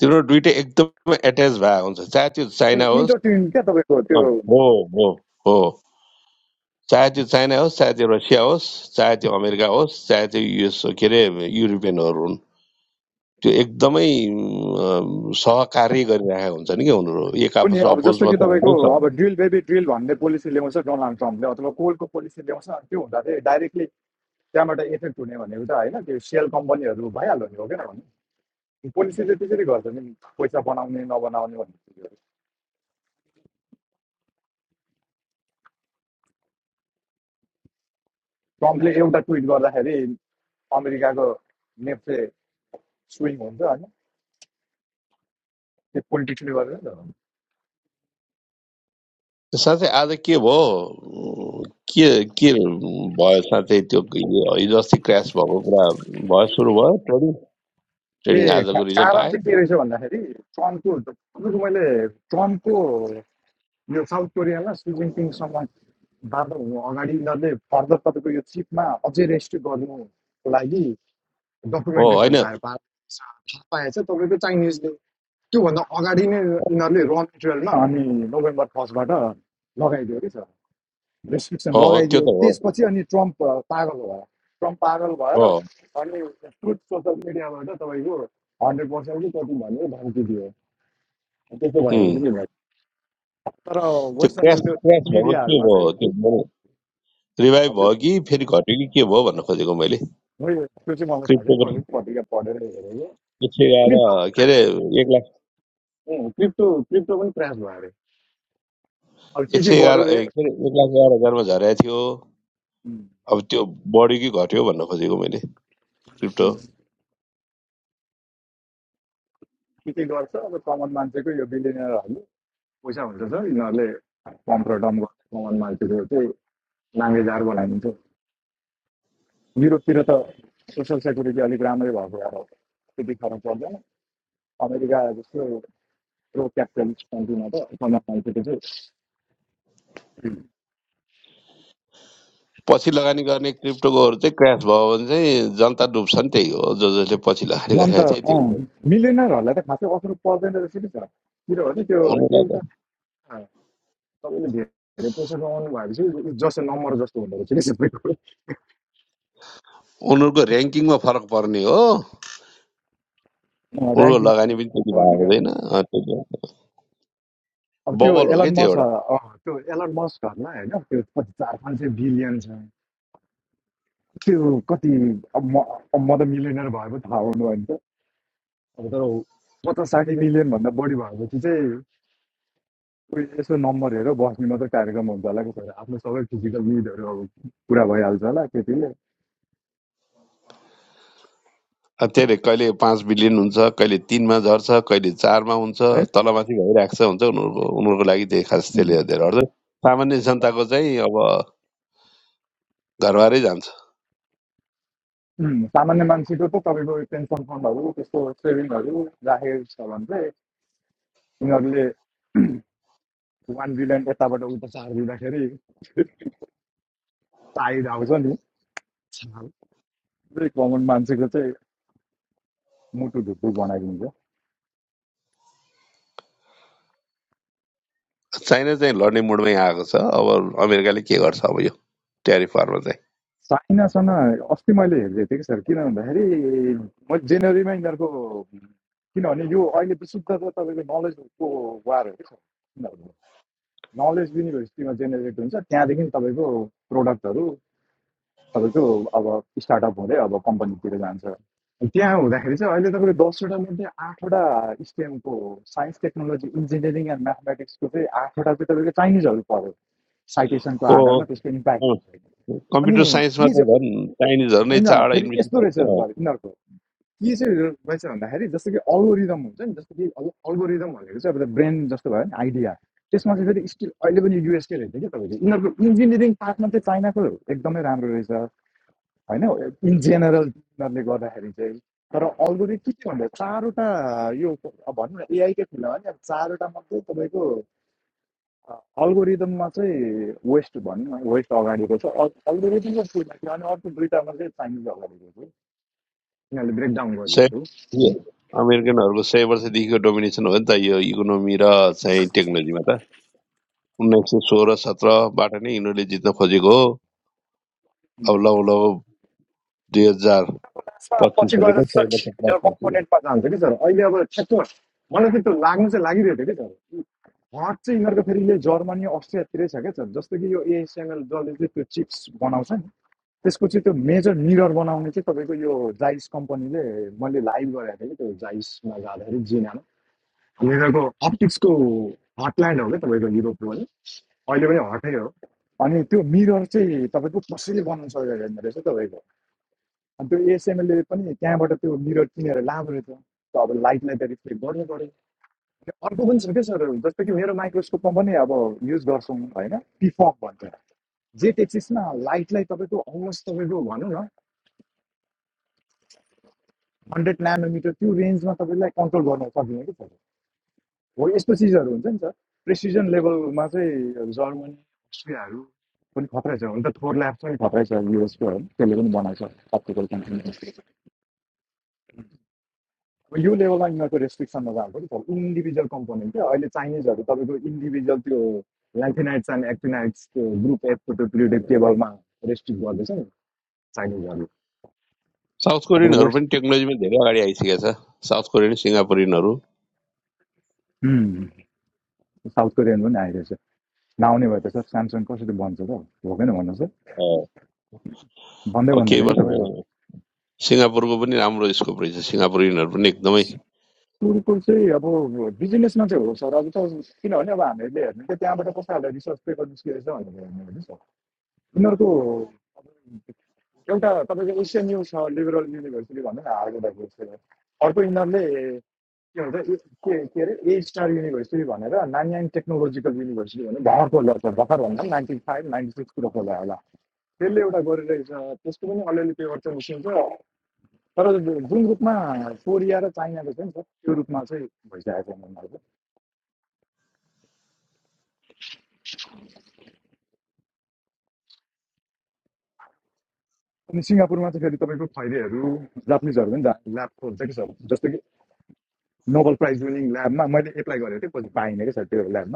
तिनीहरू दुइटै एकदमै एट्याच भए हुन्छ चाहे त्यो चाइना होस् इन्टरटेन क्या तपाईँको त्यो अँ, हो हो हो चाहे त्यो चाइना होस् चाहे त्यो रसिया होस् चाहे त्यो अमेरिका होस् चाहे त्यो युएस के अरे युरोपियनहरू हुन् त्यो एकदमै अम्, सहकार्य गरिरहेका हुन्छन् कि उनीहरू एक कुनै आपसमा अब जस्तो अपोजमा कि त तपाईँको हुनै अब सक्दैन ड्रिल बेबी ड्रिल भन्ने पोलिसी ल्याउँछ डोनाल्ड ट्रम्पले अथवा कोलको पोलिसी ल्याउँछ अनि त्यो हुँदा चाहिँ डाइरेक्टली त्यहाँबाट इफेक्ट हुने भनेको त होइन त्यो सेल कम्पनीहरू भइहाल्यो नि हो किन भने पोलिसीले त्यसरी गर्छ नि पैसा बनाउने नबनाउने भन्ने चिजहरू ट्रम्पले एउटा ट्विट गर्दाखेरि अमेरिकाको नेप्से स्विङ हुन्छ होइन त्यो पोलिटिक्सले गर्दा त्यो साथै आज के भयो के के भयो साथै त्यो यो हिजो अस्ति क्रास भएको कुरा भयो सुरु भयो ट्रेडिङ त ट्रेडिङ ए आजको रिजल्ट कारण आयो चाहिँ के रहेछ भन्दाखेरि ट्रम्पको तपाईँको मैले ट्रम्पको यो साउथ कोरियामा सी जिनपिङसँग बाटो हुनु अगाडि यिनीहरूले फर्दर तपाईँको यो चिपमा अझै रेस्ट्रिक्ट गर्नुको लागि हो डकुमेन्टेसन होइन तयार पारेको थाहा पाएछ तपाईँको चाइनिज त्योभन्दा अगाडि नै यिनीहरूले र मेटेरियलमा अनि नोभेम्बर फर्स्टबाट लगाइदियो कि सर रेस्ट्रिक्सन हो हो लगाइदियो त्यो त हो त्यसपछि अनि ट्रम्प अ, पागल भयो ट्रम्प पागल भएर हो अनि ट्रुथ सोसल मिडियाबाट तपाईँको हन्ड्रेड पर्सेन्ट चाहिँ कति भन्यो धम्की दियो त्यस्तो भएर उम्, चाहिँ के भयो तर त्यो वेस्टर्नको क्रास त्यो क्रास भएको के मिडियाहरूमा भयो चाहिँ त्यो रिभाइभ हजुर भयो कि फेरि घट्यो कि के भयो भन्न खोजेको मैले मैले त्यो चाहिँ मलाई थाहा छैन क्रिप्टोको मैले पत्रिका पढेर हेरेको एक सय एघार के अरे एक लाख क्रिप्टो क्रिप्टो क्रिप्टो पनि क्रास भयो अरे अब के एक के सय एघार गर्यो रे ए, के अरे एक लाख एघार हजारमा झरेको थियो के अब त्यो बढ्यो कि घट्यो भन्न खोजेको मैले क्रिप्टो के गर्छ अब कमन मान्छेको यो बिलिनियरहरूले पैसा हुन्छ सर यिनीहरूले पम्प र डम्प गर्छ कमान मान्छेको चाहिँ नाङ्गे झार बनाइदिन्छ युरोपतिर त सोसियल सेक्युरिटी अलिक राम्रै भएको भएर त्यति फरक पर्दैन अमेरिका जस्तो प्रो क्यापिटलिस्ट कन्ट्रीमा त कमान मान्छेको चाहिँ पछि लगानी गर्ने क्रिप्टोकोहरू चाहिँ क्रास भयो भने चाहिँ जनता डुब्छ नि त्यही हो जो जसले पछि लगानी झन् गरेका त चाहिँ अँ त्यही हो त खासै असर पर्दैन रहेछ कि सर किनभने त्यो उनीहरूलाई एउटा त तपाईँले धेरै पैसा कमाउनु भएपछि जसो नम्बर जस्तो हुँदो रहेछ कि सबै कुरो उनीहरूको ऱ्याङ्किङमा फरक पर्ने हो उनीहरूको ऱ्याङ्किङ लगानी पनि त्यति भएको भन्ने क्या हुँदैन अँ, त्यति हो। अब त्यो बबल हो क्या एलन त्यो मस एउटा त्यो एलन मस्कहरूलाई होइन त्यो चार पाँच सय बिलियन छ त्यो कति अब म अब म त मिलियनर भए पो थाहा हुनु भयो नि त अब तर पचास साठी मिलियनभन्दा बढी भएपछि चाहिँ कोही यसो नम्बर हेरेर बस्ने मात्रै कार्यक्रम हुन्छ होला कि छोरा आफ्नो सबै फिजिकल निडहरू अब पुरा भइहाल्छ होला केटीले अब त्यही भएर कहिले पाँच बिलियन हुन्छ कहिले तिनमा झर्छ कहिले चारमा हुन्छ है तलमाथि भइरहेको छ हुन्छ उनीहरूको उनीहरूको लागि चाहिँ खास उम्, त्यसले धेरै अड्छ सामान्य जनताको चाहिँ अब घरबारै जान्छ उम्, सामान्य मान्छेको त तपाईँको पेन्सन फन्डहरू त्यस्तो सेभिङहरू राखेको छ भने चाहिँ यिनीहरूले वान बिलियन यताबाट उता चार दिँदाखेरि साइड आउँछ नि साल कमन मान्छेको चाहिँ मुटु ढुकढुक बनाइदिन्छ चाइना चाहिँ लड्ने मुडमै आएको छ अब अमेरिकाले के गर्छ अब यो ट्यारिफ चाहिँ साइनासँग अस्ति मैले हेर्दै थिएँ कि सर किन भन्दाखेरि मैले जनवरीमा यिनीहरूको किनभने यो अहिले विशुद्ध त तपाईँको नलेजको वार हो कि सर किनभने नलेज युनिभर्सिटीमा जेनेरेट हुन्छ त्यहाँदेखि तपाईँको प्रोडक्टहरू तपाईँको अब स्टार्टअप हुँदै अब कम्पनीतिर जान्छ त्यहाँ हुँदाखेरि चाहिँ अहिले तपाईँको दसवटा मध्ये आठवटा स्टेमको साइन्स टेक्नोलोजी इन्जिनियरिङ एन्ड म्याथमेटिक्सको चाहिँ आठवटा चाहिँ तपाईँको चाइनिजहरू पऱ्यो साइटेसनको आधारमा त्यसको इम्प्याक्ट हो अनि कम्प्युटर साइन्समा के चाहिँ त झन् चाइनिजहरू नै होइन चारवटा फेरि यस्तो रहेछ युनिभर्सिटी सर यिनीहरूको के चाहिँ रहेछ भन्दाखेरि जस्तो कि अल्गोरिदम हुन्छ नि जस्तो कि अल्गोरिदम भनेको चाहिँ अब ब्रेन जस्तो भयो नि आइडिया त्यसमा चाहिँ फेरि स्टिल अहिले पनि युएसकै रहेछ क्या तपाईँको यिनीहरूको इन्जिनियरिङ पार्टमा चाहिँ चाइनाको एकदमै राम्रो रहेछ होइन इन जेनरल यिनीहरूले गर्दाखेरि चाहिँ तर अल्गोरिदम के के भन्दा चारवटा यो अब भनौँ न एआईकै फिल्डमा नि अब चारवटा मात्रै तपाईँको अल्गोरिदममा चाहिँ वेस्ट भनौँ वेस्ट अगाडिको छ अल्गोरिदमको फिल्डमा अनि अर्को दुइटामा चाहिँ चाइनिज अगाडिको छ यिनीहरूले ब्रेकडाउन सय गरिदिएको अमेरिकनहरूको सय वर्षदेखिको डोमिनेसन हो नि त यो इकोनोमी र चाहिँ टेक्नोलोजीमा त उन्नाइस सय सोह्र सत्रबाट नै यिनीहरूले जित्न खोजेको हो अब लौ लौ दुई हजार त्यसमा पच्चिस पछि गएर भनेको सय सर वर्ष प्लस हिजो भइसक्यो कम्पोनेन्टमा जान्छ कि सर अहिले अब ठ्याक्क मलाई चाहिँ त्यो लाग्नु चाहिँ लागिरहेको थियो कि सर हट चाहिँ यिनीहरूको फेरि यो जर्मनी अस्ट्रियातिरै छ क्या सर जस्तो कि यो एएसएमएल जसले चाहिँ त्यो चिप्स बनाउँछ नि त्यसको चाहिँ त्यो मेजर मिरर बनाउने चाहिँ तपाईँको यो जाइस कम्पनीले मैले लाइभ गराएको थिएँ कि त्यो जाइसमा जाँदाखेरि जिनामा यिनीहरूको अप्टिक्सको हटल्यान्ड हो क्या तपाईँको युरोपको भने अहिले पनि हटै हो अनि त्यो मिरर चाहिँ तपाईँको कसैले बनाउनु सकेको छैन रहेछ तपाईँको अनि त्यो एसएमएलले पनि त्यहाँबाट त्यो मिरर किनेर लाभो रहेछ त अब लाइटलाई त रिफ्लेक्ट गर्नु पऱ्यो अनि अर्को पनि छ क्या सर जस्तो कि मेरो माइक्रोस्कोपमा पनि अब युज गर्छौँ होइन पिफक भन्छ जेट एक्सिसमा लाइटलाई तपाईँको अलमोस्ट तपाईँको भनौँ न हन्ड्रेड नानोमिटर त्यो रेन्जमा तपाईँलाई कन्ट्रोल गर्न सकिने कि सर हो यस्तो चिजहरू हुन्छ नि सर प्रेसिजन लेभलमा चाहिँ जर्मनी अस्ट्रियाहरू पनि खत्रै छ हुन त थोर ल्याब पनि खत्रै छ युएसको त्यसले पनि बनाएको छ अप्टिकल कम्पनी अब यो लेभलमा यिनीहरूको रेस्ट्रिक्सनमा जानु पऱ्यो इन्डिभिजुअल कम्पोनेन्ट क्या अहिले चाइनिजहरू तपाईँको इन्डिभिजुअल त्यो ल्यान्थिनाइट्स एन्ड एक्टिनाइट्स त्यो ग्रुप एफको त्यो पिरियोडिक टेबलमा रेस्ट्रिक्ट गर्दैछ नि चाइनिजहरू साउथ अब कोरियनहरू वेस्ट पनि टेक्नोलोजीमा धेरै अगाडि आइसकेको छ साउथ कोरियन सिङ्गापुरियनहरू उम्, साउथ कोरियन पनि आइरहेछ नआउने भयो त सर स्यामसङ कसरी बन्छ त भोगेन भन्नु सर अ, भन्दै अब केही भन्दैन कि वर्ष तपाईँको सिङ्गापुरको पनि राम्रो स्कोप रहेछ सिङ्गापुरियनहरू पनि एकदमै कुकुर चाहिँ अब बिजनेसमा चाहिँ हो सर अब त किनभने अब हामीहरूले हेर्ने कि त्यहाँबाट कसैहरूलाई रिसर्च पेपर निस्किरहेछ भनेर हेर्ने होइन सर यिनीहरूको एउटा तपाईँको एसियन न्युज छ लिबरल युनिभर्सिटी भनौँ न हार्वर्ड युनिभर्सिटी अर्को यिनीहरूले के भन्छ ए- के के अरे ए स्टार युनिभर्सिटी भनेर नान्याङ टेक्नोलोजिकल युनिभर्सिटी भनेर भर्खर खोल्दा छ भर्खर भन्दा नाइन्टी फाइभ नाइन्टी सिक्सतिर खोला होला त्यसले एउटा गरिरहेछ त्यसको पनि अलिअलि पेपर चाहिँ निस्किन्छ तर जुन रूपमा कोरिया र चाइनाको छ नि त त्यो रूपमा चाहिँ भइसकेको छ उनीहरूको अनि सिङ्गापुरमा चाहिँ फेरि तपाईँको खैरेहरू जापानिजहरू पनि ल्याब खोल्छ कि सर जस्तो कि नोबल प्राइज विनिङ ल्याबमा मैले एप्लाई गरेको थिएँ पछि पाइनँ कि सर त्यो ल्याबमा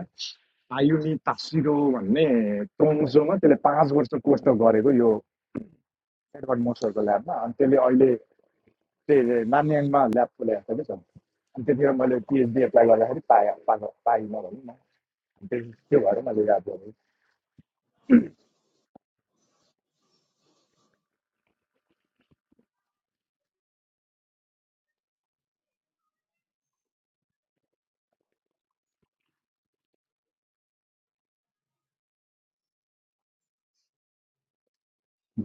आयुनी तासिरो भन्ने टोङ्सोमा त्यसले पाँच वर्ष कोर्स त गरेको यो एडवर्ड मोसरको ल्याबमा अनि त्यसले अहिले त्यही नामयाङमा ल्याब खोलेको छ कि छ अनि त्यतिखेर मैले पिएचडी एप्लाई गर्दाखेरि पाएँ पाएको पाइनँ भनौँ न अनि त्यस- त्यो भएर मैले याद गरेँ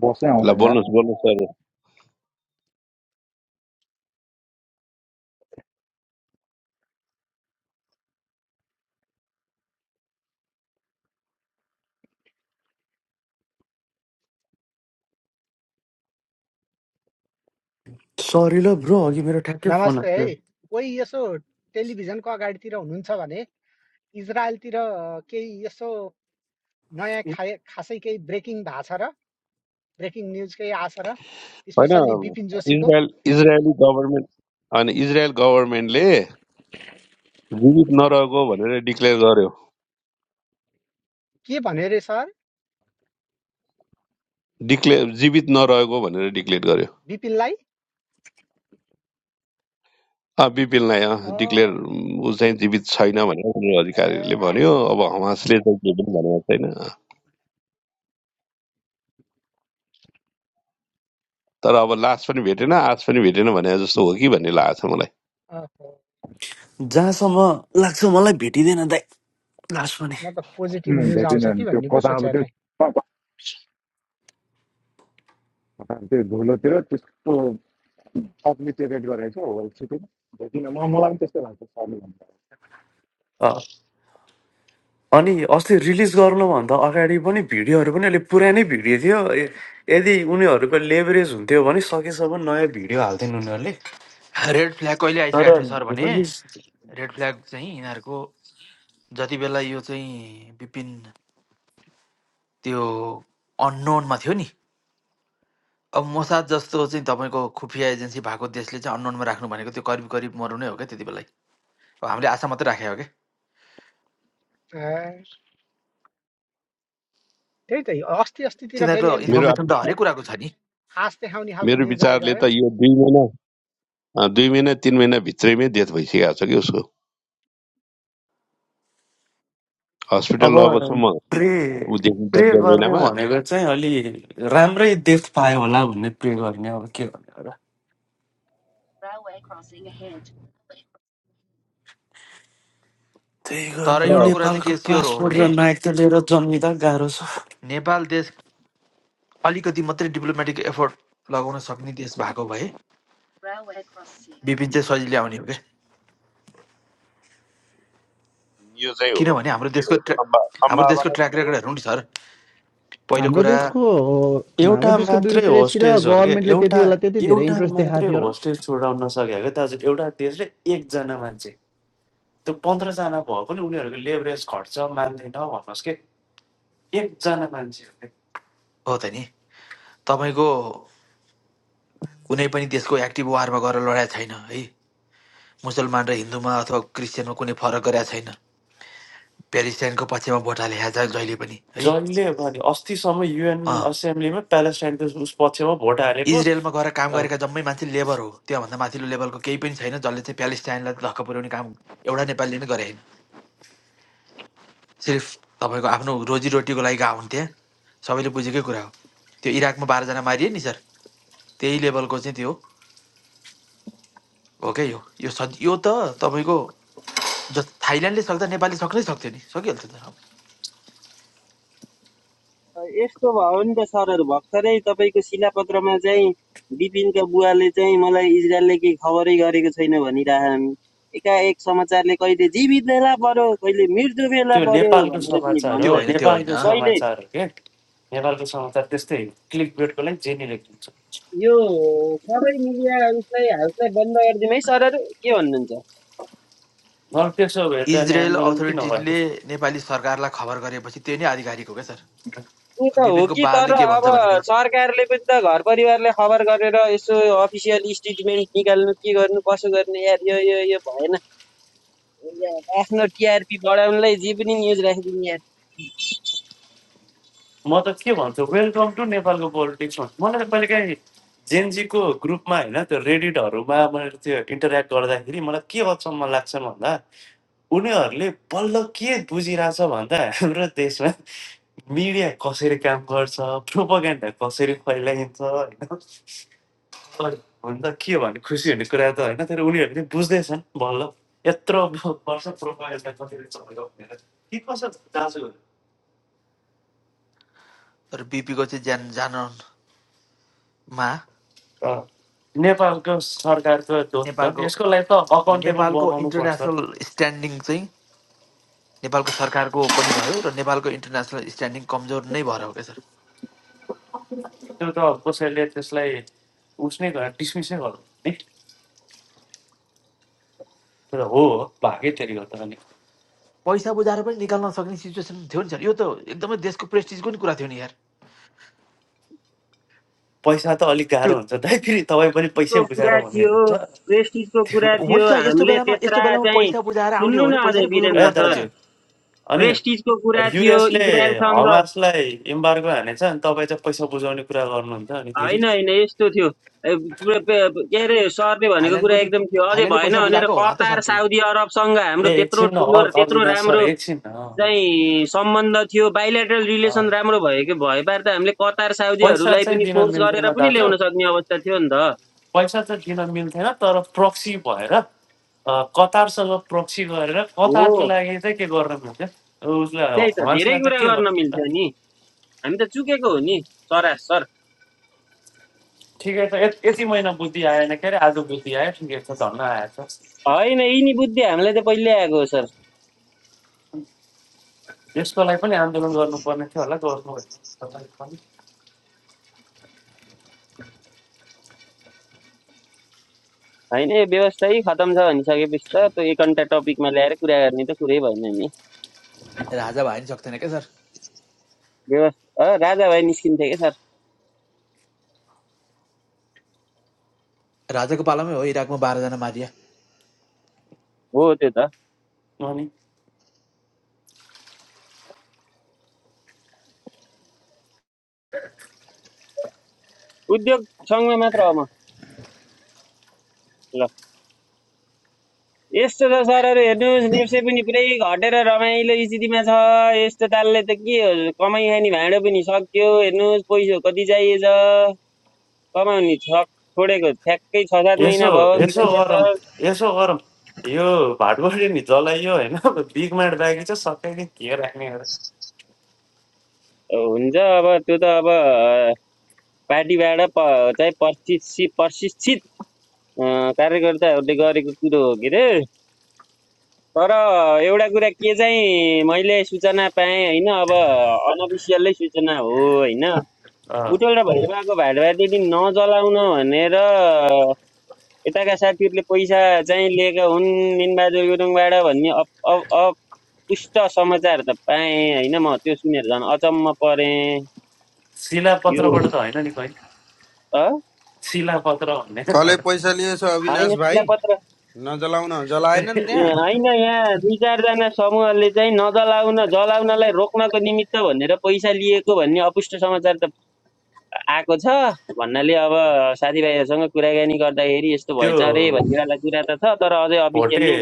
बसै ल आउँदैन यार बोल्नुहोस् बोल्नुहोस् सर सरी ल ब्रो अघि मेरो ठ्याक्कै फोन नमस्ते आएको है थियो कोही यसो टेलिभिजनको अगाडितिर हुनुहुन्छ भने इजरायलतिर केही यसो नयाँ खाए खासै केही ब्रेकिङ भएको छ र ब्रेकिङ न्युज केही आएको छ र होइन स्पेसल्ली बिपिन जोशीको इजरायल इजरायली गभर्मेन्ट होइन इजरायल गभर्मेन्टले जीवित नरहेको भनेर डिक्लेयर गर्यो के भन्यो अरे सर डिक्लेयर जीवित नरहेको भनेर डिक्लेयर गर्यो बिपिनलाई अँ बिपिनलाई अँ डिक्लेयर अँ, ऊ चाहिँ जीवित छैन भनेर उनीहरू ए अधिकारीहरूले भन्यो अब हमासले चाहिँ के पनि भनेको छैन तर अब लास पनि भेटेन आस पनि भेटेन भने जस्तो हो कि भन्ने लागेको छ मलाई अहो, जहाँसम्म लाग्छ मलाई भेटिँदैन दाइ लास्ट पनि म त पोजिटिभ न्युज आउँछ कि त्यो भन्ने पो कता अब त्यो सोचेको थिएँ त्यो धुलोतिर त्यस्तो अप्लिटेटेड गरेको छ होल म मलाई पनि त्यस्तो लाग्छ सरले भन्दा अ, अनि अस्ति रिलिज गर्नुभन्दा अगाडि पनि भिडियोहरू पनि अहिले पुरानै भिडियो थियो य- यदि उनीहरूको लेभरेज हुन्थ्यो भने सकेसम्म नयाँ भिडियो हाल्थेन उनीहरूले रेड फ्ल्याग कहिले तर आइसकेको थियो सर भने रिलिज रेड फ्ल्याग चाहिँ यिनीहरूको जति बेला यो चाहिँ विपिन त्यो अननोनमा थियो नि अब मोसाद जस्तो चाहिँ तपाईँको खुफिया एजेन्सी भएको देशले चाहिँ अननोनमा राख्नु भनेको त्यो करिब करिब मर्नु नै हो क्या त्यति बेलै अब हामीले आशा मात्रै राखेको हो क्या ए, त्यही त अस्ति अस्तितिर फेरि तिनीहरूको अलिकति मेरो इन्फर्मेसन त आप- हरेक कुराको छ नि आश देखाउने खालको मेरो न्युज विचारले आइरह्यो त यो दुई महिना अँ, दुई महिना तिन महिना भित्रैमै डेथ भइसकेको छ कि उसको अब हस्पिटल लगेको छ म प्रे ऊ देखिन्छ प्रे डेढ गर्ने महिनामा भनेको चाहिँ अलि राम्रै देश पायो होला भन्ने प्रे गर्ने अब के गर्ने र त्यही तर गर्नु एउटा कुरा चाहिँ नेपालको के स्योर हो पासपोर्ट भने र नागरिकता लिएर जन्मिँदा गाह्रो छ नेपाल देश अलिकति मात्रै डिप्लोमेटिक एफोर्ट लगाउन सक्ने देश भएको भए विपिन चाहिँ सजिलै आउने हो क्या यो चाहिँ हो किनभने हाम्रो देशको ट्र्या सम्भा- हाम्रो सम्भावना देशको ट्र्याक के हो रेकर्डहरू नि सर पहिलो हाम्रो कुरा देशको हाम्रो एउटा देशको मात्रै ब्युरोक्रेसी र होस्टेज हो कि गभर्मेन्टले त्यति एउटा बेला त्यति धेरै एउटा इन्ट्रेस्ट देखाएको मात्रै थियो र होस्टेज छोडाउन सक्यो क्या दाजु एउटा देशले एकजना मान्छे त्यो पन्ध्रजना भयो पनि उनीहरूको लेभरेज घट्छ मान्दैन भन्नुहोस् कि एकजना मान्छे हो त नि तपाईँको कुनै पनि देशको एक्टिभ वारमा गएर लडेको छैन है मुसलमान र हिन्दूमा अथवा क्रिस्चियनमा कुनै फरक गरेका छैन प्यालेस्टाइनको पक्षमा भोट हाले छ जहिले पनि है जहिले अब नि अस्तिसम्म अँ युएन असेम्ब्लीमा प्यालेस्टाइनको उस पक्षमा भोट हालेको इजरायलमा गएर काम अ, गरेका जम्मै मान्छे लेबर हो त्योभन्दा माथिल्लो लेभलको केही पनि छैन जसले चाहिँ प्यालेस्टाइनलाई धक्क पुर्याउने काम एउटा नेपालीले नै गरे होइन सिर्फ तपाईँको आफ्नो रोजीरोटीको लागि गएको हुन्थे सबैले बुझेकै कुरा हो त्यो इराकमा बाह्रजना मारिए नि सर त्यही लेभलको चाहिँ त्यो हो क्या यो यो सज यो त तपाईँको जस्तो थाइल्यान्डले सक्दा नेपालले सक्नै सक्थ्यो नि सकिहाल्थ्यो त यस्तो भयो नि त सरहरू भर्खरै तपाईँको शिलापत्रमा चाहिँ बिपिनका बुवाले चाहिँ मलाई इजरायलले केही खबरै गरेको छैन भनिरहन् एकाएक समाचारले कहिले जीवित भेला पर्यो कहिले मृत्यु भेला त्यो पर्यो नेपालको भनेर पनि समाचार त्यो हो होइन भन्छन् त्यो होइन नेपालको कहिले समाचार हो क्या नेपालको समाचार त्यस्तै क्लिक बेडको लागि जे नि लेखिदिन्छ यो सबै मिडिया उसलाई हाउसलाई बन्द गरिदिउँ है सरहरू के भन्नुहुन्छ तर त्यसो हेर्दा नि इजरायल आन्दोलन किन अथोरिटीले भयो नेपाली सरकारलाई खबर गरेपछि त्यो नै आधिकारिक हो क्या सर त्यो त हो बिपिनको कि तर बाबुले के अब भन्छ भन्ने कुरा सरकारले पनि त घर परिवारले खबर गरेर यसो अफिसियल स्टेटमेन्ट निकाल्नु के गर्नु कसो गर्ने यार यो यो यो भएन यार आफ्नो टिआरपी बढाउनलाई जे पनि न्युज राखिदिने यार म त के भन्छु वेलकम टु नेपालको पोलिटिक्समा मलाई त कहिले काहीँ ग्रुपमा होइन त्यो रेडिटहरूमा मैले त्यो इन्टरेक्ट गर्दाखेरि मलाई के अचम्म लाग्छ भन्दा उनीहरूले बल्ल के बुझिरहेछ भन्दा हाम्रो देशमा मिडिया कसरी काम गर्छ प्रोपागेन्डा कसरी फैलाइन्छ होइन अनि हुन त के भने खुसी हुने कुरा त होइन तर उनीहरूले चाहिँ बुझ्दैछन् बल्ल यत्रो वर्ष प्रोपागेन्डा कसरी चल्यो भनेर के कसो दाजु तर बिपीको चाहिँ ज्यान जानमा नेपालको सरकारको दोष छ नेपालको यसको लागि त अकाउन्टेबल नेपालको बनाउनु पर्छ इन्टरनेसनल त्यो स्ट्यान्डिङ चाहिँ नेपालको सरकारको पनि भयो र नेपालको इन्टरनेसनल स्ट्यान्डिङ कमजोर नै भएर हो क्या सर त कसैले त्यसलाई उसनै गरेर डिसमिसै गर्नु नि त्यो हो हो, भागै त्यसले गर्दा अनि पैसा बुझाएर पनि निकाल्न सक्ने सिचुएसन थियो नि सर यो त एकदमै देशको प्रेस्टिजको नि कुरा थियो नि यार पैसा त अलिक त्यो गाह्रो हुन्छ दाइ फेरि तपाईँ पनि पैसै प्रेस्टिजको बुझाएर कुरा भन्ने थियो हुन्छ प्रेस्टिजको त्यो कुरा थियो हुन्छ यस्तो हामीले बेलामा यस्तो त्यत्रा बेलामा चाहिँ पैसा बुझाएर आउने सुन्नु हो न भने पैसा अझै नै बुझाउनु वीरेन्द्र ए पर्छ क्या सर दाजु अनि प्रेस्टिजको कुरा थियो युएसले इजरायलसँग हमासलाई इम्बार्गो हानेछ अनि तपाईँ चाहिँ पैसा बुझाउने कुरा गर्नुहुन्छ अनि फेरि होइन होइन यस्तो थियो के अरे सरले भनेको थाइल्यान्डको कुरा नि एकदम थियो अझै थाइल्यान्डले भएन पैसा भनेर बुझाएको होला त कतार सर केही साउदी अरबसँग हाम्रो ए त्यत्रो एकछिन न ठुलो अ- त्यत्रो अविनाश सर राम्रो एकछिन अँ, अवि- चाहिँ सम्बन्ध थियो बाइलेटरल अँ, रिलेसन राम्रो भएको भए पार त हामीले कतार पैसा साउदीहरूलाई चाहिँ पनि दिन फोर्स गरेर मिल्थेन पनि दाजु ल्याउन सक्ने अवस्था थियो नि त पैसा चाहिँ दिन मिल्थेन तर प्रक्सी भएर अँ, कतारसँग प्रक्सी गरेर हो कतारको लागि चाहिँ के गर्न मिल्थ्यो उसले त्यही त धेरै हमासलाई चाहिँ कुरा के गर्न गर्नु त मिल्थ्यो नि हामी त चुकेको हो नि सरासर ठिकै छ यत- यति महिना बुद्धि आएन के अरे आज बुद्धि आयो ठिकै छ धन्न आएछ होइन यिनी बुद्धि हामीलाई त पहिल्यै आएको हो सर यसको लागि पनि आन्दोलन गर्नुपर्ने थियो होला गर्नु होइन यो व्यवस्था यही खतम छ भनिसकेपछि त त्यो एक घन्टा टपिकमा ल्याएर कुरा गर्ने त कुरै भएन नि राजा भयो नि सक्दैन क्या सर व्यवस्था अँ, राजा भाइ निस्किन्थे क्या सर राजाको पालामै हो इराकमा बाह्रजना मारिया हो त्यो त अनि उद्योग सङ्घमा मात्र हो म ल यस्तो छ सरहरू हेर्नुहोस् देउसे पनि पुरै घटेर रमाइलो स्थितिमा छ यस्तो तालले त के हो कमाइ खाने भाँडो पनि सक्यो हेर्नुहोस् पैसा कति चाहिएछ कमाउने छ छोडेको ठ्याक्कै छ सात यसो महिना भयो यसो वीरेन्द्र गरौँ सर यसो गरौँ यो भाटबडी नि जलाइयो होइन बिगमार्ट बाँकी चाहिँ सबैले के राख्ने हो र हुन्छ अब त्यो त अब अ, पार्टीबाट प चाहिँ प्रशिक्षित प्रशिक्षित अ, कार्यकर्ताहरूले गरेको कुरो हो के अरे तर एउटा कुरा के चाहिँ मैले सूचना पाएँ होइन अब अनअफिसियल्लै सूचना हो होइन अँ, बुटोल र भैरवाको भाडभाडदेखि नजलाउन भनेर यताका साथीहरूले पैसा चाहिँ लिएका हुन् मिनबहादुर गुरुङबाट भन्ने अपुष्ट समाचार त पाएँ होइन म त्यो सुनेर झन् अचम्म परेँ यो शिलापत्रबाट त होइन नि कहिले अँ? शिलापत्र कसले भन्नेबाट पैसा लिएछ अविनाश होइन भाइ शिलापत्र नजलाउन जलाएनन् ए त्यहाँ होइन यहाँ दुई चारजना समूहले चाहिँ नजलाउन जलाउनलाई रोक्नको निमित्त भनेर पैसा लिएको भन्ने अपुष्ट समाचार त आएको छ भन्नाले अब साथीभाइहरूसँग कुराकानी गर्दाखेरि यस्तो त्यो भएछ अरे भन्नेवाला कुरा त छ तर अझै भोटे अफिसियल्ली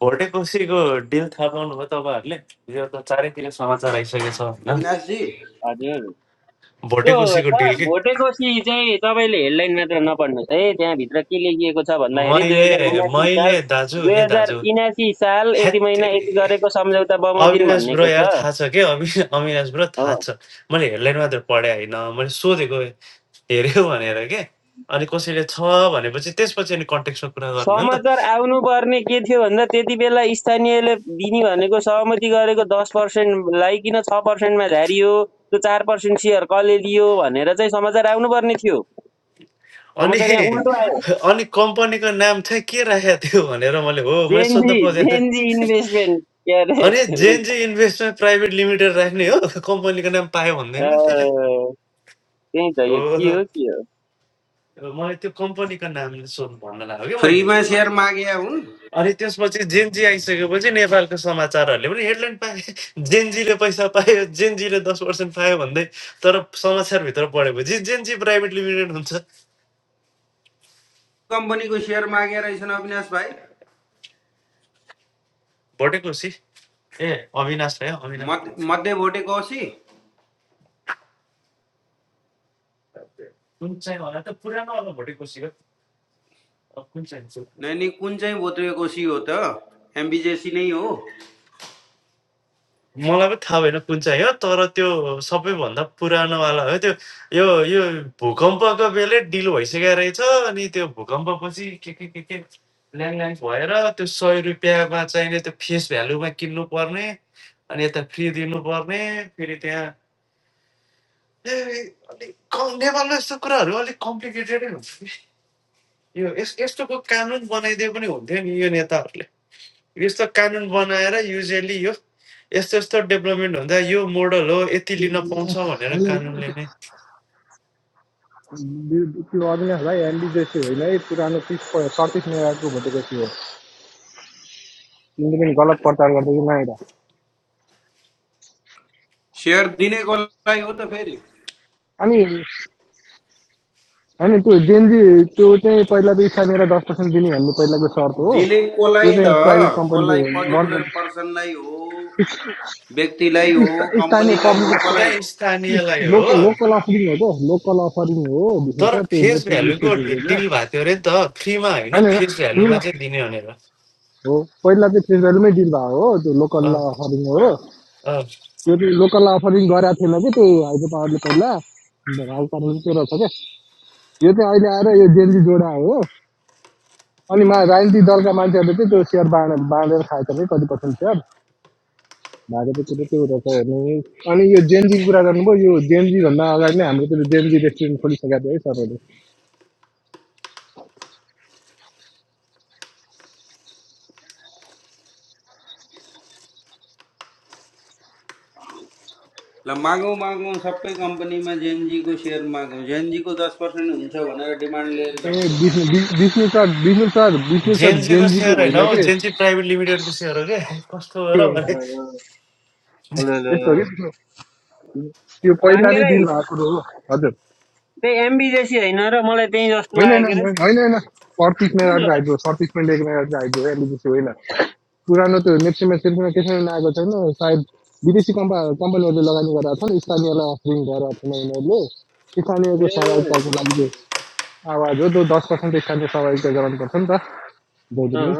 भोटे कोसीको डिल थाहा पाउनुभयो तपाईँहरूले यो त चारैतिर समाचार आइसकेको छ होइन अविनाशजी हजुर त्यो भोटे कोसीको सर डिल के भोटेकोसी चाहिँ तपाईँले हेडलाइन मात्र नपढ्नुहोस् है त्यहाँभित्र के लेखिएको छ भन्दाखेरि दुई मैले हजार उनासी मैले साल दाजु दुई ए हजार दाजु उनासी साल यति महिना यति हेत्तेरी गरेको सम्झौता बमोजिम अविनाश ब्रो भन्नेको यार छ थाहा छ के अवि अविनाश ब्रो हो थाहा छ मैले हेडलाइन मात्र पढे होइन मैले सोधेको हेऱ्यो भनेर के अनि कसैले छ भनेपछि त्यसपछि अनि कन्टेक्समा कुरा गर्ने हो नि त समाचार आउनुपर्ने के थियो भन्दा त्यति बेला स्थानीयले दिने भनेको सहमति गरेको दस पर्सेन्टलाई किन छ पर्सेन्टमा झारियो त्यो चार पर्सेन्ट सेयर कसले लियो भनेर चाहिँ समाचार आउनुपर्ने थियो अनि समाचार यहाँ उल्टो आयो अनि कम्पनीको नाम चाहिँ के राखेको थियो भनेर मैले हो मैले सोध्न जेएनजी खोजेको जेएनजी थिएँ इन्भेस्टमेन्ट के अरे अनि जेएनजी इन्भेस्टमेन्ट प्राइभेट लिमिटेड राख्ने हो कम्पनीको नाम पायो भन्दैमा त्यहाँ त्यही त यो के हो हो के हो मैले त्यो कम्पनीको नाम सोध्नु भन्न लाग्यो कि मैले फ्रीमा सेयर मागे हुन् अनि त्यसपछि जेनजी आइसकेपछि नेपालको समाचारहरूले पनि हेडलाइन पाए जेनजीले पैसा पायो जेनजीले दस पर्सेन्ट पायो भन्दै तर समाचारभित्र पढेपछि जेनजी प्राइभेट लिमिटेड हुन्छ कम्पनीको सेयर मागे रहेछन् अविनाश भाइ भोटेकोसी ए अविनाश भयो अविनाश मत- मध्ये भोटेको औसी कुन चाहिँ होला त पुरानो होला भोटेकोसी हो अब कुन चाहिँ हुन्छ नै नि कुन चाहिँ भोत्रिएको औसी हो त एमबिजेसी नै हो मलाई पनि थाहा भएन कुन चाहिँ हो तर त्यो सबैभन्दा पुरानोवाला हो त्यो यो यो भूकम्पको बेलै डिल भइसकेको रहेछ अनि त्यो भूकम्पपछि के के के के ल्याङल्याङ भएर त्यो सय रुपियाँमा चाहिने त्यो फेस भ्यालुमा किन्नु पर्ने अनि यता फ्री दिनुपर्ने फेरि त्यहाँ ए, अलिक कम नेपालमा यस्तो कुराहरू अलिक कम्प्लिकेटेडै हुन्छ कि यो यस यस्तोको कानुन बनाइदिए पनि हुन्थ्यो नि यो नेताहरूले यस्तो कानुन बनाएर युजली यो यस्तो यस्तो डेभलपमेन्ट हुँदा यो मोडल हो यति लिन पाउँछ भनेर कानुनले अविनाशलाई नै एलडी जोशी होइन है पुरानो पिस सतीश नेवारको भोटेको थियो तिमीले पनि गलत प्रचार गर्दै नआइर सेयर दिने कसलाई हो त फेरि अनि होइन त्यो जेएनजी त्यो चाहिँ पहिला त इसानेर दस पर्सेन्ट दिने भन्ने पहिलाको सर्त हो दिने कसलाई त्यो चाहिँ त प्राइभेट कम्पनीले कसलाई मन पर्टिकुलर पर्सनलाई हो व्यक्तिलाई हो स्था- स्थानीय कम्पनीलाई हो पब्लिक कसलाई त्यहाँ हो स्थानीयलाई लोकल हो लोकल अफरिङ हो त लोकल अफरिङ हो बिजनेस तर सर त्यो फेस नेसनल भ्यालुको स्टेटहरू डिल भएको थियो अरे नि त फ्रीमा होइन होइन होइन, फेस भ्यालुमा चाहिँ दिने भनेर हो पहिला चाहिँ फेस भ्यालुमै डिल भएको हो त्यो लोकल अँ, अफरिङ हो अँ। त्यो चाहिँ लोकल अफरिङ गरेको थिएन कि त्यो हाइड्रो पावरले पहिला हाल पार्नु चाहिँ त्यो रहेछ क्या यो चाहिँ अहिले आएर यो जेन्जी जोडा हो अनि मा राजनीतिक दलका मान्छेहरूले चाहिँ त्यो सेयर बाँड बाँडेर खाएको छ कि कति पर्सेन्ट सेयर भाजपा कुरो त्यो रहेछ हेर्नु अनि यो जेन्जीको कुरा गर्नुभयो यो जेन्जी अगाडि नै हाम्रो त्यो जेन्जी रेस्टुरेन्ट खोलिसकेको थियो है सरहरूले ल मागौँ मागौँ सबै कम्पनीमा जेएनजीको सेयर मागौँ जेएनजी को दस पर्सेन्ट हुन्छ भनेर डिमान्ड लिएर जाउँ ए सेभेनमा Vishnu Vishnu sir Vishnu sir Vishnu sir जेएनजीको जेन्जीको सेयर होइन होइन हौ के जेएनजी प्राइभेट लिमिटेडको सेयर हो क्या कस्तो हो र त्यो भने यस्तो हो कि त्यो पहिला पाण्डे नै भाइ दिनु हो हजुर त्यही एमबी जेसी होइन र मलाई त्यही जस्तो होइन होइन लाग्यो के अरे होइन होइन होइन। सर्टिसमा अर्को आइपुग्यो सर्टिसमा लेख्ने अर्को आइपुग्यो एलपिजी होइन पुरानो त्यो नेप्सीमा सिर्फमा त्यसरी नआएको छैन सायद विदेशी कम्पा कम्पनीहरूले लगानी गरेका छन् स्थानीयलाई अफरिङ गरेका छन् उनीहरूले स्थानीयको ए सहभागिताको लागि त्यो आवाज हो त्यो दस पर्सेन्ट स्थानीय सहभागिता गराउनुपर्छ नि त जहिले अँ पनि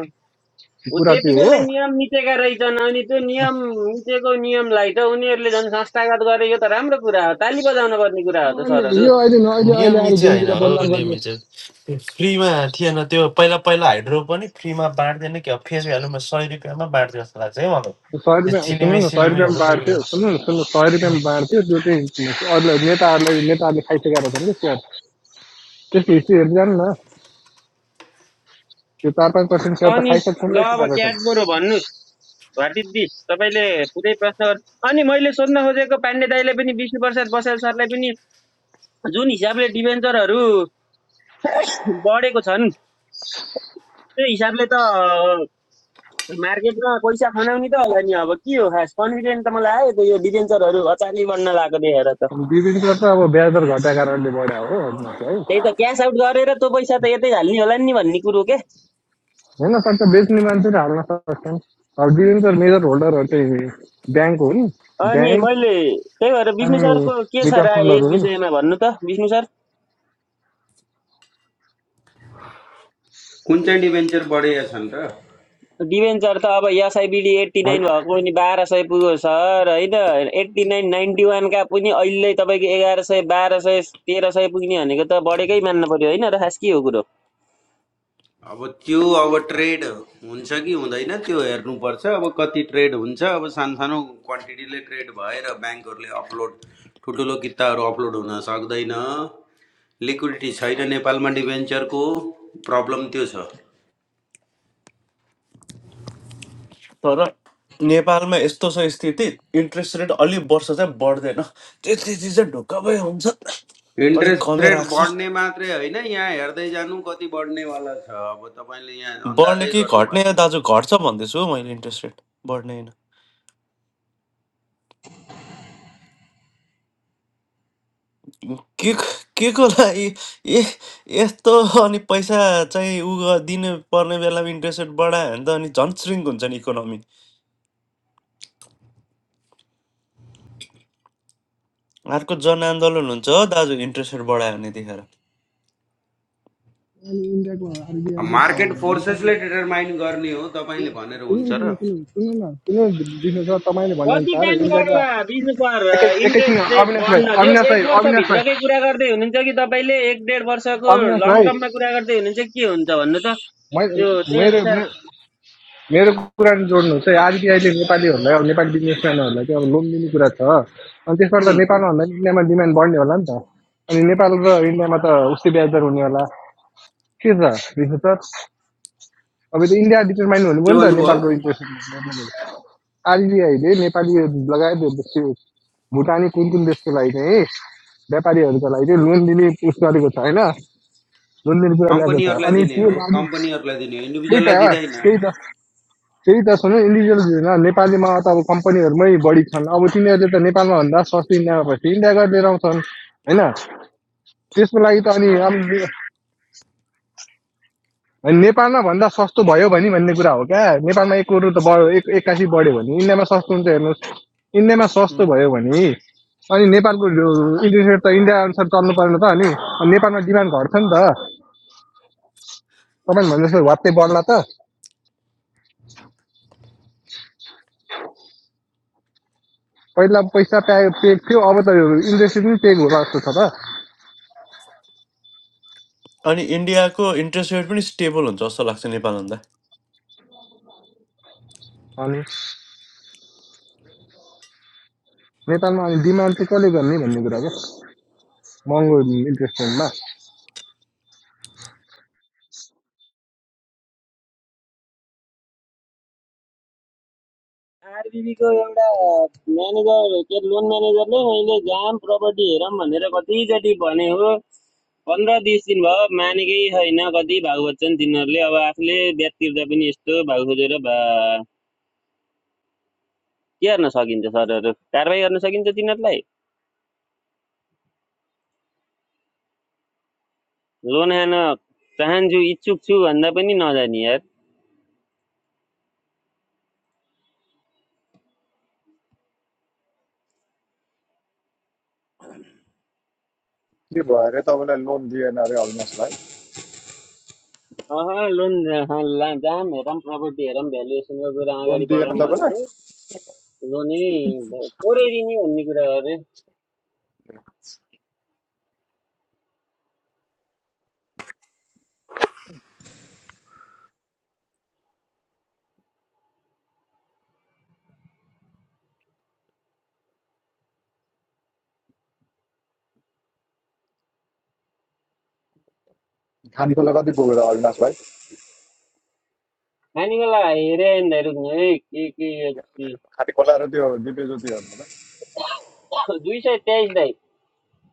ऊ कुरा त्यति त्यो बेलै हो नियम मिचेका रहेछन् अनि त्यो नियम मिचेको नियमलाई त उनीहरूले झन् संस्थागत गरे यो त राम्रो कुरा हो ताली बजाउन पर्ने कुरा हो त अनि सरहरू यो अहिले न- अहिले अहिले नियमी आएर चाहिँ होइन जेन्जीलाई हो बदनाम गर्ने नियमी चाहिँ त्यो फ्रीमा थिएन त्यो पहिला पहिला हाइड्रो पनि फ्रीमा बाँड्दैन क्या फेस भ्यालुमा सय रुपियाँमा बाँड्थ्यो जस्तो लाग्छ है मलाई सय त्यो रुपियाँ सुन्नु चिलिमी न सय रुपियाँमा सिलिमीहरू के के बाँड्थ्यो हो सुन्नु न सुन्नु सय उम्, रुपियाँमा बाँड्थ्यो त्यो चाहिँ अरूलाई नेताहरूलाई नेताहरूले खाइसकेका छन् कि त्यसको हिस्ट्रीहरू जानु न त्यो चार पाँच पर्सेन्ट सेयर त अनि खाइसक्छन् ल रहेछ अब रहेछन् क्याट बरु भन्नुहोस् वाट इज दिस तपाईँले पुरै प्रश्न गर्नु अनि मैले सोध्न खोजेको पाण्डे दाईले पनि विष्णु प्रसाद बसाल सरलाई पनि जुन हिसाबले डिभेन्चरहरू बढेको छन् त्यो हिसाबले त मार्केटमा पैसा खनाउने त होला नि अब के हो खास कन्फिडेन्ट त मलाई आयो त यो डिभेन्चरहरू अचानक बढ्न लागेको देखेर त अनि बिबिनकर त अब ब्याज दर घटाएको कारणले बढ्या हो है त्यही त क्यास आउट गरेर त्यो पैसा त यतै हाल्ने होला नि भन्ने कुरो के हुन सक्छ बेच्ने मान्छेले हाल्न सक्छन् अब बिबिनकर मेजर होल्डरहरू चाहिँ ब्याङ्क हुन् अनि ब्याङ्क मैले त्यही भएर विष्णु अनि सरको के छ म्युचुअल राय यस फन्डहरू हुन् विषयमा भन्नु त विष्णु सर कुन चाहिँ डिभेन्चर बढेका छन् र डिभेन्चर त अब एसआइबिडी एट्टी नाइन हल- भएको पनि बाह्र सय पुग्यो सर होइन एट्टी नाइन नाइन्टी वानका पनि अहिले तपाईँको एघार सय बाह्र सय तेह्र सय पुग्ने भनेको त बढेकै मान्नु पर्यो होइन र खास के हो कुरो अब त्यो अब ट्रेड हुन्छ कि हुँदैन त्यो हेर्नुपर्छ अब कति ट्रेड हुन्छ अब सानसानो क्वान्टिटीले ट्रेड भएर ब्याङ्कहरूले अपलोड ठुल्ठुलो किताहरू अपलोड हुन सक्दैन लिक्विडिटी छैन नेपालमा डिभेन्चरको प्रब्लम त्यो छ तर नेपालमा यस्तो छ स्थिति इन्ट्रेस्ट रेट अलिक वर्ष चाहिँ बढ्दैन त्यति चिज चाहिँ ढुक्क भए हुन्छ अलिक इन्ट्रेस्ट कमै रेट राख्छ बढ्ने मात्रै होइन यहाँ हेर्दै जानु कति बढ्नेवाला छ अब तपाईँले यहाँ बढ्ने अन्दाजै कि गर्नुभएको घट्ने छैन दाजु घट्छ भन्दैछु हौ मैले इन्ट्रेस्ट रेट बढ्ने के के को लागि ए यस्तो अनि पैसा चाहिँ उ ग- दिनु पर्ने बेलामा इन्ट्रेस्ट रेट बढायो भने त अनि झन् श्रिङ्क हुन्छ नि इकोनोमी अर्को जनआन्दोलन हुन्छ हो दाजु इन्ट्रेस्ट रेट बढायो भने त्यतिखेर अनि इन्डियाको अब आरबिआईले त मार्केट नेपाली फोर्सेसले डिटरमाइन गर्ने हो तपाईँले भनेर हुन्छ सुन्नु र न, सुन्नु सुन्नु तपाईँले कति भनेअनुसार टाइम इन्डियाको गर्ला बिस पर एकैछिन इन्ट्रेस्ट रेट अविनाश भाइ बढ्न जस अविनाश भाइ एक अविनाश भाइ वर्षभित्रकै कुरा गर्दै हुनुहुन्छ कि तपाईँले एक डेढ वर्षको अविनाश लङ भाइ टर्ममा कुरा गर्दै हुनुहुन्छ कि के हुन्छ भन्नु त यो त्यही अनुसार मेरो मेरो कुरा जोड्नुहोस् है आरबिआईले नेपालीहरूलाई अब नेपाली बिजनेसम्यानहरूलाई चाहिँ अब लोन दिने कुरा छ अनि त्यसबाट त नेपालमा भन्दा पनि इन्डियामा डिमान्ड बढ्ने होला नि त अनि नेपाल र इन्डियामा त उस्तै ब्याज दर हुने होला के छ विशेष सर अब त इन्डिया डिटरमाइन के हुनुभयो नि त भन्नुभयो नेपालको इन्ट्रेस्ट आरबिआईले नेपाली लगायत भुटानी कुन कुन देशको लागि चाहिँ व्यापारीहरूको लागि चाहिँ लोन दिने उस गरेको छ होइन लोन दिने कुरा ल्याएको छ कम्पनीहरूलाई अनि दिने त्यो हो लागु कम्पनीहरूलाई दिने हो त्यही त इन्डिभिजुअललाई दिँदैन त्यही त त्यही त सुन इन्डिभिजुअल होइन, नेपालीमा त अब कम्पनीहरूमै बढी छन् अब तिनीहरूले त नेपालमा भन्दा सस्तो इन्डियामा भएपछि इन्डिया गरेर लिएर आउँछन् होइन त्यसको लागि त अनि नेपालमा भन्दा सस्तो भयो भने भन्ने कुरा हो क्या नेपालमा एक करोड त बढ्यो एक एक्कासी बढ्यो भने इन्डियामा सस्तो हुन्छ हेर्नुहोस् इन्डियामा सस्तो भयो भने अनि नेपालको इन्ट्रेस्ट रेट त इन्डिया अनुसार चल्नु परेन त अनि नेपालमा डिमान्ड घट्छ नि त तपाईँ भने जस्तो वात्तै बढ्ला त पहिला पैसा प्या पेक थियो अब त इन्ट्रेस्ट पनि पेक होला जस्तो छ त अनि इन्डियाको इन्ट्रेस्ट रेट पनि स्टेबल हुन्छ जस्तो लाग्छ नेपालभन्दा अनि नेपालमा अहिले डिमान्ड चाहिँ कसले गर्ने भन्ने कुरा क्या महँगो इन्ट्रेस्ट रेटमा आरबिबी को एउटा म्यानेजर के लोन म्यानेजरले मैले जाम प्रपर्टी हेरौँ भनेर कतिचोटि भने हो पन्ध्र बिस दिन भयो मानेकै छैन कति भाग बच्छन् तिनीहरूले अब आफूले ब्याज तिर्दा पनि यस्तो भाग खोजेर भा के गर्न सकिन्छ सरहरू कारवाही गर्न सकिन्छ तिनीहरूलाई लोन हेर्न जो इच्छुक छु भन्दा पनि नजाने यार अह के भयो अरे तपाईँलाई लोन दिएन अरे अविनाश भाइ लोन अहँ, ला- जाम हेरौँ प्रपर्टी हेरौँ भ्यालुएसनको कुरा लोन अगाडि दिएन बढाउँ भनेको लोनै भ- पोरै दिने भन्ने कुरा हो अरे खानेकुरा कति पुग्यो त अविनाश भाइ हेरे दाइ रुक्नु है के के यो ची। खाने खोला र त्यो दिपे ज्योतिहरूमा त दुई सय तेइस दाइ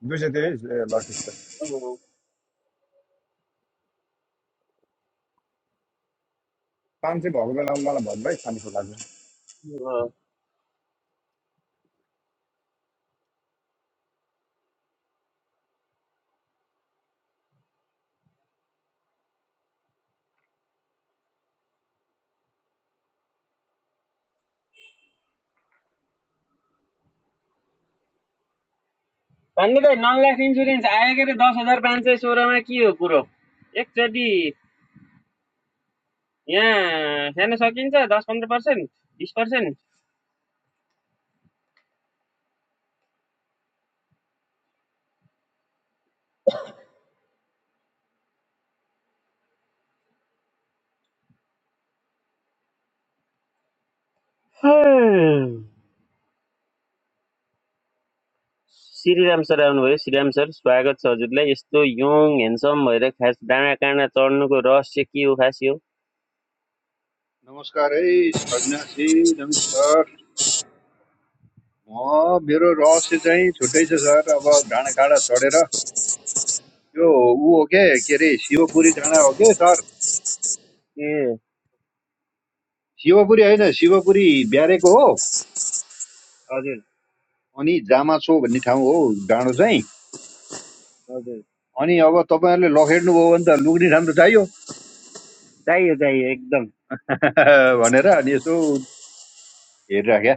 दुई सय तेइस ए ल ठिक छ पाँच सय भएको बेलामा मलाई भन्नु है खाने खोलाको भन्ने दाइ नन लाइफ इन्सुरेन्स आयो के अरे दस हजार पाँच सय सोह्रमा के हो कुरो एकचोटि यहाँ हेर्न सकिन्छ दस पन्ध्र पर्सेन्ट बिस पर्सेन्ट श्रीराम सर आउनुभयो श्रीराम सर स्वागत छ हजुरलाई यस्तो यङ ह्यान्डसम भएर खास डाँडा काँडा चढ्नुको रहस्य के हो खास यो नमस्कार है अविनाशजी नमस्कार म मेरो रहस्य चाहिँ छुट्टै छ सर अब डाँडाकाँडा चढेर यो ऊ हो के के अरे शिवपुरी डाँडा हो के सर ए शिवपुरी होइन शिवपुरी ब्यारेको हो हजुर अनि जामा भन्ने ठाउँ हो डाँडो चाहिँ हजुर अनि अब तपाईँहरूले लखेड्नुभयो भने त लुग्ने ठाउँ त चाहियो चाहियो चाहियो एकदम भनेर अनि यसो हेरिराख्या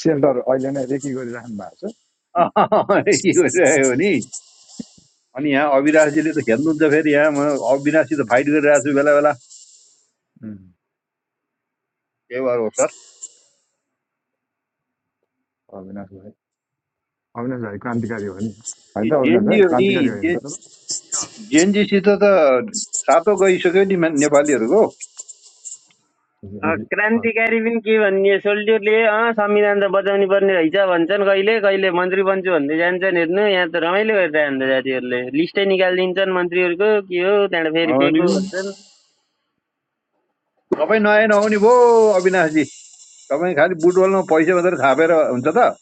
सेल्टर अहिले नै रेकी गरिराख्नु भएको छ के भइरहेको हो नि अनि यहाँ अविनाशजीले त खेल्नुहुन्छ फेरि यहाँ म अविनाशसित उम्, फाइट गरिरहेको छु बेला बेला उम्, के भयो सर अविनाश भाइ अविनाश भाइ क्रान्तिकारी हो नि होइन कि त अविनाश जेएनजी भाइ हो नि क्रान्तिकारी हो नि जे- त जेएनजीसित त सातो गइसक्यो नि मा- नेपालीहरूको तपाईँ अँ, अँ, क्रान्तिकारी पनि के भन्ने सोल्जरले अँ संविधान त बचाउनु पर्ने रहेछ भन्छन् कहिले कहिले मन्त्री बन्छु भन्दै जान्छन् हेर्नु यहाँ त रमाइलो गरिरहन्छ जातिहरूले लिस्टै निकालिदिन्छन् मन्त्रीहरूको के हो त्यहाँबाट फेरि अनि फेको भन्छन् तपाईँ नयाँ नहुने भयो अविनाशजी तपाईँ खालि बुटबलमा पैसा मात्रै थापेर हुन्छ त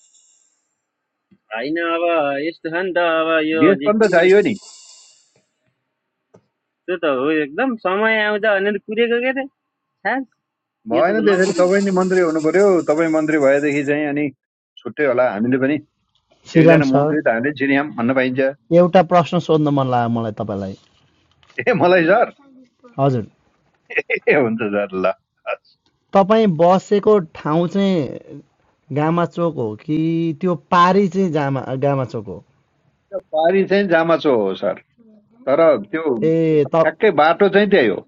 होइन अब यस्तो छ नि त अब यो देश पनि त जिटिएर चाहियो नि त्यो त हो एकदम समय आउँछ भनेर कुरेको के त खास यो त भएन त्यसरी नकुल तपाईँ नि मन्त्री हुनु पर्यो तपाईँ मन्त्री भएदेखि चाहिँ अनि छुट्टै होला हामीले पनि श्रीराम एकजना सर मन्त्री त हामीले चिनियौँ भन्न पाइन्छ एउटा प्रश्न सोध्न मन लाग्यो मलाई तपाईँलाई ए मलाई सर हजुर ए हुन्छ सर ल तपाईँ बसेको ठाउँ चाहिँ गामाचोक हो कि त्यो पारी चाहिँ जामा गामाचोक हो पारी चाहिँ जामाचो हो सर तर त्यो ए त ठ्याक्कै बाटो चाहिँ त्यही हो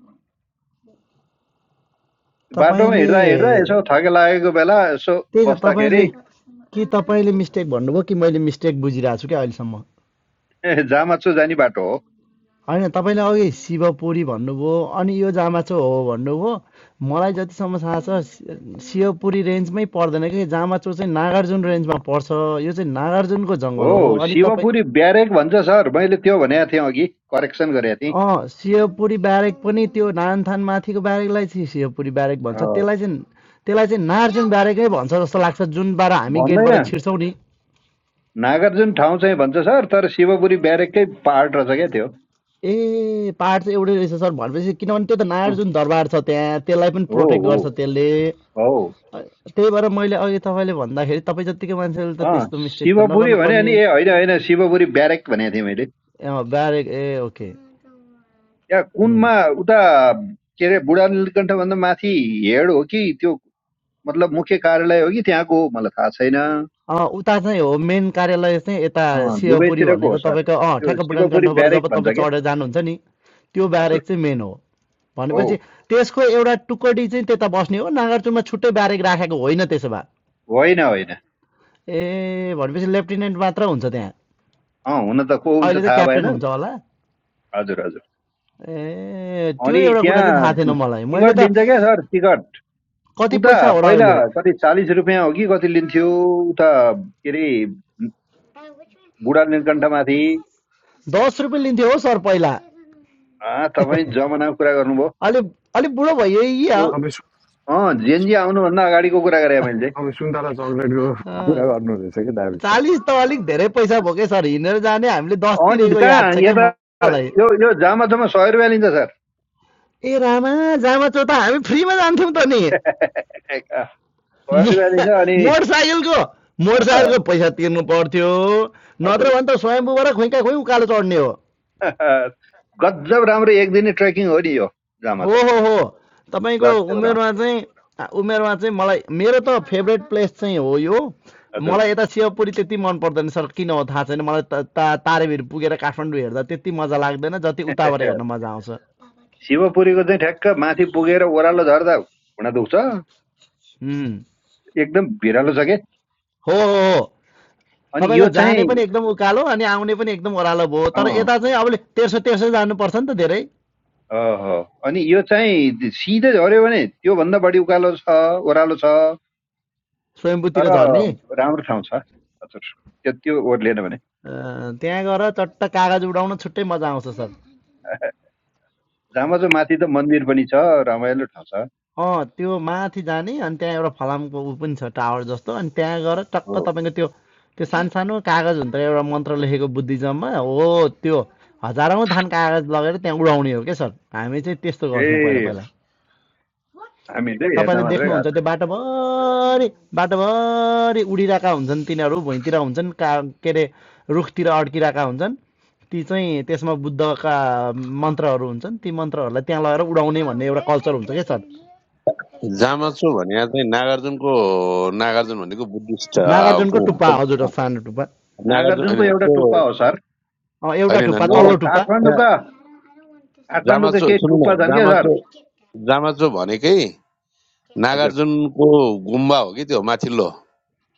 बाटोमा हिँड्दा हिँड्दा तपाईँले यसो थके लागेको बेला यसो त्यही त बस्दाखेरि तपाईँले कि तपाईँले मिस्टेक भन्नुभयो कि मैले मिस्टेक बुझिरहेको छु क्या अहिलेसम्म ए, जामाचो जाने बाटो होइन तपाईँले अघि शिवपुरी भन्नुभयो अनि यो जामाचो हो भन्नुभयो मलाई जतिसम्म थाहा छ शि- शिवपुरी रेन्जमै पर्दैन कि जामाचो चाहिँ नागार्जुन रेन्जमा पर्छ यो चाहिँ नागार्जुनको हो जङ्गल हो हो अनि तपाईँ शिवपुरी ब्यारेक भन्छ सर मैले त्यो भनेको थिएँ अघि करेक्सन गरेको थिएँ अँ शिवपुरी ब्यारेक पनि त्यो नानथान माथिको ब्यारेकलाई चाहिँ शिवपुरी ब्यारेक भन्छ अँ, त्यसलाई चाहिँ त्यसलाई चाहिँ नागार्जुन ब्यारेकै भन्छ जस्तो लाग्छ जुनबाट हामी भन्दैन गेटबाट छिर्छौँ नि नागार्जुन ठाउँ चाहिँ भन्छ सर तर शिवपुरी ब्यारेककै पार्ट रहेछ क्या त्यो ए पहाड चाहिँ एउटै रहेछ सर भनेपछि किनभने त्यो त अँ, नागार्जुन दरबार छ त्यहाँ त्यसलाई पनि हो प्रोटेक्ट हो गर्छ त्यसले हो अ- त्यही भएर मैले अघि तपाईँले भन्दाखेरि तपाईँ जत्तिकै मान्छेले त अँ त्यस्तो मिस्टेक त शिवपुरी भने नगर्नुपर्ने अनि ए होइन होइन शिवपुरी ब्यारेक भनेको थिएँ मैले अँ, बारे ए ओके त्यहाँ उम्। कुनमा उता के अरे बुढा नीलकण्ठभन्दा माथि हेड हो कि त्यो मतलब मुख्य कार्यालय हो कि त्यहाँको हो मलाई थाहा छैन अँ, उता चाहिँ हो मेन कार्यालय चाहिँ यता अँ, शिवपुरी दुवैतिरको हो भनेको सर तपाईँको अँ त्यो ठ्याक्क बुढान शिवपुरी कण्ठबाट ब्यारेक जब भन्छ तपाईँ क्या चढेर जानुहुन्छ नि त्यो हजुर ब्यारेक चाहिँ मेन हो हो भनेपछि त्यसको एउटा टुकडी चाहिँ त्यता बस्ने हो नागार्जुनमा छुट्टै ब्यारेक राखेको होइन त्यसो होइन होइन भए ए भनेपछि लेफ्टिनेन्ट मात्र हुन्छ अँ हुन त को हुन्छ अहिले त थाहा भएन क्याप्टेन हुन्छ होला हजुर हजुर ए त्यो अनि एउटा कुरा चाहिँ त्यहाँ थाहा थिएन मलाई मैले टिकट त लिन्छ क्या सर टिकट कति उता पैसा हो र पहिला अहिले कति चालिस रुपियाँ हो कि कति लिन्थ्यो उता के अरे बुढा नीलकण्ठमाथि दस रुपियाँ लिन्थ्यो हो सर पहिला आ, तपाईँ जमानाको कुरा गर्नुभयो अलि अलिक बुढो भयो या, यो तपाईँ सु- अँ जेएनजी आउनुभन्दा अगाडिको कुरा गरेँ मैले चाहिँ तपाईँ सुन्तला चक्लेटको कुरा गर्नु रहेछ कि दाबी चालिस त अलिक धेरै पैसा भयो क्या सर हिँडेर जाने हामीले अनि दसतिरको कहाँ याद छ क्या यता मलाई यो यो जामा सय रुपियाँ लिन्छ सर ए रामा जामा चो त हामी फ्रीमा जान्थ्यौँ त नि सय रुपियाँ लिन्छ अनि मोटरसाइकलको मोटरसाइकलको पैसा तिर्नु पर्थ्यो नत्र हजुर भने त स्वयम्बुबाट खुइका खुइ उकालो चढ्ने हो गजब राम्रो एक दिने ट्रेकिङ हो नि यो जामा हो हो हो तपाईँको गजब राम्रो उमेरमा चाहिँ आ, उमेरमा चाहिँ मलाई मेरो त फेभरेट प्लेस चाहिँ हो यो हजुर मलाई यता शिवपुरी त्यति मन पर्दैन सर किन हो थाहा छैन मलाई त ता तारेभिर पुगेर काठमाडौँ हेर्दा त्यति मजा लाग्दैन जति उताबाट हेर्न मजा आउँछ शिवपुरीको चाहिँ ठ्याक्क माथि पुगेर ओह्रालो झर्दा घुँडा दुख्छ उम्, एकदम भिरालो छ हो हो हो अनि तपाईँको यो जाने चाहिँ पनि एकदम उकालो अनि आउने पनि एकदम ओह्रालो भयो तर अँ, यता चाहिँ अब तेर्सो तेर्सो जानुपर्छ नि त धेरै अहो। अनि यो चाहिँ सिधै झऱ्यो भने त्योभन्दा बढी उकालो छ ओह्रालो छ स्वयम्भूतिर तर झर्ने राम्रो ठाउँ छ हजुर त्यो त्यो ओर्लिएन भने अँ, त्यहाँ गएर चट्ट कागज उडाउन छुट्टै मजा आउँछ सर जामा चाहिँ माथि त मन्दिर पनि छ रमाइलो ठाउँ छ अँ त्यो माथि जाने अनि त्यहाँ एउटा फलामको ऊ पनि छ टावर जस्तो अनि त्यहाँ गएर हो टक्क तपाईँको त्यो त्यो सानसानो कागज हुन्छ एउटा मन्त्र लेखेको बुद्धिज्ममा हो त्यो हजारौँ थान कागज लगेर त्यहाँ उडाउने हो क्या सर हामी चाहिँ त्यस्तो ए गर्थ्यौँ पहिला पहिला हामी चाहिँ हेर्न तपाईँले मात्रै देख्नुहुन्छ गएको त्यो छ। बाटोभरि बाटोभरि उडिरहेका हुन्छन् तिनीहरू भुइँतिर हुन्छन् का के अरे रुखतिर अड्किरहेका हुन्छन् ती चाहिँ त्यसमा बुद्धका मन्त्रहरू हुन्छन् ती मन्त्रहरूलाई त्यहाँ लगेर उडाउने भन्ने एउटा कल्चर हुन्छ क्या सर जामा छु भने चाहिँ नागार्जुनको नागार्जुन भनेको बुद्धिस्ट अ, नागार्जुनको ऊ टुप्पा हजुर अँ, हुन्छ। सानो टुप्पा नागार्जुन नागार्जुनको होइन एउटा त्यो टुप्पा हो सर अँ, एउटा होइन होइन, टुप्पा यो नागा तल्लो टुप्पा त्यहाँ काठमाडौँका काठमाडौँका जामाचो केही सुन्नु न टुप्पा छन् क्या सर जामाचो जामाचो भनेकै हजुर नागार्जुनको गुम्बा हो कि त्यो माथिल्लो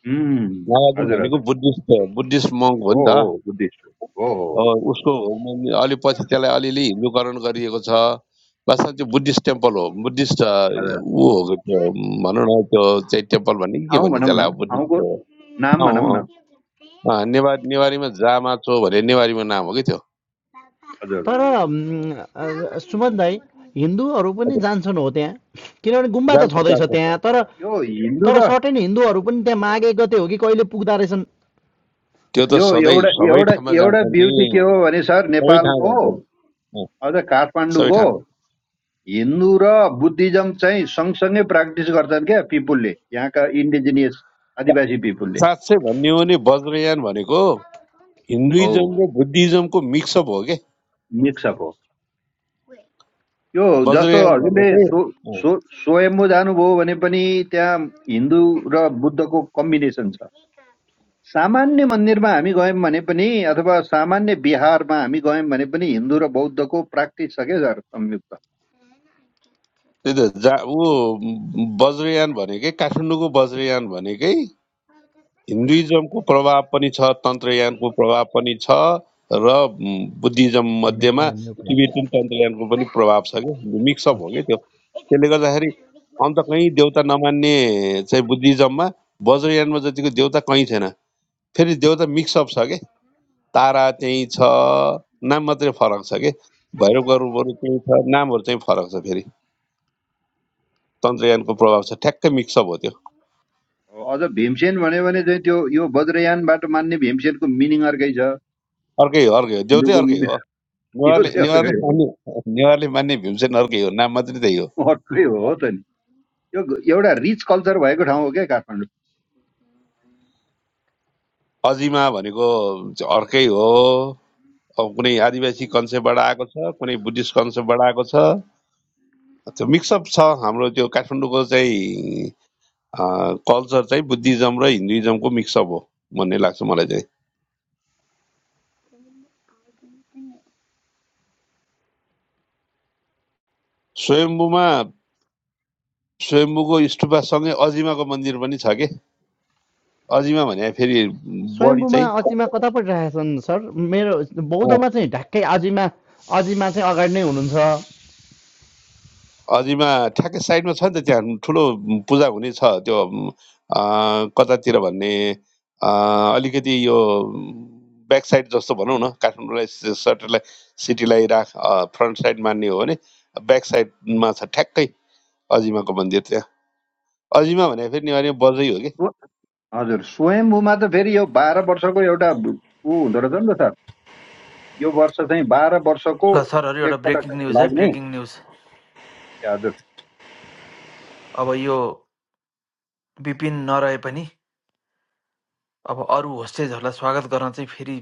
उम्, नागार्जुन हजुर भनेको हजुर बुद्धिस्ट बुद्धिस्ट मङ्क हो हो नि त हो बुद्धिस्ट हो हो हो, अ, उसको म- अलिपछि त्यसलाई अलिअलि हिन्दूकरण गरिएको छ वास्तवमा त्यो बुद्धिस्ट टेम्पल हो बुद्धिस्ट अ, हजुर ऊ हो त्यो भनौँ न त्यो चाहिँ टेम्पल भन्ने कि के ठाउँ भन्ने भनौँ त्यसलाई न अब बुद्धिस्ट ठाउँको हो नाम भनौँ अँ, न अँ, अँ, नेवार नेवारीमा जामाचो भने नेवारीमा नाम हो कि त्यो हजुर तर सुमन दाई हिन्दूहरू पनि हजुर, जान्छन् हो त्यहाँ किनभने गुम्बा त जान्छ छँदैछ जान्छ त्यहाँ तर यो हिन्दू तर र सर्टेन हिन्दूहरू पनि त्यहाँ माघ एक गते हो कि कहिले पुग्दा रहेछन् त्यो त यो सधैँ एउटा सबै एउटा ठाउँमा जान्छ एउटा नि ब्युटी के हो भने सर सबै ठाउँ नेपालको जान्छन् अँ, अझ सबै काठमाडौँको ठाउँ जान्छ। हिन्दू र बुद्धिज्म चाहिँ सँगसँगै प्र्याक्टिस गर्छन् क्या पिपुलले यहाँका इन्डिजिनियस आदिवासी पिपुलले साँच्चै भन्ने हो भने वज्रयान भनेको हो हिन्दुइजम र बुद्धिज्मको मिक्सअप हो के मिक्सअप हो यो जस्तो वज्रयान हजुरले सो भनेकै सो स्वयम्बु जानुभयो भने पनि त्यहाँ हिन्दू र बुद्धको कम्बिनेसन छ सामान्य मन्दिरमा हामी गयौँ भने पनि अथवा सामान्य बिहारमा हामी गयौँ भने पनि हिन्दू र बौद्धको प्र्याक्टिस छ क्या सर संयुक्त त्यही त जा ऊ वज्रयान भनेकै काठमाडौँको वज्रयान भनेकै हिन्दुइजमको प्रभाव पनि छ तन्त्रयानको प्रभाव पनि छ र म, बुद्धिज्म मेकिङ मध्येमा अ न्यू प्लेन टिबेटन तन्त्रयानको पनि प्रभाव छ कि मिक्सअप हो कि त्यो त्यसले गर्दाखेरि अन्त कहीँ देउता नमान्ने चाहिँ बुद्धिज्ममा वज्रयानमा जतिको देउता कहीँ छैन फेरि देउता मिक्सअप छ के तारा त्यहीँ छ नाम मात्रै फरक छ के भैरवका रूपहरू त्यहीँ छ नामहरू चाहिँ फरक छ फेरि तन्त्रयानको प्रभाव छ ठ्याक्कै मिक्सअप हो त्यो अझ भीमसेन भन्यो भने चाहिँ त्यो यो वज्रयानबाट मान्ने भीमसेनको मिनिङ अर्कै छ अर्कै हो अर्कै हो देउ चाहिँ हिन्दूको अर्कै मि- हो त्यो नेवारले चाहिँ नेवारले अर्कै हो मान्ने नेवारले मान्ने भीमसेन अर्कै हो नाम मात्रै त्यही हो अर्कै हो त नि यो एउटा रिच कल्चर भएको ठाउँ हो क्या काठमाडौँ अजिमा भनेको चाहिँ अर्कै हो अब कुनै आदिवासी कन्सेप्टबाट आएको छ कुनै बुद्धिस्ट कन्सेप्टबाट आएको छ त्यो मिक्सअप छ हाम्रो त्यो काठमाडौँको चाहिँ कल्चर चाहिँ बुद्धिज्म र हिन्दुइज्मको मिक्सअप हो भन्ने लाग्छ मलाई चाहिँ स्वयम्बुमा स्वयम्बुको स्टुपासँगै अजिमाको मन्दिर पनि छ के अजिमा भने फेरि बढी स्वयम्भूमा चाहिँ अजिमा कता परिरहेछन् सर मेरो बौद्धमा चाहिँ ढ्याक्कै अजिमा अजिमा चाहिँ अगाडि नै हुनुहुन्छ अझैमा ठ्याक्कै साइडमा छ नि त त्यहाँ ठुलो पूजा हुने छ त्यो म, अ, कतातिर भन्ने अ, अलिकति यो ब्याक साइड जस्तो भनौँ न काठमाडौँलाई स- सटरलाई सिटीलाई राख फ्रन्ट साइड मान्ने हो भने ब्याक साइडमा छ ठ्याक्कै अजिमाको मन्दिर त्यहाँ अजिमा भने फेरि नेवारी बजै हो कि स्व- हजुर स्वयम्भूमा त फेरि यो बाह्र वर्षको एउटा ब- ऊ हुँदो रहेछ नि त सर यो वर्ष चाहिँ बाह्र वर्षको ल सरहरू एउटा ब्रेकिङ एकपटक न्युज है लाग्ने ब्रेकिङ न्युज ए हजुर अब यो विपिन नरहे पनि अब अरू होस्टेजहरूलाई स्वागत गर्न चाहिँ फेरि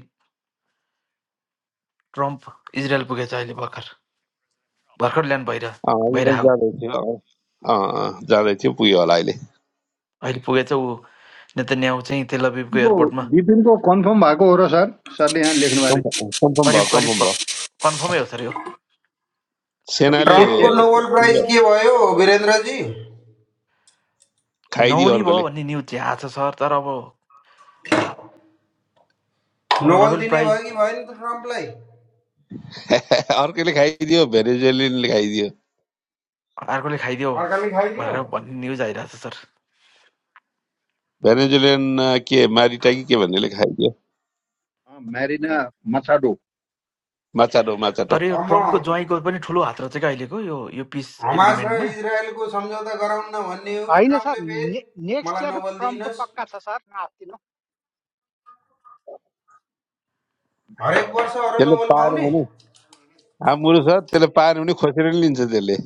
ट्रम्प इजरायल पुगेछ अहिले भर्खर भर्खर ल्यान्ड भइरह अँ, अजिमा भइरहेको जाँदै थियो अँ, अँ, अँ, जाँदै थियो पुग्यो होला अहिले अहिले पुगेछ ऊ नेतन्याहु चाहिँ तेल अभिभको यो एयरपोर्टमा विपिनको कन्फर्म भएको हो र सर सरले यहाँ लेख्नुभयो अरे कन्फर्म भयो करिब करिब कन्फर्म भयो कन्फर्मै हो सर यो कि सेनाले के के ट्रम्पको नोबल हजुर प्राइज के भयो वीरेन्द्रजी खाइदियो नहुने भयो अर्कोले भन्ने न्युज चाहिँ आएको छ सर तर अब अब नोबल नोबेल दिने प्राइज भयो कि भएन त ट्रम्पलाई अर्कोले खाइदियो भेनेजुएलिनले खाइदियो अर्कोले खाइदियो अर्काले खाइदियो भनेर भन्ने न्युज आइरहेको छ सर भेनेजुलियन अ, के मारिटाकी के भन्नेले खायो त्यो अँ, म्यारिना मछाडो माचाटो माचाटो तर यो अब म ट्रम्पको ज्वाइँको पनि ठुलो हात रहेछ क्या अहिलेको यो यो पिस हमास र एग्रिमेन्टमा इजरायलको सम्झौता गराउन भन्ने हो कि होइन सर ट्रम्पले फेरि ने नेक्स्ट मलाई इयर नोबल ट्रम्पको दिइनस् पक्का छ सर नआत्तिनु हरेक वर्ष और त्यसले नोबेल पाएन पाउने भने आमुरो छ त्यसले पाएन भने खोसेर नि लिन्छ त्यसले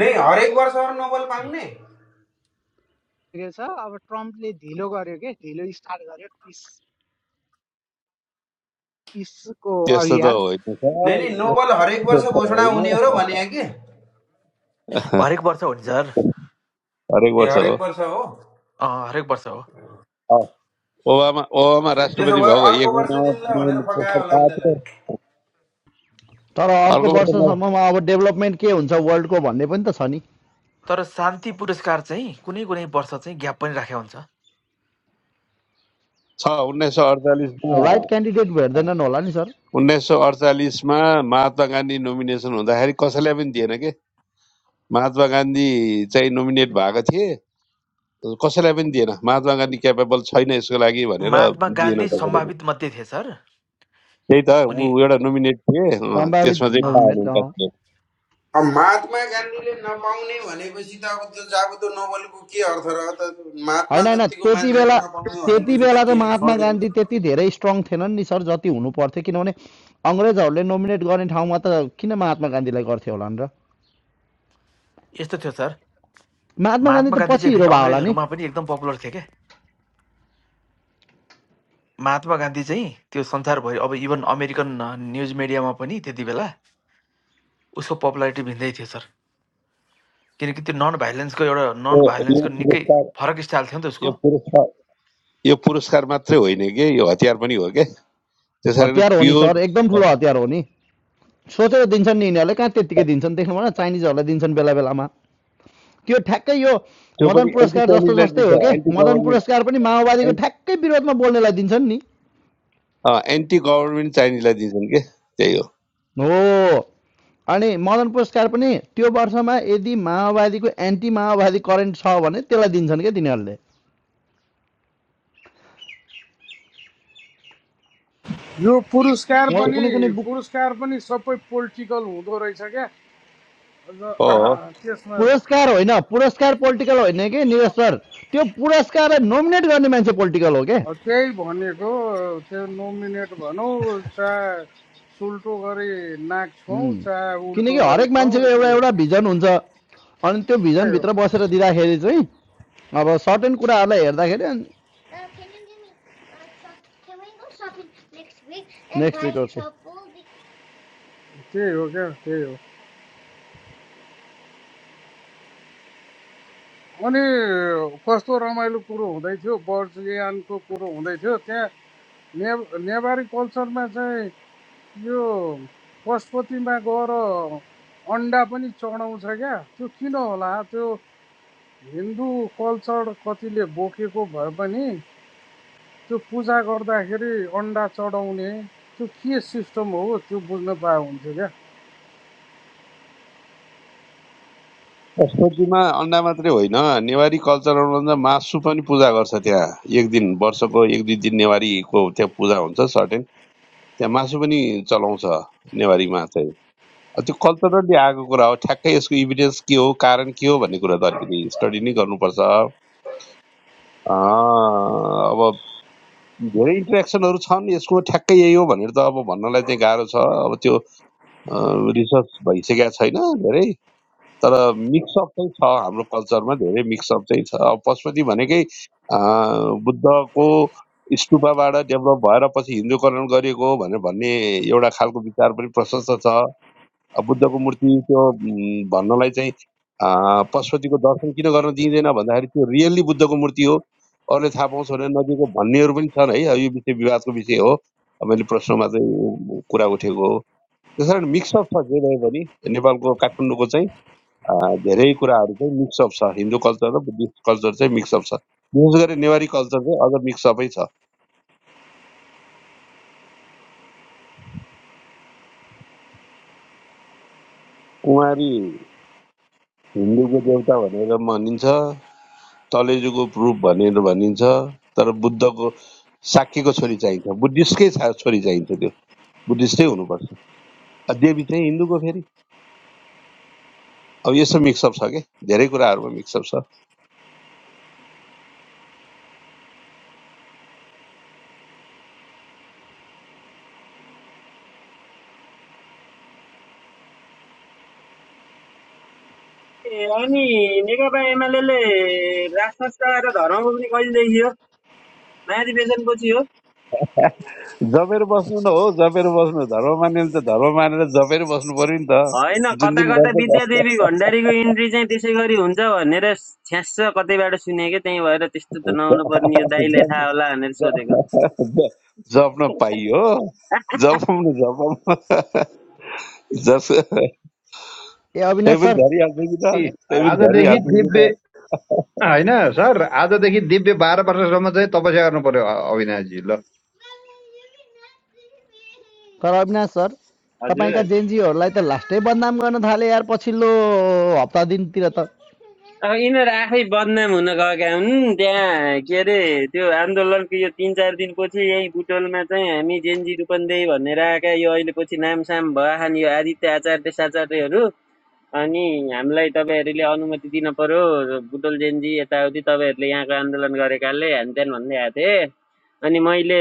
नै हरेक वर्ष और नोबेल पाउने रहेछ अब ट्रम्पले ढिलो गर्यो के ढिलो स्टार्ट गर्यो पिस पिसको त्यस्तो त अभियान होइन सर नै नै त्यस्तो नोबेल हरेक वर्ष त घोषणा होइन हुने हो र भने कि ए हरेक वर्ष हो नि सर हरेक वर्ष हो हरेक वर्ष हो हरेक वर्ष हो अ, ओबामा ओबामा ए, त्यसो राष्ट्रपति भए भएको एक अर्को वर्ष महिनामा दिनलाई पुग्ने भनेर फकायो पुरस्कार होला नि पाएको थियो त्यसलाई तर अर्को अर्को वर्षमा वर्षसम्ममा अब डेभलपमेन्ट के हुन्छ वर्ल्डको भन्ने पनि त छ नि तर शान्ति पुरस्कार चाहिँ कुनै कुनै वर्ष चाहिँ ग्याप पनि राखेको हुन्छ छ उन्नाइस सय अडचालिसमा राइट क्यान्डिडेट भेट्दैनन् होला नि सर उन्नाइस सय अडचालिसमा महात्मा गान्धी नोमिनेसन हुँदाखेरि कसैलाई पनि दिएन के महात्मा गान्धी चाहिँ नोमिनेट भएको थिए कसैलाई पनि दिएन महात्मा गान्धी क्यापेबल छैन यसको लागि भनेर महात्मा दिएन गान्धी कसैले पनि। सम्भावित मध्ये थिए सर त्यही त उनी ऊ एउटा नोमिनेट थिए अँ, सम्भावित त्यसमा चाहिँ नोभेम्बर पाएन अँ कसैले अब महात्मा गान्धीले नपाउने भनेपछि त अब त्यो जाबुतो नोबेलको के अर्थ र त महात्मा होइन होइन जतिको त्यति मान्छेले बेला नपाउने त्यति भनेपछि त बेला त के महात्मा छोडिदिनु गान्धी त्यति धेरै स्ट्रङ थिएनन् नि सर जति हुनु पर्थ्यो किनभने अङ्ग्रेजहरूले नोमिनेट गर्ने ठाउँमा त किन महात्मा गान्धीलाई गर्थ्यो होला नि र यस्तो थियो सर महात्मा गान्धी महात्मा त गान्धी पछि चाहिँ हिरो फेरि भयो होला नि अङ्ग्रेजहरूमा पनि एकदम पपुलर थिए क्या महात्मा गान्धी चाहिँ त्यो संसारभरि अब इभन अमेरिकन न्युज मिडियामा पनि त्यति बेला उसको पपुलारिटी भिन्दै थियो सर किनकि त्यो नन भाइलेन्सको एउटा यो नन यो भाइलेन्सको निकै पुरस्कार फरक स्टाइल थियो नि त उसको यो पुरस्कार यो पुरस्कार मात्रै होइन कि यो हतियार पनि हो के त्यसै कारण हतियार हो नि प्योर सर एकदम ठुलो हतियार हो नि सोचेर दिन्छन् नि यिनीहरूले कहाँ त्यत्तिकै दिन्छन् देख्नु भएन चाइनिजहरूलाई दिन्छन् बेला बेलामा त्यो ठ्याक्कै यो त्यो मदन पनि एन्टी पुरस्कार जस्तो चाइनिजलाई जस्तै दिन्छ हो के एन्टी मदन गभर्मेन्ट पुरस्कार पनि माओवादीको ठ्याक्कै विरोधमा बोल्नेलाई दिन्छन् नि एन्टी गभर्मेन्ट चाइनिजलाई दिन्छन् के त्यही हो हो अनि मदन पुरस्कार पनि त्यो वर्षमा यदि माओवादीको एन्टी माओवादी करेन्ट छ भने त्यसलाई दिन्छन् क्या तिनीहरूले यो पुरस्कार उहाँलाई पनि कुनै कुनै पुरस्कार पनि सबै पोलिटिकल हुँदो रहेछ क्या हो अन्त त्यसमा पुरस्कार होइन पुरस्कार पोलिटिकल होइन कि निरज सर त्यो पुरस्कारलाई नोमिनेट गर्ने मान्छे पोलिटिकल हो क्या अब त्यही भनेको त्यो नोमिनेट भनौँ चाहे सुल्टो गरी नाक छौँ चाहे उल्टो किनकि गरी हरेक छौँ मान्छेको एउटा त्यही हो एउटा भिजन हुन्छ अनि त्यो त्यही हो भिजनभित्र बसेर दिँदाखेरि चाहिँ अब शटन कुरा आप अर्दा एडियान निक्स्ट एर्षि त्यही हो क्या त्यही हो अनि कस्तो रमाइलो कुरो हुँदै थियो बर्जियानको कुरो हुँदै थियो त्यहाँ ने नेवारी कल्चरमा चाहिँ यो पशुपतिमा गएर अन्डा पनि चढाउँछ क्या त्यो किन होला त्यो हिन्दू कल्चर कतिले बोकेको भए पनि त्यो पूजा गर्दाखेरि अन्डा चढाउने त्यो के सिस्टम हो त्यो बुझ्न पाए हुन्थ्यो क्या सब्जीमा अन्डा मात्रै होइन नेवारी कल्चर अनुसार मासु पनि पूजा गर्छ त्यहाँ एक दिन वर्षको एक दुई दिन नेवारीको त्यहाँ पूजा हुन्छ सर्टेन त्यहाँ मासु पनि चलाउँछ नेवारीमा चाहिँ अब त्यो कल्चरली आएको कुरा हो ठ्याक्कै यसको इभिडेन्स के हो कारण के हो भन्ने कुरा त अलिकति स्टडी नै गर्नुपर्छ अँ, अब धेरै इन्ट्रेक्सनहरू छन् यसको ठ्याक्कै यही हो भनेर त अब भन्नलाई चाहिँ गाह्रो छ अब त्यो रिसर्च भइसकेका छैन धेरै तर मिक्सअप चाहिँ छ हाम्रो कल्चरमा धेरै मिक्सअप चाहिँ छ अब पशुपति भनेकै अँ, बुद्धको स्तूपबाट डेभलप भएर पछि हिन्दूकरण गरिएको हो भनेर भन्ने एउटा खालको विचार पनि प्रशस्त छ अब बुद्धको मूर्ति त्यो उम्, भन्नलाई चाहिँ अँ, पशुपतिको दर्शन किन गर्न दिइँदैन भन्दाखेरि त्यो रियल्ली बुद्धको मूर्ति हो अरूले थाहा पाउँछ भने नदिएको भन्नेहरू पनि छन् है अब यो विषय विवादको विषय हो अब मैले प्रश्नमा चाहिँ कुरा उठेको हो त्यस मिक्सअप छ जे भए पनि नेपालको काठमाडौँको चाहिँ धेरै कुराहरू चाहिँ मिक्सअप छ हिन्दू कल्चर र बुद्धिस्ट कल्चर चाहिँ मिक्सअप छ विशेष गरी नेवारी कल्चर चाहिँ अझ मिक्सअपै छ कुमारी हिन्दूको देवता भनेर भनिन्छ तलेजुको रूप भनेर भनिन्छ तर बुद्धको साक्यको छोरी चाहिन्छ बुद्धिस्टकै छोरी चाहिन्छ त्यो बुद्धिस्टै हुनुपर्छ अब देवी चाहिँ हिन्दूको फेरि अब यस्तो मिक्सअप छ के धेरै कुराहरूमा मिक्सअप छ ए, अनि नेकपा एमाले राजसंस्कार र धर्मको पनि कहिलेदेखि हो महाधिवेशनपछि हो जपेर बस्नु न हो जपेर बस्नु धर्म मानेले त धर्म मानेर जपेर बस्नु पर्यो नि त होइन जुन कता दिन कता गर्छ विद्यादेवी भण्डारीको इन्ट्री चाहिँ त्यसै गरी हुन्छ भनेर छ्यास कतैबाट सुनेको त्यही भएर त्यस्तो त नहुनु पर्ने यो गर्छ। दाईलाई थाहा होला भनेर सोधेको ज- जप्न पाइयो जपाउन जपाउन जस तै अब पनि इनसर झरिहाल्छ कि त ए तै पनि हजुर झरिहाल्छ आजदेखि कि त होइन सर आजदेखि दिव्य बाह्र वर्षसम्म चाहिँ तपस्या गर्नु पर्यो अ- अविनाशजी ल अबनासर अपाइका हजुर जेन जी और लाइट लाष्टे बनाम गान धाले यार पछिलो अपता दिन तिरता अब यिनीहरू आफै बदनाम हुन गएका हुन् त्यहाँ के अरे त्यो आन्दोलनको यो तिन चार दिनपछि यही बुटोलमा चाहिँ हामी जेन्जी रूपन्देही भनेर आएका यो अहिले पछि नामसाम भएछन् यो आदित्य आचार्य साचार्यहरू अनि हामीलाई तपाईँहरूले अनुमति दिन पर्यो बुटोल जेन्जी यताउति तपाईँहरूले यहाँको आन्दोलन गरेकाले ह्यान त्यान भन्दै आएको थिएँ अनि मैले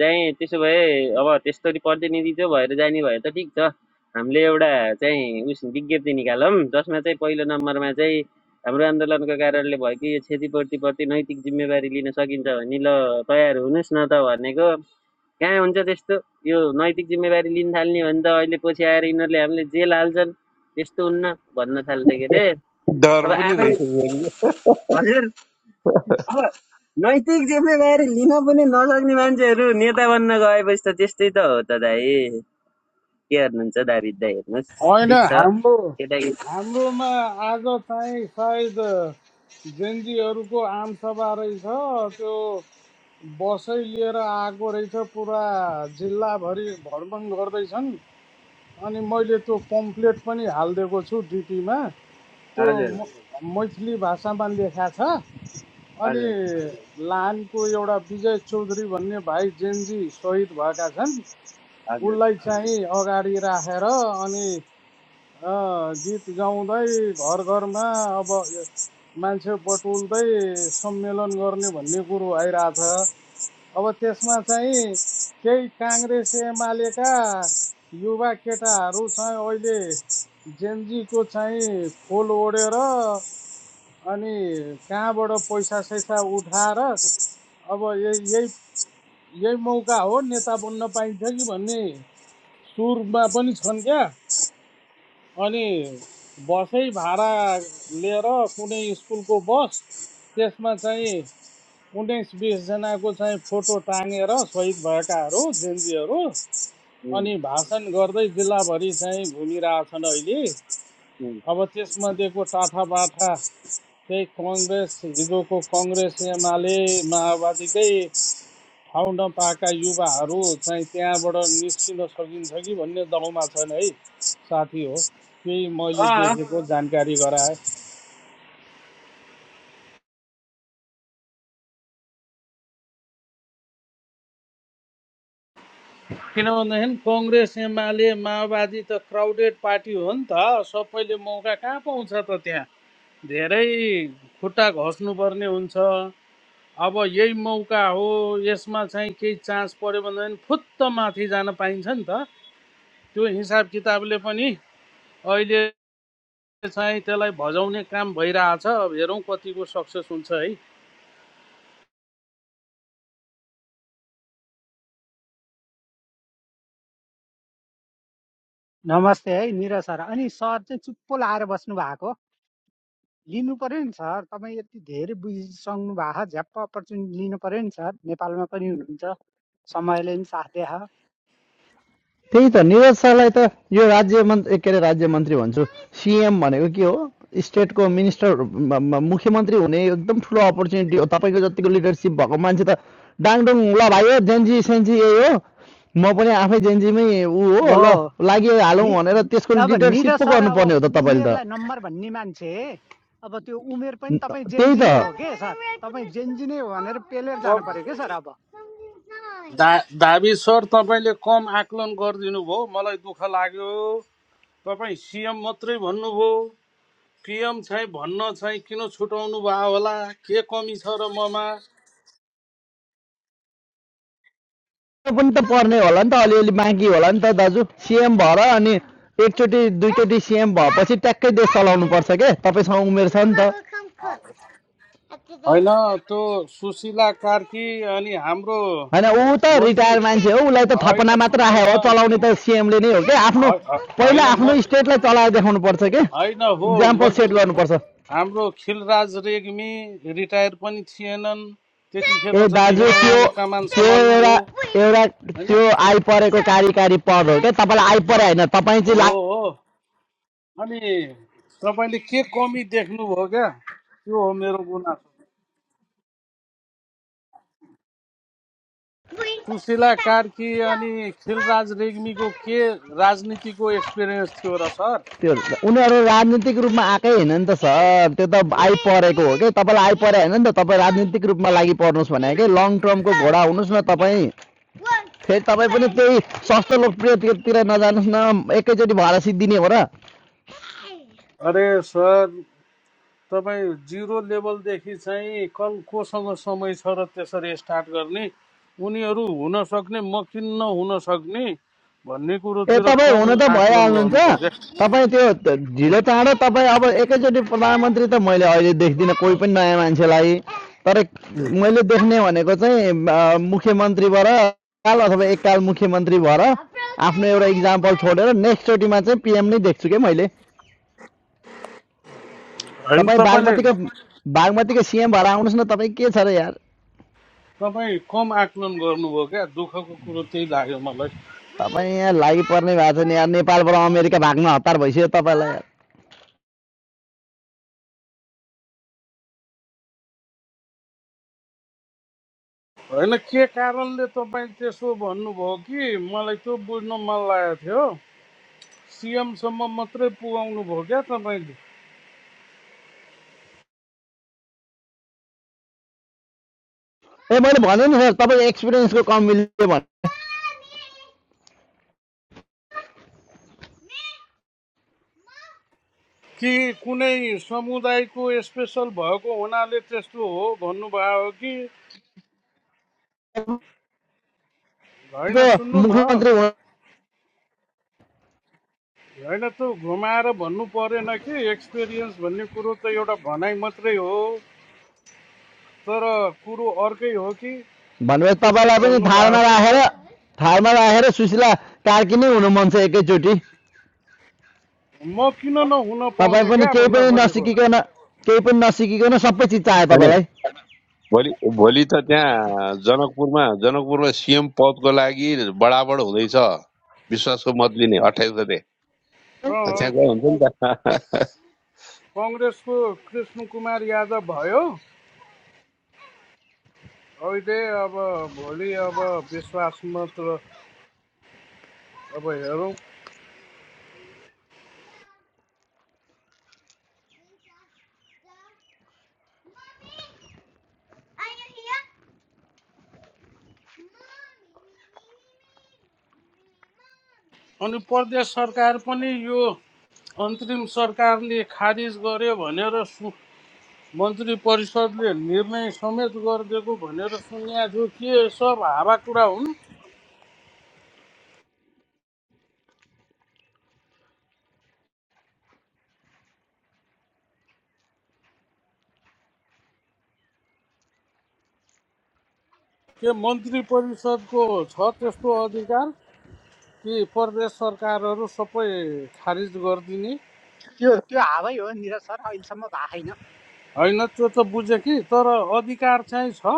चाहिँ त्यसो भए अब त्यस्तरी प्रतिनिधि चाहिँ भएर जाने भए त ठिक छ हामीले एउटा चाहिँ उस विज्ञप्ति निकालौँ जसमा चाहिँ पहिलो नम्बरमा चाहिँ हाम्रो आन्दोलनको कारणले भयो कि यो क्षतिपूर्तिप्रति नैतिक जिम्मेवारी लिन सकिन्छ भने ल तयार हुनुहोस् न त भनेको कहाँ हुन्छ त्यस्तो यो नैतिक जिम्मेवारी लिन थाल्ने भने त अहिले पछि आएर यिनीहरूले हामीले जेल हाल्छन् त्यस्तो हुन्न भन्न थाल्थे के अरे डर अब पनि आफै रहेछ फेरि। हजुर अब नैतिक जिम्मेवारी लिन पनि नसक्ने मान्छेहरू नेता बन्न गएपछि त त्यस्तै त हो त दाइ के गर्नुहुन्छ दाविद दाइ हेर्नुहोस् होइन ठिक छ हाम्रो केटाकेटी हाम्रोमा आज चाहिँ सायद जेन्जीहरूको आमसभा रहेछ त्यो बसै लिएर आएको रहेछ पुरा जिल्लाभरि भ्रमण गर्दैछन् अनि मैले त्यो पम्फलेट पनि हालिदिएको छु डिपीमा त्यो हजुर म- मैथिली भाषामा लेखा छ अनि हजुर लानको एउटा विजय चौधरी भन्ने भाइ जेनजी सहिद भएका छन् हजुर उसलाई चाहिँ अगाडि राखेर अनि अ, गीत गाउँदै घर घरमा अब मान्छे बटुल्दै सम्मेलन गर्ने भन्ने कुरो आइरहेछ अब त्यसमा चाहिँ केही काङ्ग्रेस एमालेका युवा केटाहरू चाहिँ अहिले जेन्जीको चाहिँ खोल ओढेर अनि कहाँबाट पैसा सैसा उठाएर अब यही यही यही मौका हो नेता बन्न पाइन्छ कि भन्ने सुरमा पनि छन् क्या अनि बसै भाडा लिएर कुनै स्कुलको बस त्यसमा चाहिँ उन्नाइस बिसजनाको चाहिँ फोटो टाँगेर सहिद भएकाहरू जेएनजीहरू उम्, अनि भाषण गर्दै जिल्लाभरि चाहिँ घुमिरहेछन् अहिले उम्। अब त्यसमध्येको टाठा बाठा त्यही कङ्ग्रेस हिजोको कङ्ग्रेस एमाले माओवादीकै ठाउँ नपाएका युवाहरू चाहिँ त्यहाँबाट निस्किन सकिन्छ कि भन्ने दौडमा छन् है साथी हो त्यही मैले अँ, देखेको जानकारी गराएँ किनभनेदेखि कङ्ग्रेस एमाले माओवादी त क्राउडेड पार्टी हो नि त सबैले मौका कहाँ पाउँछ त त्यहाँ धेरै खुट्टा घस्नुपर्ने हुन्छ अब यही मौका हो यसमा चाहिँ केही चान्स पऱ्यो भनेदेखि फुत्त माथि जान पाइन्छ नि त त्यो हिसाब किताबले पनि अहिले चाहिँ त्यसलाई भजाउने काम भइरहेछ अब हेरौँ कतिको सक्सेस हुन्छ है नमस्ते है निरज सर अनि सर चाहिँ चुप्पो लाएर बस्नु भएको लिनु पर्यो नि सर तपाईँ यति धेरै बुझिसक्नु भएको झ्याप्प अपर्च्युनिटी लिनु पर्यो नि सर नेपालमा पनि हुनुहुन्छ समयले नि साथ दिए त्यही त निरज सरलाई त यो राज्य मन्त्री के अरे राज्य मन्त्री भन्छु सिएम भनेको के हो स्टेटको मिनिस्टर म- म- मुख्यमन्त्री हुने एकदम ठुलो अपर्च्युनिटी हो तपाईँको जतिको लिडरसिप भएको मान्छे त डाङडुङ ल भाइ हो जेन्जी सेन्जी यही हो म पनि आफै जेन्जीमै ऊ हो हो ल लागि हालौँ नि भनेर त्यसको अब लिडरसिप निरज पो सर अब गर्नुपर्ने हो त तपाईँले उमेरलाई त नम्बर भन्ने मान्छे अब त्यो उमेर पनि तपाईँ त्यही जेन्जी नै हो त के सर तपाईँ जेन्जी नै हो भनेर पेलेर जानु सब पर्यो के सर अब धा धाबी सर तपाईँले कम आकलन गरिदिनु भयो मलाई दुःख लाग्यो तपाईँ सिएम मात्रै भन्नुभयो पिएम चाहिँ भन्न चाहिँ किन छुटाउनु भयो होला के कमी छ र ममा पनि त पर्ने होला नि त अलिअलि बाँकी होला नि त दाजु सिएम भएर अनि एकचोटि दुईचोटि सिएम भएपछि ट्याक्कै देश चलाउनु पर्छ के तपाईँसँग उमेर छ नि त होइन त्यो सुशीला कार्की अनि हाम्रो होइन ऊ त मन्त्री रिटायर मान्छे हो उसलाई त थपना होइन मात्र सुन्नु राखेको हो न चलाउने त सिएमले नै हो क्या आफ्नो ह- ह- पहिला होइन म आफ्नो स्टेटलाई चलाएर देखाउनु पर्छ के होइन हो इक्जाम्पल सेट मन्त्री गर्नुपर्छ हाम्रो खिलराज रेग्मी रिटायर पनि थिएनन् त्यतिखेर ए दाजु जतिखेर त्यो उहाँले कमान त्यो सम्हाल्नुभयो एउटा एउटा होइन त्यो आइपरेको कार्यकारी पद हो क्या तपाईँलाई आइपरे होइन तपाईँ हो चाहिँ हो अनि तपाईँले के कमी देख्नुभयो क्या त्यो हो मेरो गुनासो सुशीला कार्की अनि खिलराज रेग्मीको के राजनीतिको एक्सपिरियन्स थियो र सर त्यो उनीहरू राजनीतिक रूपमा आएकै होइन नि त सर त्यो त आइपरेको हो कि तपाईँलाई आइपरे होइन नि त तपाईँ राजनीतिक रूपमा लागि पर्नुहोस् भने कि लङ टर्मको घोडा हुनुहोस् न तपाईँ फेरि तपाईँ पनि त्यही सस्तो लोकप्रियतिर नजानुहोस् न एकैचोटि भएर सिद्धिने हो र अरे सर तपाईँ जिरो लेभलदेखि चाहिँ कल कोसँग समय छ र त्यसरी स्टार्ट गर्ने उनीहरू हुन सक्ने म किन्न हुन सक्ने भन्ने ए कुरोतिर तपाईँ कम हुन त आकलन गर्नुभयो क्या भइहाल्नुहुन्छ तपाईँ त्यो त- उम्, ढिलो चाँडो तपाईँ अब एकैचोटि प्रधानमन्त्री त मैले अहिले देख्दिनँ कोही पनि नयाँ मान्छेलाई तर मैले देख्ने भनेको चाहिँ अ, मुख्यमन्त्रीबाट काल अथवा एककाल मुख्यमन्त्री भएर आफ्नो एउटा इक्जाम्पल छोडेर नेक्स्टचोटिमा चाहिँ पिएम नै देख्छु क्या मैले होइन तपाईँ तपाईँले बागमतीको बागमतीको सिएम भएर आउनुहोस् न तपाईँ के छ र यार तपाईँ कम आकलन गर्नुभयो क्या दुःखको कुरो त्यही लाग्यो मलाई तपाईँ यहाँ लागिपर्ने भएको छ नि यार नेपालबाट अमेरिका भाग्न हतार भइसक्यो तपाईँलाई यार होइन के कारणले तपाईँ त्यसो भन्नुभयो कि मलाई त्यो बुझ्न मन लागेको थियो सिएमसम्म मात्रै पुगाउनु भयो क्या तपाईँ ए मैले भने नि सर तपाईँ एक्सपिरियन्सको कम मिल्यो कि कुनै समुदायको स्पेसल भएको हुनाले त्यस्तो हो भन्नुभयो कि भने होइन तपाईँको सुन्नु न मुख्यमन्त्री हुनु- होइन त घुमाएर भन्नु परेन कि एक्सपिरियन्स भन्ने कुरो त एउटा भनाइ मात्रै हो तर कुरो अर्कै हो कि भनेपछि त्यसरी तपाईँलाई पनि भन्नुभयो थालमा कि सर राखेर थालमा राखेर सुशीला कार्की नै हुनु मन छ एकैचोटि म किन नहुन तपाईँ पाउने पनि क्या केही भन्न पनि खोजेको नसिकिकन केही पनि नसिकिकन सबै चिज चाहियो होइन तपाईँलाई भोलि भोलि त त्यहाँ जनकपुरमा जनकपुरमा सिएम पदको लागि बडाबड हुँदैछ विश्वासको मत लिने अठाइस गते त्यहाँ गयो हुन्छ नि त कङ्ग्रेसको कृष्ण कुमार यादव भयो अहिले अब भोलि अब विश्वास मात्र अब हेरौँ अनि प्रदेश सरकार पनि यो अन्तरिम सरकारले खारिज गर्यो भनेर सु मन्त्री परिषदले निर्णय समेत गरिदिएको भनेर सुनेको थियो के सब हावा कुरा हुन् के मन्त्री परिषदको छ त्यस्तो अधिकार कि प्रदेश सरकारहरू सबै खारिज गरिदिने त्यो त्यो हावै हो निरज सर अहिलेसम्म भएको छैन होइन त्यो त बुझेँ कि तर अधिकार चाहिँ छ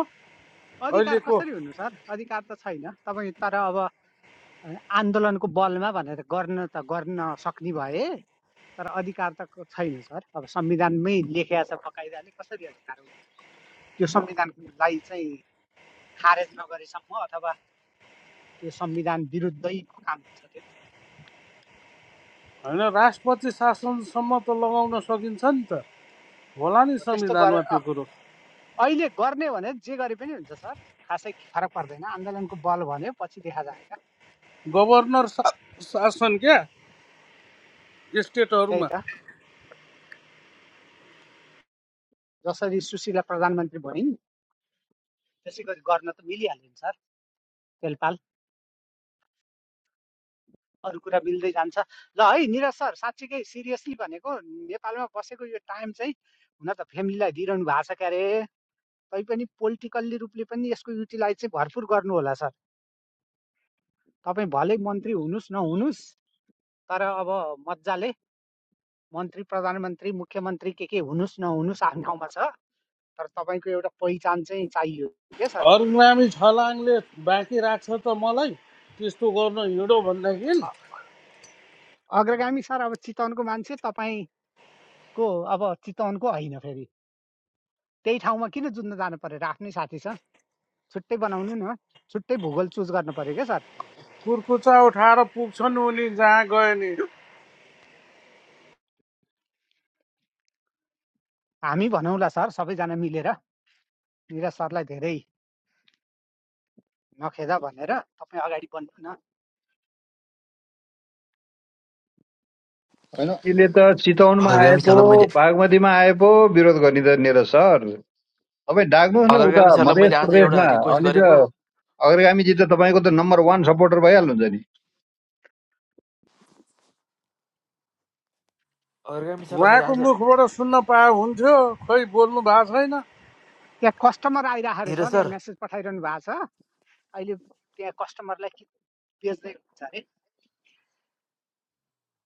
अधिकार अहिलेको कसरी हुनु सर अधिकार त छैन तपाईँ तर अब आन्दोलनको बलमा भनेर गर्न त गर्न सक्ने भए तर अधिकार त क- छैन सर अब संविधानमै लेखेको छ बकाइदाले कसरी अधिकार हुनु त्यो संविधानलाई चाहिँ खारेज नगरेसम्म अथवा त्यो संविधान विरुद्धै काम हुन्छ त्यो होइन राष्ट्रपति शासनसम्म त लगाउन सकिन्छ नि त होला नि हो त्यस्तो गर संविधानमा अ, त्यो कुरो अहिले गर्ने भने जे गरे पनि हुन्छ सर खासै फरक पर्दैन आन्दोलनको बल भन्यो पछि देखा जाएगा गभर्नर शासन क्या त्यही स्टेटहरूमा त जसरी सुशीला प्रधानमन्त्री भइन् त्यसै गरी गर्न त मिलिहाल्यो नि सर तेलपाल अरू कुरा मिल्दै जान्छ ल है निरज सर साँच्चीकै सिरियसली भनेको नेपालमा बसेको यो टाइम चाहिँ हुन त फ्यामिलीलाई दिइरहनु भएको छ क्यारे तैपनि पोलिटिकल्ली रूपले पनि यसको युटिलाइज चाहिँ भरपुर गर्नु होला सर तपाईँ भले मन्त्री हुनुहोस् नहुनुहोस् तर अब मजाले मन्त्री प्रधानमन्त्री मुख्यमन्त्री के के हुनुहोस् नहुनुहोस् आफ्नो ठाउँमा छ तर तपाईँको एउटा पहिचान चाहिँ चाहियो के सर अरुग्रामी छलाङले बाँकी राख्छ त मलाई त्यस्तो गर्न हिँडो भनेदेखि अ- अग्रगामी सर अब चितवनको मान्छे तपाईँको अब चितवनको होइन फेरि त्यही ठाउँमा किन जुत्न जानु पर्यो आफ्नै साथी छ छुट्टै बनाउनु न छुट्टै भूगोल चुज गर्नु पर्यो क्या सर कुर्कुचा उठाएर पुग्छन् उनी जहाँ गयो नि हामी भनौँला सर सबैजना मिलेर निरज सरलाई धेरै नखेदा भनेर तपाईँ अगाडि बढ्नु न होइन अहिले त चितवनमा आए भगरगामी पो छ मैले बागमतीमा आए पो विरोध गर्ने त नि त सर तपाईँ डाक्नुहोस् न उता अग्रगामी सरलाई मध्य मैले आज एउटा प्रदेशमा रिक्वेस्ट अनि त गरेको अग्रगामीजी त तपाईँको त नम्बर वान सपोर्टर भइहाल्नुहुन्छ नि अग्रगामी सरलाई मैले उहाँको आज मुखबाट सुन्न पाए हुन्थ्यो खै बोल्नु भएको छैन त्यहाँ कस्टमर आइरहेको अरे निरज सर सर यहाँ मेसेज पठाइरहनु भएको छ अहिले त्यहाँ कस्टमरलाई के बेच्दै हुन्छ अरे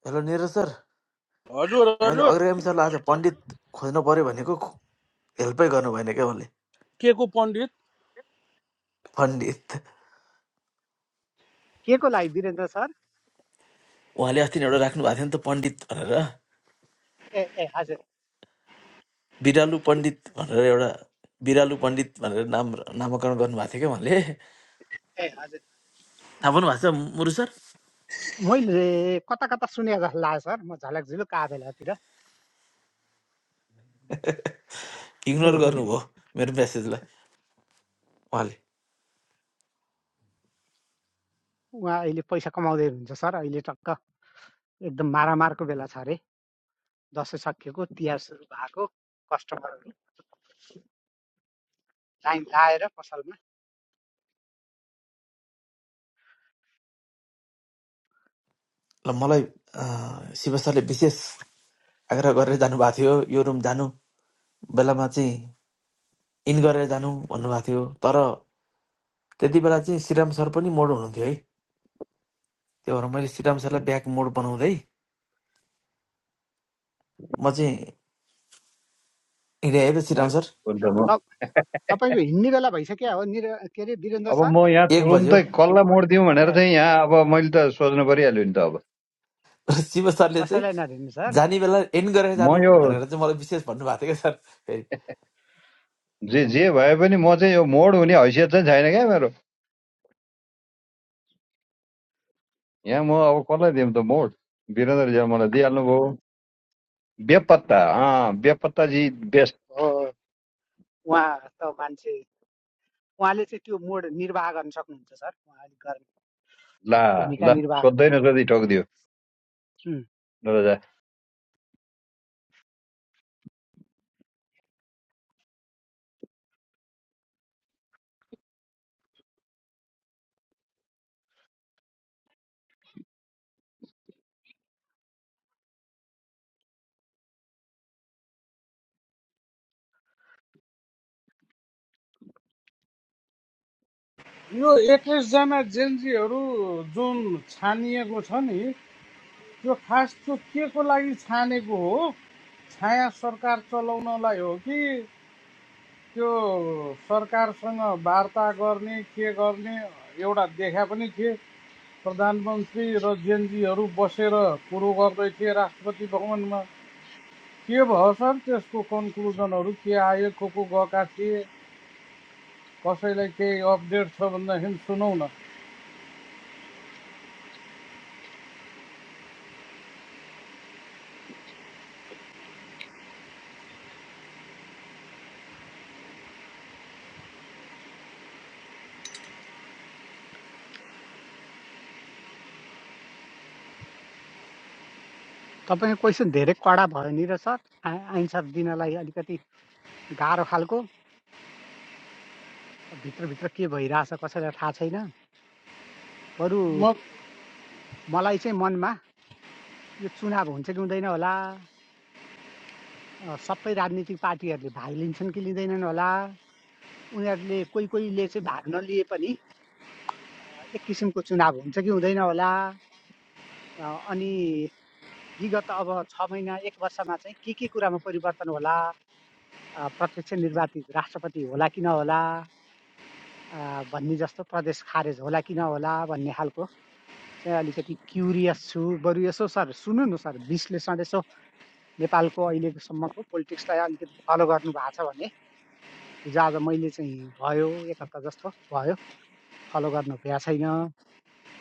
हेलो निरज सर हजुर मैले हजुर अग्रगामी सरलाई आज पण्डित खोज्नु पर्यो भनेको खो- हेल्पै गर्नु भएन क्या उहाँले के को पण्डित पण्डित के को लागि वीरेन्द्र सर उहाँले अस्ति नै एउटा राख्नु भएको थियो नि त पण्डित भनेर ए ए हजुर बिरालु पण्डित भनेर एउटा बिरालु पण्डित भनेर नाम नामाकरण गर्नुभएको थियो क्या उहाँले ए हजुर थाहा पाउनु भएको छ मुरु सर मैले कता कता सुने जस्तो लाग्यो सर म झलक झुलुक आ बेलातिर इग्नोर गर्नुभयो मेरो मेसेजलाई उहाँले उहाँ अहिले पैसा कमाउँदै हुनुहुन्छ सर अहिले टक्क एकदम मारामारको बेला छ अरे दसैँ सकिएको तिहार सुरु भएको कस्टमर टाइम लाएर पसलमा ल मलाई अँ, शिव सरले विशेष आग्रह गरेर जानुभएको थियो यो रुम जानु बेलामा चाहिँ इन गरेर जानु भन्नुभएको थियो तर त्यति बेला चाहिँ श्रीराम सर पनि मोड हुनुहुन्थ्यो है त्यो भएर मैले श्रीराम सरलाई ब्याक मोड बनाउँदै म चाहिँ हिँडेँ है त श्रीराम कुमारी सर हुन्छ म त तपाईँको हिँड्ने बेला भइसक्यो हो निर के अरे वीरेन्द्र अब सर म यहाँ एक बज्यो तुरुन्तै कसलाई मोड दिउँ भनेर ए चाहिँ यहाँ अब मैले त सोच्नु परिहाल्यो नि त अब र शिव सरले चाहिँ कसैलाई नदिनु सर जाने बेला एन्ड गरेर म जानु यो भनेर चाहिँ मलाई विशेष भन्नुभएको थियो क्या सर फेरि जे जे भए पनि म चाहिँ यो मोड हुने हैसियत चाहिँ छैन क्या मेरो यहाँ म अब कसलाई दिउँ त मोड वीरेन्द्रजीले मलाई दिइहाल्नु भयो बेपत्ता अँ बेपत्ताजी बेस्ट हो उहाँ त मान्छे उहाँले चाहिँ त्यो मोड निर्वाह गर्न सक्नुहुन्छ सर उहाँले गर्ने ला भूमिका ल निर्वाह सोद्धै नसोधी ठोकिदियो उम्, नरोजा यो एक्काइसजना जेन्जीहरू जुन छानिएको छ नि यो खास त्यो के को लागि छानेको हो छाया सरकार चलाउनलाई हो कि त्यो सरकारसँग वार्ता गर्ने के गर्ने एउटा देखा पनि थिए प्रधानमन्त्री र जेनजीहरू बसेर कुरो गर्दै थिए राष्ट्रपति भवनमा के भयो सर त्यसको कन्क्लुजनहरू के आयो को को गएका थिए कसैलाई केही अपडेट छ भनेदेखि सुनौ न तपाईँको क्वेसन धेरै कडा भयो नि र सर आन्सर दिनलाई अलिकति गाह्रो खालको भित्रभित्र के भइरहेछ कसैलाई थाहा छैन बरु म मलाई चाहिँ मनमा यो चुनाव हुन्छ कि हुँदैन होला सबै राजनीतिक पार्टीहरूले भाग लिन्छन् कि लिँदैनन् होला उनीहरूले कोही कोहीले चाहिँ भाग नलिए पनि अ, एक किसिमको चुनाव हुन्छ कि हुँदैन होला अ, अनि विगत अब छ महिना एक वर्षमा चाहिँ के के कुरामा परिवर्तन होला अ, प्रत्यक्ष निर्वाचित राष्ट्रपति होला कि नहोला अ, भन्ने जस्तो प्रदेश खारेज होला कि नहोला भन्ने खालको चाहिँ अलिकति क्युरियस छु बरु यसो सर सुन्नु न सर विश्लेषण यसो नेपालको अहिलेसम्मको पोलिटिक्सलाई अलिकति फलो गर्नु भएको छ भने हिजो आज मैले चाहिँ भयो एक हप्ता जस्तो भयो फलो गर्नु भ्या छैन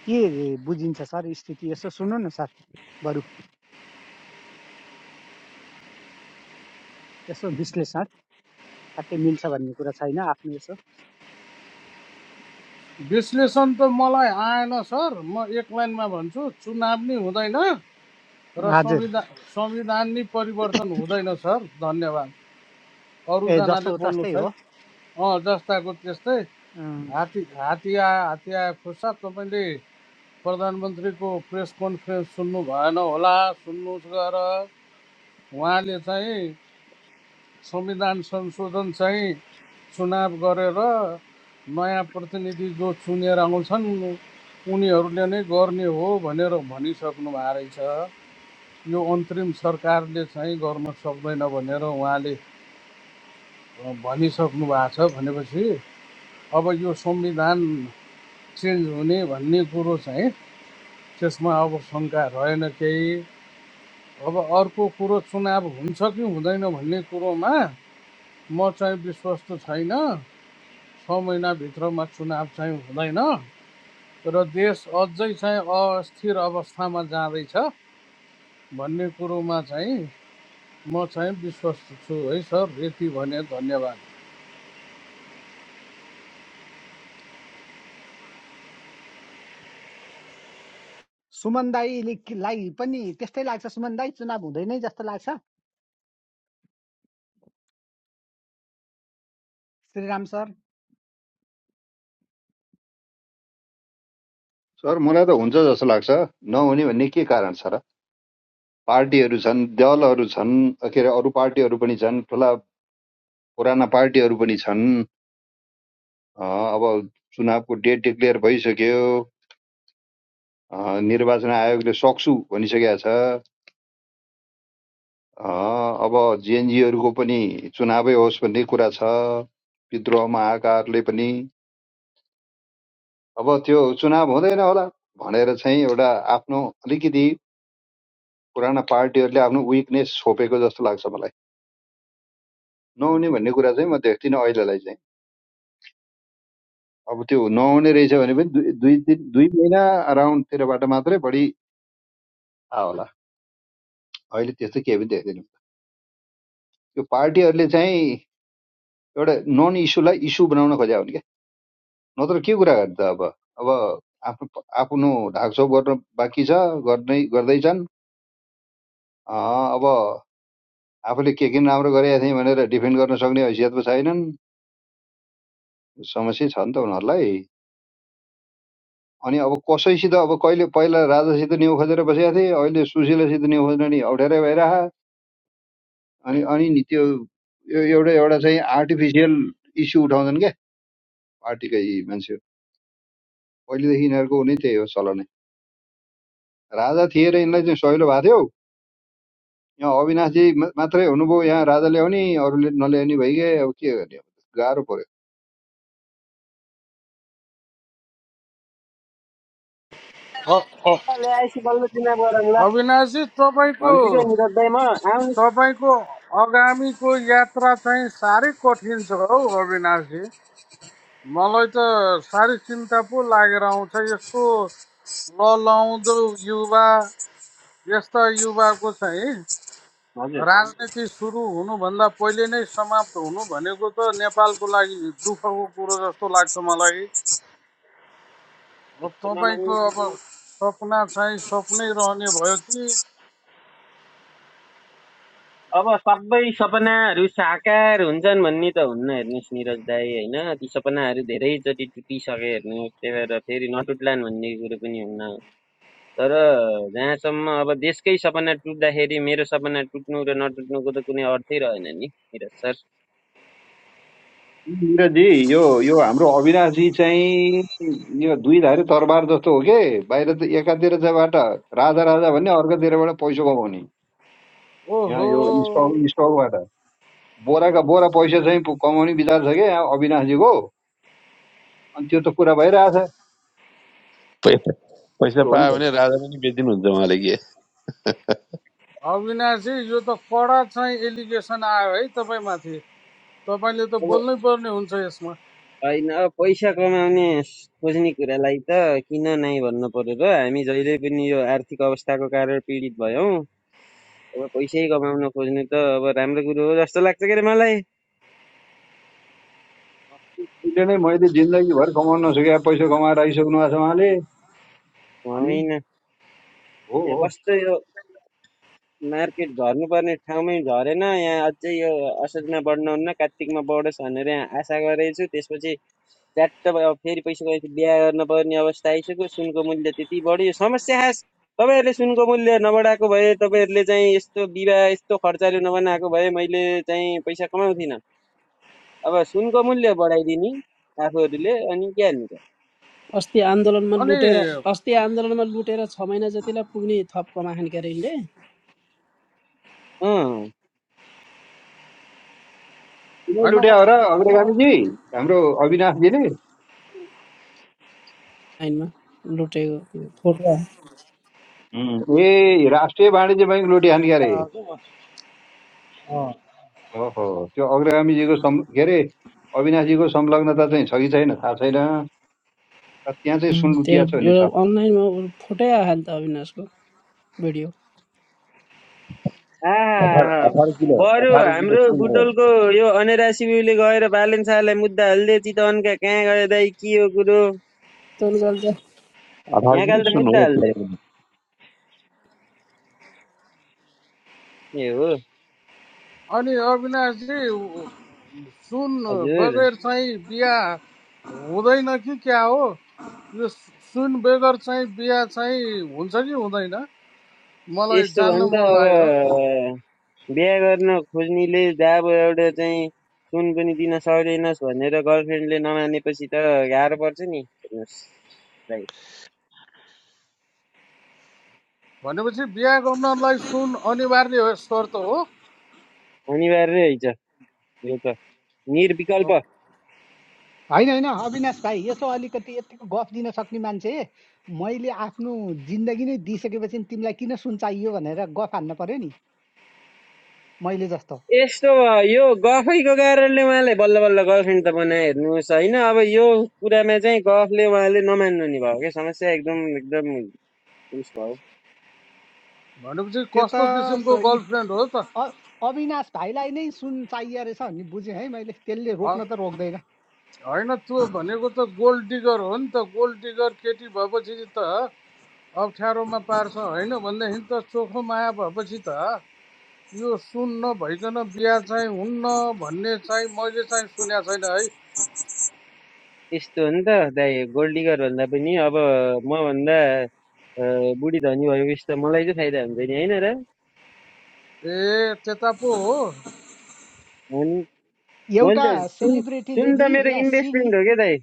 के बुझिन्छ सर स्थिति यसो सुन्नु न सर बरु यसो विश्लेषण ट्याक्कै मिल्छ भन्ने कुरा छैन आफ्नो यसो विश्लेषण त मलाई आएन सर म एक लाइनमा भन्छु चुनाव नै हुँदैन र हजुर संविधान संविधान नै परिवर्तन हुँदैन सर धन्यवाद ए अरूजनाले जस्तो बोल्नु तस्तै छै हो अँ जस्ताको त्यस्तै अँ, हात्ती हात्ती आयो हात्ती आयो खुर्सा तपाईँले प्रधानमन्त्रीको प्रेस कन्फरेन्स सुन्नु भएन होला सुन्नुहोस् गएर उहाँले चाहिँ संविधान संशोधन चाहिँ चुनाव गरेर नयाँ प्रतिनिधि जो चुनेर आउँछन् उनीहरूले नै गर्ने हो भनेर भनिसक्नु भएको रहेछ यो अन्तरिम सरकारले चाहिँ गर्न सक्दैन भनेर उहाँले भनिसक्नु भएको छ भनेपछि अब यो संविधान चेन्ज हुने भन्ने कुरो चाहिँ त्यसमा अब शङ्का रहेन केही अब अर्को कुरो चुनाव हुन्छ कि हुँदैन भन्ने कुरोमा म चाहिँ विश्वस्त छैन छ महिनाभित्रमा चुनाव चाहिँ हुँदैन र देश अझै चाहिँ अस्थिर अवस्थामा जाँदैछ भन्ने कुरोमा चाहिँ म चाहिँ विश्वस्त छु है सर यति भने धन्यवाद सुमन दाईले कि- लाई पनि त्यस्तै लाग्छ सुमन दाई चुनाव हुँदैन जस्तो लाग्छ श्रीराम सर सर मलाई त हुन्छ जस्तो लाग्छ नहुने भन्ने के कारण छ र पार्टीहरू छन् दलहरू छन् के अरे अरू पार्टीहरू पनि छन् ठुला पुराना पार्टीहरू पनि छन् अब चुनावको डेट डिक्लेयर भइसक्यो निर्वाचन आयोगले सक्छु भनिसकेको छ अब जेएनजीहरूको पनि चुनावै होस् भन्ने कुरा छ विद्रोहमा आएकाहरूले पनि अब त्यो चुनाव हुँदैन होला भनेर चाहिँ एउटा आफ्नो अलिकति पुराना पार्टीहरूले आफ्नो विकनेस छोपेको जस्तो लाग्छ मलाई नहुने भन्ने कुरा चाहिँ म देख्दिनँ अहिलेलाई चाहिँ अब त्यो नहुने रहेछ भने पनि दुई दुई दिन दुई महिना अराउन्डतिरबाट मात्रै बढी थाहा होला अहिले त्यस्तो केही पनि देख्दैनौँ त्यो पार्टीहरूले चाहिँ एउटा नन इस्युलाई इस्यु बनाउन खोज्या हुन् क्या नत्र के कुरा गर्ने त अब अब आफ्नो आफ्नो ढाकछोप गर्न बाँकी छ गर्नै गर्दैछन् अँ, अब आफूले के किन राम्रो गरेका थिएँ भनेर डिफेन्ड गर्न सक्ने हैसियत पो छैनन् समस्या छ नि त उनीहरूलाई अनि अब कसैसित अब कहिले पहिला राजासित न्यु खोजेर बसेका थिए अहिले सुशीलासित न्यु खोज्न नि अप्ठ्यारै भइरह अनि अनि नि त्यो यो एउटा एउटा चाहिँ आर्टिफिसियल इस्यु उठाउँछन् क्या पार्टीकै यी मान्छेहरू पहिलेदेखि यिनीहरूको नै त्यही हो चलनै राजा थिए र यिनलाई चाहिँ सहिलो भएको थियो यहाँ अविनाशजी मात्रै हुनुभयो यहाँ राजा ल्याउने अरूले नल्याउने भइगए अब के गर्ने गाह्रो पर्यो ल्याएपछि बल्ल चुनाव गरौँ ल अविनाशजी भन्छु क्या तपाईँको निरज दाइ म आउनु तपाईँको आगामीको यात्रा चाहिँ साह्रै कठिन छ हौ अविनाशजी मलाई त साह्रै चिन्ता पो लागेर आउँछ यस्तो ललाउँदो युवा यस्ता युवाको चाहिँ राजनीति सुरु हुनुभन्दा पहिले नै समाप्त हुनु भनेको त नेपालको लागि दुःखको कुरो जस्तो लाग्छ मलाई अब हजुर तपाईँको अब सपना चाहिँ सपनै रहने भयो कि अब सबै सपनाहरू साकार हुन्छन् भन्ने त हुन्न हेर्नुहोस् निरज दाई होइन ती सपनाहरू धेरैचोटि टुटिसके हेर्नुहोस् त्यही भएर फेरि नटुट्लान् भन्ने कुरो पनि हुन्न तर जहाँसम्म अब देशकै सपना टुट्दाखेरि मेरो सपना टुट्नु र नटुट्नुको त कुनै अर्थै रहेन नि निरज सर निरजी यो यो हाम्रो अविनाशजी चाहिँ यो दुई धारे तरबार जस्तो हो के बाहिर त एकातिरबाट राजा राजा भन्ने अर्कोतिरबाट पैसा कमाउने यहाँ यो ओहो स्टक स्टकबाट बोराका बोरा पैसा चाहिँ पु- कमाउने विचार छ क्या यहाँ अविनाशजीको अनि त्यो त कुरा भइरहेछ पैसा पैसा त्यस्तो हो नि पायो त भने राजा पनि बेचिदिनुहुन्छ उहाँले कि अविनाशजी यो त कडा चाहिँ एलिगेसन आयो है तपाईँमाथि तपाईँले त अब बोल्नै पर्ने हुन्छ यसमा होइन अब पैसा कमाउने खोज्ने कुरालाई त किन नै भन्नु पर्यो र हामी जहिले पनि यो आर्थिक अवस्थाको कारण पीडित भयौँ अब पैसै कमाउन खोज्नु त अब राम्रो कुरो हो जस्तो लाग्छ के अरे मलाई अहिले नै मैले जिन्दगीभर कमाउन नसके पैसा कमाएर आइसक्नु भएको छ उहाँले अनि होइन हो यहाँ हो कस्तो यो मार्केट झर्नुपर्ने ठाउँमै झरेन यहाँ अझै यो असोजमा बढ्नुहुन्न कार्तिकमा बढोस् भनेर यहाँ आशा गरेको छु त्यसपछि च्याट्ट भयो, अब फेरि पैसा गएपछि बिहा गर्न पर्ने अवस्था आइसक्यो सुनको मूल्य त्यति बढ्यो यो समस्या खास तपाईँहरूले सुनको मूल्य नबढाएको भए तपाईँहरूले चाहिँ यस्तो विवाह यस्तो खर्चाले नबनाएको भए मैले चाहिँ पैसा कमाउँथिनँ अब सुनको मूल्य बढाइदिने आफूहरूले अनि के हाल्नु त अस्ति आन्दोलनमा अनि लुटेर अस्ति आन्दोलनमा लुटेर छ महिना जतिलाई पुग्ने थप कमाखान के अरे यिनले अँ किन होइन लुट्या हो र अग्रगामीजी हाम्रो अविनाशजीले लाइनमा लुटेको फोटो आयो। हुँ। ए राष्ट्रिय वाणिज्य बैङ्क लुट्या नि क्यारे ओहो त्यो अग्रगामीजीको सं के अरे अविनाशजीको संलग्नता चाहिँ छ कि छैन थाहा छैन तर त्यहाँ चाहिँ उम्, सुन त्यो लुटिया छ भन्ने छ एउटा अनलाइनमा उ फोटै आयो नि त अविनाशको भिडियो अठार आहा अठार किलो बरु अठार किलो हाम्रो सुन हो बुटोलको यो अनेरा सिबिउले गएर बालन शाहलाई मुद्दा हाल्दे चितवनका कहाँ गयो दाइ के हो कुरो तैँले गर्दा अठार यहाँ किलो काल त सुन मुद्दा हाल्दे हो ए हो अनि अविनाशजी सुन हजुर बगैर चाहिँ बिहा हुँदैन कि क्या हो यो सुन बगैर चाहिँ बिहा चाहिँ हुन्छ कि हुँदैन मलाई यस्तो भयो जान्न भने मन लाग्यो त अब बिहा गर्न खोज्नेले जब एउटा चाहिँ सुन पनि दिन सक्दैनस् भनेर गर्लफ्रेन्डले नमानेपछि त गाह्रो पर्छ नि हेर्नुहोस् दाइ भनेपछि बिहा गर्नलाई सुन अनिवार्य हो- शर्त हो अनिवार्य है छ यो त निर्विकल्प होइन होइन अविनाश भाइ यसो अलिकति यतिको गफ दिन सक्ने मान्छे मैले आफ्नो जिन्दगी नै दिइसकेपछि तिमीलाई किन सुन चाहियो भनेर गफ हान्न पर्यो नि मैले जस्तो यस्तो भयो यो गफैको कारणले उहाँलाई बल्ल बल्ल गर्लफ्रेन्ड त बनाए हेर्नुहोस् होइन अब यो कुरामा चाहिँ गफले उहाँले नमान्नु नि भयो क्या समस्या एकदम एकदम उस भयो भनेपछि त्यो कस्तो त किसिमको स- गर्लफ्रेन्ड हो अ- अविनाश भाइलाई नै सुन चाहियो रहेछ भन्ने बुझेँ है मैले त्यसले त रोक्न त रोक्दैन होइन त्यो भनेको त गोल्ड डिगर हो नि त गोल्ड डिगर केटी भएपछि त अप्ठ्यारोमा पार्छ होइन भनेदेखि त चोखो माया भएपछि त यो सुन नभइकन बिहा चाहिँ हुन्न भन्ने चाहिँ मैले चाहिँ सुनेको छैन है यस्तो हो नि त दाइ गोल्ड डिगर भन्दा पनि अब म भन्दा बुढी धनी भएपछि त मलाई चाहिँ फाइदा हुन्छ नि होइन र ए त्यता पो हो अनि एउटा मैले त सुन सुन सेलिब्रिटीले त नि मेरो यहाँ इन्भेस्टमेन्ट सिडनी हो क्या दाइ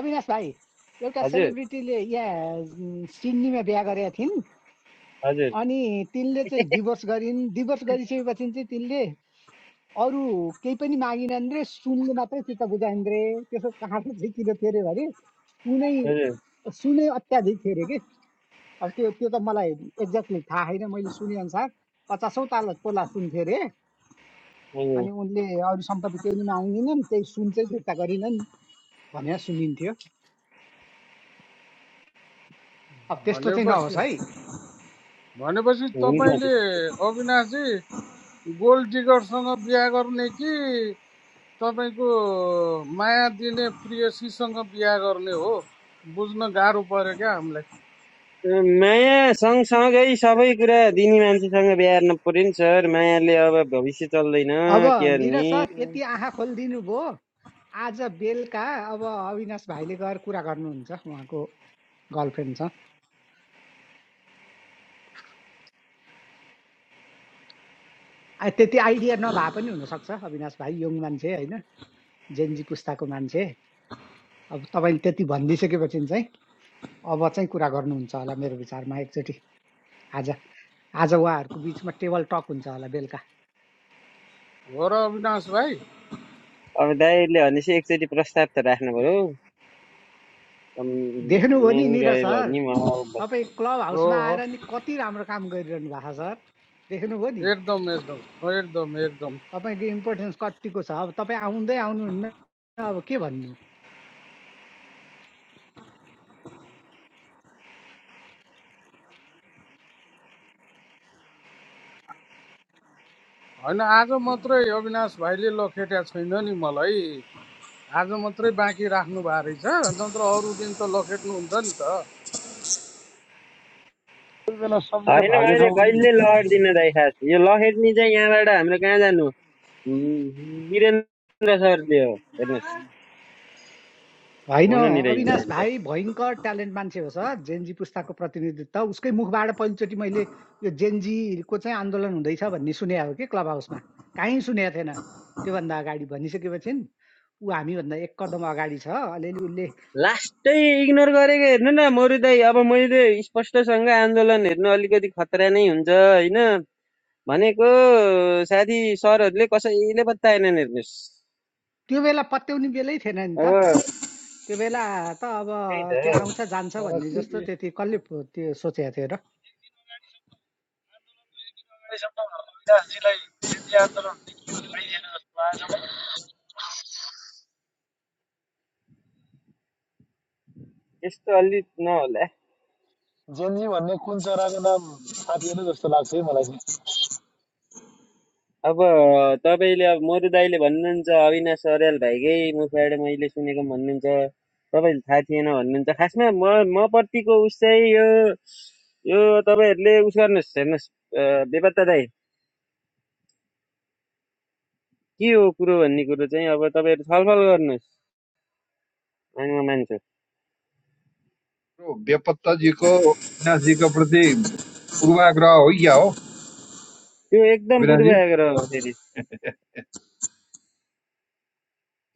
अविनाश भाइ एउटा हजुर सेलिब्रिटीले यहाँ उम्, सिडनीमा बिहा गरेका थिइन् हजुर अनि तिनले चाहिँ डिभोर्स गरिन् डिभोर्स गरिसकेपछि चाहिँ तिनले अरू केही पनि मागिनन् रे सुनले मात्रै चित्त बुझाइन् रे त्यसको कारण चाहिँ किन थियो अरे भने सुनै हजुर सुनै अत्याधिक थियो अरे कि अब त्यो त्यो त मलाई एक्ज्याक्टली थाहा छैन मैले सुने अनुसार पचासौँ ताल तोला सुन्थ्यो अरे हजुर अनि उनले अरू सम्पत्ति केही माग्दिनन् त्यही सुन चाहिँ फिर्ता गरिनन् भनेर सुनिन्थ्यो अब त्यस्तो चाहिँ नहोस् भनेपछि है भनेपछि हुन्छ तपाईँले अविनाशजी गोल्ड डिगरसँग बिहा गर्ने कि तपाईँको माया दिने प्रियसीसँग बिहा गर्ने हो बुझ्न गाह्रो पऱ्यो क्या हामीलाई माया सँगसँगै सबै कुरा दिने मान्छेसँग बिहार्नु पर्यो नि सर मायाले अब भविष्य चल्दैन अब के निरज गर्ने सर यति आँखा खोलिदिनु भयो आज बेलुका अब अविनाश भाइले गएर कुरा गर्नुहुन्छ उहाँको गर्लफ्रेन्डसँग आ, त्यति आइडिया नभए पनि हुनसक्छ अविनाश भाइ यङ मान्छे होइन जेन्जी पुस्ताको मान्छे अब तपाईँले त्यति भनिदिइसकेपछि चाहिँ अब चाहिँ कुरा गर्नुहुन्छ होला मेरो विचारमा एकचोटि आज आज उहाँहरूको बिचमा टेबल टक हुन्छ होला बेलुका हो र अविनाश भाइ अब दाइहरूले भनेपछि एकचोटि प्रस्ताव त राख्नु पऱ्यो देख्नुभयो नि नानी निरज गयो सर भने म तपाईँ क्लब हो हाउसमा हो आएर नि कति राम्रो काम गरिरहनु भएको छ सर देख्नुभयो नि एकदम एकदम हो, एकदम एकदम तपाईँको इम्पोर्टेन्स कतिको छ अब तपाईँ आउँदै आउनुहुन्न अब के भन्नु होइन आज मात्रै अविनाश भाइले लखेट्या छैन नि मलाई आज मात्रै बाँकी राख्नु भएको रहेछ नत्र अरू दिन त लखेट्नुहुन्छ नि त कोही बेला सम्झेले होइन भाग्ने मैले ठाउँ पनि कहिले भेट्नु हुन्छ। लड्दिनँ दाइ खास यो लखेट्ने चाहिँ यहाँबाट हाम्रो कहाँ जानु वीरेन्द्र सरले हो हेर्नुहोस् होइन हुनु नि रहन्छ अविनाश भाइ भयङ्कर ट्यालेन्ट मान्छे हो सर जेन्जी पुस्ताको प्रतिनिधित्व उसकै मुखबाट पहिलोचोटि मैले यो जेन्जीको चाहिँ आन्दोलन हुँदैछ भन्ने सुने हो कि क्लब हाउसमा काहीँ सुनेको थिएन त्योभन्दा अगाडि भनिसकेपछि ऊ हामीभन्दा एक कदम अगाडि छ अलिअलि उसले लास्टै इग्नोर गरेको हेर्नु न मरु अब मैले स्पष्टसँग आन्दोलन हेर्नु अलिकति खतरा नै हुन्छ होइन भनेको साथी सरहरूले कसैले बताएनन् हेर्नुहोस् त्यो बेला पत्याउने बेलै थिएन नि अब त त्यो बेला त अब त्यही त त्यो आउँछ जान्छ तर भन्ने जस्तो त्यति कसले पो त्यो सोचेको थियो र अविनाशजीलाई जेन्जी आन्दोलनले के त्यस्तो अलि नहोला भन्ने कुन चराको नाम थाहा थिएन जस्तो लाग्छ है मलाई अब तपाईँले अब मधु दाईले भन्नुहुन्छ अविनाश अर्याल भाइकै मुखबाट मैले सुनेको भन्नुहुन्छ तपाईँले थाहा थिएन भन्नुहुन्छ खासमा म म प्रतिको उस चाहिँ यो यो तपाईँहरूले उस गर्नुहोस् हेर्नुहोस् अ, बेपत्ता दाई के हो कुरो भन्ने कुरो चाहिँ अब तपाईँहरू छलफल गर्नुहोस् अनि म मान्छु त्यो बेपत्ताजीको अविनाशजीको प्रति पूर्वाग्रह हो या हो त्यो एकदम अविनाशजी पूर्वाग्रह हो फेरि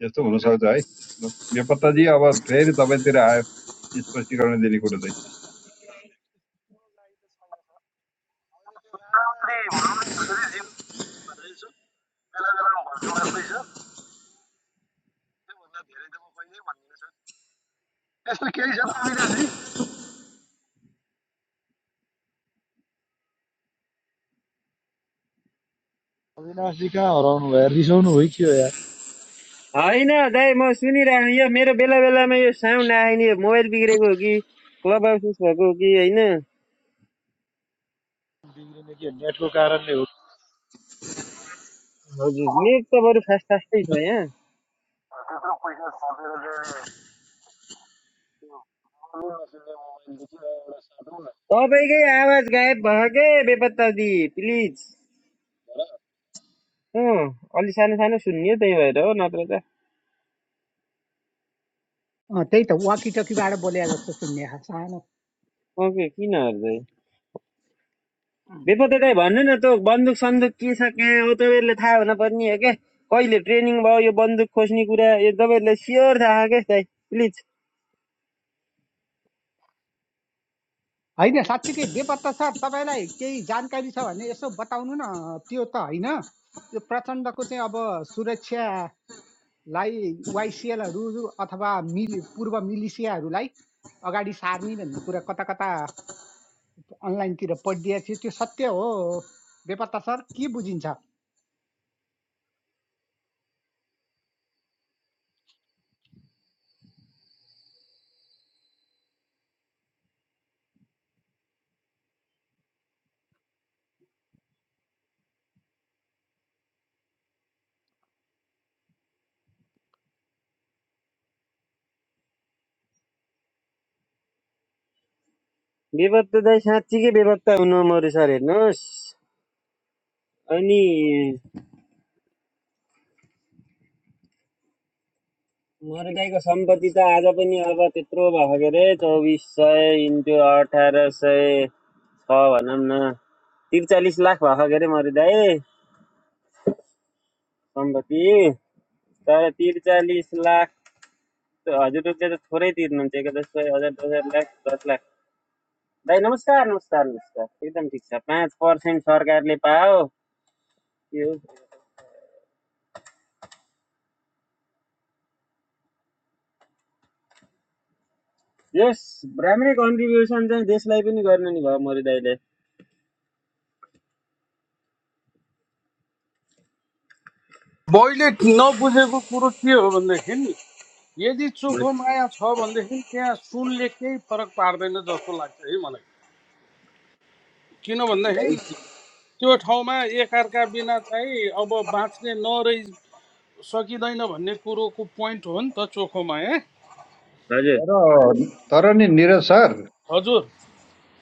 यस्तो हुनसक्छ है ल, बेपत्ताजी अब फेरि तपाईँतिर आयो स्पष्टीकरण दिने कुरो चाहिँ राम्री भनौँ न हामीले चाहिँ जीवन दिन्छु भनेर छु बेला बेलामा भन्छु मलाई प्लिज सर त्योभन्दा धेरै त म कहिले भन्दिनँ सर त्यस्तो केही छैन अविनाशजी अविनाशजी कहाँ हराउनु भयो रिसाउनु भयो कि हो यार होइन दाइ म सुनिरहेको यो मेरो बेला बेलामा यो साउन्ड आएन यो मोबाइल बिग्रेको हो कि क्लब हाउसेस भएको हो कि होइन नेटको कारणले हो हजुर नेट त बरु फास्ट फास्टै छ यहाँ त्यत्रो पैसा थपेर चाहिँ बोल्नु नसक्ने मोबाइल देखिन एउटा साटौँ न तपाईँकै आवाज गायब भयो के बेपत्ता दि प्लिज अँ अलि सानो सानो सुन्ने त्यही भएर हो नत्र त अँ, त्यही त वाकिटकीबाट बोले जस्तो सुन्ने खा- सानो ओके किन हर्दै अँ। बेपत्ता दाइ भन्नु न त बन्दुक सन्दुक के छ कहाँ हो तपाईँहरूले थाहा हुन पर्ने हो क्या कहिले ट्रेनिङ भयो यो बन्दुक खोज्ने कुरा यो तपाईँहरूलाई स्योर थाहा क्या दाइ प्लिज होइन साँच्चीकै बेपत्ता सर तपाईँलाई केही जानकारी छ भने यसो बताउनु न त्यो त होइन यो प्रचण्डको चाहिँ अब सुरक्षालाई वाइसिएलहरू अथवा मिलि पूर्व मिलिसियाहरूलाई अगाडि सार्ने भन्ने कुरा कता कता अनलाइनतिर पढिदिएको थियो त्यो सत्य हो बेपत्ता सर के बुझिन्छ बेपत्ता दाइ साँच्चीकै बेपत्ता हुनु मरु सर हेर्नुहोस् अनि मर्गाईको सम्पत्ति त आज पनि अब त्यत्रो भएको के अरे चौबिस सय इन्टु अठार सय छ भनौँ न त्रिचालिस लाख भएको के अरे मर्गाई सम्पत्ति तर त्रिचालिस लाख त हजुरहरूले त थोरै तिर्नुहुन्छ एक दस सय हजार दस हजार लाख दस लाख दाइ नमस्कार नमस्कार नमस्कार एकदम ठिक छ पाँच पर्सेन्ट सरकारले पाओ यो यस राम्रै कन्ट्रिब्युसन चाहिँ देशलाई पनि गर्नु नि भयो मरिदाईले मैले नबुझेको कुरो के हो भनेदेखि नि यदि चोखो माया छ भनेदेखि त्यहाँ सुनले केही फरक पार्दैन जस्तो लाग्छ है मलाई किन भनेदेखि त्यो ठाउँमा एकअर्का बिना चाहिँ अब बाँच्ने नरहि सकिँदैन भन्ने कुरोको पोइन्ट हो नि त चोखो माया हजुर तर तर नि निरज सर हजुर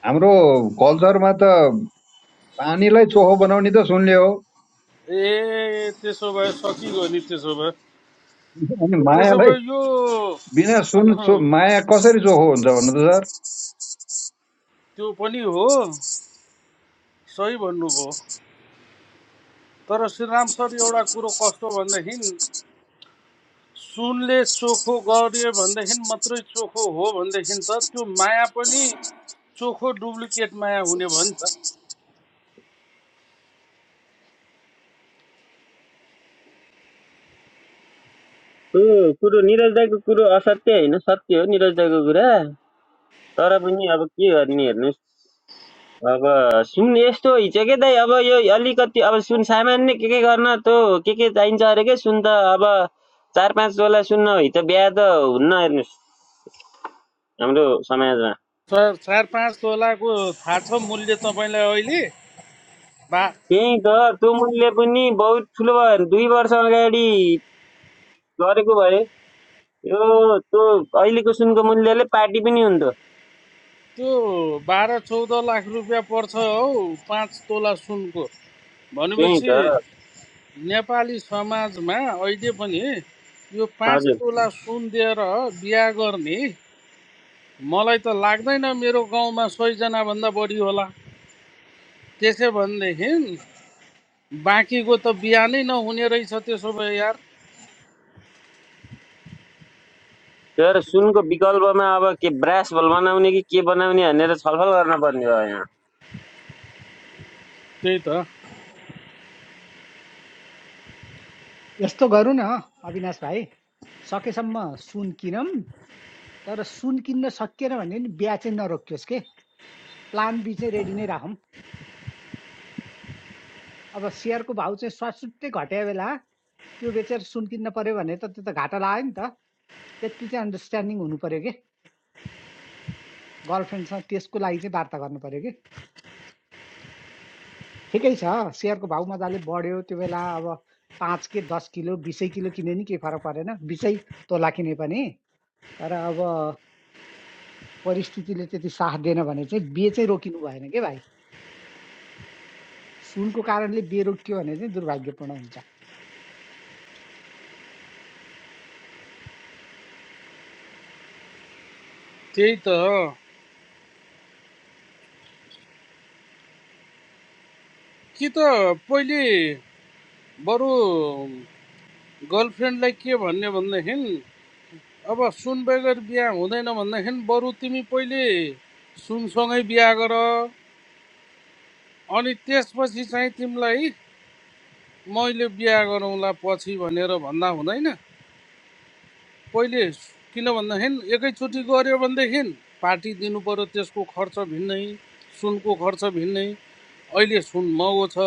हाम्रो कल्चरमा त पानीलाई चोखो बनाउने त सुनले हो ए त्यसो भए सकिगयो नि त्यसो भए अनि त्यसो भए मायालाई यो बिना सुन चो त्यो माया कसरी चोखो हुन्छ भन्नु त सर पनि हो सही भन्नुभयो तर श्रीराम सर एउटा कुरो कस्तो भनेदेखि सुनले चोखो गर्यो भनेदेखि मात्रै चोखो हो भनेदेखि त त्यो माया पनि चोखो डुप्लिकेट माया हुने भयो नि त त्यो कुरो निरज दाईको कुरो असत्य होइन सत्य हो निरज दाईको कुरा तर पनि अब के गर्ने हेर्नुहोस् अब सुन यस्तो हिजो के दाइ अब यो अलिकति अब सुन सामान्य के के गर्न त्यो के के चाहिन्छ अरे के सुन त अब चार पाँच तोला सुन नभई त बिहा त हुन्न हेर्नुहोस् हाम्रो समाजमा चार चार पाँच तोलाको थाहा छ मूल्य तपाईँलाई अहिले बा त्यही त त्यो मूल्य पनि बहुत ठुलो भयो हेर्नु। दुई वर्ष अगाडि गरेको भए यो त्यो अहिलेको सुनको मूल्यले पार्टी पनि हुन्थ्यो त्यो बाह्र चौध लाख रुपियाँ पर्छ हौ पाँच तोला सुनको त्यही भनेपछि त नेपाली समाजमा अहिले पनि यो पाँच हजुर तोला सुन दिएर बिहा गर्ने मलाई त लाग्दैन मेरो गाउँमा सयजनाभन्दा बढी होला त्यसो भनेदेखि बाँकीको त बिहा नै नहुने रहेछ त्यसो भए यार तर सुनको विकल्पमा अब के ब्रास बल बनाउने कि के बनाउने भनेर छलफल गर्न पर्ने भयो यहाँ त्यही त यस्तो गरौँ न अविनाश भाइ सकेसम्म सुन किनौँ तर सुन किन्न सकिएन भने नि बिहा चाहिँ नरोकियोस् के प्लान बी चाहिँ रेडी नै राखौँ अब सेयरको भाउ चाहिँ स्वास्टै घट्या बेला त्यो बेचेर सुन किन्न पऱ्यो भने त त्यो त घाटा लाग्यो नि त त्यति चाहिँ अन्डरस्ट्यान्डिङ हुनु पऱ्यो कि गर्लफ्रेन्डसँग त्यसको लागि चाहिँ वार्ता गर्नु पऱ्यो कि ठिकै छ सेयरको भाउ मजाले बढ्यो त्यो बेला अब पाँच के दस किलो बिसै किलो किने नि केही फरक परेन बिसै तोला किने पनि तर अब परिस्थितिले त्यति साथ दिएन भने चाहिँ बिहे चाहिँ रोकिनु भएन के भाइ सुनको कारणले बिहे रोकियो भने चाहिँ दुर्भाग्यपूर्ण हुन्छ त्यही त कि त पहिले बरु गर्लफ्रेन्डलाई के भन्ने भनेदेखि अब सुन बगैर बिहा हुँदैन भनेदेखि बरु तिमी पहिले सुनसँगै बिहा गर अनि त्यसपछि चाहिँ तिमीलाई मैले बिहा गरौँला पछि भनेर भन्दा हुँदैन पहिले किन भन्दाखेरि एकैचोटि गऱ्यो भनेदेखि पार्टी दिनु पऱ्यो त्यसको खर्च भिन्नै सुनको खर्च भिन्नै अहिले सुन महँगो छ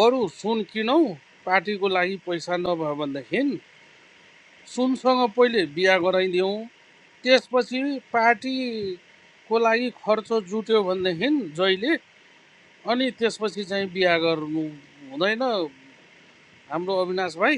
बरु सुन किनौँ पार्टीको लागि पैसा नभयो भनेदेखि सुनसँग पहिले बिहा गराइदिउँ त्यसपछि पार्टीको लागि खर्च जुट्यो भनेदेखि जहिले अनि त्यसपछि चाहिँ बिहा गर्नु हुँदैन हाम्रो अविनाश भाइ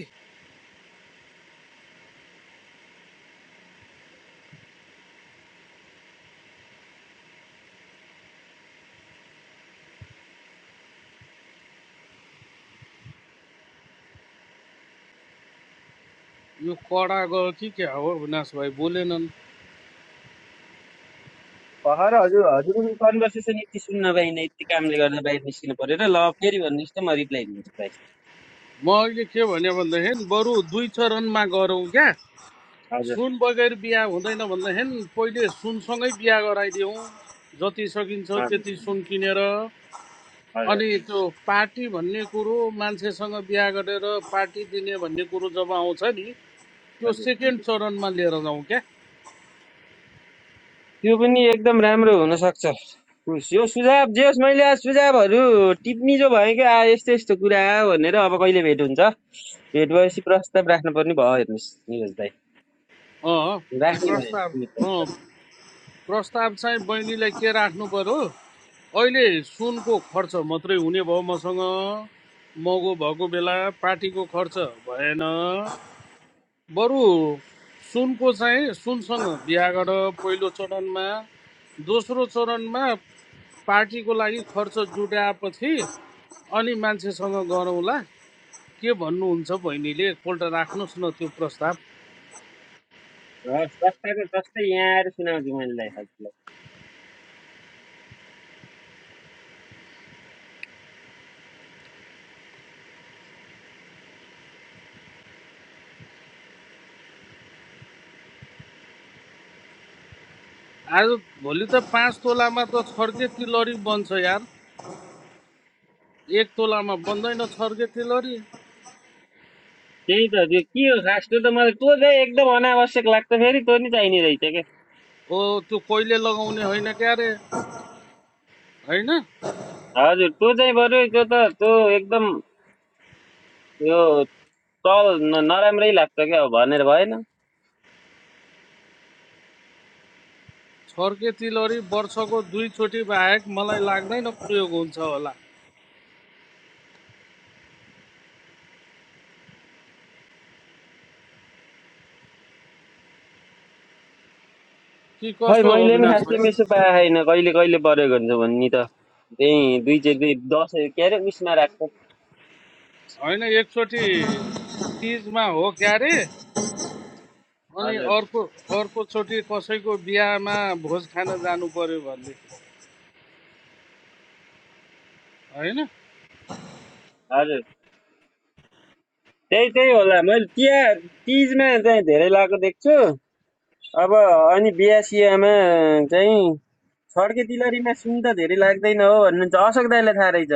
यो कडा गयो कि क्या हो विनाश भाइ बोलेनन् भर्खर हजुर हजुरको कन्भर्सेसन यति सुन्न पाइनँ यति कामले गर्दा बाहिर निस्किनु पऱ्यो र ल फेरि भन्नुहोस् त म रिप्लाई दिन्छु भाइ म अहिले के भने भन्दाखेरि बरु दुई चरणमा गरौँ क्या हजुर सुन बगैर बिहा हुँदैन भन्दाखेरि पहिले सुनसँगै बिहा गराइदिउँ जति सकिन्छ हजुर हजुर त्यति सुन किनेर अनि त्यो पार्टी भन्ने कुरो मान्छेसँग बिहा गरेर पार्टी दिने भन्ने कुरो जब आउँछ नि त्यो हजुर सेकेन्ड चरणमा लिएर जाउँ क्या त्यो पनि एकदम राम्रो हुनसक्छ यो सुझाव जे होस् मैले आज सुझावहरू टिप्नी जो भयो क्या यस्तो यस्तो कुरा भनेर अब कहिले भेट हुन्छ भेट भएपछि प्रस्ताव राख्नु भयो हेर्नुहोस् निरज भाइ अँ राख्ने प्रस्ताव भयो अँ प्रस्ताव चाहिँ बहिनीलाई के राख्नु पर्यो अहिले सुनको खर्च मात्रै हुने भयो मसँग मगो भएको बेला पार्टीको खर्च भएन बरु सुनको चाहिँ सुनसँग बिहा गर पहिलो चरणमा दोस्रो चरणमा पार्टीको लागि खर्च जुटाएपछि अनि मान्छेसँग गरौँला के भन्नुहुन्छ बहिनीले एकपल्ट राख्नुहोस् न त्यो प्रस्ताव हस् जस्तै यहाँ आएर सुनाउँछु मैले आज भोलि त पाँच तोलामा त छर्के तिलरी बन्छ यार एक तोलामा बन्दैन छर्के तिलहरी त्यही त त्यो के हो खास त्यो त मलाई त्यो चाहिँ एकदम अनावश्यक लाग्छ फेरि त्यो नि चाहिने रहेछ के ओ त्यो कहिले लगाउने होइन क्यारे होइन हजुर त्यो चाहिँ बरु त्यो त त्यो एकदम यो चल न- नराम्रै लाग्छ क्या अब भनेर भएन छर्के तिलहरी वर्षको दुईचोटि बाहेक मलाई लाग्दैन प्रयोग हुन्छ होला कि खै कसो हो मैले नि अविनाश खासै भाइ मिसो पाएको छैन कहिले कहिले परेको हुन्छ भन्ने त त्यही दुई चाहिँ दुई दसैँ के अरे उयसमा राख्छ होइन एकचोटि तिजमा हो क्यारे अनि हजुर अर्को अर्कोचोटि कसैको बिहामा भोज खान जानु पर्यो भनेदेखि होइन हजुर त्यही त्यही होला मैले तिहार तिजमा चाहिँ धेरै लगाएको देख्छु अब अनि बिहा चाहिँ छड्के तिलहरीमा सुन त धेरै लाग्दैन हो भन्नुहुन्छ अशोक दाइलाई थाहा रहेछ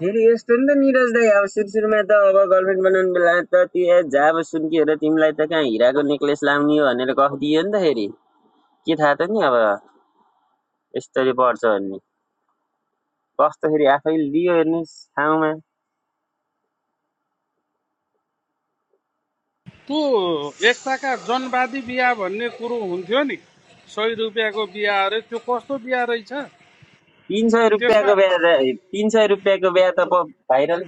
फेरि यस्तो नि त निरज दाई अब सुरु सुरुमा त अब गर्लफ्रेन्ड बनाउने बेला त त्यो जाब सुन्किएर तिमीलाई त कहाँ हिराको नेक्लेस लाउने हो भनेर कफ दियो नि त फेरि के थाहा त नि अब यसरी पर्छ भन्ने कस्तो फेरि आफैले दियो हेर्नुहोस् ठाउँमा त्यो एकताका जनवादी बिहा भन्ने कुरो हुन्थ्यो नि सय रुपियाँको बिहा अरे त्यो कस्तो बिहा रहेछ तिन सय त्यसमा रुपियाँको बिहा तिन सय रुपियाँको बिहा त भाइरल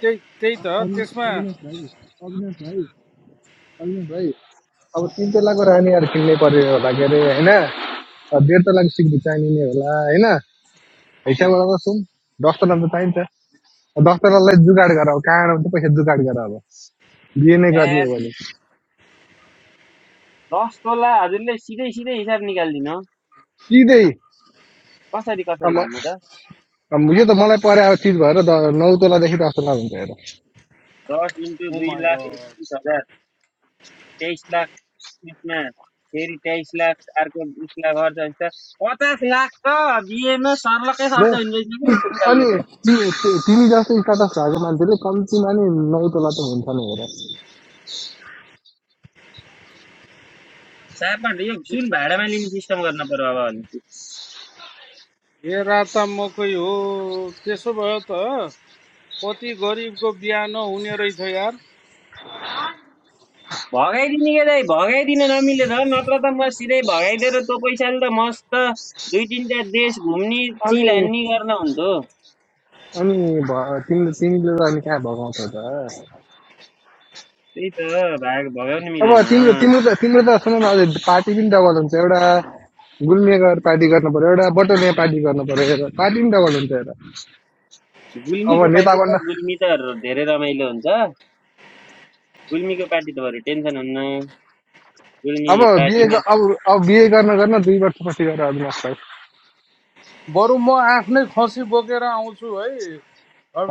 त्यही त्यही त अवि- त्यसमा अविनाश भाइ अविनाश भाइ अविनाश भाइ अब तिन तलाको रानीहरू किन्नै पर्यो होला के अरे होइन अब डेढ तलाको सिक्री चाहिने होला होइन हिसाबबाट त सुन दस तला त चाहिन्छ दस तलालाई जुगाड गर अब कहाँबाट त पैसा जुगाड गर अब बिहे नै गर्ने हो भने दस तोला हजुरले सिधै सिधै हिसाब निकालिदिनु सिधै कसरी कसरी भन्नु त यो त मलाई परे अब चिज भएर नौ तलादेखि दस तला हुन्छ हेर दस इन्टु ओ दुई माय लाख गॉड एकतिस हजार तेइस लाख यसमा फेरि तेइस लाख अर्को बिस लाख खर्च हुन्छ पचास लाख त बिहेमा सर्लकै ल खर्च हुने रहेछ कि यस अनि त ति- ति- तिमी जस्तो स्टाटस भएको मान्छेले कम्तीमा नि नौ तला त हुन्छ नि हेर सापट यो सुन भाडामा लिने सिस्टम गर्न पर्यो अब भने ए राता मकै हो त्यसो भए त कति गरिबको बिहा नहुने रहेछ यार भगाइदिने के दाइ भगाइदिन नमिले त नत्र त म सिधै भगाइदिएर तँ पैसाले त मस्त दुई तिनवटा देश घुम्ने अनि चिल हान्ने गर्न हुन्थ्यो अनि भ- तिम्रो तिमीले त अनि कहाँ भगाउँछौ त त्यही त भाग भगाउनु अब मिलेन तिम्रो तिम्रो त तिम्रो त सुन न अझै पार्टी पनि डबल हुन्छ एउटा गुल्मेगर पार्टी गर्नु पर्यो एउटा बटोलिया पार्टी गर्नु पर्यो हेर पार्टी पनि डबल हुन्छ हेर अब गुल्मीको नेता पार्टी बन्न त गुल्मी त धेरै रमाइलो हुन्छ गुल्मीको पार्टी त बरु टेन्सन हुन्न गुल्मी अब बिए पार्टीमा अब अब बिए गर्न गर्न दुई वर्षपछि गएर अभिनाश भाइ बरु म आफ्नै खसी बोकेर आउँछु है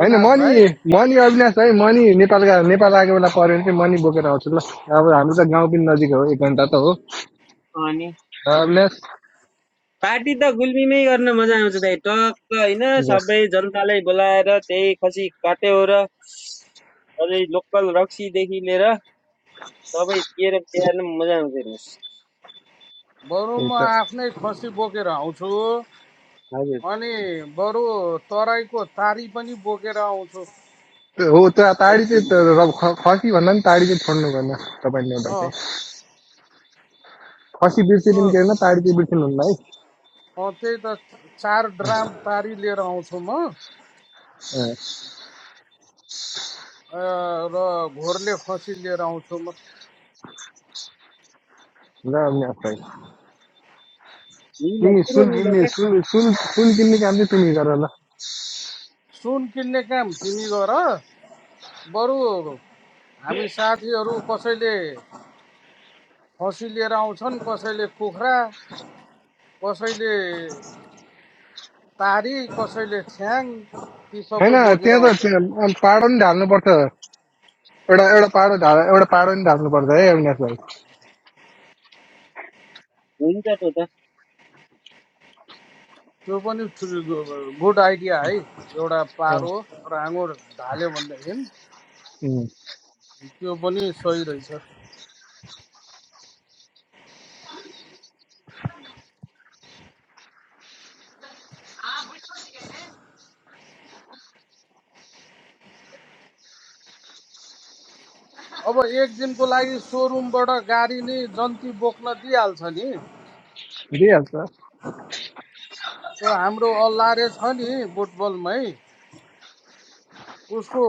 होइन मनी भाइ मनी अविनाश भाइ मनी नेपालका नेपाल आएको बेला पऱ्यो भने चाहिँ मनी बोकेर आउँछु ल अब हाम्रो त गाउँ पनि नजिक हो एक घन्टा त हो अनि अविनाश पार्टी त गुल्मीमै गर्न मजा आउँछ दाइ टक्क होइन बस सबै जनतालाई बोलाएर त्यही खसी काट्यो र अझै लोकल रक्सीदेखि लिएर सबै दिएर तिहारमा मजा आउँछ हेर्नुहोस् बरु त्यही म त आफ्नै खसी बोकेर आउँछु हजुर अनि बरु तराईको तारी पनि बोकेर आउँछु त्यो हो त ताडी चाहिँ त रब ख- खसी भन्दा पनि ताडी चाहिँ छोड्नु भएन तपाईँले एउटा अँ चाहिँ खसी बिर्से पनि त्यो- के होइन अँ, ताडी चाहिँ बिर्सिनु हुन्न है त्यही त चार ड्राम तारी लिएर आउँछु म अँ, अँ, र घोरले खसी लिएर आउँछु म ल अविनाश भाइ निलो तिमी पुरो सुन निलो किन्ने क्या सुन सुन सुन किन्ने काम चाहिँ तिमी गर ल सुन किन्ने काम तिमी गर बरु हामी साथीहरू कसैले खसी लिएर आउँछन् कसैले कुखुरा कसैले तारी कसैले छ्याङ ती होइन सबै बोकेर त्यहाँ त आउँछन् त्यहाँ अँ, पाडो नि ढाल्नुपर्छ एउटा एउटा पाडो ढाल एउटा पाडो नि ढाल्नुपर्छ है अविनाश भाइ हुन्छ त त त्यो पनि ठुलो गुड आइडिया है एउटा अँ, पारो राँगो ढाल्यो भनेदेखि उम्, त्यो पनि सही रहेछ अब एक दिनको लागि सोरुमबाट गाडी नै जन्ती बोक्न दिइहाल्छ नि दिइहाल्छ त्यो हाम्रो अल्लारे छ नि बुटबलमै उसको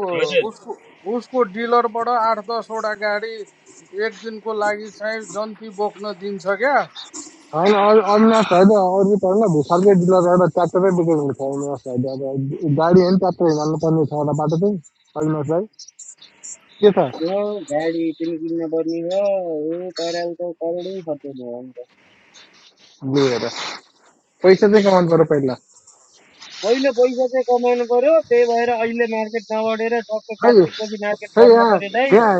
उसको उसको डिलरबाट आठ दसवटा गाडी एक दिनको लागि चाहिँ जन्ती बोक्न दिन्छ क्या होइन अरू अरू नर्स होइन अरू पर्ने भुसारकै डिलर एउटा ट्र्याक्टरै बोकेको हुन्छ अरू नर्स होइन अब गाडी होइन ट्र्याक्टर हिँड्नु पर्ने छ एउटा बाटो चाहिँ अरू नर्सलाई के छ हो गाडी पनि किन्न पर्ने हो हो परालको करोडै खर्च भयो अन्त लिएर पैसा चाहिँ कमाउनु पऱ्यो पहिला पहिलो पैसा चाहिँ कमाउनु पर्यो त्यही भएर अहिले मार्केट नबढेर टक्क खै कार्तिकपछि मार्केट खै बढ्न यहाँ पर्यो दाइ यहाँ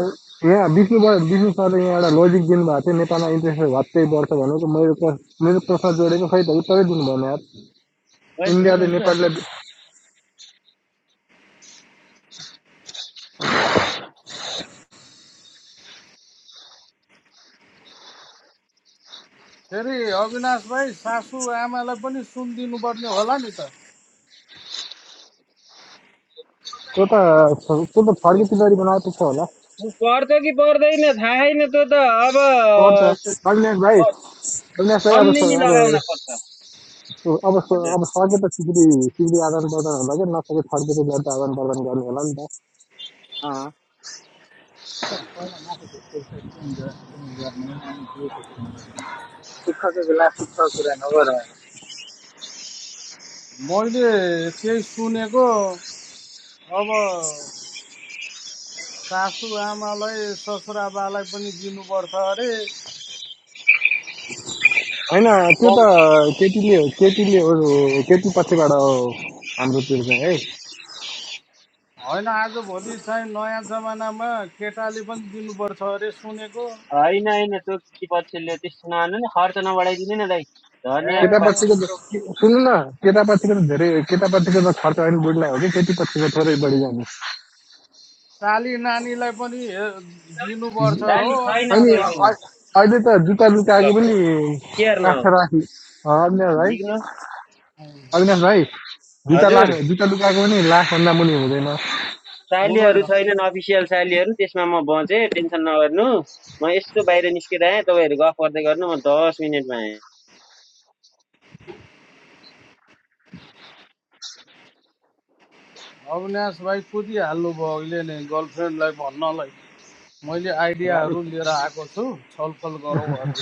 यहाँ विष्णु भयो विष्णु सरले यहाँ एउटा लोजिक दिनुभएको थियो नेपालमा इन्ट्रेस्ट रेट भत्तै बढ्छ भनेको मेरो प्र- मेरो प्रश्न जोडेको खै त उत्तरै दिनुभएन यार अहिले इन्डियाले दिनुहुन्छ नेपालीलाई फेरि अविनाश भाइ सासु आमालाई पनि सुन दिनुपर्ने होला नि त त्यो त त्यो त ल फर्के पछाडि बनाएको छ होला पर्छ कि पर्दैन थाहा छैन त्यो त अब तर त अविनाश भाइ अविनाश भाइ अब सम्झिनी स- लगाउन अब पर्छ अब स- हजुर अब सके त सिक्री सिक्री आदान प्रदान होला क्या नसके फर्केर ज्यादा आदान प्रदान गर्नु होला नि त अँ, Sukha ke vila, sukha kure na varay. मैले त्यही सुनेको अब सासु आमालाई ससुराबालाई पनि दिनुपर्छ अरे होइन त्यो त कम केटीले हो केटीले हो केटी पछिबाट हो हाम्रो त्यो चाहिँ है होइन आजभोलि चाहिँ नयाँ जमानामा केटाले पनि दिनुपर्छ अरे सुनेको होइन होइन त्यो के पक्षले त्यस्तो नहाल्नु नि खर्च नबढाइदिनु नि दाइ धनियाँ केटा पात ए पछिको त- सुन्नु न केटा त धेरै केटा त खर्च होइन बुढलाई हो कि केटी पछिको थोरै बढी जाने साली नानीलाई पनि हे- चाली दिनुपर्छ हो छैनन् अविनाश अनि कोही बाबु पनि अ- अहिले त जुत्ता ल लुकाएको पनि केयर न काठ राखि अविनाश भाइ झिक्नु अविनाश भाइ जुत्ता लाख हजुर जुत्ता लुकाएको पनि लाखभन्दा मुनि हुँदैन चालीहरू हुँदैन छैनन् अफिसियल चालीहरू त्यसमा म बचेँ टेन्सन नगर्नु म यस्तो बाहिर निस्केर आएँ तपाईँहरू गफ गर्दै गर्नु म दस मिनटमा आएँ अविनाश भाइ कुदिहाल्नु भयो अहिले नै गर्लफ्रेन्डलाई भन्नलाई मैले आइडियाहरू लिएर आएको छु छलफल गरौँ अरे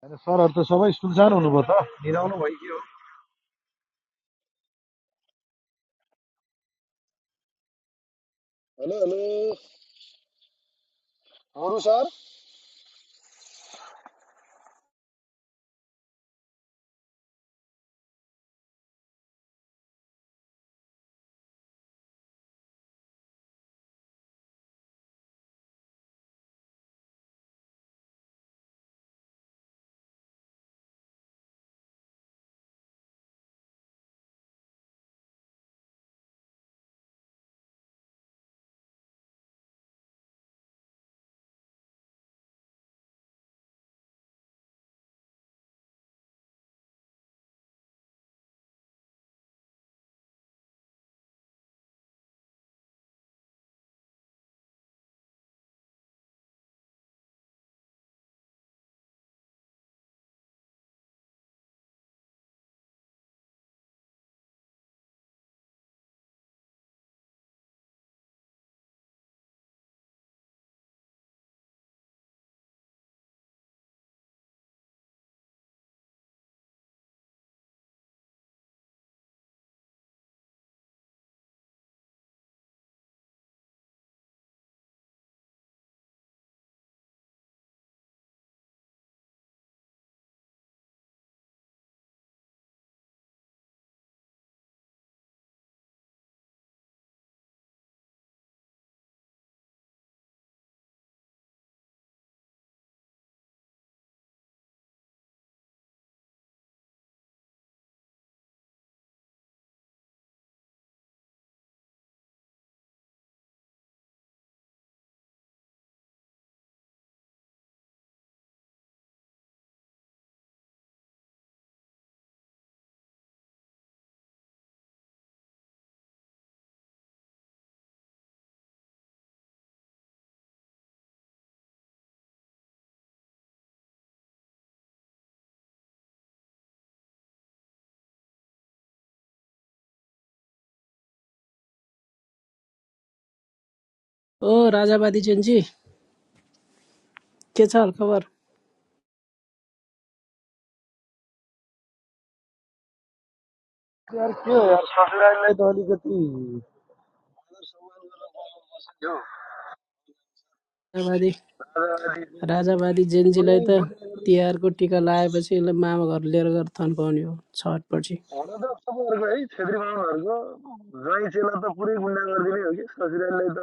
होइन सरहरू त सबै सुनसान हुनुभयो त हेलो हेलो मोरू सर ओ राजावादी जेन्जी के छ हाल खबर के हो यार ससुरालीलाई त अलिकति सम्मान गरेर बोलाउनु पर्छ नि हौ राजावादी आज अलि राजावादी जेन्जीलाई पुरै त गुन्डागर्दी तिहारको टिका लगाएपछि यसलाई मामा घर लिएर गएर थन्काउने हो छटपछि हुन त तपाईँहरूको है छेत्री बाहुनहरूको ज्वाइँ चेला त पुरै गुन्डा गरिदिने हो कि ससुरालीलाई त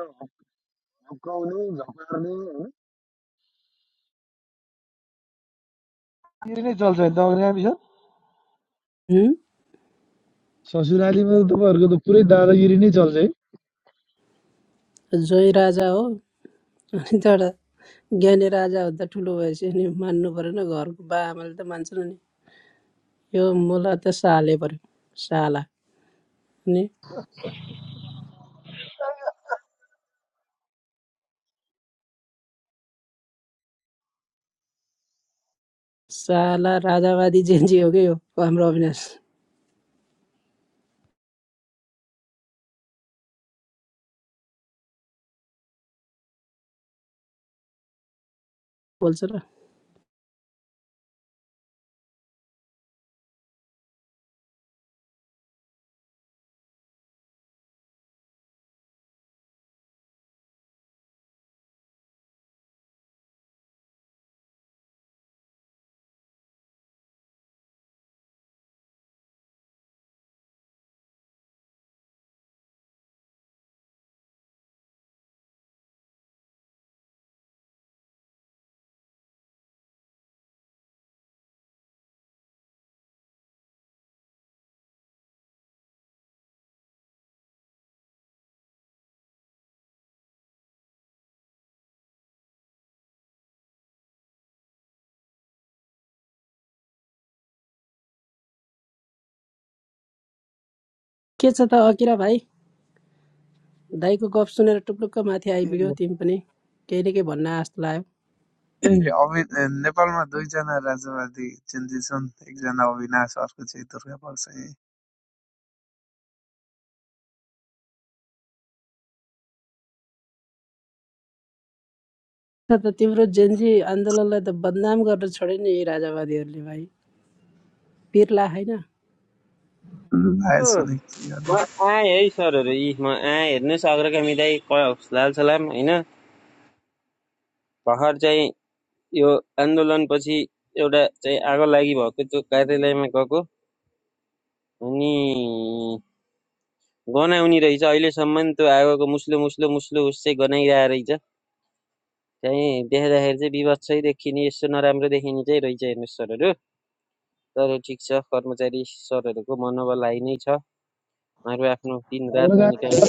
हप्काउने झपार्ने होइन फेरि नै चल्छ नि दग्रे आमी छ हुँ? ससुरालीमा त तपाईँहरूको त पुरै दादागिरी नै चल्छ है जोइ राजा हो अनि त एउटा ज्ञानी राजा हुँदा ठुलो भएपछि नि मान्नु परेन घरको बा आमाले त मान्छन् नि यो मुला त साले पऱ्यो साला अनि साला राजावादी जेन्जी हो क्या यो हाम्रो अविनाश बोल्छ र के छ त अकिरा भाइ दाईको गफ सुनेर टुप्लुक्क माथि ए आइपुग्यो तिमी पनि केही न केही भन्न आस्तो लाग्यो अवि ए, नेपालमा दुईजना राजावादी चिन्जी छन् एकजना अविनाश अर्को चाहिँ दुर्गा परसाई र त तिम्रो जेन्जी आन्दोलनलाई त बदनाम गर्न छोडे नि यी राजावादीहरूले भाइ पिर्ला होइन आएछन् के म गर्नु आएँ है सरहरू यी म आएँ हेर्नुहोस् अग्रगामी दाई लाल सलाम होइन भर्खर चाहिँ यो आन्दोलनपछि एउटा चाहिँ आगो लागि भएको त्यो कार्यालयमा गएको अनि गनाउने रहेछ अहिलेसम्म त्यो आगोको मुस्लो मुस्लो मुस्लो उस चाहिँ गनाइरहेको रहेछ चाहिँ देख्दाखेरि चाहिँ विवत्सै देखिने यस्तो नराम्रो देखिने चाहिँ रहेछ हेर्नुहोस् सरहरू तर ठिक छ कर्मचारी सरहरूको मनोबल हाई नै छ उहाँहरू आफ्नो दिन रात अग्रगामी ननिकाइ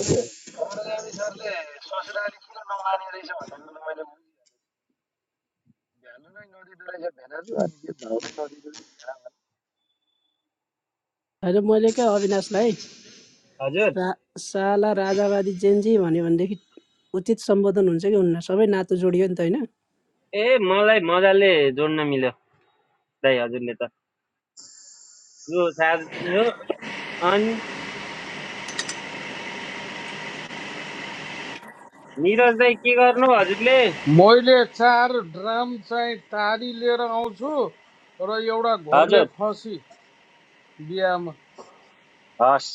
खाने रहेछ भन्दा त मैले भ्यानु नै नदिँदो रहेछ भेनाजु अनि के भाउ नै नदिँदो रहेछ होइन मैले क्या अविनाशलाई हजुर सा साला राजावादी जेन्जी भन्यो भनेदेखि उचित सम्बोधन हुन्छ कि हुन्न सबै नातो जोडियो नि त होइन ए मलाई मजाले जोड्न मिल्यो दाइ हजुरले त यो साधु अनि निरज दाइ के गर्नु हजुरले मैले चार ड्राम चाहिँ तारी लिएर आउँछु र एउटा हजुर घोर्ले खसी बिहामा हस्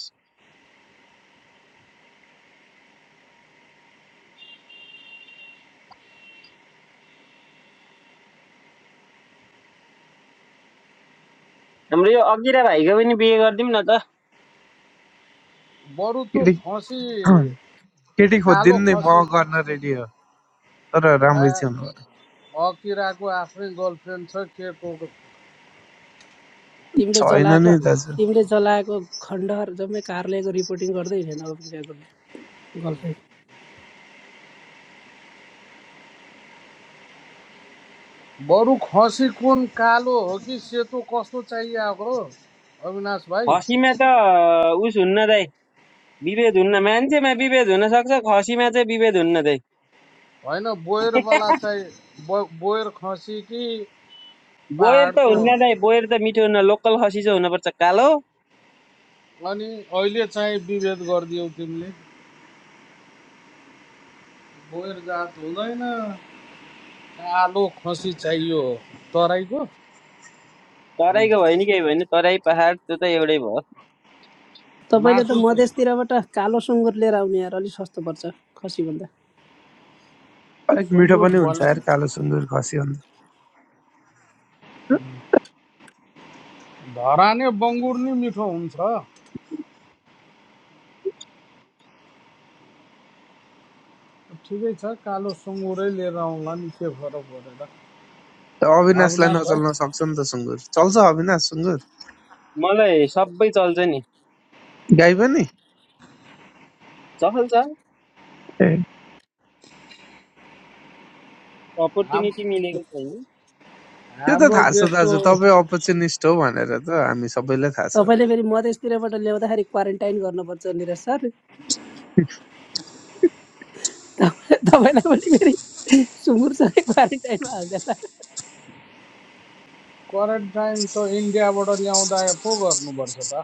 हाम्रो यो अघिरा भाइको पनि बिहे गरिदिउँ न त बरु त केटी खसी केटी कालो खोजिदिनु नि म खसी गर्न रेडी हो तर आ, राम्रै चाहिँ हुनु पर्यो। अकिराको आफ्नै गर्लफ्रेन्ड छ के को तिमीले छैन जलाएको नि दाजु तिमीले जलाएको खण्डहर जम्मै कार्यालयको रिपोर्टिङ गर्दै हिँडेन अभिक्रियाको गर्लफ्रेन्ड बरु खसी कुन कालो हो कि सेतो कस्तो चाहिएको हो अविनाश भाइ खसीमा त उस हुन्न दाइ विभेद हुन्न मान्छेमा विभेद हुन सक्छ खसीमा चाहिँ विभेद हुन्न दाइ होइन बोयरवाला चाहिँ बो बोयर खसी कि बोयर त पाहाडको हुन्न दाइ बोयर त मिठो हुन्न लोकल खसी चाहिँ हुनुपर्छ कालो अनि अहिले चाहिँ विभेद गरिदियौ तिमीले बोयर जात हुँदैन कालो खसी चाहियो तराईको तराईको भयो नि केही भयो नि तराई पहाड त्यो त एउटै भयो तपाईँले त मासु त मधेसतिरबाट कालो सुँगुर लिएर आउने यार अलिक सस्तो पर्छ खसीभन्दा अलिक मिठो सुँगुर पनि हुन्छ भने यार कालो सुँगुर खसी भन्दा धराने बङ्गुर नि मिठो हुन्छ ठिकै छ कालो सुँगुरै लिएर आउँला नि के फरक परेर त अविनाशलाई अविनाश भाइ नचल्न सक्छ नि त सुँगुर चल्छ अविनाश सुँगुर मलाई सबै चल्छ नि गाई पनि चल्छ ए हाम अपर्च्युनिटी मिलेको त्यो त हाम्रो थाहा छ दाजु देशको तपाईँ अपर्चुनिस्ट हो भनेर त हामी सबैलाई थाहा छ तपाईँले फेरि मधेसतिरबाट ल्याउँदाखेरि क्वारेन्टाइन गर्नुपर्छ निरज सर तपाईँ- तपाईँलाई पनि फेरि सुँगुरसँगै क्वारेन्टाइनमा हालिदिएला करेन्ट टाइम त इन्डियाबाट ल्याउँदा पो गर्नुपर्छ त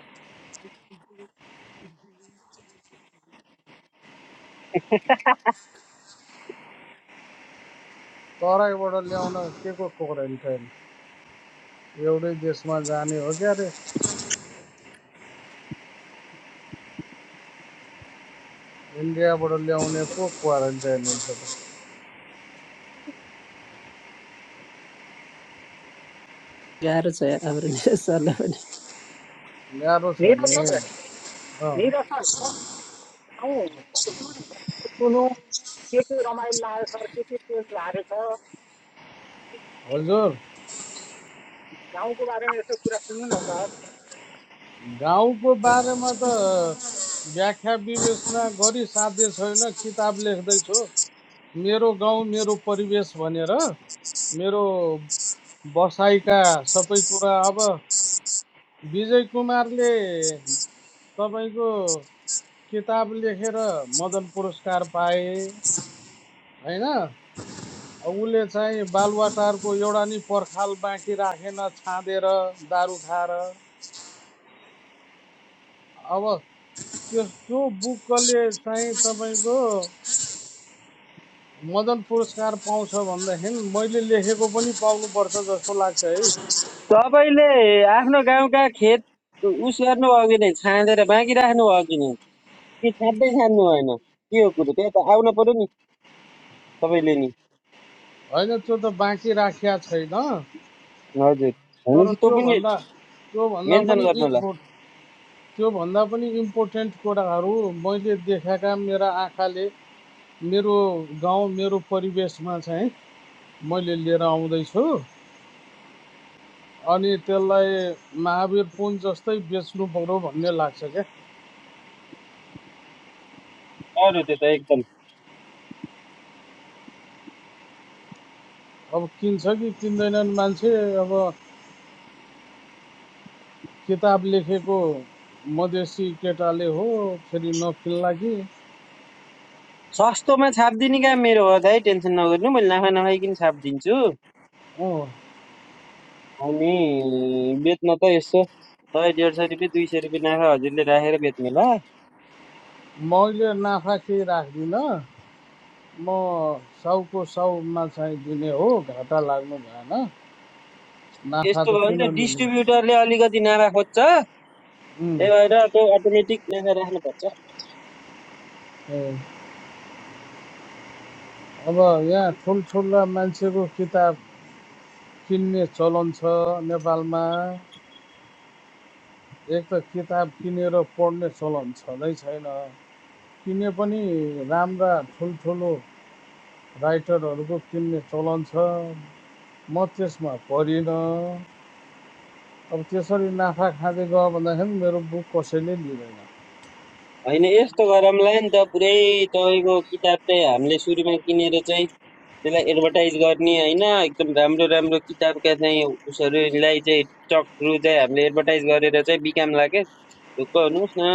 छैन तराईबाट ल्याउन के को क्वारेन्टाइन एउटै देशमा जाने हो क्या रे इन्डियाबाट ल्याउने पो क्वारेन्टाइन हुन्छ त गाह्रो छ यार हाम्रो निरज सरलाई पनि गाह्रो छ निरज नि सर निरज सर कस गाउँ बताउनु न सर यो के के रमाइलो लाग्यो सर के के चेन्ज भएको छ हजुर गाउँको बारेमा यसो कुरा सुन्नु न सर गाउँको बारेमा त व्याख्या विवेचना गरी साध्य छैन किताब लेख्दैछु मेरो गाउँ मेरो परिवेश भनेर मेरो बसाइका सबै कुरा अब विजय कुमारले तपाईँको किताब लेखेर मदन पुरस्कार पाए होइन अब उसले चाहिँ बालुवाटारको एउटा नि पर्खाल बाँकी राखेन छाँदेर दारू खाएर अब त्यो त्यो बुकले चाहिँ तपाईँको मदन पुरस्कार पाउँछ भनेदेखि मैले लेखेको पनि पाउनुपर्छ जस्तो लाग्छ है तपाईँले आफ्नो गाउँका खेत उस गर्नुभयो कि नै छाँदेर बाँकी राख्नुभयो कि नै कि छाँदै छान्नु भएन के हो कुरो त्यहाँ त आउन पर्यो नि तपाईँले नि होइन त्यो त बाँकी राखिया छैन हजुर तर भनेपछि तँ पनि त्योभन्दा त्योभन्दा मेन्सन गर्नु होला पनि त्यो त्योभन्दा पनि इम्पोर्टेन्ट कुराहरू मैले देखेका मेरा आँखाले मेरो गाउँ मेरो परिवेशमा चाहिँ मैले लिएर आउँदैछु अनि त्यसलाई महावीर पुन जस्तै बेच्नु पऱ्यो भन्ने लाग्छ क्या अरू त्यो त एकदम अब किन्छ कि किन्दैनन् मान्छे अब किताब लेखेको मधेसी केटाले हो फेरि नकिन्ला कि सस्तोमा छापिदिने काम मेरो हो दाइ टेन्सन नगर्नु मैले नाफा नखाइकन छापिदिन्छु अँ अनि बेच्न त यसो सय डेढ सय रुपियाँ दुई सय रुपियाँ नाफा हजुरले राखेर बेच्नु ल मैले नाफा केही राख्दिनँ म साउको साउमा चाहिँ दिने हो घाटा लाग्नु भएन नाफा यस्तो त भयो किन भने त लिने डिस्ट्रिब्युटरले अलिकति नाफा खोज्छ त्यही उम्, भएर त्यो अटोमेटिक नाफा राख्नुपर्छ हो। अब यहाँ ठुल्ठुला मान्छेको किताब किन्ने चलन छ नेपालमा एक त किताब किनेर पढ्ने चलन छँदै छैन किने पनि राम्रा ठुल्ठुलो राइटरहरूको किन्ने चलन छ म त्यसमा परिनँ अब त्यसरी नाफा खाँदै गयो भन्दाखेरि मेरो बुक कसैले लिँदैन होइन यस्तो गरमलाई नि त पुरै तपाईँको किताब चाहिँ हामीले सुरुमा किनेर चाहिँ त्यसलाई एडभर्टाइज गर्ने होइन एकदम राम्रो राम्रो किताबका चाहिँ उसहरूलाई चाहिँ टकहरू चाहिँ हामीले एडभर्टाइज गरेर चाहिँ बिकामला के ढुक्क हुनुहोस् न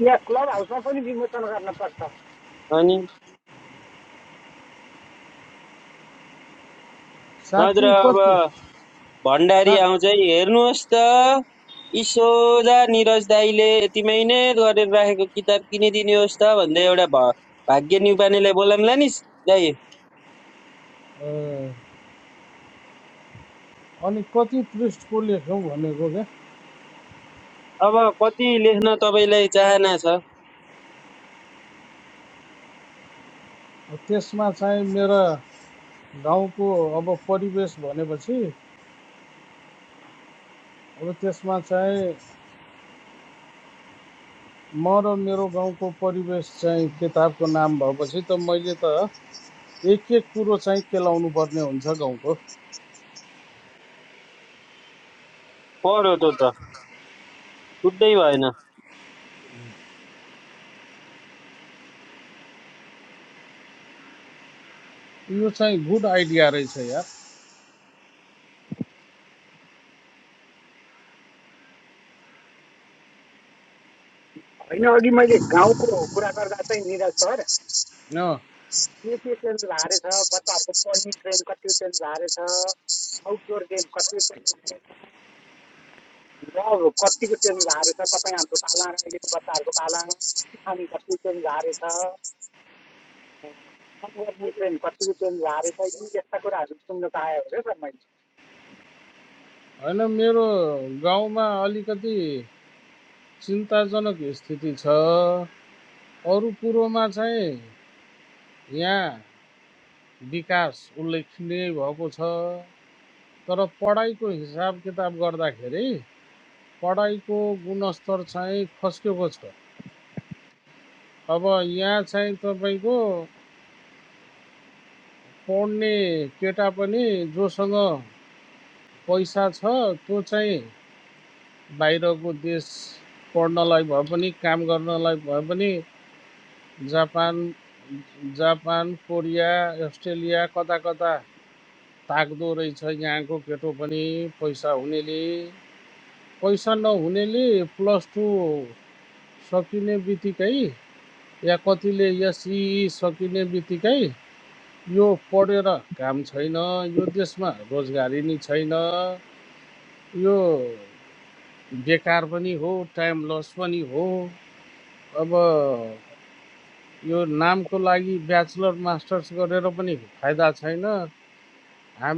यहाँ क्लब हाउसमा पनि विमोचन गर्न पर्छ अनि साँच्ची नत्र अब कति सा भण्डारी आउँछ है, हेर्नुहोस् त इसोजा निरज दाईले यतिमै नै गरेर राखेको किताब किनिदिनुहोस् त भन्दै एउटा भ भाग्य न्युपानेलाई बोलाउँला नि दाई ए, अनि कति पृष्ठको लेखौँ भनेको क्या अब कति लेख्न तपाईँलाई चाहना छ त्यसमा चाहिँ मेरा गाउँको अब परिवेश भनेपछि अब त्यसमा चाहिँ म र मेरो गाउँको परिवेश चाहिँ किताबको नाम भएपछि त मैले त एक एक कुरो चाहिँ केलाउनु पर्ने हुन्छ गाउँको पढो त त छुट्टै भएन यो चाहिँ गुड आइडिया रहेछ यार होइन अघि मैले गाउँको कुरा गर्दा चाहिँ निरज सर अँ, के के चेन्ज भएको छ बच्चाहरूको पढ्ने ट्रेन कति चेन्ज भएको आउटडोर गेम कति चेन्ज ल कत्तिको ट्रेन झारेछ तपाईँ हाम्रो पाला अहिलेको बच्चाहरूको पाला अनि कत्तिको ट्रेन झारेछ काम गर्ने ट्रेन कत्तिको ट्रेन झारेछ यी यस्ता कुराहरू सुन्न पाएँ हो क्या सर मैले होइन मेरो गाउँमा अलि चिन्ता स्थिति छ ए, छ तर पढाउँदाखेरि पुनः चाहिँ को छ अब यहाँ चाहिँ तपाईँको पढ्ने केटा पनि जोसँग पैसा छ त्यो चाहिँ बाहिरको देश पढ्नलाई भए पनि काम गर्नलाई भए पनि जापान जापान कोरिया अस्ट्रेलिया कता कता ताग्दो रहेछ यहाँको केटो पनि पैसा हुनेले पैसा नहुनेले प्लस टू कि या कि त त्यसमा रोजगारी नै छैन यो बेकार पनि हो यो फाइदा छैन हाम-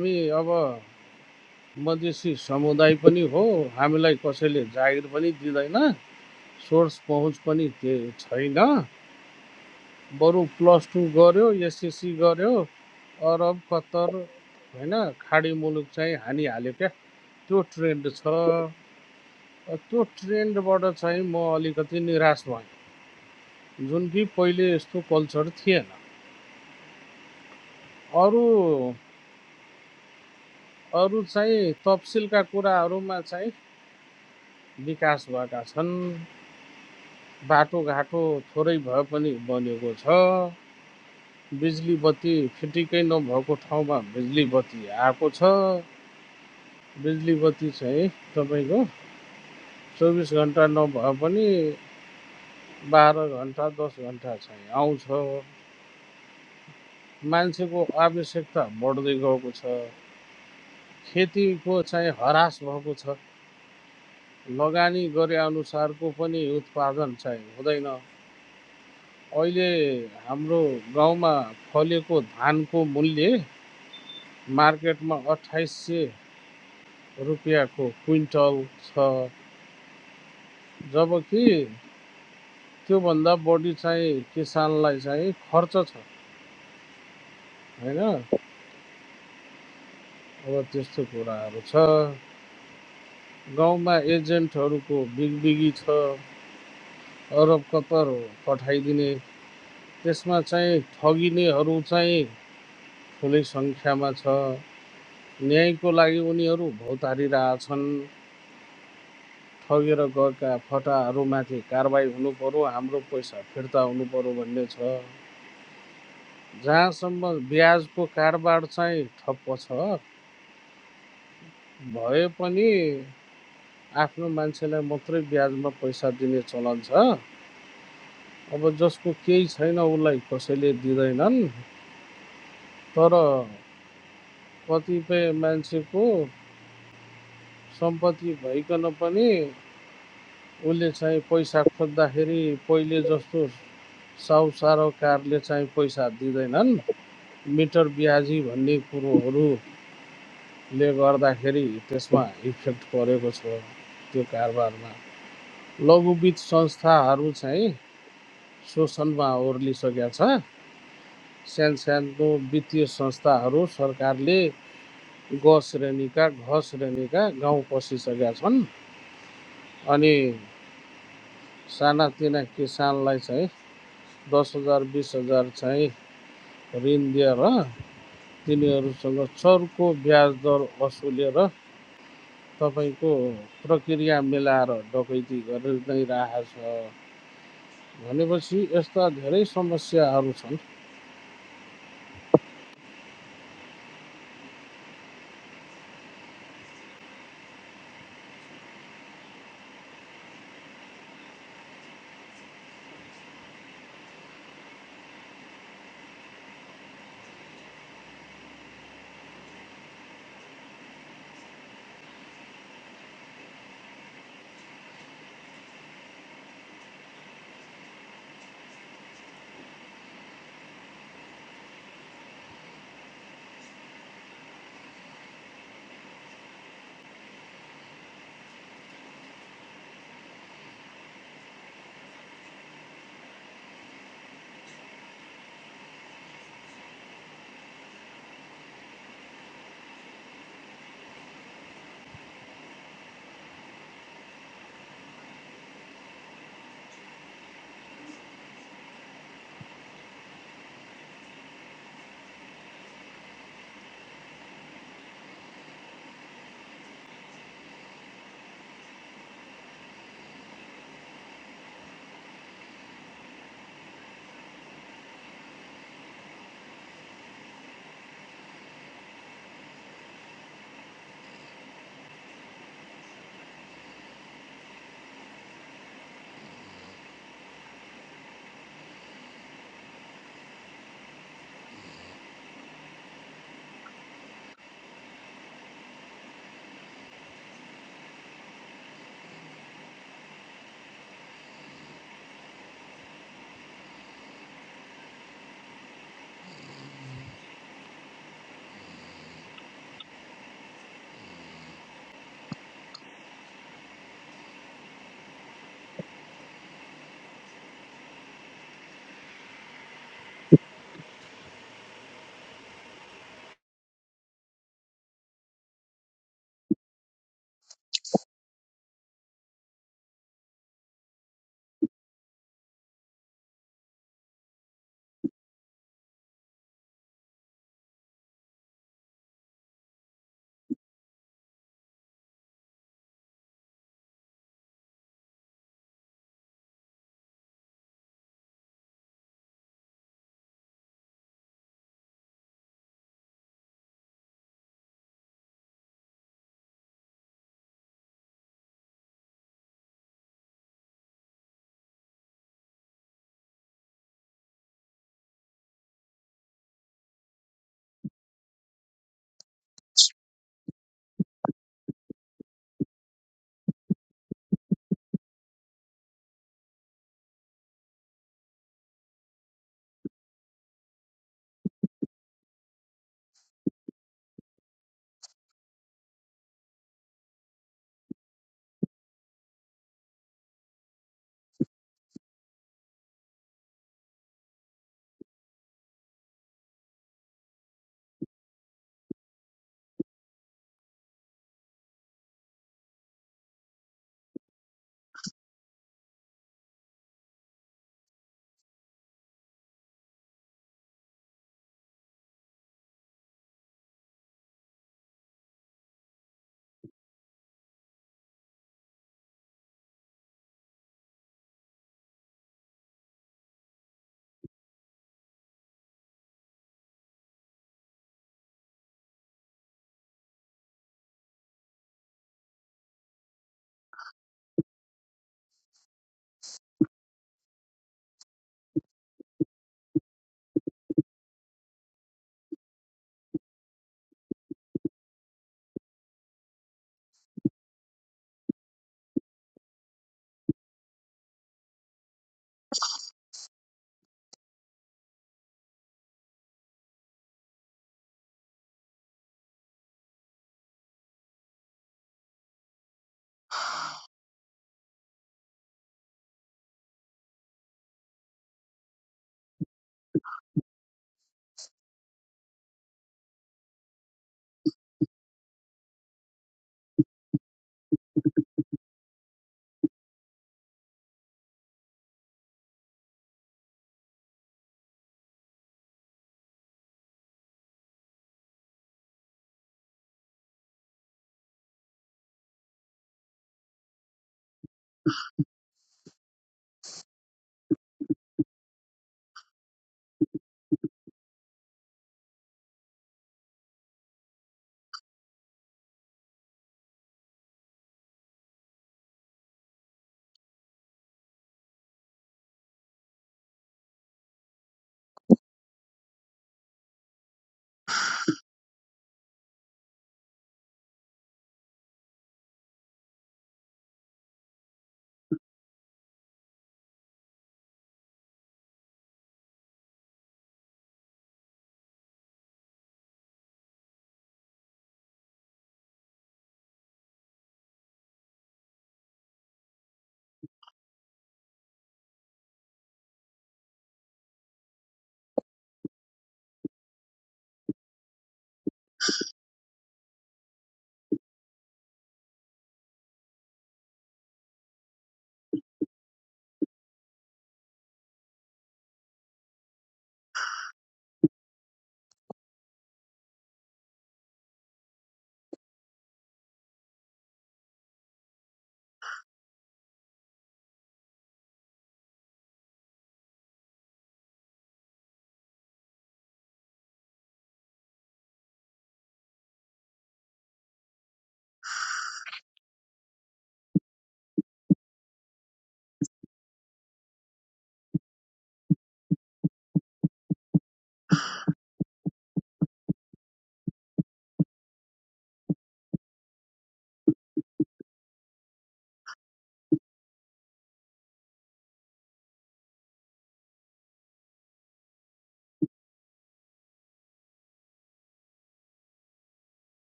हामीलाई कसैले जागिर पनि दिँदैन सोर्स पहुँच पनि छैन बरु प्लस टू गर्यो एसएससी गर्यो अरब कतर होइन के क्या त्यो ट्रेन्ड छ त्यो ट्रेन्डबाट चाहिँ म अलिकति निराश भएँ जुन कि पहिले यस्तो थिएन अरू अरू चाहिँ तपसिलका कुराहरूमा चाहिँ विकास भएका छन् बाटोघाटो थोरै भए पनि बनेको छ बिजुली बत्ती फिटिकै नभएको ठाउँमा बिजुली बत्ती आएको छ बिजुली बत्ती चाहिँ तपाईँको चौबिस घन्टा नभए पनि बाह्र घन्टा दस घन्टा चाहिँ आउँछ मान्छेको आवश्यकता बढ्दै गएको छ खेतीको चाहिँ हरास भएको छ लगानी गरे अनुसारको पनि उत्पादन चाहिँ हुँदैन अहिले हाम्रो गाउँमा फलेको धानको मूल्य मार्केटमा अठाइस सय रुपियाँको क्विन्टल छ जबकि त्योभन्दा बढी चाहिँ किसानलाई चाहिँ खर्च छ होइन अब त्यस्तो कुराहरू छ गाउँमा एजेन्टहरूको बिगबिगी छ अरब कतर पठाइदिने त्यसमा चाहिँ ठगिनेहरू चाहिँ ठुलै सङ्ख्यामा छ न्यायको लागि उनीहरू भौतारिरहेछन् ठगेर गएका फटाहरूमाथि कारवाही हुनु पर्यो हाम्रो पैसा फिर्ता हुनु भन्ने छ जहाँसम्म ब्याडबाट चाहिँ पछ भए पनि आफ्नो मान्छेलाई मात्रै ब्याजमा पैसा दिने चलन छ अब जसको केही छैन उसलाई कसैले दिँदैनन् तर कतिपय मान्छेको सम्पत्ति भइकन पनि उसले चाहिँ पैसा खोज्दाखेरि पहिले जस्तो साहुसारोकारले चाहिँ पैसा दिँदैनन् मिटर ब्याजी भन्ने कुरोहरूले गर्दाखेरि त्यसमा इफेक्ट परेको छ त्यो कारोबारमा लघुवित्त संस्थाहरू चाहिँ शोषणमा ओर्लिसकेका छ सानो सानो वित्तीय संस्थाहरू सरकारले ग श्रेणीका घ श्रेणीका गाउँ पसिसकेका छन् अनि सानातिना किसानलाई चाहिँ दस हजार बिस हजार चाहिँ ऋण दिएर तिनीहरूसँग चर्को ब्याज दर वसुलेर तपाईँको प्रक्रिया मिलाएर डकैती गरेर नै राखेको छ भनेपछि यस्ता धेरै समस्याहरू छन्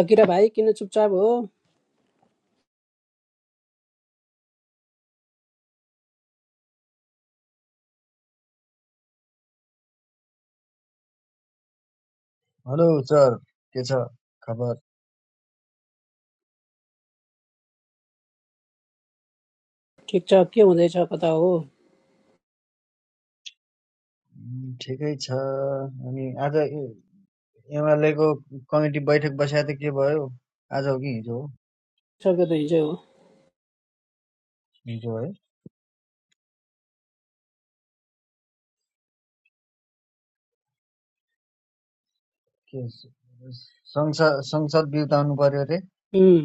अकिरा भाइ किन चुपचाप हो हेलो सर के छ खबर ठिक छ के हुँदैछ कता हो उम्, ठिकै छ अनि आज एमएलए को कमिटी बैठक बसेको त के भयो आज हो कि हिजो हो सकेको त हिजो हो हिजो है के स- संसद संसद बिउताउनु पर्यो अरे उम्,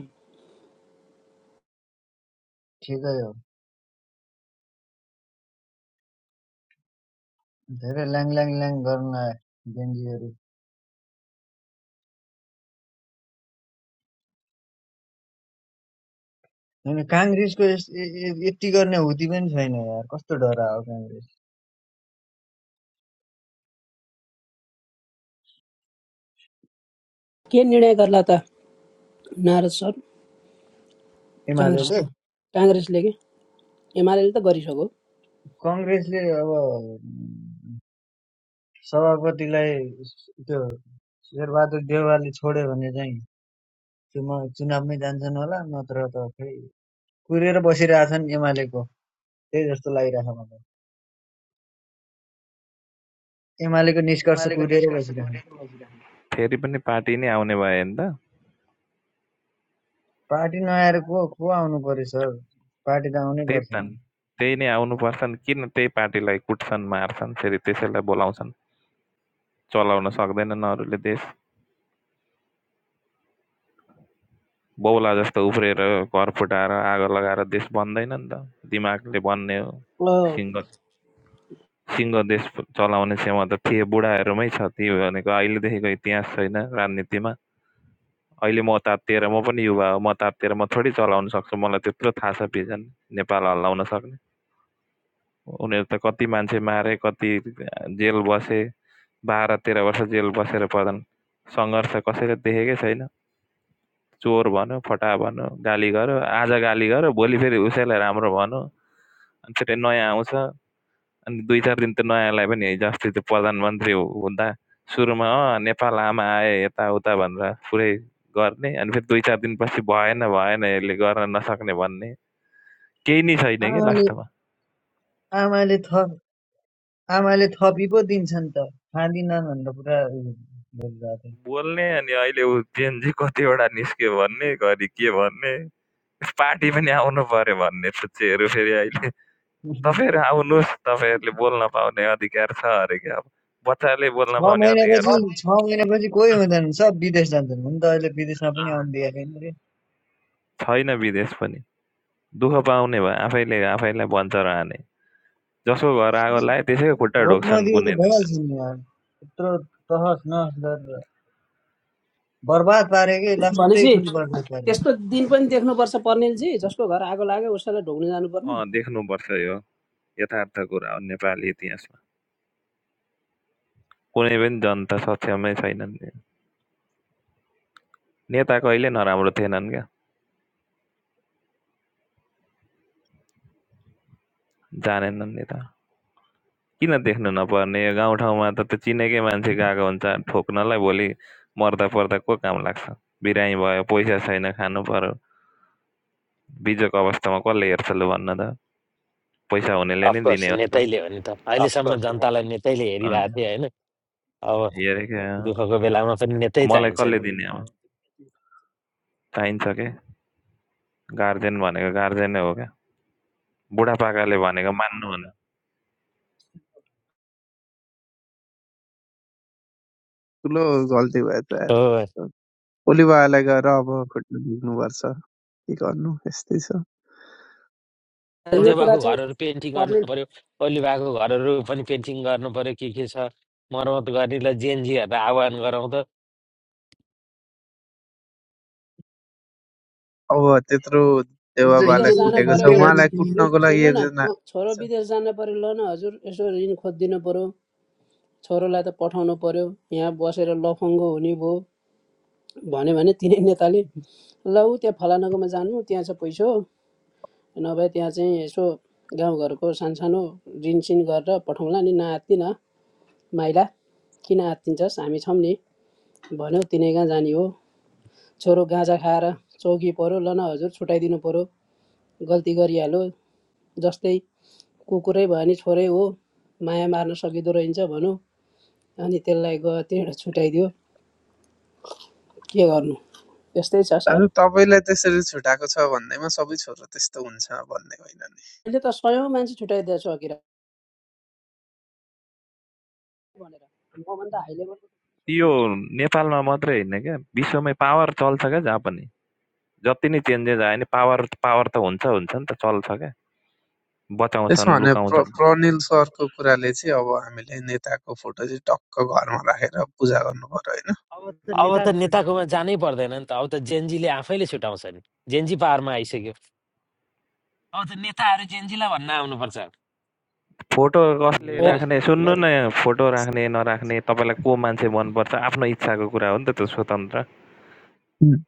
ठिकै हो धेरै ल्याङ ल्याङ ल्याङ गर्न आयो बेन्जीहरू होइन काङ्ग्रेसको यस- ए- ए- यति गर्ने हुती पनि छैन यार कस्तो डरा हो काङ्ग्रेस के निर्णय गर्ला त नारद सर एमाले काङ्ग्रेसले काङ्ग्रेसले एमआरएल त गरिसक्यो कङ्ग्रेसले अब उम्, सभापतिलाई त्यो शेरबहादुर देवालले छोड्यो भने चाहिँ चुनाव चुनावमै जान्छन् होला नत्र त खै कुरेर बसिरहेछन् एमालेको त्यही जस्तो लागिरहेछ मलाई एमालेको निष्कर्ष कुरेर बसिरहेछन् फेरि पनि पार्टी नै आउने भयो नि त पार्टी नआएर को को आउनु पर्यो सर पार्टी त आउनै त्यही पर्छ त नि। नि त्यही नै आउनुपर्छ नि किन त्यही पार्टीलाई कुट्छन् मार्छन् फेरि त्यसैलाई बोलाउँछन् चलाउन सक्दैनन् अरूले देश बौला जस्तो उफ्रिएर घर फुटाएर आगो लगाएर देश बन्दैन नि त दिमागले बन्ने हो अँ, सिङ्गो सिङ्गो देश चलाउने क्षमता थिए बुढाहरूमै छ ती भनेको अहिलेदेखिको इतिहास छैन राजनीतिमा अहिले म तातिएर म पनि युवा हो म तातिएर म थोरै चलाउन सक्छु मलाई त्यत्रो थाहा छ भिजन नेपाल हल्लाउन सक्ने उनीहरू त कति मान्छे मारे कति जेल बसे बाह्र तेह्र वर्ष जेल बसेर प्रधान सङ्घर्ष कसैले देखेकै छैन चोर भन्यो फटाहा भन्यो गाली गर्यो आज गाली गर्यो भोलि फेरि उसैलाई राम्रो भन्यो अनि फेरि नयाँ आउँछ अनि दुई चार दिन त नयाँलाई पनि हिजोअस्ति त्यो प्रधानमन्त्री हुँदा सुरुमा अँ नेपाल आमा आए यताउता भनेर पुरै गर्ने अनि फेरि दुई चार दिनपछि भएन भएन यसले गर्न नसक्ने भन्ने केही नै छैन कि आमाले लास्टमा आमाले थप आमाले थपी पो दिन्छन् त खाँदिनन् भनेर पुरा उयो गरिरहेको बोल्ने अनि अहिले ऊ जेनजी कतिवटा निस्क्यो भन्ने, घरि के भन्ने, पार्टी पनि आउनुपर्यो भन्ने फुच्चेहरू फेरि अहिले। थियो तपाईँहरू आउनुहोस्, तपाईँहरूले बोल्न पाउने अधिकार छ अरे क्या अब। बच्चाले छ बोल्न पाउने अधिकार महिनापछि छ। छ महिनापछि कोही हुँदैन सब विदेश जान्छन् हुन त अहिले विदेशमा पनि अँ। आउनु दिएको छैन रे छैन विदेश पनि। दुःख पाउने भयो आफैले आफैलाई भन्छ र हाने। जसको घर आगो लाए त्यसैको खुट्टा भोट ढोक्छन् नदिएको कुनै त दिन। भइहाल्छ नि यार यत्रो तहस नहस गरेर बर्बाद पारेकै लास्टै भनेपछि ठुलो बर्बाद पारे त्यस्तो दिन पनि देख्नुपर्छ पर्नेलजी जसको घर आगो लाग्यो उसैलाई ढोग्न जानुपर्ने अँ देख्नुपर्छ यो यथार्थ कुरा हो नेपाली इतिहासमा। कुनै पनि जनता सक्षमै छैनन्। नेता कहिले नराम्रो थिएनन् क्या। जानेनन् नि त किन देख्नु नपर्ने यो गाउँठाउँमा त त्यो चिनेकै मान्छे गएको हुन्छ ठोक्नलाई भोलि मर्दा पर्दा को काम लाग्छ बिरामी भयो पैसा छैन खानु पर्यो बिजोको अवस्थामा कसले हेर्छ लु भन्न त पैसा हुनेले नै अफकोर्स दिने हो नि त नेतैले हो नि त अहिलेसम्म जनतालाई नेतैले हेरिरहेको अनि थिएँ होइन अब हेरेकै अँ। दुःखको बेलामा पनि नेतै मलाई चाहिन्छ नि कसले दिने अब चाहिन्छ के गार्जेन भनेको गार्जेनै हो क्या बुढापाकाले भनेको मान्नु हुन्न ठुलो गल्ती भयो त हो यार ओलीबाबालाई गएर अब खुट्नु दुख्नुपर्छ के गर्नु यस्तै छ र यो अनि कुरा देवाको चाहिँ घरहरू पेन्टिङ गर्नु पर्नेल पर्यो ओलीबाको घरहरू पनि पेन्टिङ गर्नु पर्यो के के छ मर्मत गर्नेलाई जेएनजीहरूलाई आह्वान गरौँ त अब त्यत्रो हिजो विदेश हिजो देवाबालाई जान हिजो कुटेको पर्यो छ हिजो भने हेर्ने उहाँलाई तिमीले कुट्नको लागि सुन्नु न एकजना म छोरो अच्छा, विदेश जान पर्यो ल न हजुर यसो ऋण खोजिदिनु पर्यो छोरोलाई त पठाउनु पर्यो यहाँ बसेर लफङ्गो हुने भयो भन्यो भने तिनै नेताले ल ऊ त्यहाँ फलानाकोमा जानु त्यहाँ चाहिँ पैसा हो नभए त्यहाँ चाहिँ यसो गाउँघरको सानसानो ऋण सिन गरेर पठाउँला नि नआत्तिन माइला किन आत्तिन्छस् हामी छौँ नि भन्यो तिनै कहाँ जाने हो छोरो गाँजा खाएर चौकी पऱ्यो ल न हजुर छुट्याइदिनु पऱ्यो गल्ती गरिहाल्यो जस्तै कुकुरै भयो भने छोरै हो माया मार्न सकिँदो रहेछ भनौँ अनि त्यसलाई गयो त्यहाँबाट छुट्याइदियो के गर्नु यस्तै छ सर दाजु तपाईँलाई त्यसरी छुटाएको छ भन्दैमा सबै छोरा त्यस्तो हुन्छ भन्ने होइन नि अहिले त सयौँ मान्छे छुट्याइदिएको छु अकिरा यो नेपालमा मात्रै होइन क्या विश्वमै पावर चल्छ क्या जहाँ पनि जति नै चेन्जेस आयो नि पावर पावर त हुन्छ हुन्छ नि त चल्छ क्या त्यसो बचाउँछन् भने प्र लुकाउँछन् प्रनिल सरको कुराले चाहिँ अब हामीले नेताको फोटो चाहिँ टक्क घरमा राखेर पूजा गर्नु पर्यो होइन अब त नेताकोमा जानै पर्दैन नि त अब त जेएनजीले आफैले छुटाउँछ नि जेएनजी पावरमा आइसक्यो अब त नेताहरू जेएनजीलाई भन्न आउनुपर्छ फोटो कसले हो मेरो राख्ने सुन्नु न फोटो राख्ने नराख्ने तपाईँलाई को मान्छे मनपर्छ आफ्नो इच्छाको कुरा हो नि त त्यो स्वतन्त्र हुँ।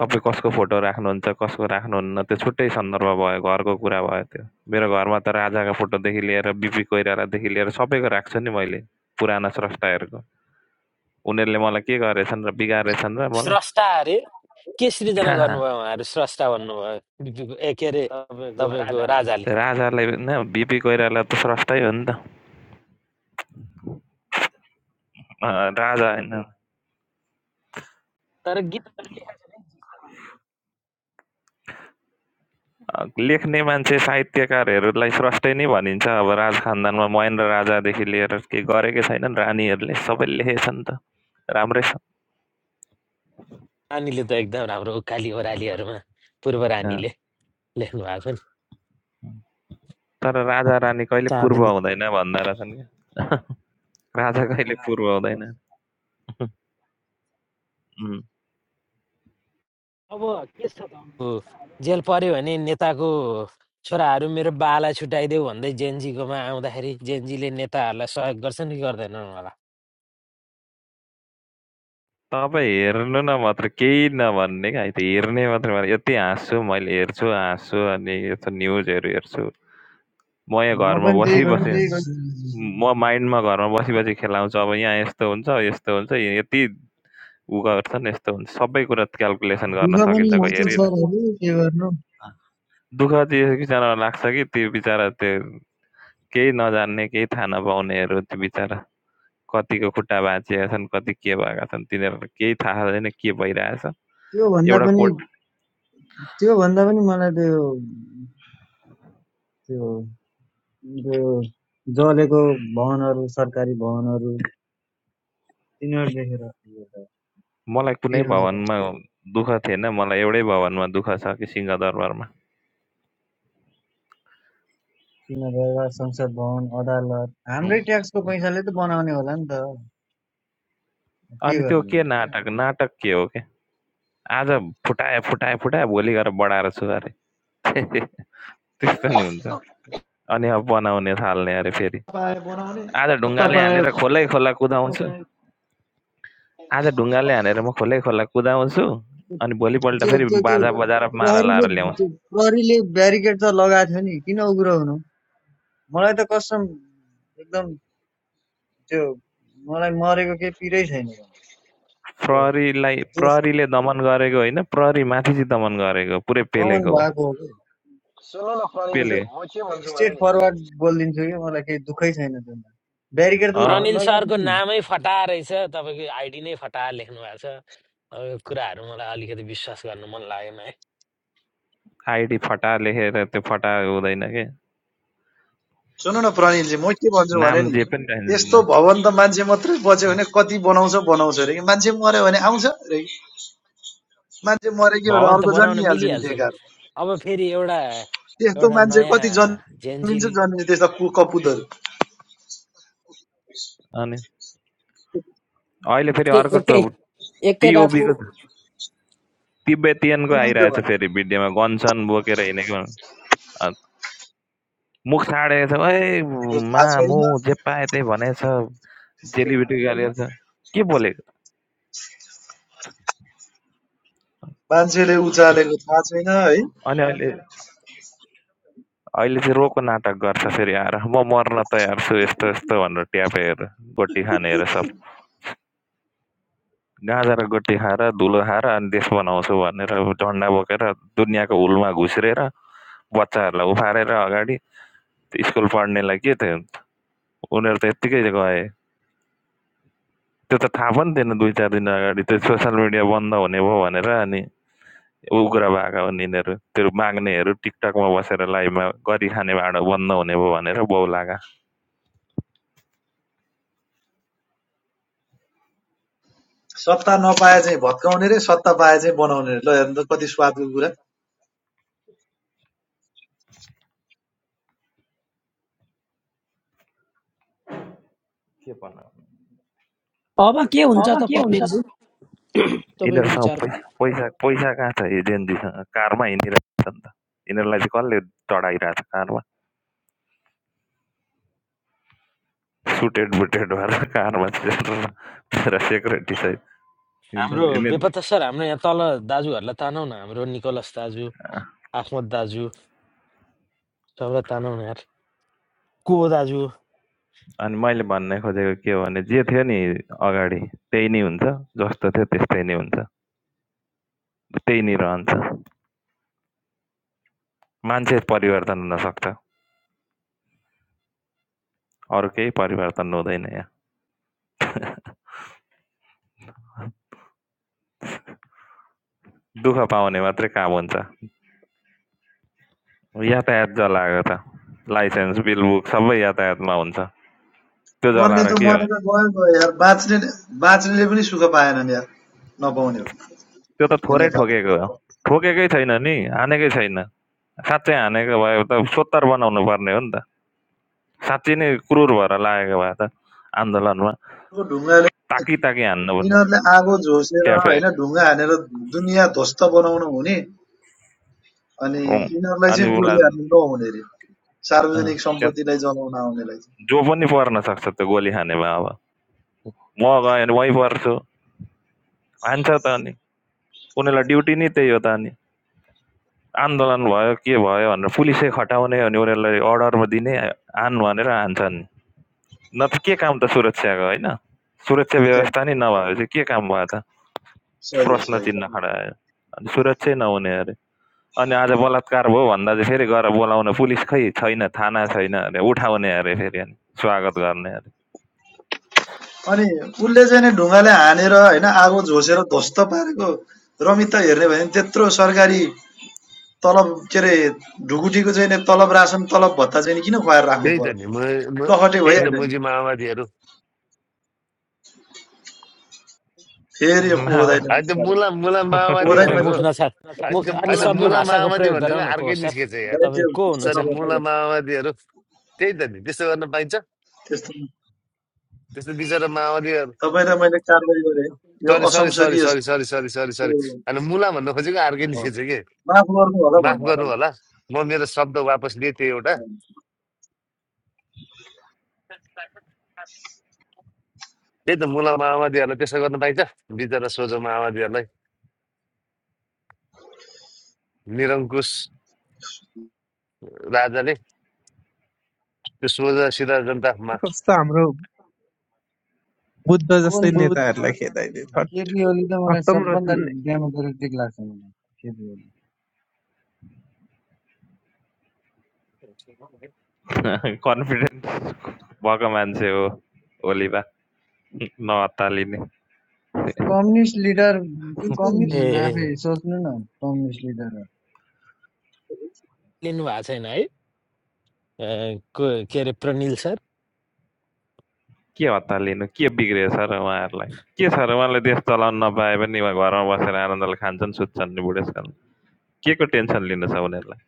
तपाईँ कसको फोटो राख्नुहुन्छ कसको राख्नुहुन्न त्यो छुट्टै सन्दर्भ भयो घरको कुरा भयो त्यो मेरो घरमा त राजाको फोटोदेखि लिएर बिपी कोइरालादेखि लिएर सबैको राख्छु नि मैले पुराना स्रष्टाहरूको उनीहरूले मलाई के गरेछन् र बिगारेछन् र मलाई स्रष्टा अरे के सृजना गर्नुभयो उहाँहरू स्रष्टा भन्नुभयो ए के अरे तपाईँको राजाले राजालाई होइन बिपी कोइराला त स्रष्टै हो नि त राजा होइन अ, लेख्ने मान्छे, साहित्यकारहरूलाई स्रष्टै नै भनिन्छ अब राज खानदानमा महेन्द्र राजादेखि लिएर केही गरेकै छैनन् रानीहरूले, सबैले लेखेछन् त, राम्रै छ। रानीले त एकदम राम्रो उकाली ओह्रालीहरूमा पूर्व अँ, रानीले लेख्नु भएको छ नि तर राजा-रानी कहिले पूर्व चाँदनी हुँदैन भन्दा रहेछन् क्या, राजा कहिले पूर्व हुँदैन। उम्, ऊ जेल पर्यो भने नेताको छोराहरू मेरो बाला छुट्याइदेऊ भन्दै जेएनजीकोमा आउँदाखेरि जेएनजीले नेताहरूलाई सहयोग गर्छन् कि गर्दैनन् होला तपाईँ हेर्नु न मात्र केही नभन्ने क्या त हेर्ने मात्रै भने यति हाँस्छु मैले हेर्छु हाँस्छु अनि यस्तो न्युजहरू हेर्छु। म यहाँ म घरमा पनि मैले त्यही बसिबसि गरिरहेको छु। म माइन्डमा घरमा बसी बसी खेलाउँछु अब यहाँ यस्तो हुन्छ, यस्तो हुन्छ, यति उ गर्छन् यस्तो हुन्छ सबै कुरा क्याल्कुलेसन गर्न दुःख पनि सकिन्छ क लाग्छ हेरि सरहरू के गर्नु दुःख त्यो बिचरालाई लाग्छ कि त्यो बिचरा त्यो केही नजान्ने केही थाहा नपाउनेहरू त्यो बिचरा कतिको खुट्टा भाँचिएका छन् कति के भएका छन् तिनीहरूलाई केही थाहा छैन के भइरहेछ त्योभन्दा एउटा पनि कोट त्योभन्दा पनि मलाई त्यो त्यो त्यो जलेको भवनहरू सरकारी भवनहरू तिनीहरू देखेर यो त मलाई कुनै पिर लागेको छ। भवनमा दुःख थिएन मलाई एउटै भवनमा दुःख छ कि सिंहदरबारमा तिनीहरू संसद भवन अदालत हाम्रै ट्याक्सको पैसाले त बनाउने होला नि त के अनि त्यो के गर्ने नाटक नाटक के हो के आज फुटाए फुटाए फुटाए भोलि गएर बढाएर सुधारे त्यस्तो नि हुन्छ अनि अब बनाउने थाल्ने अरे फेरि। पाए बनाउने आज सत्ता ढुङ्गाले पाए हानेर खोलै खोला कुदाउँछु। आज ढुङ्गाले हानेर म खोलै खोला कुदाउँछु अनि भोलिपल्ट त्यो फेरि त्यो त्यो बाजा बजाएर माला लाएर प्रहरीले ल्याउँछु। त्यो प्रहरीले ब्यारिकेड त लगाएको थियो नि किन उग्रो हुनु मलाई त कसम एकदम त्यो मलाई मरेको केही पिरै छैन मलाई त्यो प्रहरीलाई जोस प्रहरीले दमन गरेको होइन प्रहरी माथि चाहिँ दमन गरेको पुरै कमन पेलेको हो भएको हो कि सुन्नु न प्रनिलजी म म त पेले के भन्छु भने स्ट्रेट नि फरवर्ड बोलिदिन्छु कि मलाई केही दुःखै छैन त्यसमा ब्यारिकेड त अँ ल- प्रनिल लगाएको सरको थियो नि नामै फटा रहेछ तपाईँको आइडी नै फटा लेख्नु भएको छ अब यो कुराहरू मलाई अलिकति विश्वास गर्नु मन लागेन है आइडी फटा लेखेर त्यो फटा हुँदैन के सुन्नु न प्रणिलजी म के भन्छु भने नाम नि जे पनि राख्दैन यस्तो भवन त मान्छे मात्रै बच्यो अँ। भने कति बनाउँछ बनाउँछ अरे मान्छे मऱ्यो भने आउँछ अरे मान्छे मरेको हो र भवन त अर्को बनाउन जन्मिहाल्छ नि मिलिहाल्छ नि बेकार अब फेरि एउटा त्यस्तो एउटा मान्छे नयाँ कति जन्मिन्छ जेएनजी जन्मिन्छ त्यस्ता कु कपुतहरू अनि अहिले फेरि एकै अर्को एकै एकै रातमा टिओबीको तिब्बतियनको त्यही त आइरहेछ फेरि भिडियोमा गन्छन् बोकेर हिँडेको मुख छाडेको छ, "ओइ भनेको थाहा मामु छैन जे पायो त्यही भनेछ, जेलीबेटी गरेको छ" के बोलेको? मान्छेले उचालेको थाहा छैन है अनि अहिले अहिले चाहिँ रोको नाटक गर्छ फेरि आएर, "म मर्न तयार छु यस्तो यस्तो" भनेर ट्यापेर गोटी खानेहरू सब। गाँजा र गोटी खाएर, धुलो खाएर अनि देश बनाउँछु भनेर झन्डा बोकेर दुनियाँको हुलमा घुस्रेर बच्चाहरूलाई उफारेर अगाडि त्यो स्कुल पढ्नेलाई के त्यो उनीहरू त यत्तिकै गए। त्यो त थाहा पनि थिएन २-४ दिन अगाडि त्यो सोसल मिडिया बन्द हुने भयो भनेर अनि उग्रभागा यिनीहरू त्यो माग्नेहरू टिकटकमा बसेर लाइभमा गरिखाने भाँडो बन्द हुने भयो भनेर बौलागा सत्ता नपाए चाहिँ भत्काउने रे सत्ता पाए चाहिँ बनाउने रे ल हेर्नु त कति स्वादको कुरा के भन्नु अब, अब के पैसा- हुन्छ त पर्नेलजी तपाईँको यिनीहरूसँग विचारमा पैसा पैसा पैसा कहाँ छ एजेन्जीसँग कारमा हिँडिरहेको छ नि त यिनीहरूलाई चाहिँ कसले चढाइरहेको छ कारमा सुटेड बुटेड भएर कारमा चढेर मेरा सहित हाम्रो बेपत्ता सर हाम्रो यहाँ तल दाजुहरूलाई तानौ न हाम्रो निकोलस दाजु आफमत दाजु सबलाई तानौ न यार को हो दाजु अनि मैले भन्ने खोजेको के हो भने जे थियो नि अगाडि त्यही नै हुन्छ जस्तो थियो त्यस्तै नै हुन्छ त्यही नै रहन्छ मान्छे परिवर्तन हुनसक्छ अरू केही परिवर्तन हुँदैन यहाँ दुःख पाउने मात्रै काम हुन्छ यातायात जलाएको त लाइसेन्स बिल बुक सबै यातायातमा हुन्छ त्यो मर्ने जलाएर त के हो मरेर गयो गयो यार बाँच्ने बाँच्नेले पनि सुख पाएनन् यार नपाउने हो त्यो त यो थोरै नेपाल ठोकेको हो ठोकेकै छैन नि हानेकै छैन साँच्चै हानेको भयो त सोत्तर बनाउनु पर्ने हो नि त साँच्ची नै क्रुर भएर लागेको भए त आन्दोलनमा ढुङ्गाले ताकी ताकी हान्नु पर्ने यिनीहरूले आगो झोसेर ट्यापे होइन हेर्ने ढुङ्गा हानेर दुनियाँ ध्वस्त बनाउनु हुने अनि अँ। यिनीहरूलाई अनि चाहिँ गोली उसलाई हान्नु नहुने रे अँ, सार्वजनिक त्यहाँ सम्पत्तिलाई जलाउन आउनेलाई चाहिँ जो पनि पर्न सक्छ त्यो गोली खानेमा अब म गएँ वहीँ पर्छु हान्छ त अनि उनीहरूलाई ड्युटी नै त्यही हो त अनि आन्दोलन भयो के भयो भनेर पुलिसै खटाउने अनि उनीहरूलाई अर्डरमा दिने आन भनेर हान्छन् न के काम त सुरक्षाको होइन सुरक्षा त्यही, व्यवस्था नै नभएपछि के काम भयो त सही हो प्रश्न सही चिन्ह खडा आयो अनि सुरक्षै नहुने अरे अनि आज बलात्कार भयो भन्दा चाहिँ फेरि गएर बोलाउन पुलिस खै छैन थाना छैन अरे उठाउने अरे फेरि अनि स्वागत गर्ने अरे अनि उसले चाहिँ नि ढुङ्गाले हानेर होइन आगो झोसेर ध्वस्त पारेको रमित त हेर्ने भयो भने त्यत्रो सरकारी तलब के अरे ढुकुटीको चाहिँ नि तलब रासन तलब भत्ता चाहिँ नि किन खुवाएर राख्नु त्यही त नि पर्यो म म- लखटे त्यही त त्यही भइहाल्यो नि मुजी माओवादीहरू फेरि यो को दाइले होइन मलाई त्यो मुला मुला माओवादी दाइ होइन भनेको मुख नछाड मुख अलि होइन सबै मुला भाषाको माओवादी प्रयोग गरौँ भनेको न को हो अर्कै सर निस्केछ यार त्यो तपाईँ को त्यस्तो हुनुहुन्छ सरी नगर्नु मुला माओवादीहरू त्यही त नि त्यस्तो गर्न पाइन्छ त्यस्तो त्यस्तो बिचरा माओवादीहरू तपाईँलाई मैले कारवाही गरेँ यो सरी सरी सरी असंसदीय sorry sorry sorry sorry sorry होइन मुला भन्न खोजेको अर्कै निस्केछ कि माफ गर्नु होला माफ भन्नु गर्नु होला होला म मेरो शब्द वापस लिएँ त्यो एउटा त्यही त मुला माओवादीहरूलाई त्यस्तो गर्न पाइन्छ बिचरा सोझो माओवादीहरूलाई निरङ्कुश राजाले त्यो सोझा सिधा जनतामा कस्तो हाम्रो बुद्ध कुन जस्तै नेताहरूलाई खेदाइदियो केपी ओली त मलाई खत्तम सबभन्दा रहेछन् नि। डेमोक्रेटिक लाग्छ मलाई केपी ओली कन्फिडेन्ट भएको मान्छे हो ओलीबा नअत्तालिने कम्युनिस्ट लिडर त्यस्तै ए हुँदैन आफै सोच्नु न कम्युनिस्ट लिडर लिनु भएको छैन है ए, को के अरे प्रनिल सर के हतालिनु के बिग्रियो सर उहाँहरूलाई के सर उहाँले देश चलाउन नपाए पनि उहाँ घरमा बसेर आनन्दले खान्छन् सुत्छन् नि बुढेसकाल के को टेन्सन लिनु छ उनीहरूलाई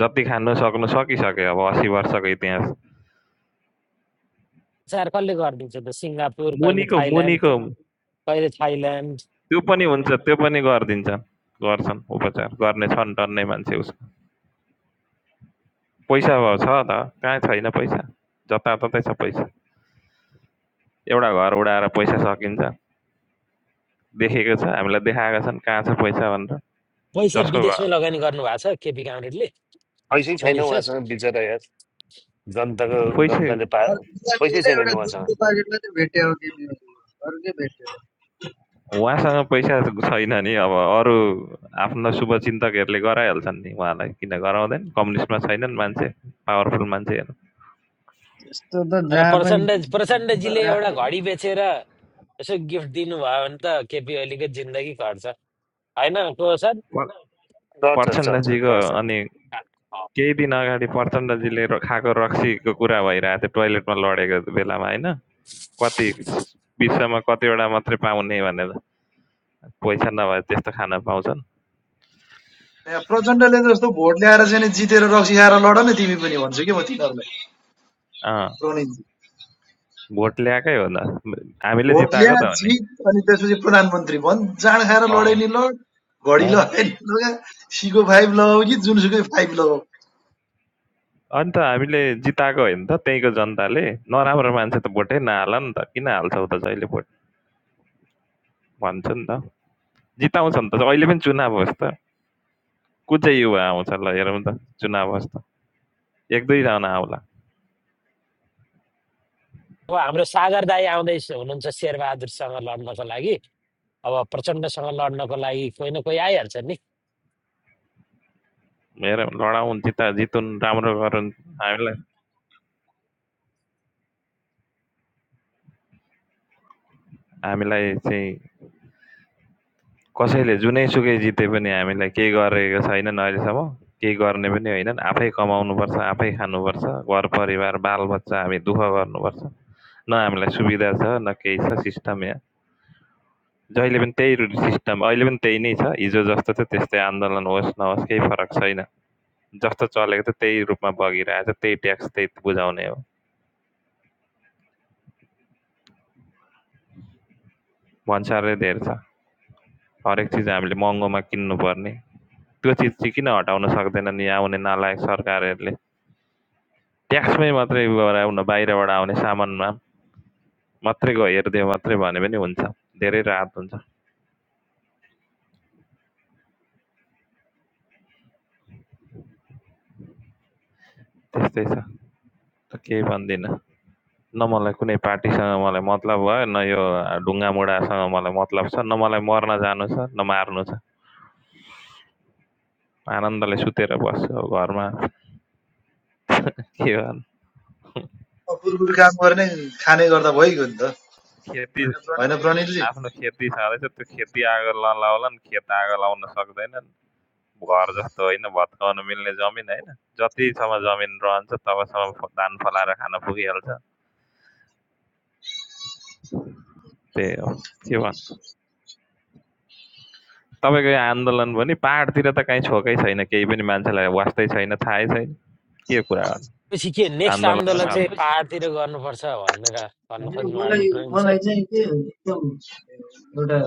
जति खानु सक्नु सकिसक्यो अब असी वर्षको इतिहास चार कसले गरिदिन्छ त सिङ्गापुर कहिले मुनिको थाइल्यान्ड मुनिको कहिले थाइल्यान्ड त्यो पनि हुन्छ त्यो पनि गरिदिन्छ गर्छन् उपचार गर्ने छन् टन्नै मान्छे उसको पैसा छ त कहाँ छैन पैसा जताततै छ पैसा एउटा घर उडाएर पैसा सकिन्छ देखेको छ हामीलाई देखाएका छन् कहाँ छ पैसा भनेर पैसा जसको घर विदेशमै लगानी गर्नु भएको छ केपी कामरेडले पैसै छैन प्रनिल सर उहाँसँग बिचरा यार जनताको पैसा जनताले पा अरूलाई पैसै बोले छैन एउटा नि उहाँसँग दुधको पाकेटलाई चाहिँ भेट्यो कि अरू के भेट्यो उहाँसँग पैसा छैन नि अब अरू आफ्ना शुभचिन्तकहरूले गराइहाल्छन् नि उहाँलाई किन गराउँदैन कम्युनिस्टमा छैनन् मान्छे पावरफुल मान्छेहरू त्यस्तो त तर जहाँ पनि प्रचण्ड प्रचण्डजीले एउटा घडी बेचेर यसो गिफ्ट दिनुभयो भने त केपी ओलीको जिन्दगी घट्छ होइन को सर प- टर्च छ टर्च छ प्रचण्डजीको टर्च अनि केही दिन अगाडि प्रचण्डजीले र- खाएको रक्सीको कुरा भइरहेको थियो टोइलेटमा लडेको बेलामा होइन कति छ। विश्वमा कतिवटा मात्रै पाउने भनेर पैसा नभए त्यस्तो खान पाउँछन् ए, प्रचण्डले जस्तो भोट ल्याएर चाहिँ नि जितेर रक्सी खाएर लड न तिमी पनि भन्छु कि म तिनीहरूलाई अँ प्रणितजी भोट ल्याएकै हो त हामीले भोट ल्या जिताएको त हो नि जित अनि त्यसपछि प्रधानमन्त्री भन् जाँड खाएर अँ लडे नि लड घडी अँ लगाए नि लगा सीको फाइभ लगाऊ कि जुनसुकै फाइभ लगाऊ अनि त हामीले जिताएको होइन त त्यहीँको जनताले नराम्रो मान्छे त भोटै नहाल नि त किन हाल्छौ त जहिले भोट भन्छ नि त जिताउँछ नि त अहिले पनि चुनाव होस् त को चाहिँ युवा आउँछ ल हेरौँ त चुनाव होस् त एक दुईजना आउला अब हाम्रो सागर दाई आउँदै हुनुहुन्छ शेरबहादुरसँग लड्नको लागि अब प्रचण्डसँग लड्नको लागि कोही न कोही आइहाल्छ नि हेरौँ लडाउँ जिता जितुन् राम्रो गरून् हामीलाई हामीलाई चाहिँ कसैले जुनैसुकै जिते पनि हामीलाई केही गरेको छैनन् अहिलेसम्म केही गर्ने पनि होइनन् आफै कमाउनुपर्छ आफै खानुपर्छ घर परिवार बालबच्चा हामी दुःख गर्नुपर्छ न हामीलाई सुविधा छ न केही छ सिस्टम जहिले पनि त्यही रु- सिस्टम अहिले पनि त्यही नै छ हिजो जस्तो थियो त्यस्तै आन्दोलन होस् नहोस् केही फरक छैन जस्तो चलेको थियो त्यही रूपमा बगिरहेको छ त्यही ट्याक्स त्यही बुझाउने हो भन्सारै धेर छ हरेक चिज हामीले महँगोमा किन्नुपर्ने त्यो चिज चाहिँ किन हटाउन सक्दैनन् यहाँ आउने नालायक सरकारहरूले ट्याक्समै मात्रै गराउन बाहिरबाट आउने सामानमा मात्रै गो हेरिदियो मात्रै भने पनि हुन्छ धेरै राहत हुन्छ त्यस्तै छ त केही भन्दिनँ न मलाई कुनै पार्टीसँग मलाई मतलब भयो न यो ढुङ्गा मुढासँग मलाई मतलब छ न मलाई मर्न जानु छ न मार्नु छ आनन्दले सुतेर बस्छु अब घरमा के गर्नु कुरकुर काम गर्ने खाने गर्दा भइगयो नि त खेती होइन प्रणितजी आफ्नो खेती छँदैछ त्यो खेती आगो नलाउलान् खेत आगो लाउन सक्दैनन् घर जस्तो होइन भत्काउन मिल्ने जमिन होइन जतिसम्म जमिन रहन्छ तबसम्म धान फलाएर खान पुगिहाल्छ त्यही हो के भन्नु तपाईँको यो आन्दोलन पनि पाहाडतिर त काहीँ छोकै छैन केही पनि मान्छेलाई वास्तै छैन थाहै छैन के कुरा गर्नु पछि के नेक्स्ट आन्दोलन र आन्दोलन चाहिँ साथ पाहाडतिर गर्नुपर्छ भनेर भन्न होइन खोज्नु भएको मलाई प्रवीण सर मलाई चाहिँ के एकदम एउटा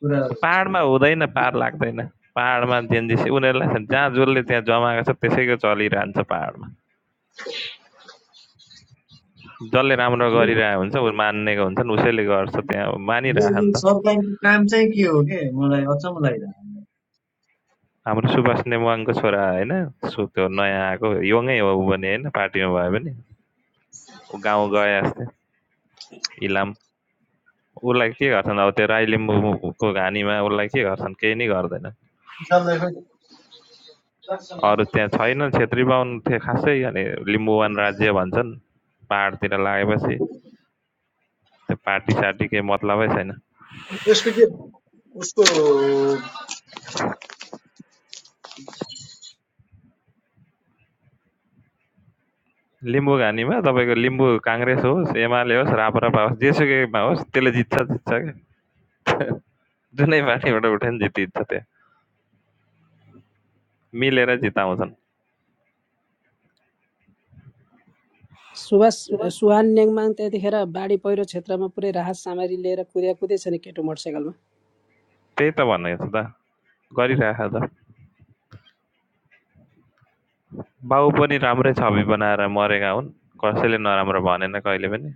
कुरा पाहाडमा हुँदैन पार लाग्दैन पाहाडमा जेनजेसी उनीहरूलाई छ- जहाँ जसले त्यहाँ जमाएको छ त्यसैको चलिरहन्छ पाहाडमा जसले राम्रो यो गरिरहेको हुन्छ ऊ मान्नेको हुन्छन् उसैले गर्छ त्यहाँ यो मानिरहेको यो नि त सरकारको काम चाहिँ के हो के मलाई अचम्म लागिरहेको छ। हाम्रो सुभाष नेवाङको छोरा होइन सु त्यो नयाँ आएको यङै हो ऊ होइन पार्टीमा भयो भने ऊ गाउँ गए अस्ति इलाम उसलाई के गर्छन् अब त्यो राई लिम्बूको घानीमा उसलाई के गर्छन् केही नै गर्दैन किसानलाई पनि। अरू त्यहाँ छैन छेत्री बाहुन थियो खासै अनि लिम्बुवान राज्य भन्छन् पाहाडतिर लागेपछि त्यो पार्टी सार्टी केही मतलबै छैन त्यसको के उसको लिम्बू घानीमा तपाईँको लिम्बू काङ्ग्रेस होस् एमाले होस् राप्रपा होस् जेसुकैमा होस् त्यसले जित्छ जित्छ क्या जुनै पार्टीबाट उठ्यो भने जितिन्छ त्यहाँ मिलेर जिताउँछन् सुवास सुहान नेङमाङ त्यतिखेर बाढी पहिरो क्षेत्रमा पुरै राहत सामग्री लिएर कुद्या कुदै छन् केटो मोटरसाइकलमा त्यही त भनेको छु त गरिराख त बाउ पनि राम्रै छवि बनाएर मरेका हुन् कसैले नराम्रो भनेन कहिले पनि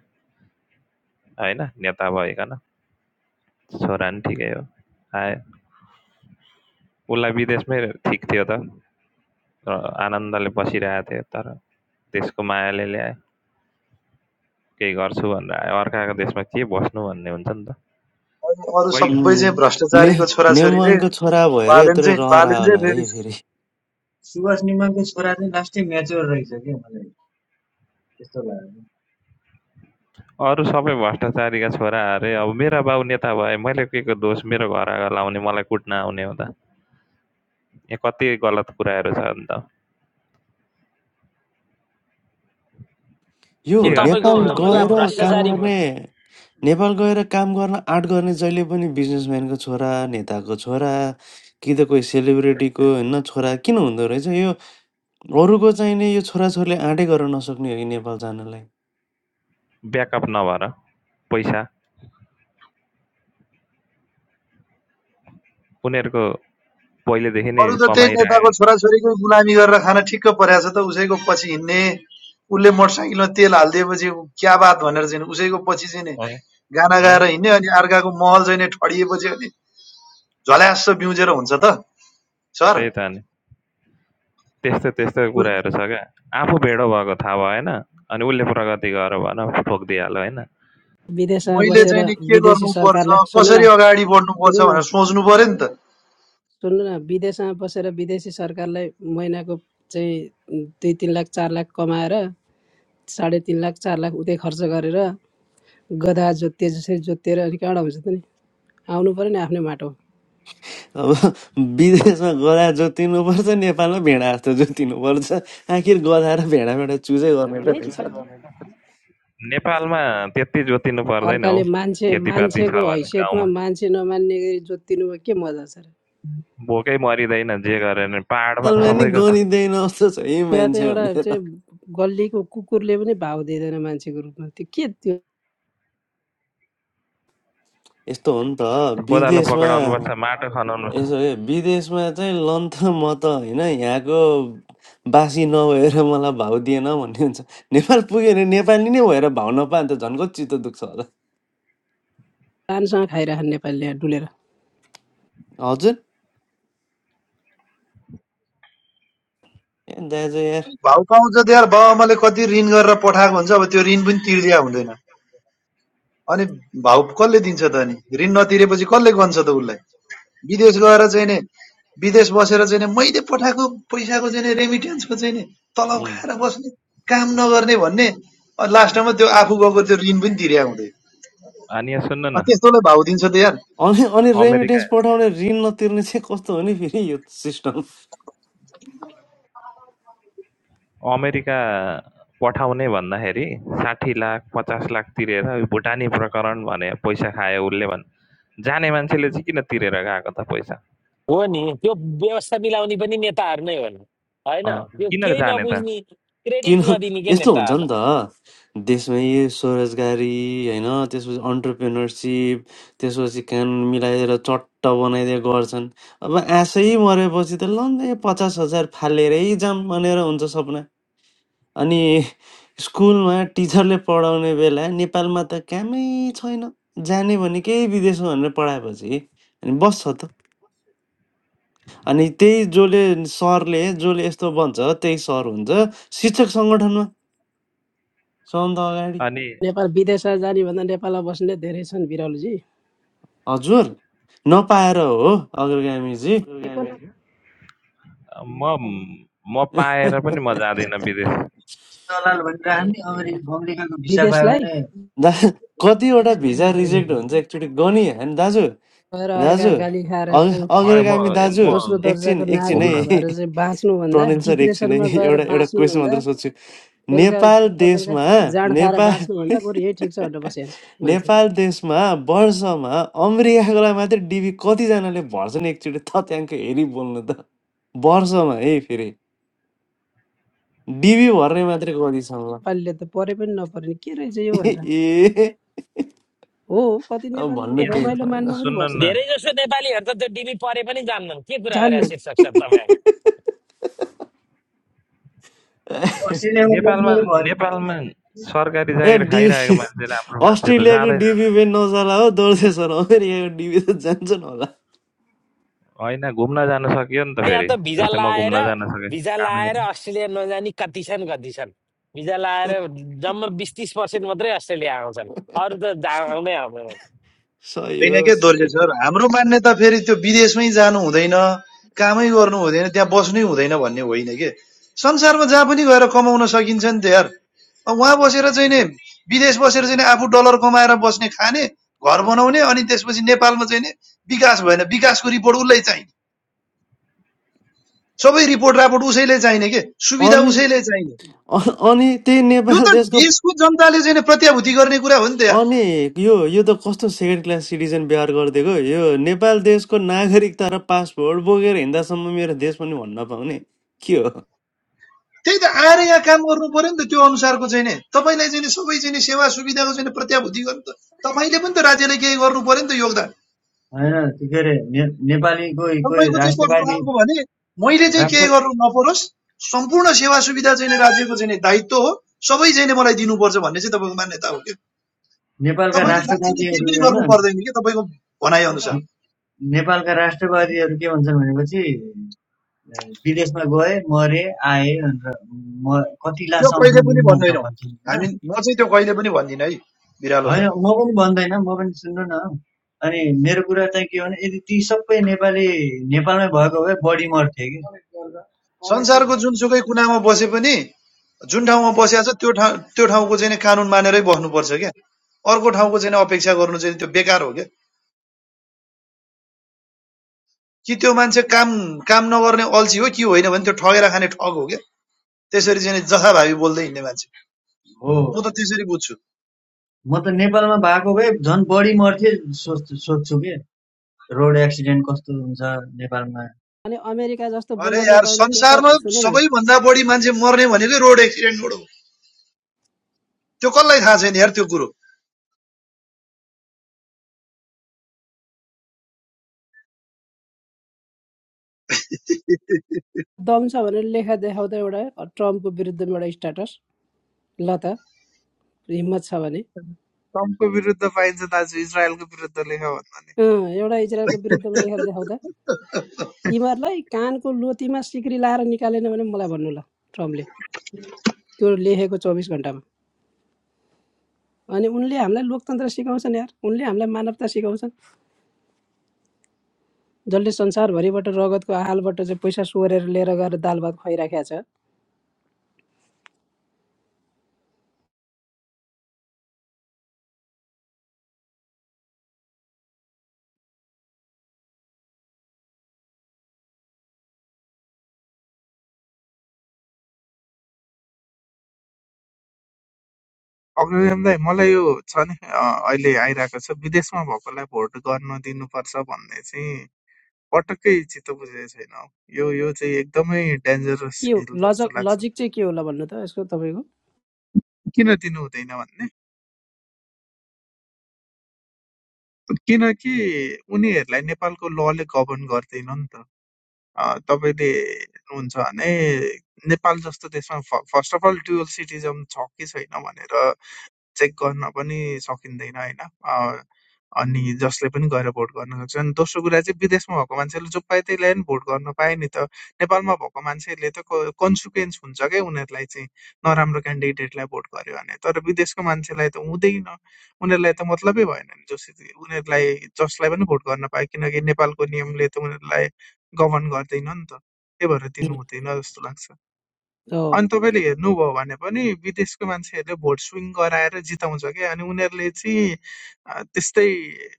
होइन नेता भइकन छोरा नि ठिकै हो आयो उसलाई विदेशमै ठिक थियो त आनन्दले बसिरहेको थियो तर देशको मायाले ल्यायो केही गर्छु भनेर आयो अर्काको देशमा के बस्नु भन्ने हुन्छ नि त अरू पहिले सबै उम्, चाहिँ ने भ्रष्टाचारीको छोराछोरी रे नेमुवाङको छोरा भएर बालेन यत्रो चाहिँ रहर आयो बालेन चाहिँ होला है फेरि फेरि सुभाष निमाको छोरा चाहिँ लास्टै म्याच्योर रहेछ के मलाई त्यस्तो लाग्यो अरू सबै भ्रष्टाचारीका छोरा अरे अब मेरा बाउ नेता भए मैले के को दोष मेरो घर आगो लाउने मलाई कुट्न आउने हुँदा यहाँ कति गलत कुराहरू छ अन्त यो अनि के गर्ने तपाईँको नेपाल थियो बुवा गएर काम भ्रष्टाचारी गर्ने भु- नेपाल गएर काम गर्न आँट गर्ने जहिले पनि बिजनेसम्यानको छोरा नेताको छोरा कि त कोही सेलिब्रेटीको होइन छोरा किन हुँदो रहेछ यो अरूको चाहिने यो छोराछोरीले आँटै गर्न नसक्ने हो कि नेपाल जानलाई ब्याकअप नभएर पैसा उनीहरूको पहिलेदेखि नै अरू त त्यही नेताको कमाइरहेको छोराछोरीकै गुलामी गरेर खान ठिक्क परेको छ त उसैको पछि हिँड्ने उसले मोटरसाइकलमा तेल हालिदिएपछि ऊ क्या बात भनेर चाहिँ नि उसैको पछि चाहिँ नि अँ, गाना अँ, गाएर हिँड्ने अनि अर्काको महल चाहिँ नि ठडिएपछि अनि झल्यास बिउजेर हुन्छ त सर त्यही त नि त्यस्तो त्यस्तो कुराहरू छ क्या आफू भेडो भएको थाहा भएन अनि उसले प्रगति गर भन ठोकिदिइहाल्यो होइन विदेशमा मैले बसेर चाहिँ नि के विदेशी सरकारलाई गर्नुपर्छ सुन्नु न कसरी अगाडि सुन्नु बढ्नुपर्छ न भनेर सोच्नु पर्यो नि त सुन्नु न विदेशमा बसेर विदेशी सरकारलाई महिनाको चाहिँ दुई तिन लाख चार लाख कमाएर साढे तिन लाख चार लाख उतै खर्च गरेर गधा जोत्ते जसरी जोतेर अनि कहाँबाट हुन्छ त नि आउनु पऱ्यो नि आफ्नै माटो अब विदेशमा गधा जोतिनुपर्छ नेपालमा भेडा जस्तो जोतिनुपर्छ आखिर गधा र भेडाबाट चुजै गर्ने त रहेछ नेपालमा त्यति जोतिनु पर्दैन हौ अर्काले मान्छे खेतीपाती मान्छेको छ भने हैसियतमा गाउँमा मान्छे नमान्ने गरी जोतिनुमा के मजा छ र भोकै मरिँदैन जे गरे नि पाहाडमा नेपालमा नि सबैको छ गनिँदैन जस्तो छ यी त्यहाँ त मान्छे एउटा भनेर चाहिँ गल्लीको कुकुरले पनि भाउ दिँदैन मान्छेको रूपमा त्यो के त्यो यस्तो हो नि त कोदालो पक्राउनु विदेशमा माटो खनाउनु यसो ए विदेशमा चाहिँ लन त म त होइन यहाँको बासी नभएर मलाई भाउ दिएन भन्ने हुन्छ नेपाल पुग्यो भने नेपाली नै भएर भाउ नपायो भने त झन् कति चित्त दुख्छ होला पानसँग खाइरहन् नेपालीले यहाँ डुलेर हजुर ए दाजु यार भाउ पाउँछ त्यहाँ बाउ कति ऋण गरेर पठाएको हुन्छ अब त्यो ऋण पनि तिर्दिया हुँदैन अनि भाउ कसले दिन्छ त अनि ऋण नतिरेपछि कसले गन्छ त उसलाई विदेश गएर चाहिँ नि विदेश बसेर चाहिँ नि मैले पठाएको पैसाको चाहिँ नि रेमिटेन्सको चाहिँ नि तलब उम्। खाएर बस्ने काम नगर्ने भन्ने लास्टमा त्यो आफू गएको त्यो ऋण पनि तिर्या हुँदैन अनि यहाँ सुन्नु न अँ, त्यस्तोलाई भाउ दिन्छ त यार अनि अनि रेमिटेन्स अमेरिका पठाउने ऋण नतिर्ने चाहिँ कस्तो हो नि फेरि यो सिस्टम अमेरिका पठाउने भन्दाखेरि साठी लाख पचास लाख तिरेर यो भुटानी प्रकरण भने पैसा खायो उसले भन् जाने मान्छेले चाहिँ किन तिरेर गएको त पैसा हो नि त्यो व्यवस्था मिलाउने पनि नेताहरू नै हो नि होइन अँ, त्यो किन केही जाने त नबुझ्ने किन क्रेडिट नदिने के यस्तो हुन्छ नि नेताहरूलाई त देशमै स्वरोजगारी होइन त्यसपछि अन्टरप्रेनरसिप त्यसपछि कान मिलाएर चट्ट बनाइदिए गर्छन् अब आशै मरेपछि त लन्डै पचास हजार फालेरै जाम भनेर हुन्छ सपना अनि स्कुलमा टिचरले पढाउने बेला नेपालमा त कामै छैन जाने भने विदेशमा भनेर पढाएपछि अनि बस्छ त अनि त्यही जसले सरले जसले यस्तो बन्छ त्यही सर हुन्छ शिक्षक सङ्गठनमा सबभन्दा अगाडि अनि नेपाल विदेशमा जाने भन्दा नेपालमा बस्ने धेरै छन् बिरालोजी हजुर नपाएर हो अग्रगामीजी म म पाएर पनि म जाँदिनँ विदेश दलाल भनिराख्ने अमेरिका अमेरिकाको भिसा पायो विदेशलाई भने दा कतिवटा सबैमा भिजा त्यो रिजेक्ट हुन्छ लेख्ने। एकचोटि गनी होइन दाजु गएर अर्का दाजु गाली खाएर अग चाहिँ म म अग्रगामी दाजु म दोस्रो एकछिन दर्जाको एकछिन नागरिक घुम्न है भएर चाहिँ बाँच्नुभन्दा प्रनिल सर एकछिन डिप्रेसनमा है गएर एउटा एउटा क्वेसन बाँच्नुभन्दा मात्र सोध्छु बेलुका नेपाल बेलुका बेलुका देशमा जाँड खाएर नेपाल बाँच्नुभन्दा बरु यही ठिक छ भनेर बस्यान् मान्छे नेपाल देशमा वर्षमा अमेरिकाको लागि मात्रै डिबी कतिजनाले भर्छन् एकचोटि तथ्याङ्क हेरी बोल्नु त वर्षमा है फेरि डिबी भर्ने मात्रै कतिसम्म नेपालीले त परे पनि नपरे के रहेछ यो भनेर ए हो कति अब नेपालीले भन्नु त यहाँ केही रमाइलो छैन मान्न पनि सुन्नु पर्छ न धेरै जसो नेपालीहरू त त्यो डिबी परे पनि जान्दैनन् के कुरा गरे जान्नन् शीर्षक सर तपाईँ अस्ट्रेलियामा बस्ने नेपालमा भयो होइन नेपालमा सरकारी ए जागिर खाइरहेको डिबी मान्छे राम्रो मान्छे त अस्ट्रेलियाको जाँदै जाँदैन डिबी पनि नचला हो दोर्जेसन अमेरिकाको डिबी त जान्छन् होला होइन घुम्न जान सकियो नि त यहाँ फेरि त भिजा जस्तै म लाएर घुम्न जान सकेँ भिजा कामै लाएर गर्न अस्ट्रेलिया नजानी कति छन् कति छन् भिजा लाएर जम्मा बिस तिस पर्सेन्ट मात्रै अस्ट्रेलिया आउँछन् अरू त जा- आउँदै आउँदैन सही होइन हो के दोर्जे सही सर हाम्रो मान्यता फेरि त्यो विदेशमै जानु हुँदैन कामै गर्नु हुँदैन त्यहाँ बस्नै हुँदैन भन्ने होइन के संसारमा जहाँ पनि गएर कमाउन सकिन्छ नि त यार अब उहाँ बसेर चाहिँ नि विदेश बसेर चाहिँ नि आफू डलर कमाएर बस्ने खाने घर बनाउने अनि त्यसपछि नेपालमा चाहिँ नि विकास भएन विकासको रिपोर्ट उसलाई चाहिने सबै रिपोर्ट रापोर्ट उसैले चाहिने के हो सुविधा अनि उसैले चाहिने अ- अनि त्यही यो नेपाल त देशको देशको जनताले चाहिँ नि प्रत्याभूति गर्ने कुरा हो नि त यार अनि यो यो त कस्तो सेकेन्ड क्लास सिटिजन व्यवहार गरिदिएको यो नेपाल देशको नागरिकता र पासपोर्ट बोकेर हिँड्दासम्म मेरो देश पनि भन्न पाउने के हो त्यही त आएर यहाँ काम गर्नु पर्यो नि त त्यो अनुसारको चाहिँ नि तपाईँलाई चाहिँ सबै चाहिँ सेवा सुविधाको चाहिँ प्रत्याभूति गर्नु त तपाईँले पनि त राज्यले केही गर्नु पर्यो नि त योगदान के अरे ने, नेपाली कोही कोही तपाईँको चाहिँ कस्तो राष्ट्रवादी खालको भने मैले चाहिँ केही गर्नु नपरोस् सम्पूर्ण सेवा सुविधा चाहिँ राज्यको चाहिँ दायित्व हो सबै चाहिँ मलाई दिनुपर्छ भन्ने चाहिँ तपाईँको मान्यता हो कि नेपालका तपाईँले राज्यले केही राष्ट्रवादीहरू पनि होइन गर्नु ने- पर्दैन कि तपाईँको भनाइ अनुसार नेपालका राष्ट्रवादीहरू के भन्छन् भनेपछि अ, विदेशमा गए मरे आए भनेर म कति लास त्यो कहिले आउँछन् पनि दिनमा भनेर भन्दैनौँ हामी भन्छन् म चाहिँ त्यो कहिले पनि भन्दिनँ है बिरालो सर होइन होइन म पनि भन्दैन म पनि सुन्नु न अनि मेरो कुरा चाहिँ के हो भने यदि ती सबै नेपाली नेपालमै भएको भए बढी मर्थे कि संसारको जुनसुकै कुनामा बसे पनि जुन ठाउँमा बसेको छ त्यो ठाउँ त्यो ठाउँको चाहिँ नि कानुन मानेरै बस्नुपर्छ क्या अर्को ठाउँको चाहिँ नि अपेक्षा गर्नु चाहिँ त्यो बेकार हो क्या कि त्यो मान्छे काम काम नगर्ने अल्छी हो कि होइन भने त्यो ठगेर खाने ठग हो क्या त्यसरी चाहिँ नि जथाभावी बोल्दै हिँड्ने मान्छे हो म त त्यसरी बुझ्छु म त नेपालमा भएको भए झन् बढी मर्थे सोच सोध्छु कि रोड एक्सिडेन्ट कस्तो हुन्छ नेपालमा अनि अमेरिका जस्तो अरे बोल्न यार नपाउने पेसा संसारमा सुन्नु न सबैभन्दा बढी मान्छे मर्ने भनेकै रोड एक्सिडेन्टबाट हो त्यो कसलाई थाहा छैन यार त्यो कुरो दम छ भने लेखा देखाउँदा एउटा ट्रम्पको विरुद्धमा एउटा स्ट्याटस ल त हिम्मत छ भने ट्रम्पको विरुद्ध पाइन्छ दाजु इजरायलको विरुद्ध लेख भन्दा नि अँ, एउटा इजरायलको विरुद्धमा लेखेर देखाउँदा तिमीहरूलाई कानको लोतीमा सिक्री लाएर निकालेन भने मलाई भन्नु ल ट्रम्पले त्यो लेखेको चौबिस घन्टामा अनि उनले हामीलाई लोकतन्त्र सिकाउँछन् यार उनले हामीलाई मानवता सिकाउँछन् जसले संसारभरिबाट रगतको आहालबाट चाहिँ पैसा सोरेर लिएर गएर दाल भात खुवाइराखेको छ अग्रजमदाइ मलाई यो छ नि अ, अहिले आइरहेको छ विदेशमा भएकोलाई भोट गर्न दिनुपर्छ भन्ने चाहिँ पटक्कै चित्त बुझेको छैन हौ। यो यो चाहिँ एकदमै डेन्जरस के हो खेल जस्तो लजक लाग्छ लजिक चाहिँ के होला भन्नु त यसको तपाईँको किन दिनु हुँदैन भन्ने किनकि उनीहरूलाई नेपालको लले गभर्न गर्दैन नि त अ, तपाईँले हुन्छ भने नेपाल जस्तो देशमा first of all dual citizen छ कि छैन भनेर चेक गर्न पनि सकिँदैन होइन अनि जसले पनि गएर भोट गर्न सक्छ अनि दोस्रो कुरा चाहिँ विदेशमा भएको मान्छेले जो पायो त्यही ल्यायो नि भोट गर्न पायो नि त नेपालमा भएको मान्छेहरूले त कन्सिक्वेन्स हुन्छ क्या उनीहरूलाई चाहिँ नराम्रो क्यान्डिडेटलाई भोट गर्यो भने तर विदेशको मान्छेलाई त हुँदैन उनीहरूलाई त मतलबै भएन नि जस उनीहरूलाई जसलाई पनि भोट गर्न पायो किनकि नेपालको नियमले त उनीहरूलाई गभर्न गर्दैन नि त त्यही भएर दिनु हुँदैन जस्तो लाग्छ अनि तपाईँले हेर्नुभयो भने पनि विदेशको मान्छेहरूले भोट स्विङ गराएर जिताउँछ क्या अनि उनीहरूले चाहिँ अँ, त्यस्तै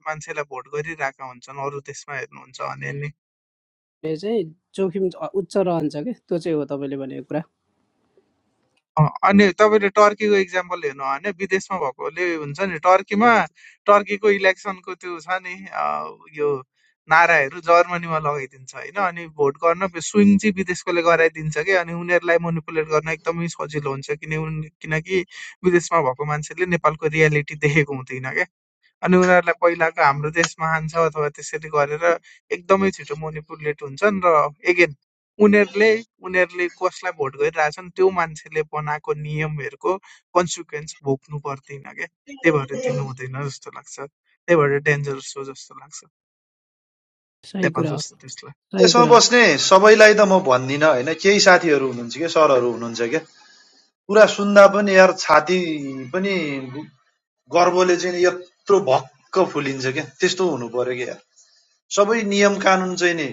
मान्छेलाई भोट गरिरहेका हुन्छन् अरू देशमा हेर्नुहुन्छ भने नि भने चाहिँ जोखिम उच्च रहन्छ कि त्यो चाहिँ हो तपाईँले भनेको कुरा अँ, अनि तपाईँले टर्कीको इक्जाम्पल हेर्नु हो भने विदेशमा भएकोले हुन्छ नि टर्कीमा टर्कीको इलेक्सनको त्यो छ नि अँ, यो नाराहरू जर्मनीमा लगाइदिन्छ होइन अनि भोट गर्न स्विङ चाहिँ विदेशकोले गराइदिन्छ कि अनि उनीहरूलाई मोनिपुलेट गर्न एकदमै सजिलो हुन्छ किन उन- किनकि विदेशमा भएको मान्छेले नेपालको रियालिटी देखेको हुँदैन क्या अनि उनीहरूलाई पहिलाको हाम्रो देशमा हान्छ अथवा त्यसरी गरेर एकदमै छिटो मोनिपुलेट हुन्छन् र एगेन उनीहरूले उनीहरूले कसलाई भोट गरिरहेछन् त्यो मान्छेले बनाएको नियमहरूको कन्सिक्वेन्स भोग्नु पर्दैन क्या त्यही भएर दिनु हुँदैन जस्तो लाग्छ त्यही भएर डेन्जरस हो जस्तो लाग्छ सही नेपाल कुरा हो जस्तो देशलाई सही त्यसमा कुरा हो बस्ने सबैलाई त म भन्दिनँ होइन केही साथीहरू हुनुहुन्छ क्या सरहरू हुनुहुन्छ क्या कुरा सुन्दा पनि यार छाती पनि गर्वले चाहिँ नि यत्रो भक्क फुलिन्छ क्या त्यस्तो हुनु पर्यो क्या यार सबै नियम कानुन चाहिँ नि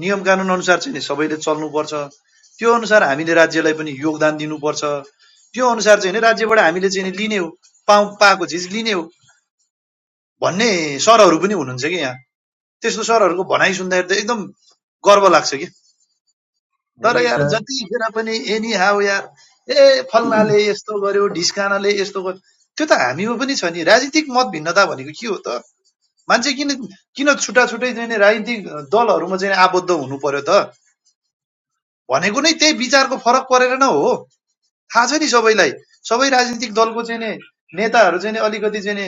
नियम कानुन अनुसार चाहिँ नि सबैले चल्नुपर्छ त्यो अनुसार हामीले राज्यलाई पनि योगदान दिनुपर्छ त्यो अनुसार चाहिँ नि राज्यबाट हामीले चाहिँ नि लिने हो पाउ पाएको चिज लिने हो भन्ने सरहरू पनि हुनुहुन्छ कि यहाँ त्यस्तो सरहरूको भनाइ सुन्दाखेरि त एकदम गर्व लाग्छ कि हो तर नि यार सर जतिखेर पनि एनी हाउ यार ए फल्नाले हो यस्तो गर्यो ढिस्कानाले यस्तो गर्यो त्यो त हामीमा पनि छ नि राजनीतिक मत भिन्नता भनेको के हो त मान्छे किन किन छुट्टा छुट्टै चाहिँ नि राजनीतिक दलहरूमा चाहिँ आबद्ध हुनु पर्यो त भनेको नै त्यही विचारको फरक परेर नै हो थाहा छ नि सबैलाई सबै राजनीतिक दलको चाहिँ नि नेताहरू चाहिँ नि अलिकति चाहिँ नि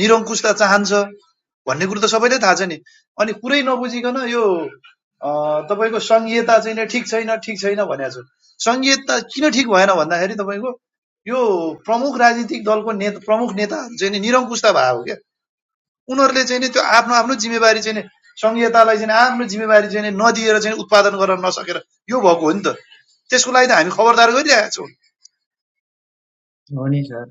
निरङ्कुशता चाहन्छ भन्ने कुरो त सबैलाई थाहा छ नि अनि कुरै नबुझिकन यो अँ, तपाईँको सङ्घीयता चाहिँ नि ठिक छैन ठिक छैन भनेको छ सङ्घीयता किन ठिक भएन भन्दाखेरि तपाईँको यो प्रमुख राजनीतिक दलको नेता प्रमुख नेताहरू चाहिँ नि निरङ्कुशता भएको क्या उनीहरूले चाहिँ नि त्यो आफ्नो आफ्नो जिम्मेवारी चाहिँ नि सङ्घीयतालाई चाहिँ आफ्नो जिम्मेवारी चाहिँ नदिएर चाहिँ उत्पादन गर्न नसकेर यो भएको हो नि त त्यसको लागि त हामी खबरदार गरिरहेका छौँ नि सर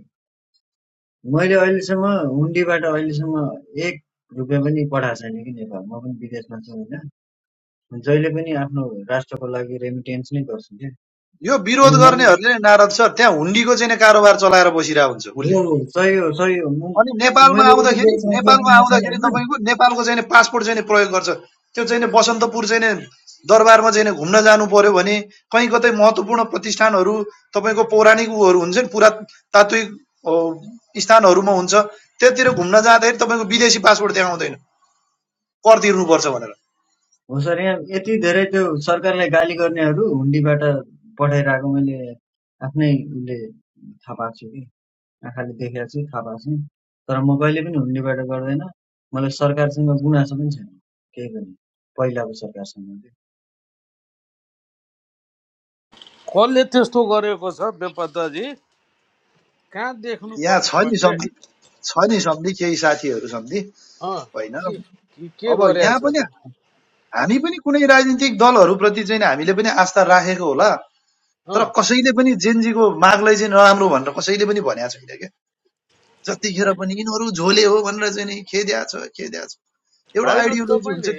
मैले अहिलेसम्म हुन्डीबाट अहिलेसम्म एक रुपियाँ पनि पठाएको छैन कि नेपाल म पनि विदेशमा छु होइन जहिले पनि आफ्नो राष्ट्रको लागि रेमिटेन्स नै गर्छु कि यो विरोध अनि मैले गर्नेहरूले नै नारद सर त्यहाँ हुन्डीको चाहिँ नि कारोबार चलाएर बसिरहेको हुन्छ उसले हो हो सही हो सही हो म- अनि नेपालमा मैले यति आउँदाखेरि धेरै साथीहरू नेपालमा यहाँ छन् आउँदाखेरि होइन तपाईँको नेपालको चाहिँ नि पासपोर्ट चाहिँ प्रयोग गर्छ त्यो चाहिँ बसन्तपुर चाहिँ दरबारमा चाहिँ घुम्न जानु पर्यो भने कहीँ कतै महत्त्वपूर्ण प्रतिष्ठानहरू तपाईँको पौराणिक उहरू हुन्छ नि पुरातात्विक अ, स्थानहरूमा हुन्छ त्यतिर घुम्न जाँदाखेरि तपाईँको विदेशी पासपोर्ट त्यहाँ आउँदैन कर तिर्नुपर्छ भनेर हो सर यहाँ यति धेरै त्यो सरकारलाई गाली गर्नेहरू हुन्डीबाट पठाइरहेको मैले आफ्नै उसले थाहा पाएको छु आँखाले देखेर चाहिँ थाहा पाएको छु। तर म कहिले पनि हुन्डीबाट गर्दैन। मलाई सरकारसँग गुनासो पनि छैन केही पनि, पहिलाको सरकारसँग चाहिँ। कसले त्यस्तो गरेको छ बेपत्ताजी कहाँ देख्नुभयो यहाँ छ नि तपाईँले सम्झि छ नि सम्धि केही साथीहरू सम्धि अँ होइन के के अब यहाँ गरेछ पनि त हामी पनि कुनै राजनीतिक दलहरूप्रति चाहिँ नि हामीले पनि आस्था राखेको होला तर अँ कसैले पनि जेनजीको मागलाई चाहिँ नराम्रो भनेर कसैले पनि भनेको छैन क्या जतिखेर पनि यिनीहरू झोले हो भनेर चाहिँ नि खेद्या छ खेद्या छ एउटा होइन आइडियोलोजी हुन्छ तपाईँले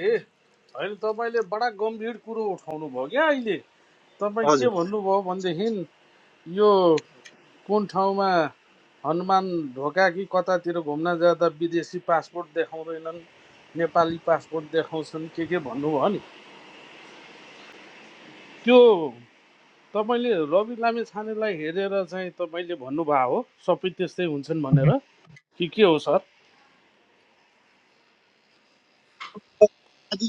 होइन तपाईँले बडा गम्भीर कुरो उठाउनु भयो क्या अहिले तपाईँ के हजुर भन्नुभयो भनेदेखि यो कुन ठाउँमा हनुमान ढोका कि कतातिर घुम्न जाँदा विदेशी पासपोर्ट देखाउँदैनन् नेपाली पासपोर्ट देखाउँछन् के के भन्नुभयो नि त्यो तपाईँले रवि लामेछानेलाई हेरेर चाहिँ तपाईँले भन्नुभएको हो सबै त्यस्तै हुन्छन् मह्म। भनेर कि के हो सर अझै,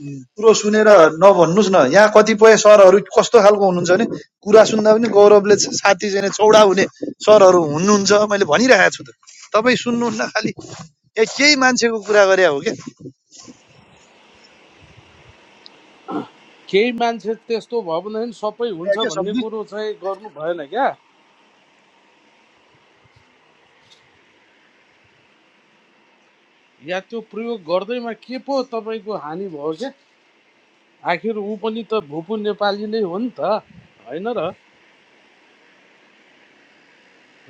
उम्, कुरो सुनेर नभन्नुहोस् न यहाँ कतिपय सरहरू कस्तो खालको हुनुहुन्छ भने कुरा सुन्दा पनि गौरवले छाती चाहिँ नि चौडा हुने सरहरू हुनुहुन्छ मैले भनिरहेको छु त तपाईँ सुन्नुहुन्न खालि ए केही मान्छेको कुरा गरे हो क्या केही मान्छे त्यस्तो भयो भनेदेखि सबै हुन्छ क्या भन्ने सब्जी कुरो चाहिँ गर्नु भएन क्या या त्यो प्रयोग गर्दैमा के पो तपाईँको हानि भयो क्या आखिर ऊ पनि त भुपु नेपाली नै हो नि त होइन र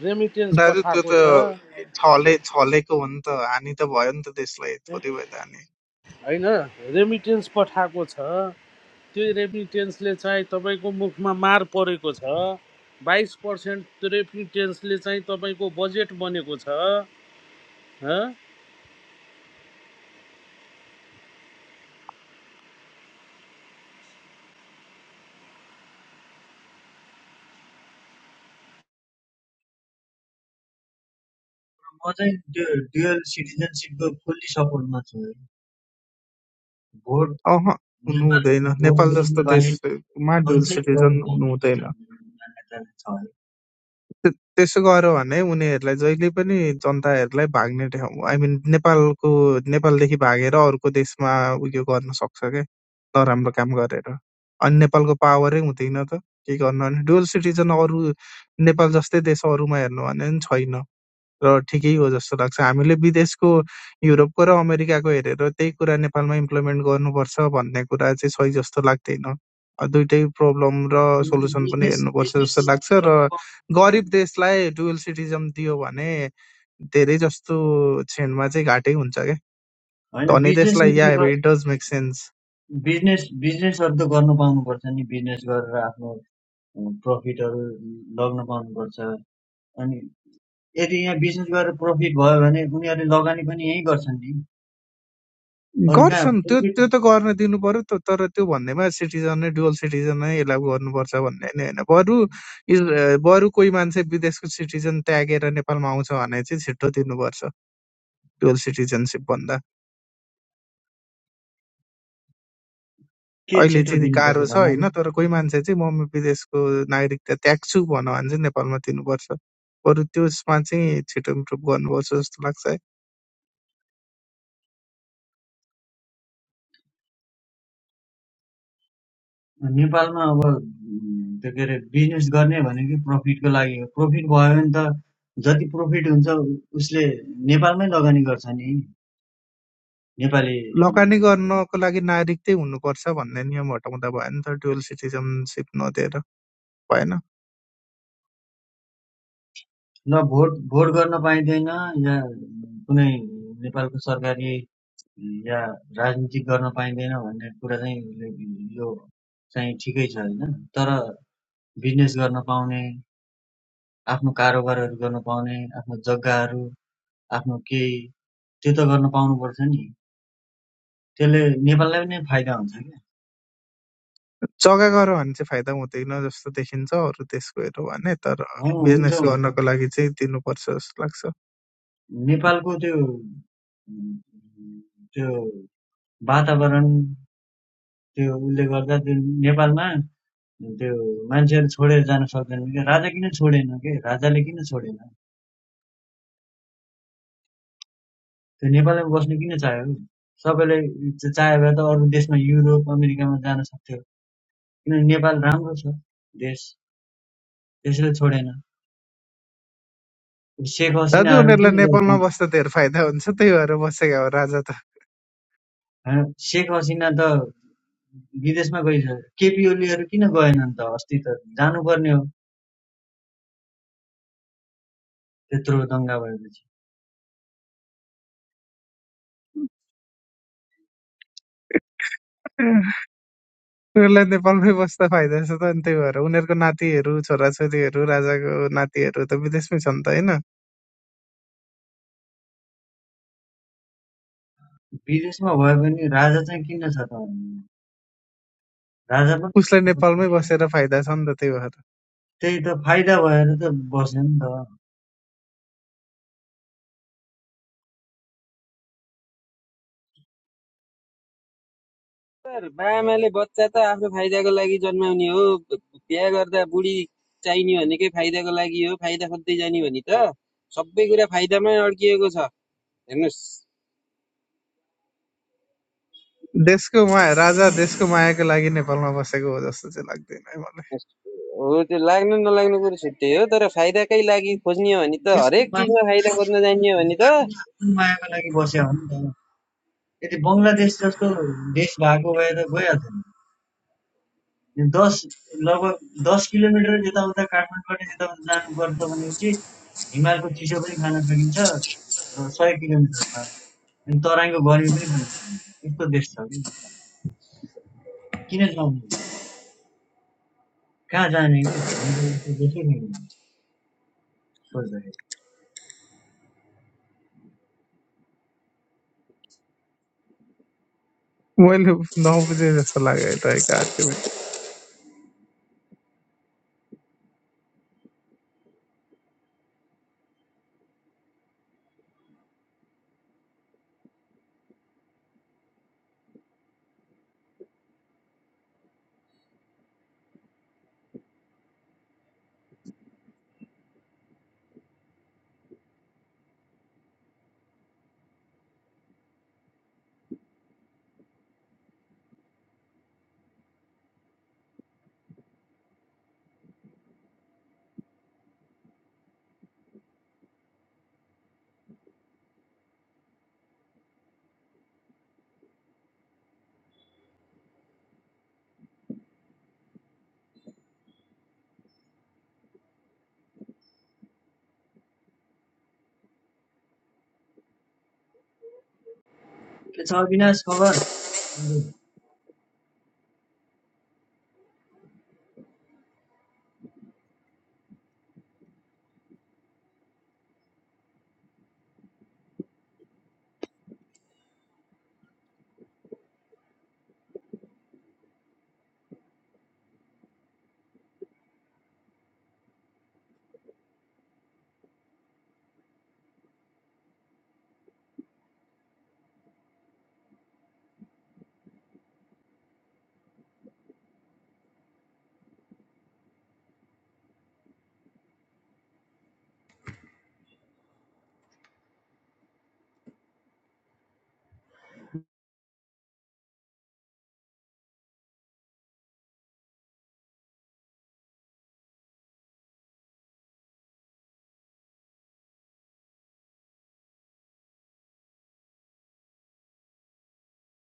रेमिटेन्स दाजु त्यो पठाएको त छ छले छलेको हो नि त हानि त भयो नि त देशलाई थोरै भए त हानि होइन रेमिटेन्स पठाएको छ त्यो रेमिटेन्सले चाहिँ तपाईँको मुखमा मार परेको छ बाइस पर्सेन्ट रेमिटेन्सले चाहिँ तपाईँको बजेट बनेको छ म चाहिँ त्यो डुअल सिटिजनसिपको फुल्ली सपोर्टमा छु है। भोट अह हुनु हुँदैन नेपालमा भोट नेपाल दिनु जस्तो बाहेक देशमा डुल अझै एउटा सिटिजन हुनु हुँदैन भन्ने मान्यता छ त्य- त्यसो गर्यो भने उनीहरूलाई जहिले पनि जनताहरूलाई भाग्ने ठाउँ आई मिन नेपालको नेपालदेखि भागेर अर्को देशमा उयो गर्न सक्छ क्या नराम्रो काम गरेर अनि नेपालको पावरै हुँदैन त के गर्नु भने डुअल सिटिजन अरू नेपाल जस्तै देश अरूमा हेर्नु हो भने नि छैन र ठिकै हो जस्तो लाग्छ हामीले विदेशको युरोपको र अमेरिकाको हेरेर त्यही कुरा नेपालमा इम्प्लिमेन्ट गर्नुपर्छ भन्ने कुरा चाहिँ सही जस्तो लाग्दैन अ, दुइटै प्रब्लम र सोल्युसन पनि बिजनेस हेर्नुपर्छ बिजनेस जस्तो लाग्छ र गरिब होइन देशलाई डुअल सिटिजम दियो भने धेरै जस्तो क्षणमा चाहिँ घाटै हुन्छ क्या धनी देशलाई बिजनेसहरू या it does make sense business बिजनेसहरू त गर्नु पाउनुपर्छ नि बिजनेस गरेर आफ्नो प्रफिटहरू लग्न पाउनुपर्छ अनि यदि यहाँ बिजनेस गरेर प्रफिट भयो भने उनीहरूले लगानी पनि यहीँ गर्छन् नि अरू कहाँ गर्छन् त्यो प्रफिट त्यो त गर्न दिनु पर्यो त तर त्यो भन्दैमा सिटिजन नै डुअल सिटिजन नै यसलाई गर्नुपर्छ भन्ने नि होइन बरु इस- अ, बरु कोही मान्छे विदेशको सिटिजन त्यागेर नेपालमा आउँछ भने चाहिँ छिटो दिनुपर्छ डुअल सिटिजनसिप भन्दा के अहिले छिटो चाहिँ दिनुपर्छ गाह्रो छ भन्नाले होइन तर कोही मान्छे चाहिँ म विदेशको नागरिकता त्याग्छु भन्यो भने चाहिँ नेपालमा दिनुपर्छ बरु त्यसमा चाहिँ छिटो इम्प्रुभ गर्नुपर्छ जस्तो लाग्छ है नेपालमा अब उम्, त्यो के अरे बिजनेस गर्ने भनेको प्रफिटको लागि हो प्रफिट भयो भने त जति प्रफिट हुन्छ उ- उसले नेपालमै लगानी गर्छ नि नेपाली लगानी उम्, गर्नको लागि नागरिक चाहिँ हुनुपर्छ भन्ने नियम हटाउँदा भयो नि त डुअल सिटिजनसिप नदिएर भएन भोट भोट गर्न पाइँदैन या कुनै नेपालको सरकारी या राजनीतिक गर्न पाइँदैन भन्ने कुरा चाहिँ उसले- यो चाहिँ ठिकै छ होइन तर बिजनेस गर्न पाउने, आफ्नो कारोबारहरू गर्न पाउने, आफ्नो जग्गाहरू, आफ्नो केही त्यो त गर्न पाउनुपर्छ नि। त्यसले नेपाललाई पनि फाइदा हुन्छ क्या। जग्गा गरेर भने चाहिँ फाइदा हुँदैन जस्तो देखिन्छ अरू देशको हेऱ्यो भने तर अँ, हुन्छ बिजनेस हुन्छ। गर्नको लागि चाहिँ दिनुपर्छ जस्तो लाग्छ नेपालको त्यो उम्, त्यो वातावरण त्यो उसले गर्दा त्यो नेपालमा त्यो मान्छेहरू छोडेर जान सक्दैन क्या राजा किन छोडेन के राजाले किन छोडेन त्यो नेपालमा बस्नु किन चाह्यो सबैले च- चाह्यो भए त अरू देशमा युरोप अमेरिकामा जान सक्थ्यो किनभने नेपाल राम्रो छ देश त्यसले छोडेन। शेख दाजु हसिनाहरू उनीहरूलाई किन गए नेपालमा गाउँ? बस्दा धेरै फाइदा हुन्छ त्यही भएर बसेका हो राजा त शेख हसिना त विदेशमा गइसक्यो। केपी ओलीहरू किन गएनन् त अस्ति त जानुपर्ने हो त्यत्रो दङ्गा भएपछि। उनीहरूलाई नेपालमै बस्दा फाइदा छ त अनि त्यही भएर उनीहरूको नातिहरू छोराछोरीहरू राजाको नातिहरू त विदेशमै छन् त होइन विदेशमा भए पनि राजा चाहिँ किन छ त? राजा पनि उसलाई हुन नेपालमै सक्छ। बसेर फाइदा छ नि त त्यही भएर त्यही त फाइदा भएर त बस्यो नि त। सर बाआमाले बच्चा त आफ्नो फाइदाको लागि जन्माउने हो बिहा गर्दा बुढी चाहिने भनेकै फाइदाको लागि हो फाइदा खोज्दै जाने भने त सबै कुरा फाइदामै अड्किएको छ हेर्नुहोस् देशको माया राजा देशको मायाको लागि नेपालमा बसेको हो जस्तो चाहिँ लाग्दैन है मलाई हो त्यो लाग्नु नलाग्नु कुरो छुट्टै हो तर फाइदाकै लागि खोज्ने हो भने त देशको हरेक मायाको चिजमा लागि फाइदा खोज्न जाने भने बुबा त पनि आफ्नो मायाको लागि बस्यो हो नि त। यदि बङ्गलादेश जस्तो देश भएको भए त गइहाल्थ्यो नि। दस लगभग दस किलोमिटर यताउता काठमाडौँबाट यताउता जानुपर्छ भने चाहिँ हिमालको चिसो पनि खान सकिन्छ र सय किलोमिटरमा अनि तराईको गर्मी पनि खान सकिन्छ यस्तो देश छ कि किन जाने कहाँ जाने कि सोच्दाखेरि मैले नबुझे जस्तो लाग्यो रहेको आर्ग्युमेन्ट के छ अविनाश खबर